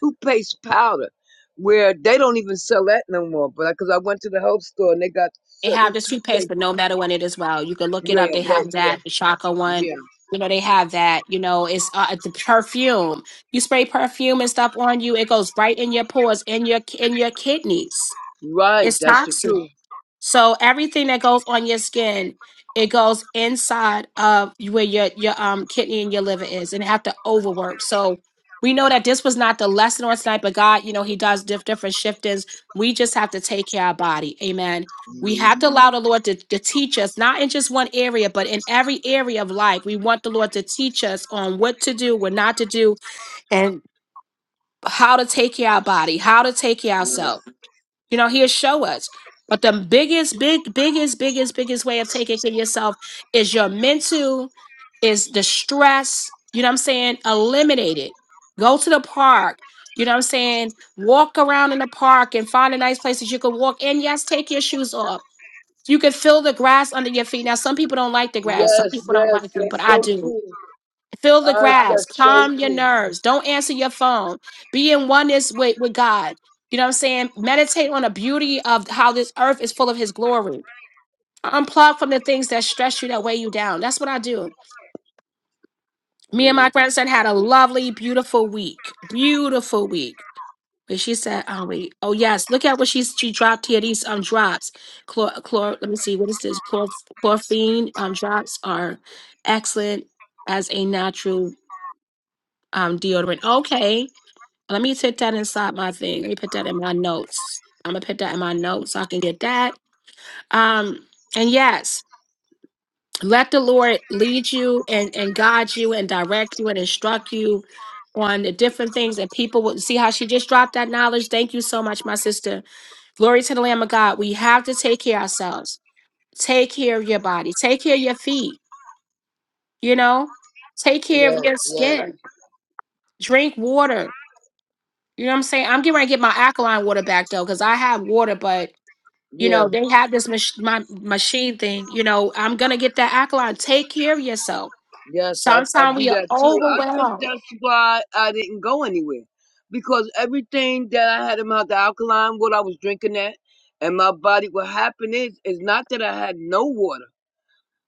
S11: toothpaste powder where they don't even sell that no more. But because I went to the health store and they got
S1: They
S11: certain
S1: have the toothpaste,
S11: toothpaste.
S1: but no matter when it as well. You can look it
S11: Yeah,
S1: up. They
S11: that
S1: have that, the
S11: yeah,
S1: Shaka one.
S11: yeah,
S1: You know, they have that. You know, it's uh, the perfume. You spray perfume and stuff on you, it goes right in your pores, in your in your kidneys.
S11: right.
S1: It's
S11: That's the
S1: toxic.
S11: truth.
S1: So everything that goes on your skin, it goes inside of where your your um kidney and your liver is, and have to overwork. So we know that this was not the lesson on tonight, but God, you know, He does diff- different shiftings. We just have to take care of our body. Amen. We
S11: Mhm,
S1: have to allow the Lord to, to teach us, not in just one area, but in every area of life. We want the Lord to teach us on what to do, what not to do, and how to take care of our body, how to take care of
S11: Yes,
S1: ourselves. You know, he'll show us. But the biggest, big, biggest, biggest, biggest way of taking care of yourself is your mental, is the stress. You know what I'm saying? Eliminate it. Go to the park. You know what I'm saying? Walk around in the park and find a nice place that you can walk. And yes, take your shoes off. You can feel the grass under your feet. Now, some people don't like the grass. Some
S11: yes,
S1: people don't
S11: yes.
S1: like it,
S11: That's
S1: but I
S11: so
S1: do.
S11: true.
S1: Feel the
S11: Ah,
S1: grass.
S11: that's so
S1: Calm your
S11: true.
S1: nerves. Don't answer your phone. Be in oneness with, with God. You know what I'm saying? Meditate on the beauty of how this earth is full of his glory. Unplug from the things that stress you, that weigh you down. That's what I do. Me and
S11: Mm,
S1: my grandson had a lovely, beautiful week. Beautiful week. But she said, oh, wait. Oh, yes. Look at what she's, she dropped here. These um drops. Chlor, chlor, let me see. What is this? Chlor, chlorphine um, drops are excellent as a natural um, deodorant. Okay Let me take that inside my thing. Let me put that in my notes. I'm gonna put that in my notes so I can get that. Um, and yes, let the Lord lead you and, and guide you and direct you and instruct you on the different things that people will see how she just dropped that knowledge. Thank you so much, my sister. Glory to the Lamb of God. We have to take care of ourselves. Take care of your body. Take care of your feet. You know, take care of
S11: yes,
S1: your
S11: yes,
S1: skin. Drink water. You know what I'm saying? I'm getting ready to get my alkaline water back though, because I have water, but You
S11: yeah.
S1: know, they have this mach- my machine thing. You know, I'm gonna get that alkaline. Take care of yourself.
S11: Yes, I, I
S1: Sometimes
S11: do
S1: we are
S11: that too. I think
S1: overwhelmed.
S11: that's why I didn't go anywhere because everything that I had in my the alkaline, what I was drinking at, and my body. What happened is, is not that I had no water.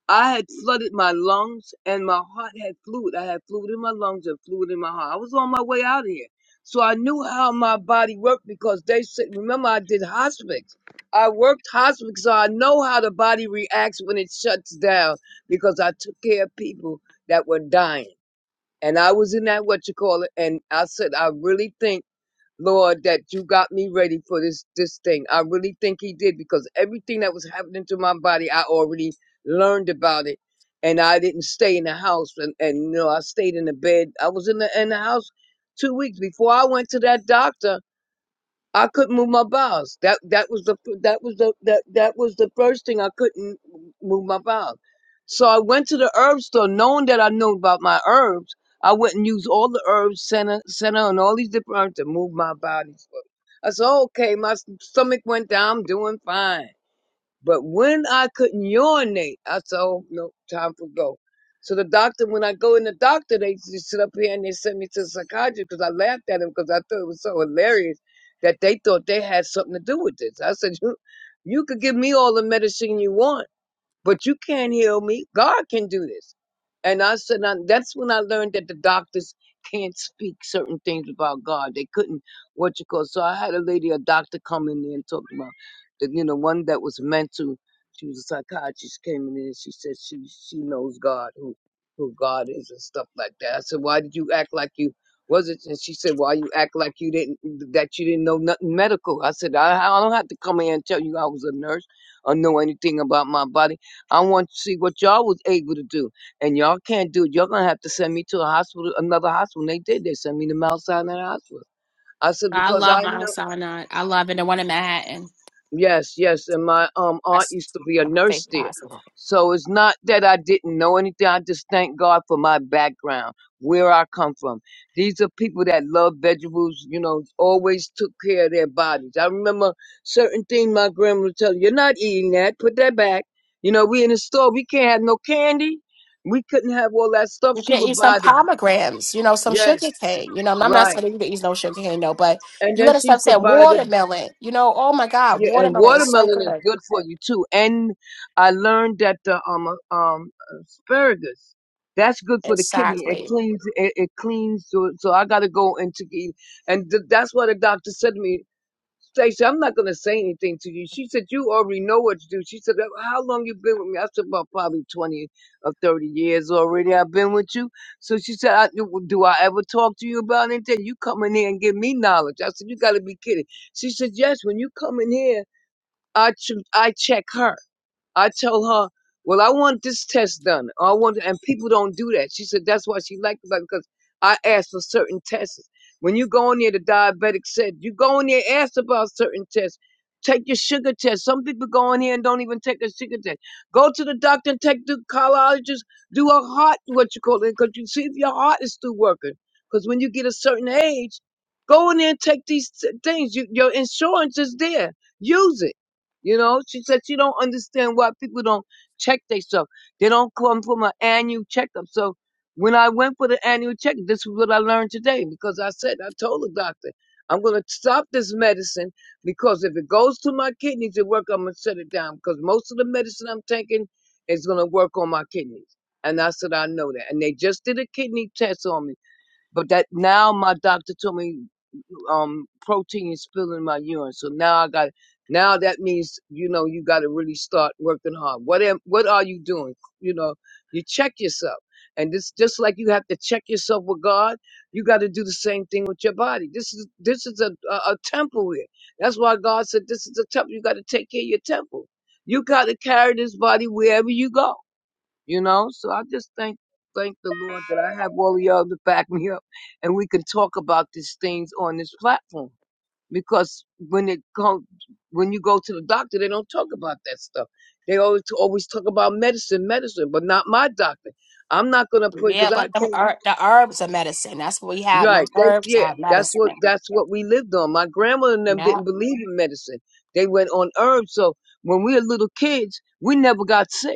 S11: I had flooded my lungs and my heart had fluid. I had fluid in my lungs and fluid in my heart. I was on my way out of here. So I knew how my body worked because they said, remember, I did hospice. I worked hospice, so I know how the body reacts when it shuts down because I took care of people that were dying. And I was in that, what you call it. And I said, I really think. Lord, that you got me ready for this this thing. I really think he did because everything that was happening to my body, I already learned about it. And I didn't stay in the house and, and you know, I stayed in the bed. I was in the in the house two weeks before I went to that doctor. I couldn't move my bowels. That that was the that was the that that was the first thing I couldn't move my bowels. So I went to the herb store, knowing that I knew about my herbs. I went and used all the herbs center center and all these different herbs to move my body. I said, oh, okay, my stomach went down. I'm doing fine. But when I couldn't urinate, I said, oh, no, time for go. So the doctor, when I go in the doctor, they just sit up here and they sent me to the psychiatrist because I laughed at him because I thought it was so hilarious that they thought they had something to do with this. I said, you, you could give me all the medicine you want but you can't heal me. God can do this. And I said, now, that's when I learned that the doctors can't speak certain things about God. They couldn't, what you call. So I had a lady, a doctor, come in there and talk about, the, you know, one that was mental. She was a psychiatrist. Came in there and she said she she knows God, who who God is and stuff like that. I said, why did you act like you was it? And she said, why you act like you didn't that you didn't know nothing medical? I said, I, I don't have to come in and tell you I was a nurse or know anything about my body. I want to see what y'all was able to do, and y'all can't do it. Y'all gonna have to send me to a hospital, another hospital. And they did. They sent me to Mount Sinai Hospital. I said
S1: I
S11: because
S1: love
S11: I know.
S1: Mount Sinai. I love it. The one in Manhattan.
S11: Yes, yes, and my um aunt
S1: That's
S11: used to be a
S1: one of my
S11: nurse
S1: favorite
S11: there.
S1: possible.
S11: So it's not that I didn't know anything. I just thank God for my background, where I come from. These are people that love vegetables, you know, always took care of their bodies. I remember certain things my grandma would tell you, you're not eating that, put that back. You know, we in the store, we can't have no candy. We couldn't have all that stuff.
S1: You
S11: She
S1: can
S11: would
S1: eat some
S11: buy the
S1: pomegranates. You know, some
S11: yes,
S1: sugar cane. You know, I'm not
S11: right.
S1: saying that you can eat no sugar cane, no, but
S11: And
S1: you
S11: then
S1: gotta
S11: she
S1: stop
S11: used to
S1: saying
S11: buy the
S1: watermelon. You know, oh my God,
S11: Yeah, and
S1: watermelon is so
S11: watermelon is
S1: good.
S11: good for you too. And I learned that the um uh, um asparagus, that's good for the kidney. It
S1: Exactly.
S11: cleans it, it cleans. So, so I gotta go and to eat. And th- that's what the doctor said to me. Stacey, I'm not gonna say anything to you. She said you already know what to do. She said, "Well, "How long you been with me?" I said, "About probably twenty or thirty years already. I've been with you." So she said, I, "Do I ever talk to you about anything? You come in here and give me knowledge." I said, "You gotta be kidding." She said, "Yes, when you come in here." I ch- I check her. I tell her, well, I want this test done. I want, and people don't do that. She said that's why she liked it like, because I asked for certain tests. When you go in there, the diabetic said you go in there, ask about certain tests. Take your sugar test. Some people go in here and don't even take a sugar test. Go to the doctor and take the cardiologist. Do a heart, what you call it, because you see if your heart is still working. Because when you get a certain age, go in there and take these t- things. You, your insurance is there. Use it you know, she said she don't understand why people don't check themselves. They don't come from an annual checkup. So when I went for the annual checkup, this is what I learned today because I said I told the doctor I'm gonna stop this medicine because if it goes to my kidneys, it work. I'm gonna shut it down because most of the medicine I'm taking is gonna work on my kidneys. And I said I know that. And they just did a kidney test on me, but that now my doctor told me um protein spilling in my urine. So now I got now that means you know you got to really start working hard. What am what are you doing? You know, you check yourself. And this just like you have to check yourself with God, you got to do the same thing with your body. This is this is a, a a temple here. That's why God said this is a temple. You got to take care of your temple. You got to carry this body wherever you go. You know, so I just thank thank the Lord that I have all of y'all to back me up, and we can talk about these things on this platform. Because when it comes, when you go to the doctor, they don't talk about that stuff. They always always talk about medicine, medicine, but not my doctor. I'm not gonna put
S1: Yeah,
S11: because I
S1: but them
S11: can't.
S1: er- the herbs are medicine. That's what we have. Them
S11: Right? They
S1: herbs
S11: yeah.
S1: are
S11: That's what
S1: medicine.
S11: that's what we lived on. My grandma and them
S1: Yeah.
S11: didn't believe in medicine. They went on herbs. So when we were little kids, we never got sick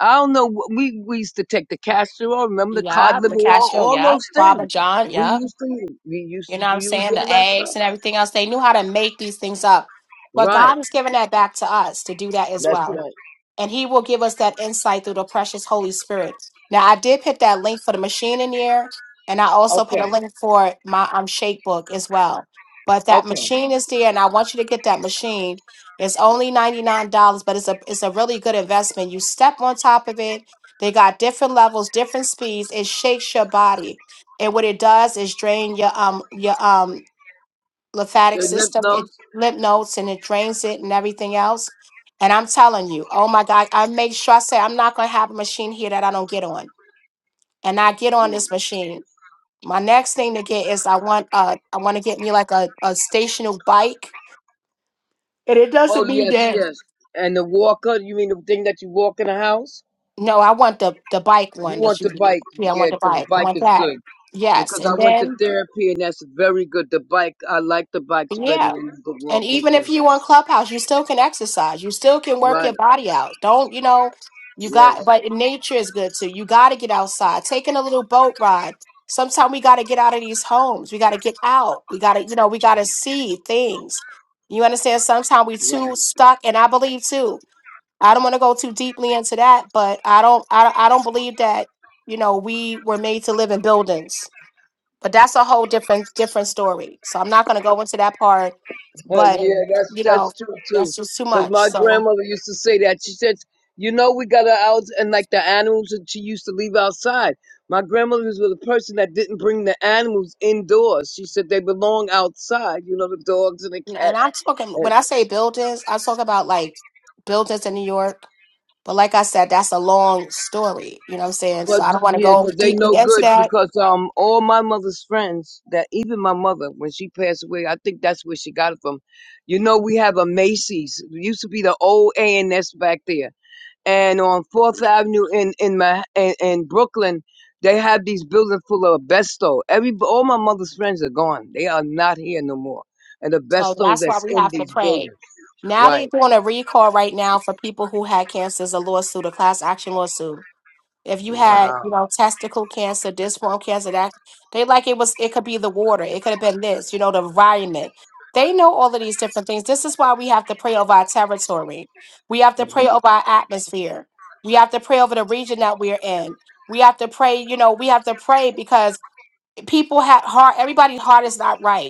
S11: I don't know. wh- We we used to take the castor oil, remember the cod
S1: Yeah,
S11: liver
S1: the
S11: oil,
S1: cashew,
S11: all
S1: Yeah,
S11: those
S1: Baba
S11: things.
S1: John,
S11: We
S1: Yeah,
S11: used to we used
S1: You
S11: to
S1: know what I'm
S11: use
S1: saying? The
S11: all that stuff.
S1: eggs and everything else. They knew how to make these things up. But God
S11: Right.
S1: has given that back to us to do that as
S11: That's
S1: well
S11: right.
S1: and he will give us that insight through the precious Holy Spirit. Now, I did put that link for the machine in there, and I also put a
S11: Okay.
S1: link for my um, shake book as well. But that
S11: Okay.
S1: machine is there, and I want you to get that machine. It's only ninety nine dollars, but it's a it's a really good investment. You step on top of it. They got different levels, different speeds. It shakes your body, and what it does is drain your um your um lymphatic
S11: The lymph
S1: system, it
S11: nodes.
S1: lymph nodes and it drains it and everything else. And I'm telling you, oh my God, I make sure I say I'm not gonna have a machine here that I don't get on. And I get on
S11: Mm.
S1: this machine. My next thing to get is I want uh I want to get me like a, a stationary bike. And it
S11: Oh
S1: doesn't mean
S11: yes,
S1: that
S11: yes. And the walker. You mean the thing that you walk in the house?
S1: no, I want the the bike
S11: You
S1: one that
S11: want
S1: you
S11: the
S1: could do.
S11: bike?
S1: Yeah, I
S11: Yeah,
S1: want the
S11: because the
S1: bike. I
S11: bike
S1: want
S11: is
S1: that.
S11: good.
S1: Yes.
S11: Because I
S1: And
S11: went to
S1: then
S11: therapy and that's very good. The bike. I like the bikes better
S1: yeah.
S11: than the
S1: And
S11: walking
S1: even
S11: thing.
S1: if you on Clubhouse, you still can exercise. You still can work
S11: Right.
S1: your body out. Don't, you know, you
S11: Yes.
S1: got, but nature is good too. You got to get outside, taking a little boat ride. Sometimes we got to get out of these homes. We got to get out. We got to, you know, we got to see things. You understand? Sometimes we
S11: Right.
S1: too stuck. And I believe too, I don't want to go too deeply into that, but I don't, I, I don't believe that, you know, we were made to live in buildings but that's a whole different different story. So I'm not going to go into that part,
S11: Uh,
S1: but
S11: yeah,
S1: Okay.
S11: that's
S1: you
S11: that's
S1: know,
S11: true too.
S1: that's just too
S11: Because my
S1: much. So
S11: grandmother used to say that. She said, "You know, we got our out and like the animals that she used to leave outside." My grandmother was with a person that didn't bring the animals indoors. She said they belong outside. You know, the dogs and the
S1: and
S11: cats.
S1: I'm talking
S11: Yes,
S1: when I say buildings, I talk about like buildings in New York. But like I said, that's a long story. You know what I'm saying?
S11: But
S1: So I don't want to
S11: yeah,
S1: go
S11: 'cause they no
S1: deeply into
S11: good
S1: that.
S11: because um all my mother's friends that even my mother when she passed away I think that's where she got it from. You know we have a Macy's. It used to be the old A and S back there and on Fourth Avenue in in my in, in Brooklyn, they have these buildings full of asbesto. Every all my mother's friends are gone; they are not here no more. And the
S1: So
S11: asbestos
S1: that's why
S11: that's
S1: we
S11: in
S1: have to
S11: these
S1: pray.
S11: buildings,
S1: Now they're
S11: right?
S1: doing a recall right now for people who had cancers, a lawsuit, a class action lawsuit if you had
S11: Wow,
S1: you know testicle cancer this form cancer that they like it was it could be the water it could have been this you know the environment they know all of these different things this is why we have to pray over our territory we have to
S11: Mm-hmm.
S1: pray over our atmosphere we have to pray over the region that we're in we have to pray you know we have to pray because people have heart everybody's heart is not right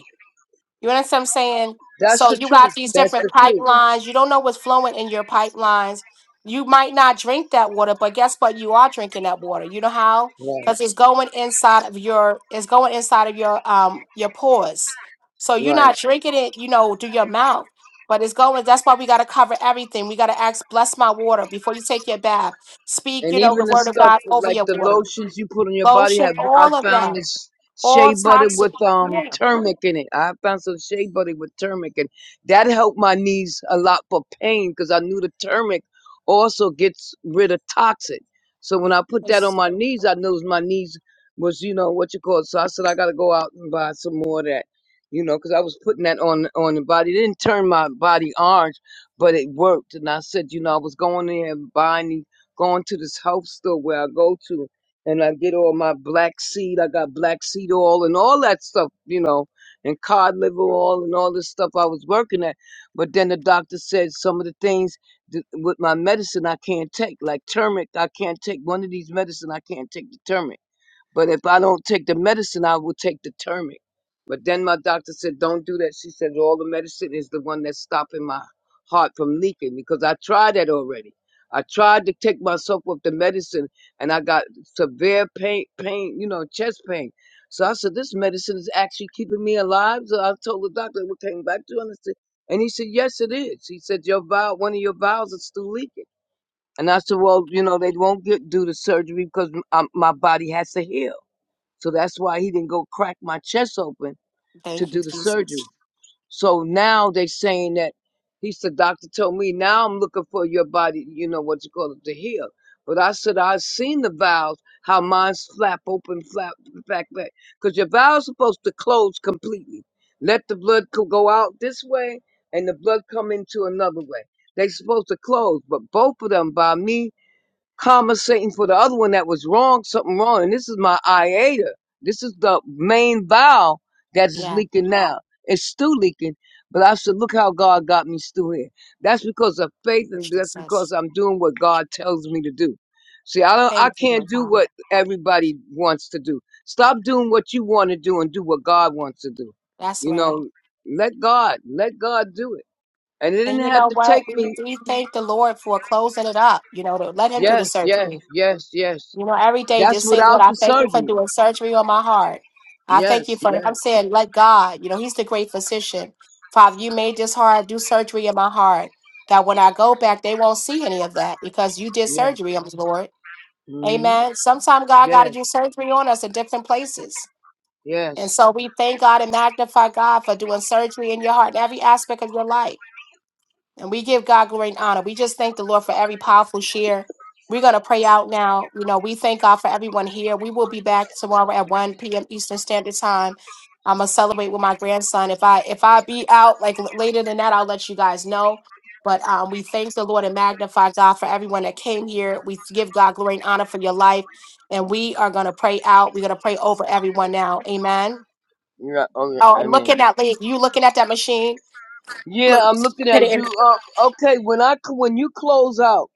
S1: you understand what I'm saying?
S11: that's
S1: So
S11: the
S1: you
S11: truth.
S1: got these
S11: That's
S1: different
S11: the truth.
S1: pipelines. You don't know what's flowing in your pipelines. You might not drink that water, but guess what? You are drinking that water. You know how?
S11: Right,
S1: Because it's going inside of your it's going inside of your um your pores. So you're
S11: right.
S1: not drinking it, you know, through your mouth. But it's going, that's why we gotta cover everything. We gotta ask, bless my water before you take your bath. Speak,
S11: And
S1: you know,
S11: even
S1: the
S11: the
S1: word of
S11: stuff
S1: God
S11: with,
S1: over
S11: like
S1: your
S11: the
S1: water.
S11: lotions you put on your body
S1: Lotion,
S11: have I
S1: all of
S11: found
S1: that.
S11: this
S1: All
S11: shea butter with
S1: toxic.
S11: um
S1: Yeah.
S11: turmeric in it. I found some shea butter with turmeric and that helped my knees a lot for pain because I knew the turmeric also gets rid of toxin. So when I put that on
S1: Yes.
S11: my knees, I knew my knees was, you know, what you call it. So I said I gotta go out and buy some more of that. You know, because I was putting that on on the body. It didn't turn my body orange, but it worked. And I said, you know, I was going in there and buying these going to this health store where I go to and I get all my black seed. I got black seed oil and all that stuff, you know, and cod liver oil and all this stuff I was working at. But then the doctor said some of the things th- with my medicine I can't take, like turmeric. I can't take one of these medicine. I can't take the turmeric. But if I don't take the medicine, I will take the turmeric. But then my doctor said, don't do that. She said, all the medicine is the one that's stopping my heart from leaking because I tried that already. I tried to take myself off the medicine and I got severe pain, pain, you know, chest pain. So I said, this medicine is actually keeping me alive. So I told the doctor, we're taking back to him. And he said, yes, it is. He said, your vial, one of your vials is still leaking. And I said, well, you know, they won't get, do the surgery because m- I, my body has to heal. So that's why he didn't go crack my chest open to
S1: Thank you,
S11: do the
S1: Jesus.
S11: surgery. So now they saying that he said, doctor told me now I'm looking for your body, you know what you call it, to heal. But I said, I've seen the valves, how mine's flap open, flap back, back. Because your valve's supposed to close completely. Let the blood co- go out this way and the blood come into another way. They supposed to close, but both of them by me compensating for the other one that was wrong, something wrong. And this is my iota. This is the main valve that is
S1: Yeah,
S11: leaking now. It's still leaking, but I said, look how God got me still here. That's because of faith,
S1: thank
S11: and
S1: you,
S11: that's because
S1: Jesus.
S11: I'm doing what God tells me to do. See, I don't, I
S1: Thank you,
S11: can't
S1: Lord
S11: do
S1: Father.
S11: what everybody wants to do. Stop doing what you want to do and do what God wants to do.
S1: That's
S11: You
S1: right.
S11: know, let God, let God do it. And it didn't
S1: And you
S11: have
S1: know
S11: to
S1: what?
S11: take
S1: We,
S11: me.
S1: we thank the Lord for closing it up, you know, to let Him do the
S11: Yes, yes,
S1: surgery.
S11: yes, yes.
S1: You know, every day
S11: That's
S1: just say,
S11: without
S1: Lord, I
S11: the
S1: thank you for
S11: surgery.
S1: doing surgery on my heart. I thank
S11: Yes,
S1: you for,
S11: yes,
S1: I'm saying, let God, you know, He's the great physician. Father, you made this heart do surgery in my heart that when I go back, they won't see any of that because you did
S11: yes.
S1: surgery on me, Lord.
S11: hmm
S1: Amen. Sometimes God got to
S11: Yes,
S1: do surgery on us in different places. And
S11: yes.
S1: so we thank God and magnify God for doing surgery in your heart and every aspect of your life. And we give God glory and honor. We just thank the Lord for every powerful share. We're going to pray out now. You know, we thank God for everyone here. We will be back tomorrow at 1 p.m. Eastern Standard Time. I'm gonna celebrate with my grandson. If I if I be out like l- later than that, I'll let you guys know. But um, we thank the Lord and magnify God for everyone that came here. We give God glory and honor for your life. And we are gonna pray out. We're gonna pray over everyone now. Amen.
S11: Yeah, okay,
S1: Oh,
S11: I
S1: and
S11: mean.
S1: looking at like you looking at that machine.
S11: Yeah,
S1: Look,
S11: I'm looking
S1: put
S11: at
S1: it in.
S11: do uh, okay, when I c- when you close out,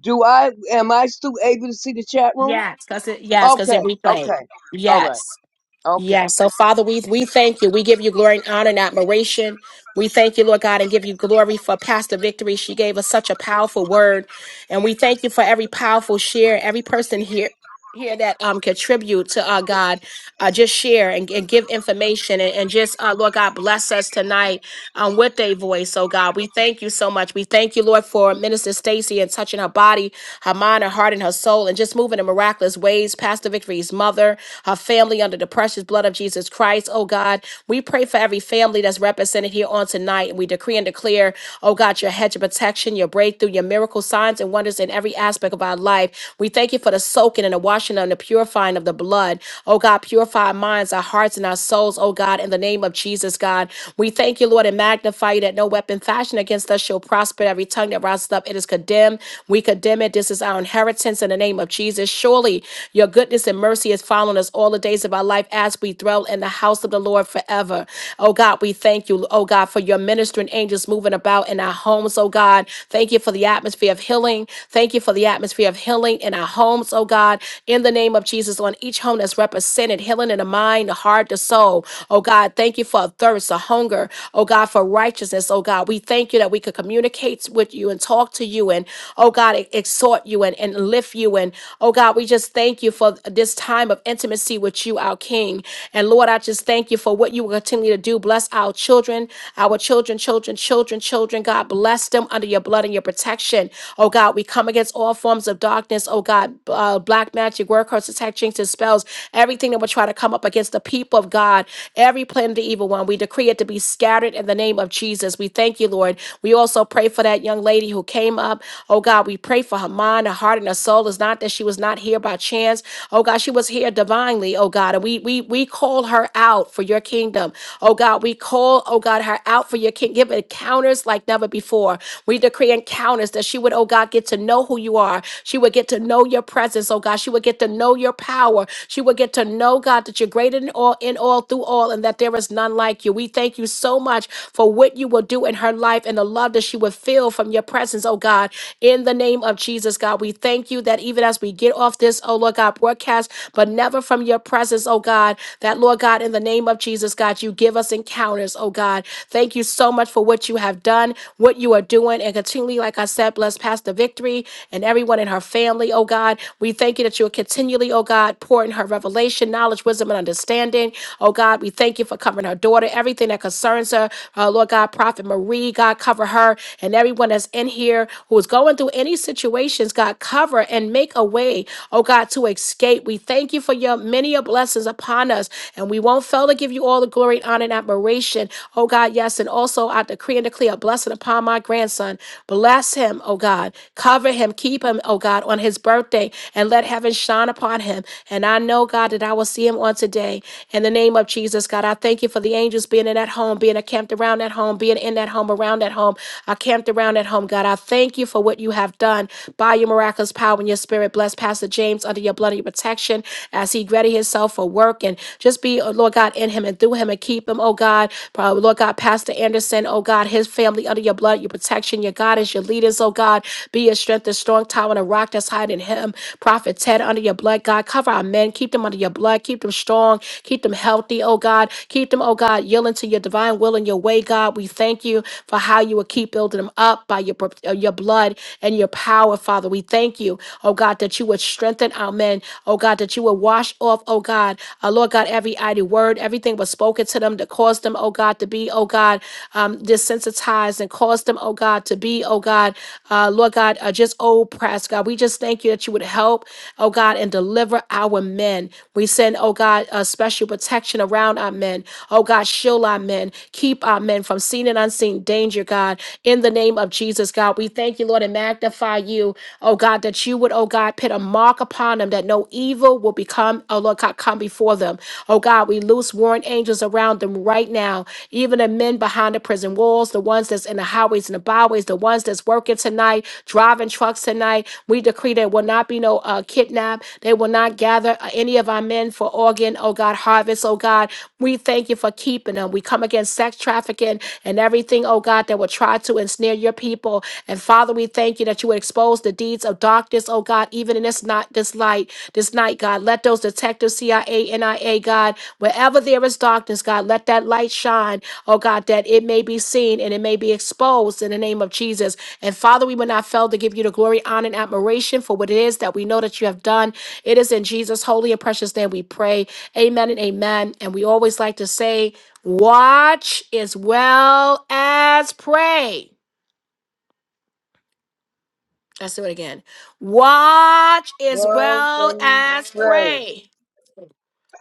S11: do I am I still able to see the chat room?
S1: Yes, because it yes, because
S11: Okay,
S1: it replayed.
S11: okay. All right.
S1: Yes.
S11: Okay.
S1: Yes. So Father, we we thank you. We give you glory and honor and admiration. We thank you, Lord God, and give you glory for Pastor Victory. She gave us such a powerful word. And we thank you for every powerful share, every person here here that um contribute to uh God. Uh just share and, and give information and, and just uh Lord God bless us tonight um, with their voice. So, God, we thank you so much. We thank you, Lord, for Minister Stacy and touching her body, her mind, her heart, and her soul, and just moving in miraculous ways. Pastor Victory's mother, her family under the precious blood of Jesus Christ. Oh, God, we pray for every family that's represented here on tonight, and we decree and declare, oh, God, your hedge of protection, your breakthrough, your miracle signs and wonders in every aspect of our life. We thank you for the soaking and the washing and the purifying of the blood. Oh, God, purify our minds, our hearts, and our souls, oh, God, in the name of Jesus, God. We thank thank you, Lord, and magnify you that no weapon fashioned against us shall prosper. Every tongue that rises up, it is condemned. We condemn it. This is our inheritance in the name of Jesus. Surely your goodness and mercy is following us all the days of our life as we dwell in the house of the Lord forever. Oh God, we thank you, oh God, for your ministering angels moving about in our homes, oh God. Thank you for the atmosphere of healing. Thank you for the atmosphere of healing in our homes, oh God. In the name of Jesus, on each home that's represented, healing in the mind, the heart, the soul. Oh God, thank you for a thirst, a hunger hunger, oh God, for righteousness, oh God. We thank you that we could communicate with you and talk to you and, oh God, e- exhort you and, and lift you. And, oh God, we just thank you for this time of intimacy with you, our King. And Lord, I just thank you for what you will continue to do. Bless our children, our children, children, children, children. God, bless them under your blood and your protection. Oh God, we come against all forms of darkness. Oh God, uh, black magic, word curses, attack, jinxes, spells, everything that will try to come up against the people of God, every plan of the evil one. We. declare decree it to be scattered in the name of Jesus. We thank you, Lord. We also pray for that young lady who came up. Oh God, we pray for her mind, her heart, and her soul. It's not that she was not here by chance. Oh God, she was here divinely, oh God. And we we we call her out for your kingdom. Oh God, we call, oh God, her out for your kingdom. Give encounters like never before. We decree encounters that she would, oh God, get to know who you are. She would get to know your presence, oh God. She would get to know your power. She would get to know, God, that you're greater in all, in all, through all, and that there is none one like you. We thank you so much for what you will do in her life and the love that she will feel from your presence, oh God. In the name of Jesus, God, we thank you that even as we get off this, oh Lord God, broadcast, but never from your presence, oh God, that Lord God, in the name of Jesus, God, you give us encounters, oh God. Thank you so much for what you have done, what you are doing, and continually, like I said, bless Pastor Victory and everyone in her family, oh God. We thank you that you are continually, oh God, pouring her revelation, knowledge, wisdom, and understanding. Oh God, we thank you for for covering her daughter, everything that concerns her. Uh, Lord God, Prophet Marie, God, cover her and everyone that's in here who is going through any situations, God, cover and make a way, oh God, to escape. We thank you for your many a blessings upon us, and we won't fail to give you all the glory, honor, and admiration, oh God, yes. And also, I decree and declare a blessing upon my grandson. Bless him, oh God. Cover him, keep him, oh God, on his birthday, and let heaven shine upon him. And I know, God, that I will see him on today. In the name of Jesus. Jesus, God. I thank you for the angels being in that home, being camped around that home, being in that home, around that home, I camped around that home, God. I thank you for what you have done by your miraculous power and your spirit. Bless Pastor James under your blood and your protection as he ready himself for work and just be, oh, Lord God, in him and through him and keep him, oh God. Pro- Lord God, Pastor Anderson, oh God, his family under your blood, your protection, your God is your leaders, oh God. Be your strength, the strong tower, and a rock that's hiding him. Prophet Ted under your blood, God. Cover our men, keep them under your blood, keep them strong, keep them healthy healthy, oh God. Keep them, oh God, yielding to your divine will and your way, God. We thank you for how you will keep building them up by your, pro- uh, your blood and your power, Father. We thank you, oh God, that you would strengthen our men, oh God, that you would wash off, oh God, uh, Lord God, every idle word, everything was spoken to them that caused them, oh God, to be, oh God, um, desensitized and caused them, oh God, to be, oh God, uh, Lord God, uh, just oppressed, God. We just thank you that you would help, oh God, and deliver our men. We send, oh God, a special protection protection around our men. Oh God, shield our men. Keep our men from seen and unseen danger, God. In the name of Jesus, God, we thank you, Lord, and magnify you, oh God, that you would, oh God, put a mark upon them that no evil will become, oh Lord God, come before them. Oh God, we loose warrant angels around them right now, even the men behind the prison walls, the ones that's in the highways and the byways, the ones that's working tonight, driving trucks tonight. We decree there will not be no uh, kidnap. They will not gather uh, any of our men for organ, oh God. God, harvest, oh God. We thank you for keeping them. We come against sex trafficking and everything, oh God, that would try to ensnare your people. And Father, we thank you that you would expose the deeds of darkness, oh God, even in this night, this light, this night, God. Let those detectives, CIA, NIA, God, wherever there is darkness, God, let that light shine, oh God, that it may be seen and it may be exposed in the name of Jesus. And Father, we will not fail to give you the glory, honor, and admiration for what it is that we know that you have done. It is in Jesus' holy and precious name we pray. Amen and amen. And we always like to say, watch as well as pray. Let's do it again. Watch as
S11: Love
S1: well
S11: and
S1: as
S11: pray.
S1: pray.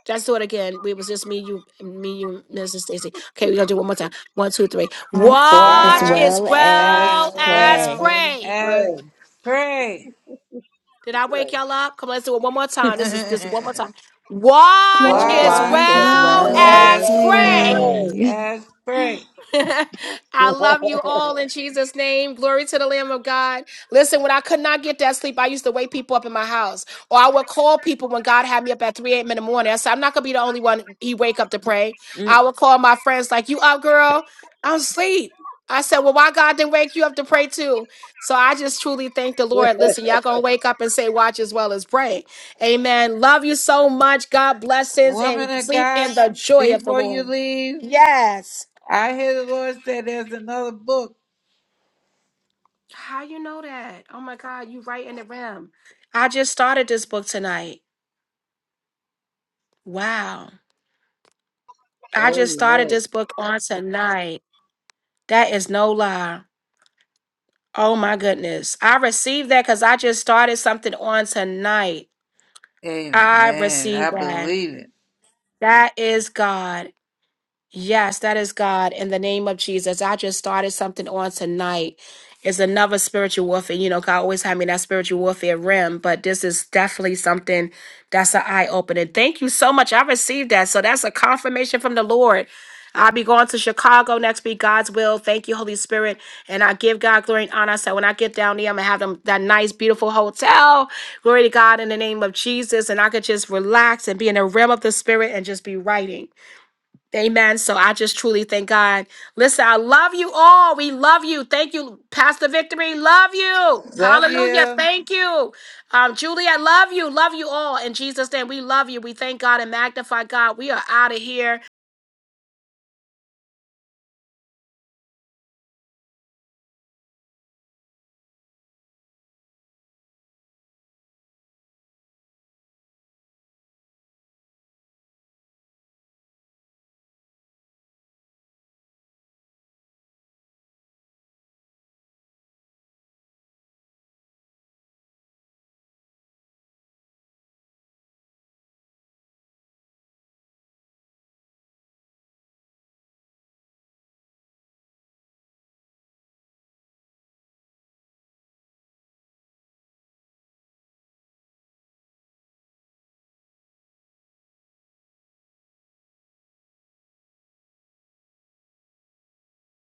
S1: Let's do it again. We was just me, you, me, you, Mrs. Stacy. Okay, we're gonna do it one more time. One, two, three.
S3: as
S1: Watch
S13: Watch
S11: Watch,
S1: as
S3: well
S13: as
S3: as
S1: well
S11: love
S1: as
S13: well
S3: pray.
S11: and
S1: pray.
S13: as
S11: pray.
S13: pray.
S1: Did I wake
S11: Pray.
S1: y'all up? Come on, let's do it one more
S3: [laughs]
S1: time. This is this is
S13: [laughs]
S1: one more time. Watch
S9: Watch
S1: as
S11: Watch
S13: Watch
S3: Watch
S9: as
S3: as
S11: and
S9: well
S1: well
S3: well
S9: as
S11: love
S1: as
S13: as
S3: as
S1: pray.
S13: well
S3: pray.
S9: pray. [laughs]
S11: and
S13: as pray.
S1: [laughs] I
S11: pray.
S1: love you all in Jesus' name. Glory to the Lamb of God. Listen, when I could not get that sleep, I used to wake people up in my house. Or I would call people when God had me up at 3 a.m. in the morning. I said, I'm not gonna be the only one he wake up to pray. I would call my friends, like, you up, girl? I'm asleep. I said, Well, why God didn't wake you up to pray too? So I just truly thank the Lord. Listen, y'all gonna wake up and say, watch as well as pray. Amen. Love you so much. God blessings
S13: Woman
S1: and
S13: of
S1: sleep
S13: God,
S1: in the joy of the
S13: before you
S1: Lord.
S13: leave,
S1: Yes.
S13: I hear the Lord say there's another book.
S1: How you know that? Oh my God, you right in the rim. I just started this book tonight. Wow.
S11: [laughs]
S1: I just started
S11: Amen.
S1: this book on tonight. That is no lie. Oh my goodness. I received that because I just started something on tonight. I
S13: Amen.
S1: received
S13: I
S1: that.
S13: believe it.
S1: That is God. Yes, that is God. In the name of Jesus, I just started something on tonight. It's another spiritual warfare. You know, God always had me in that spiritual warfare rim, but this is definitely something that's an eye opening. Thank you so much. I received that. So that's a confirmation from the Lord. I'll be going to Chicago next week, God's will. Thank you, Holy Spirit. And I give God glory and honor. So when I get down there, I'm going to have them, that nice, beautiful hotel. Glory to God in the name of Jesus. And I could just relax and be in the realm of the Spirit and just be writing. Amen. So I just truly thank God. Listen, I love you all. We love you. Thank you, Pastor Victory. Love you.
S13: Love
S1: Hallelujah.
S13: you.
S1: Thank you. Um, Julie, I love you. Love you all. In Jesus' name, we love you. We thank God and magnify God. We are out of here.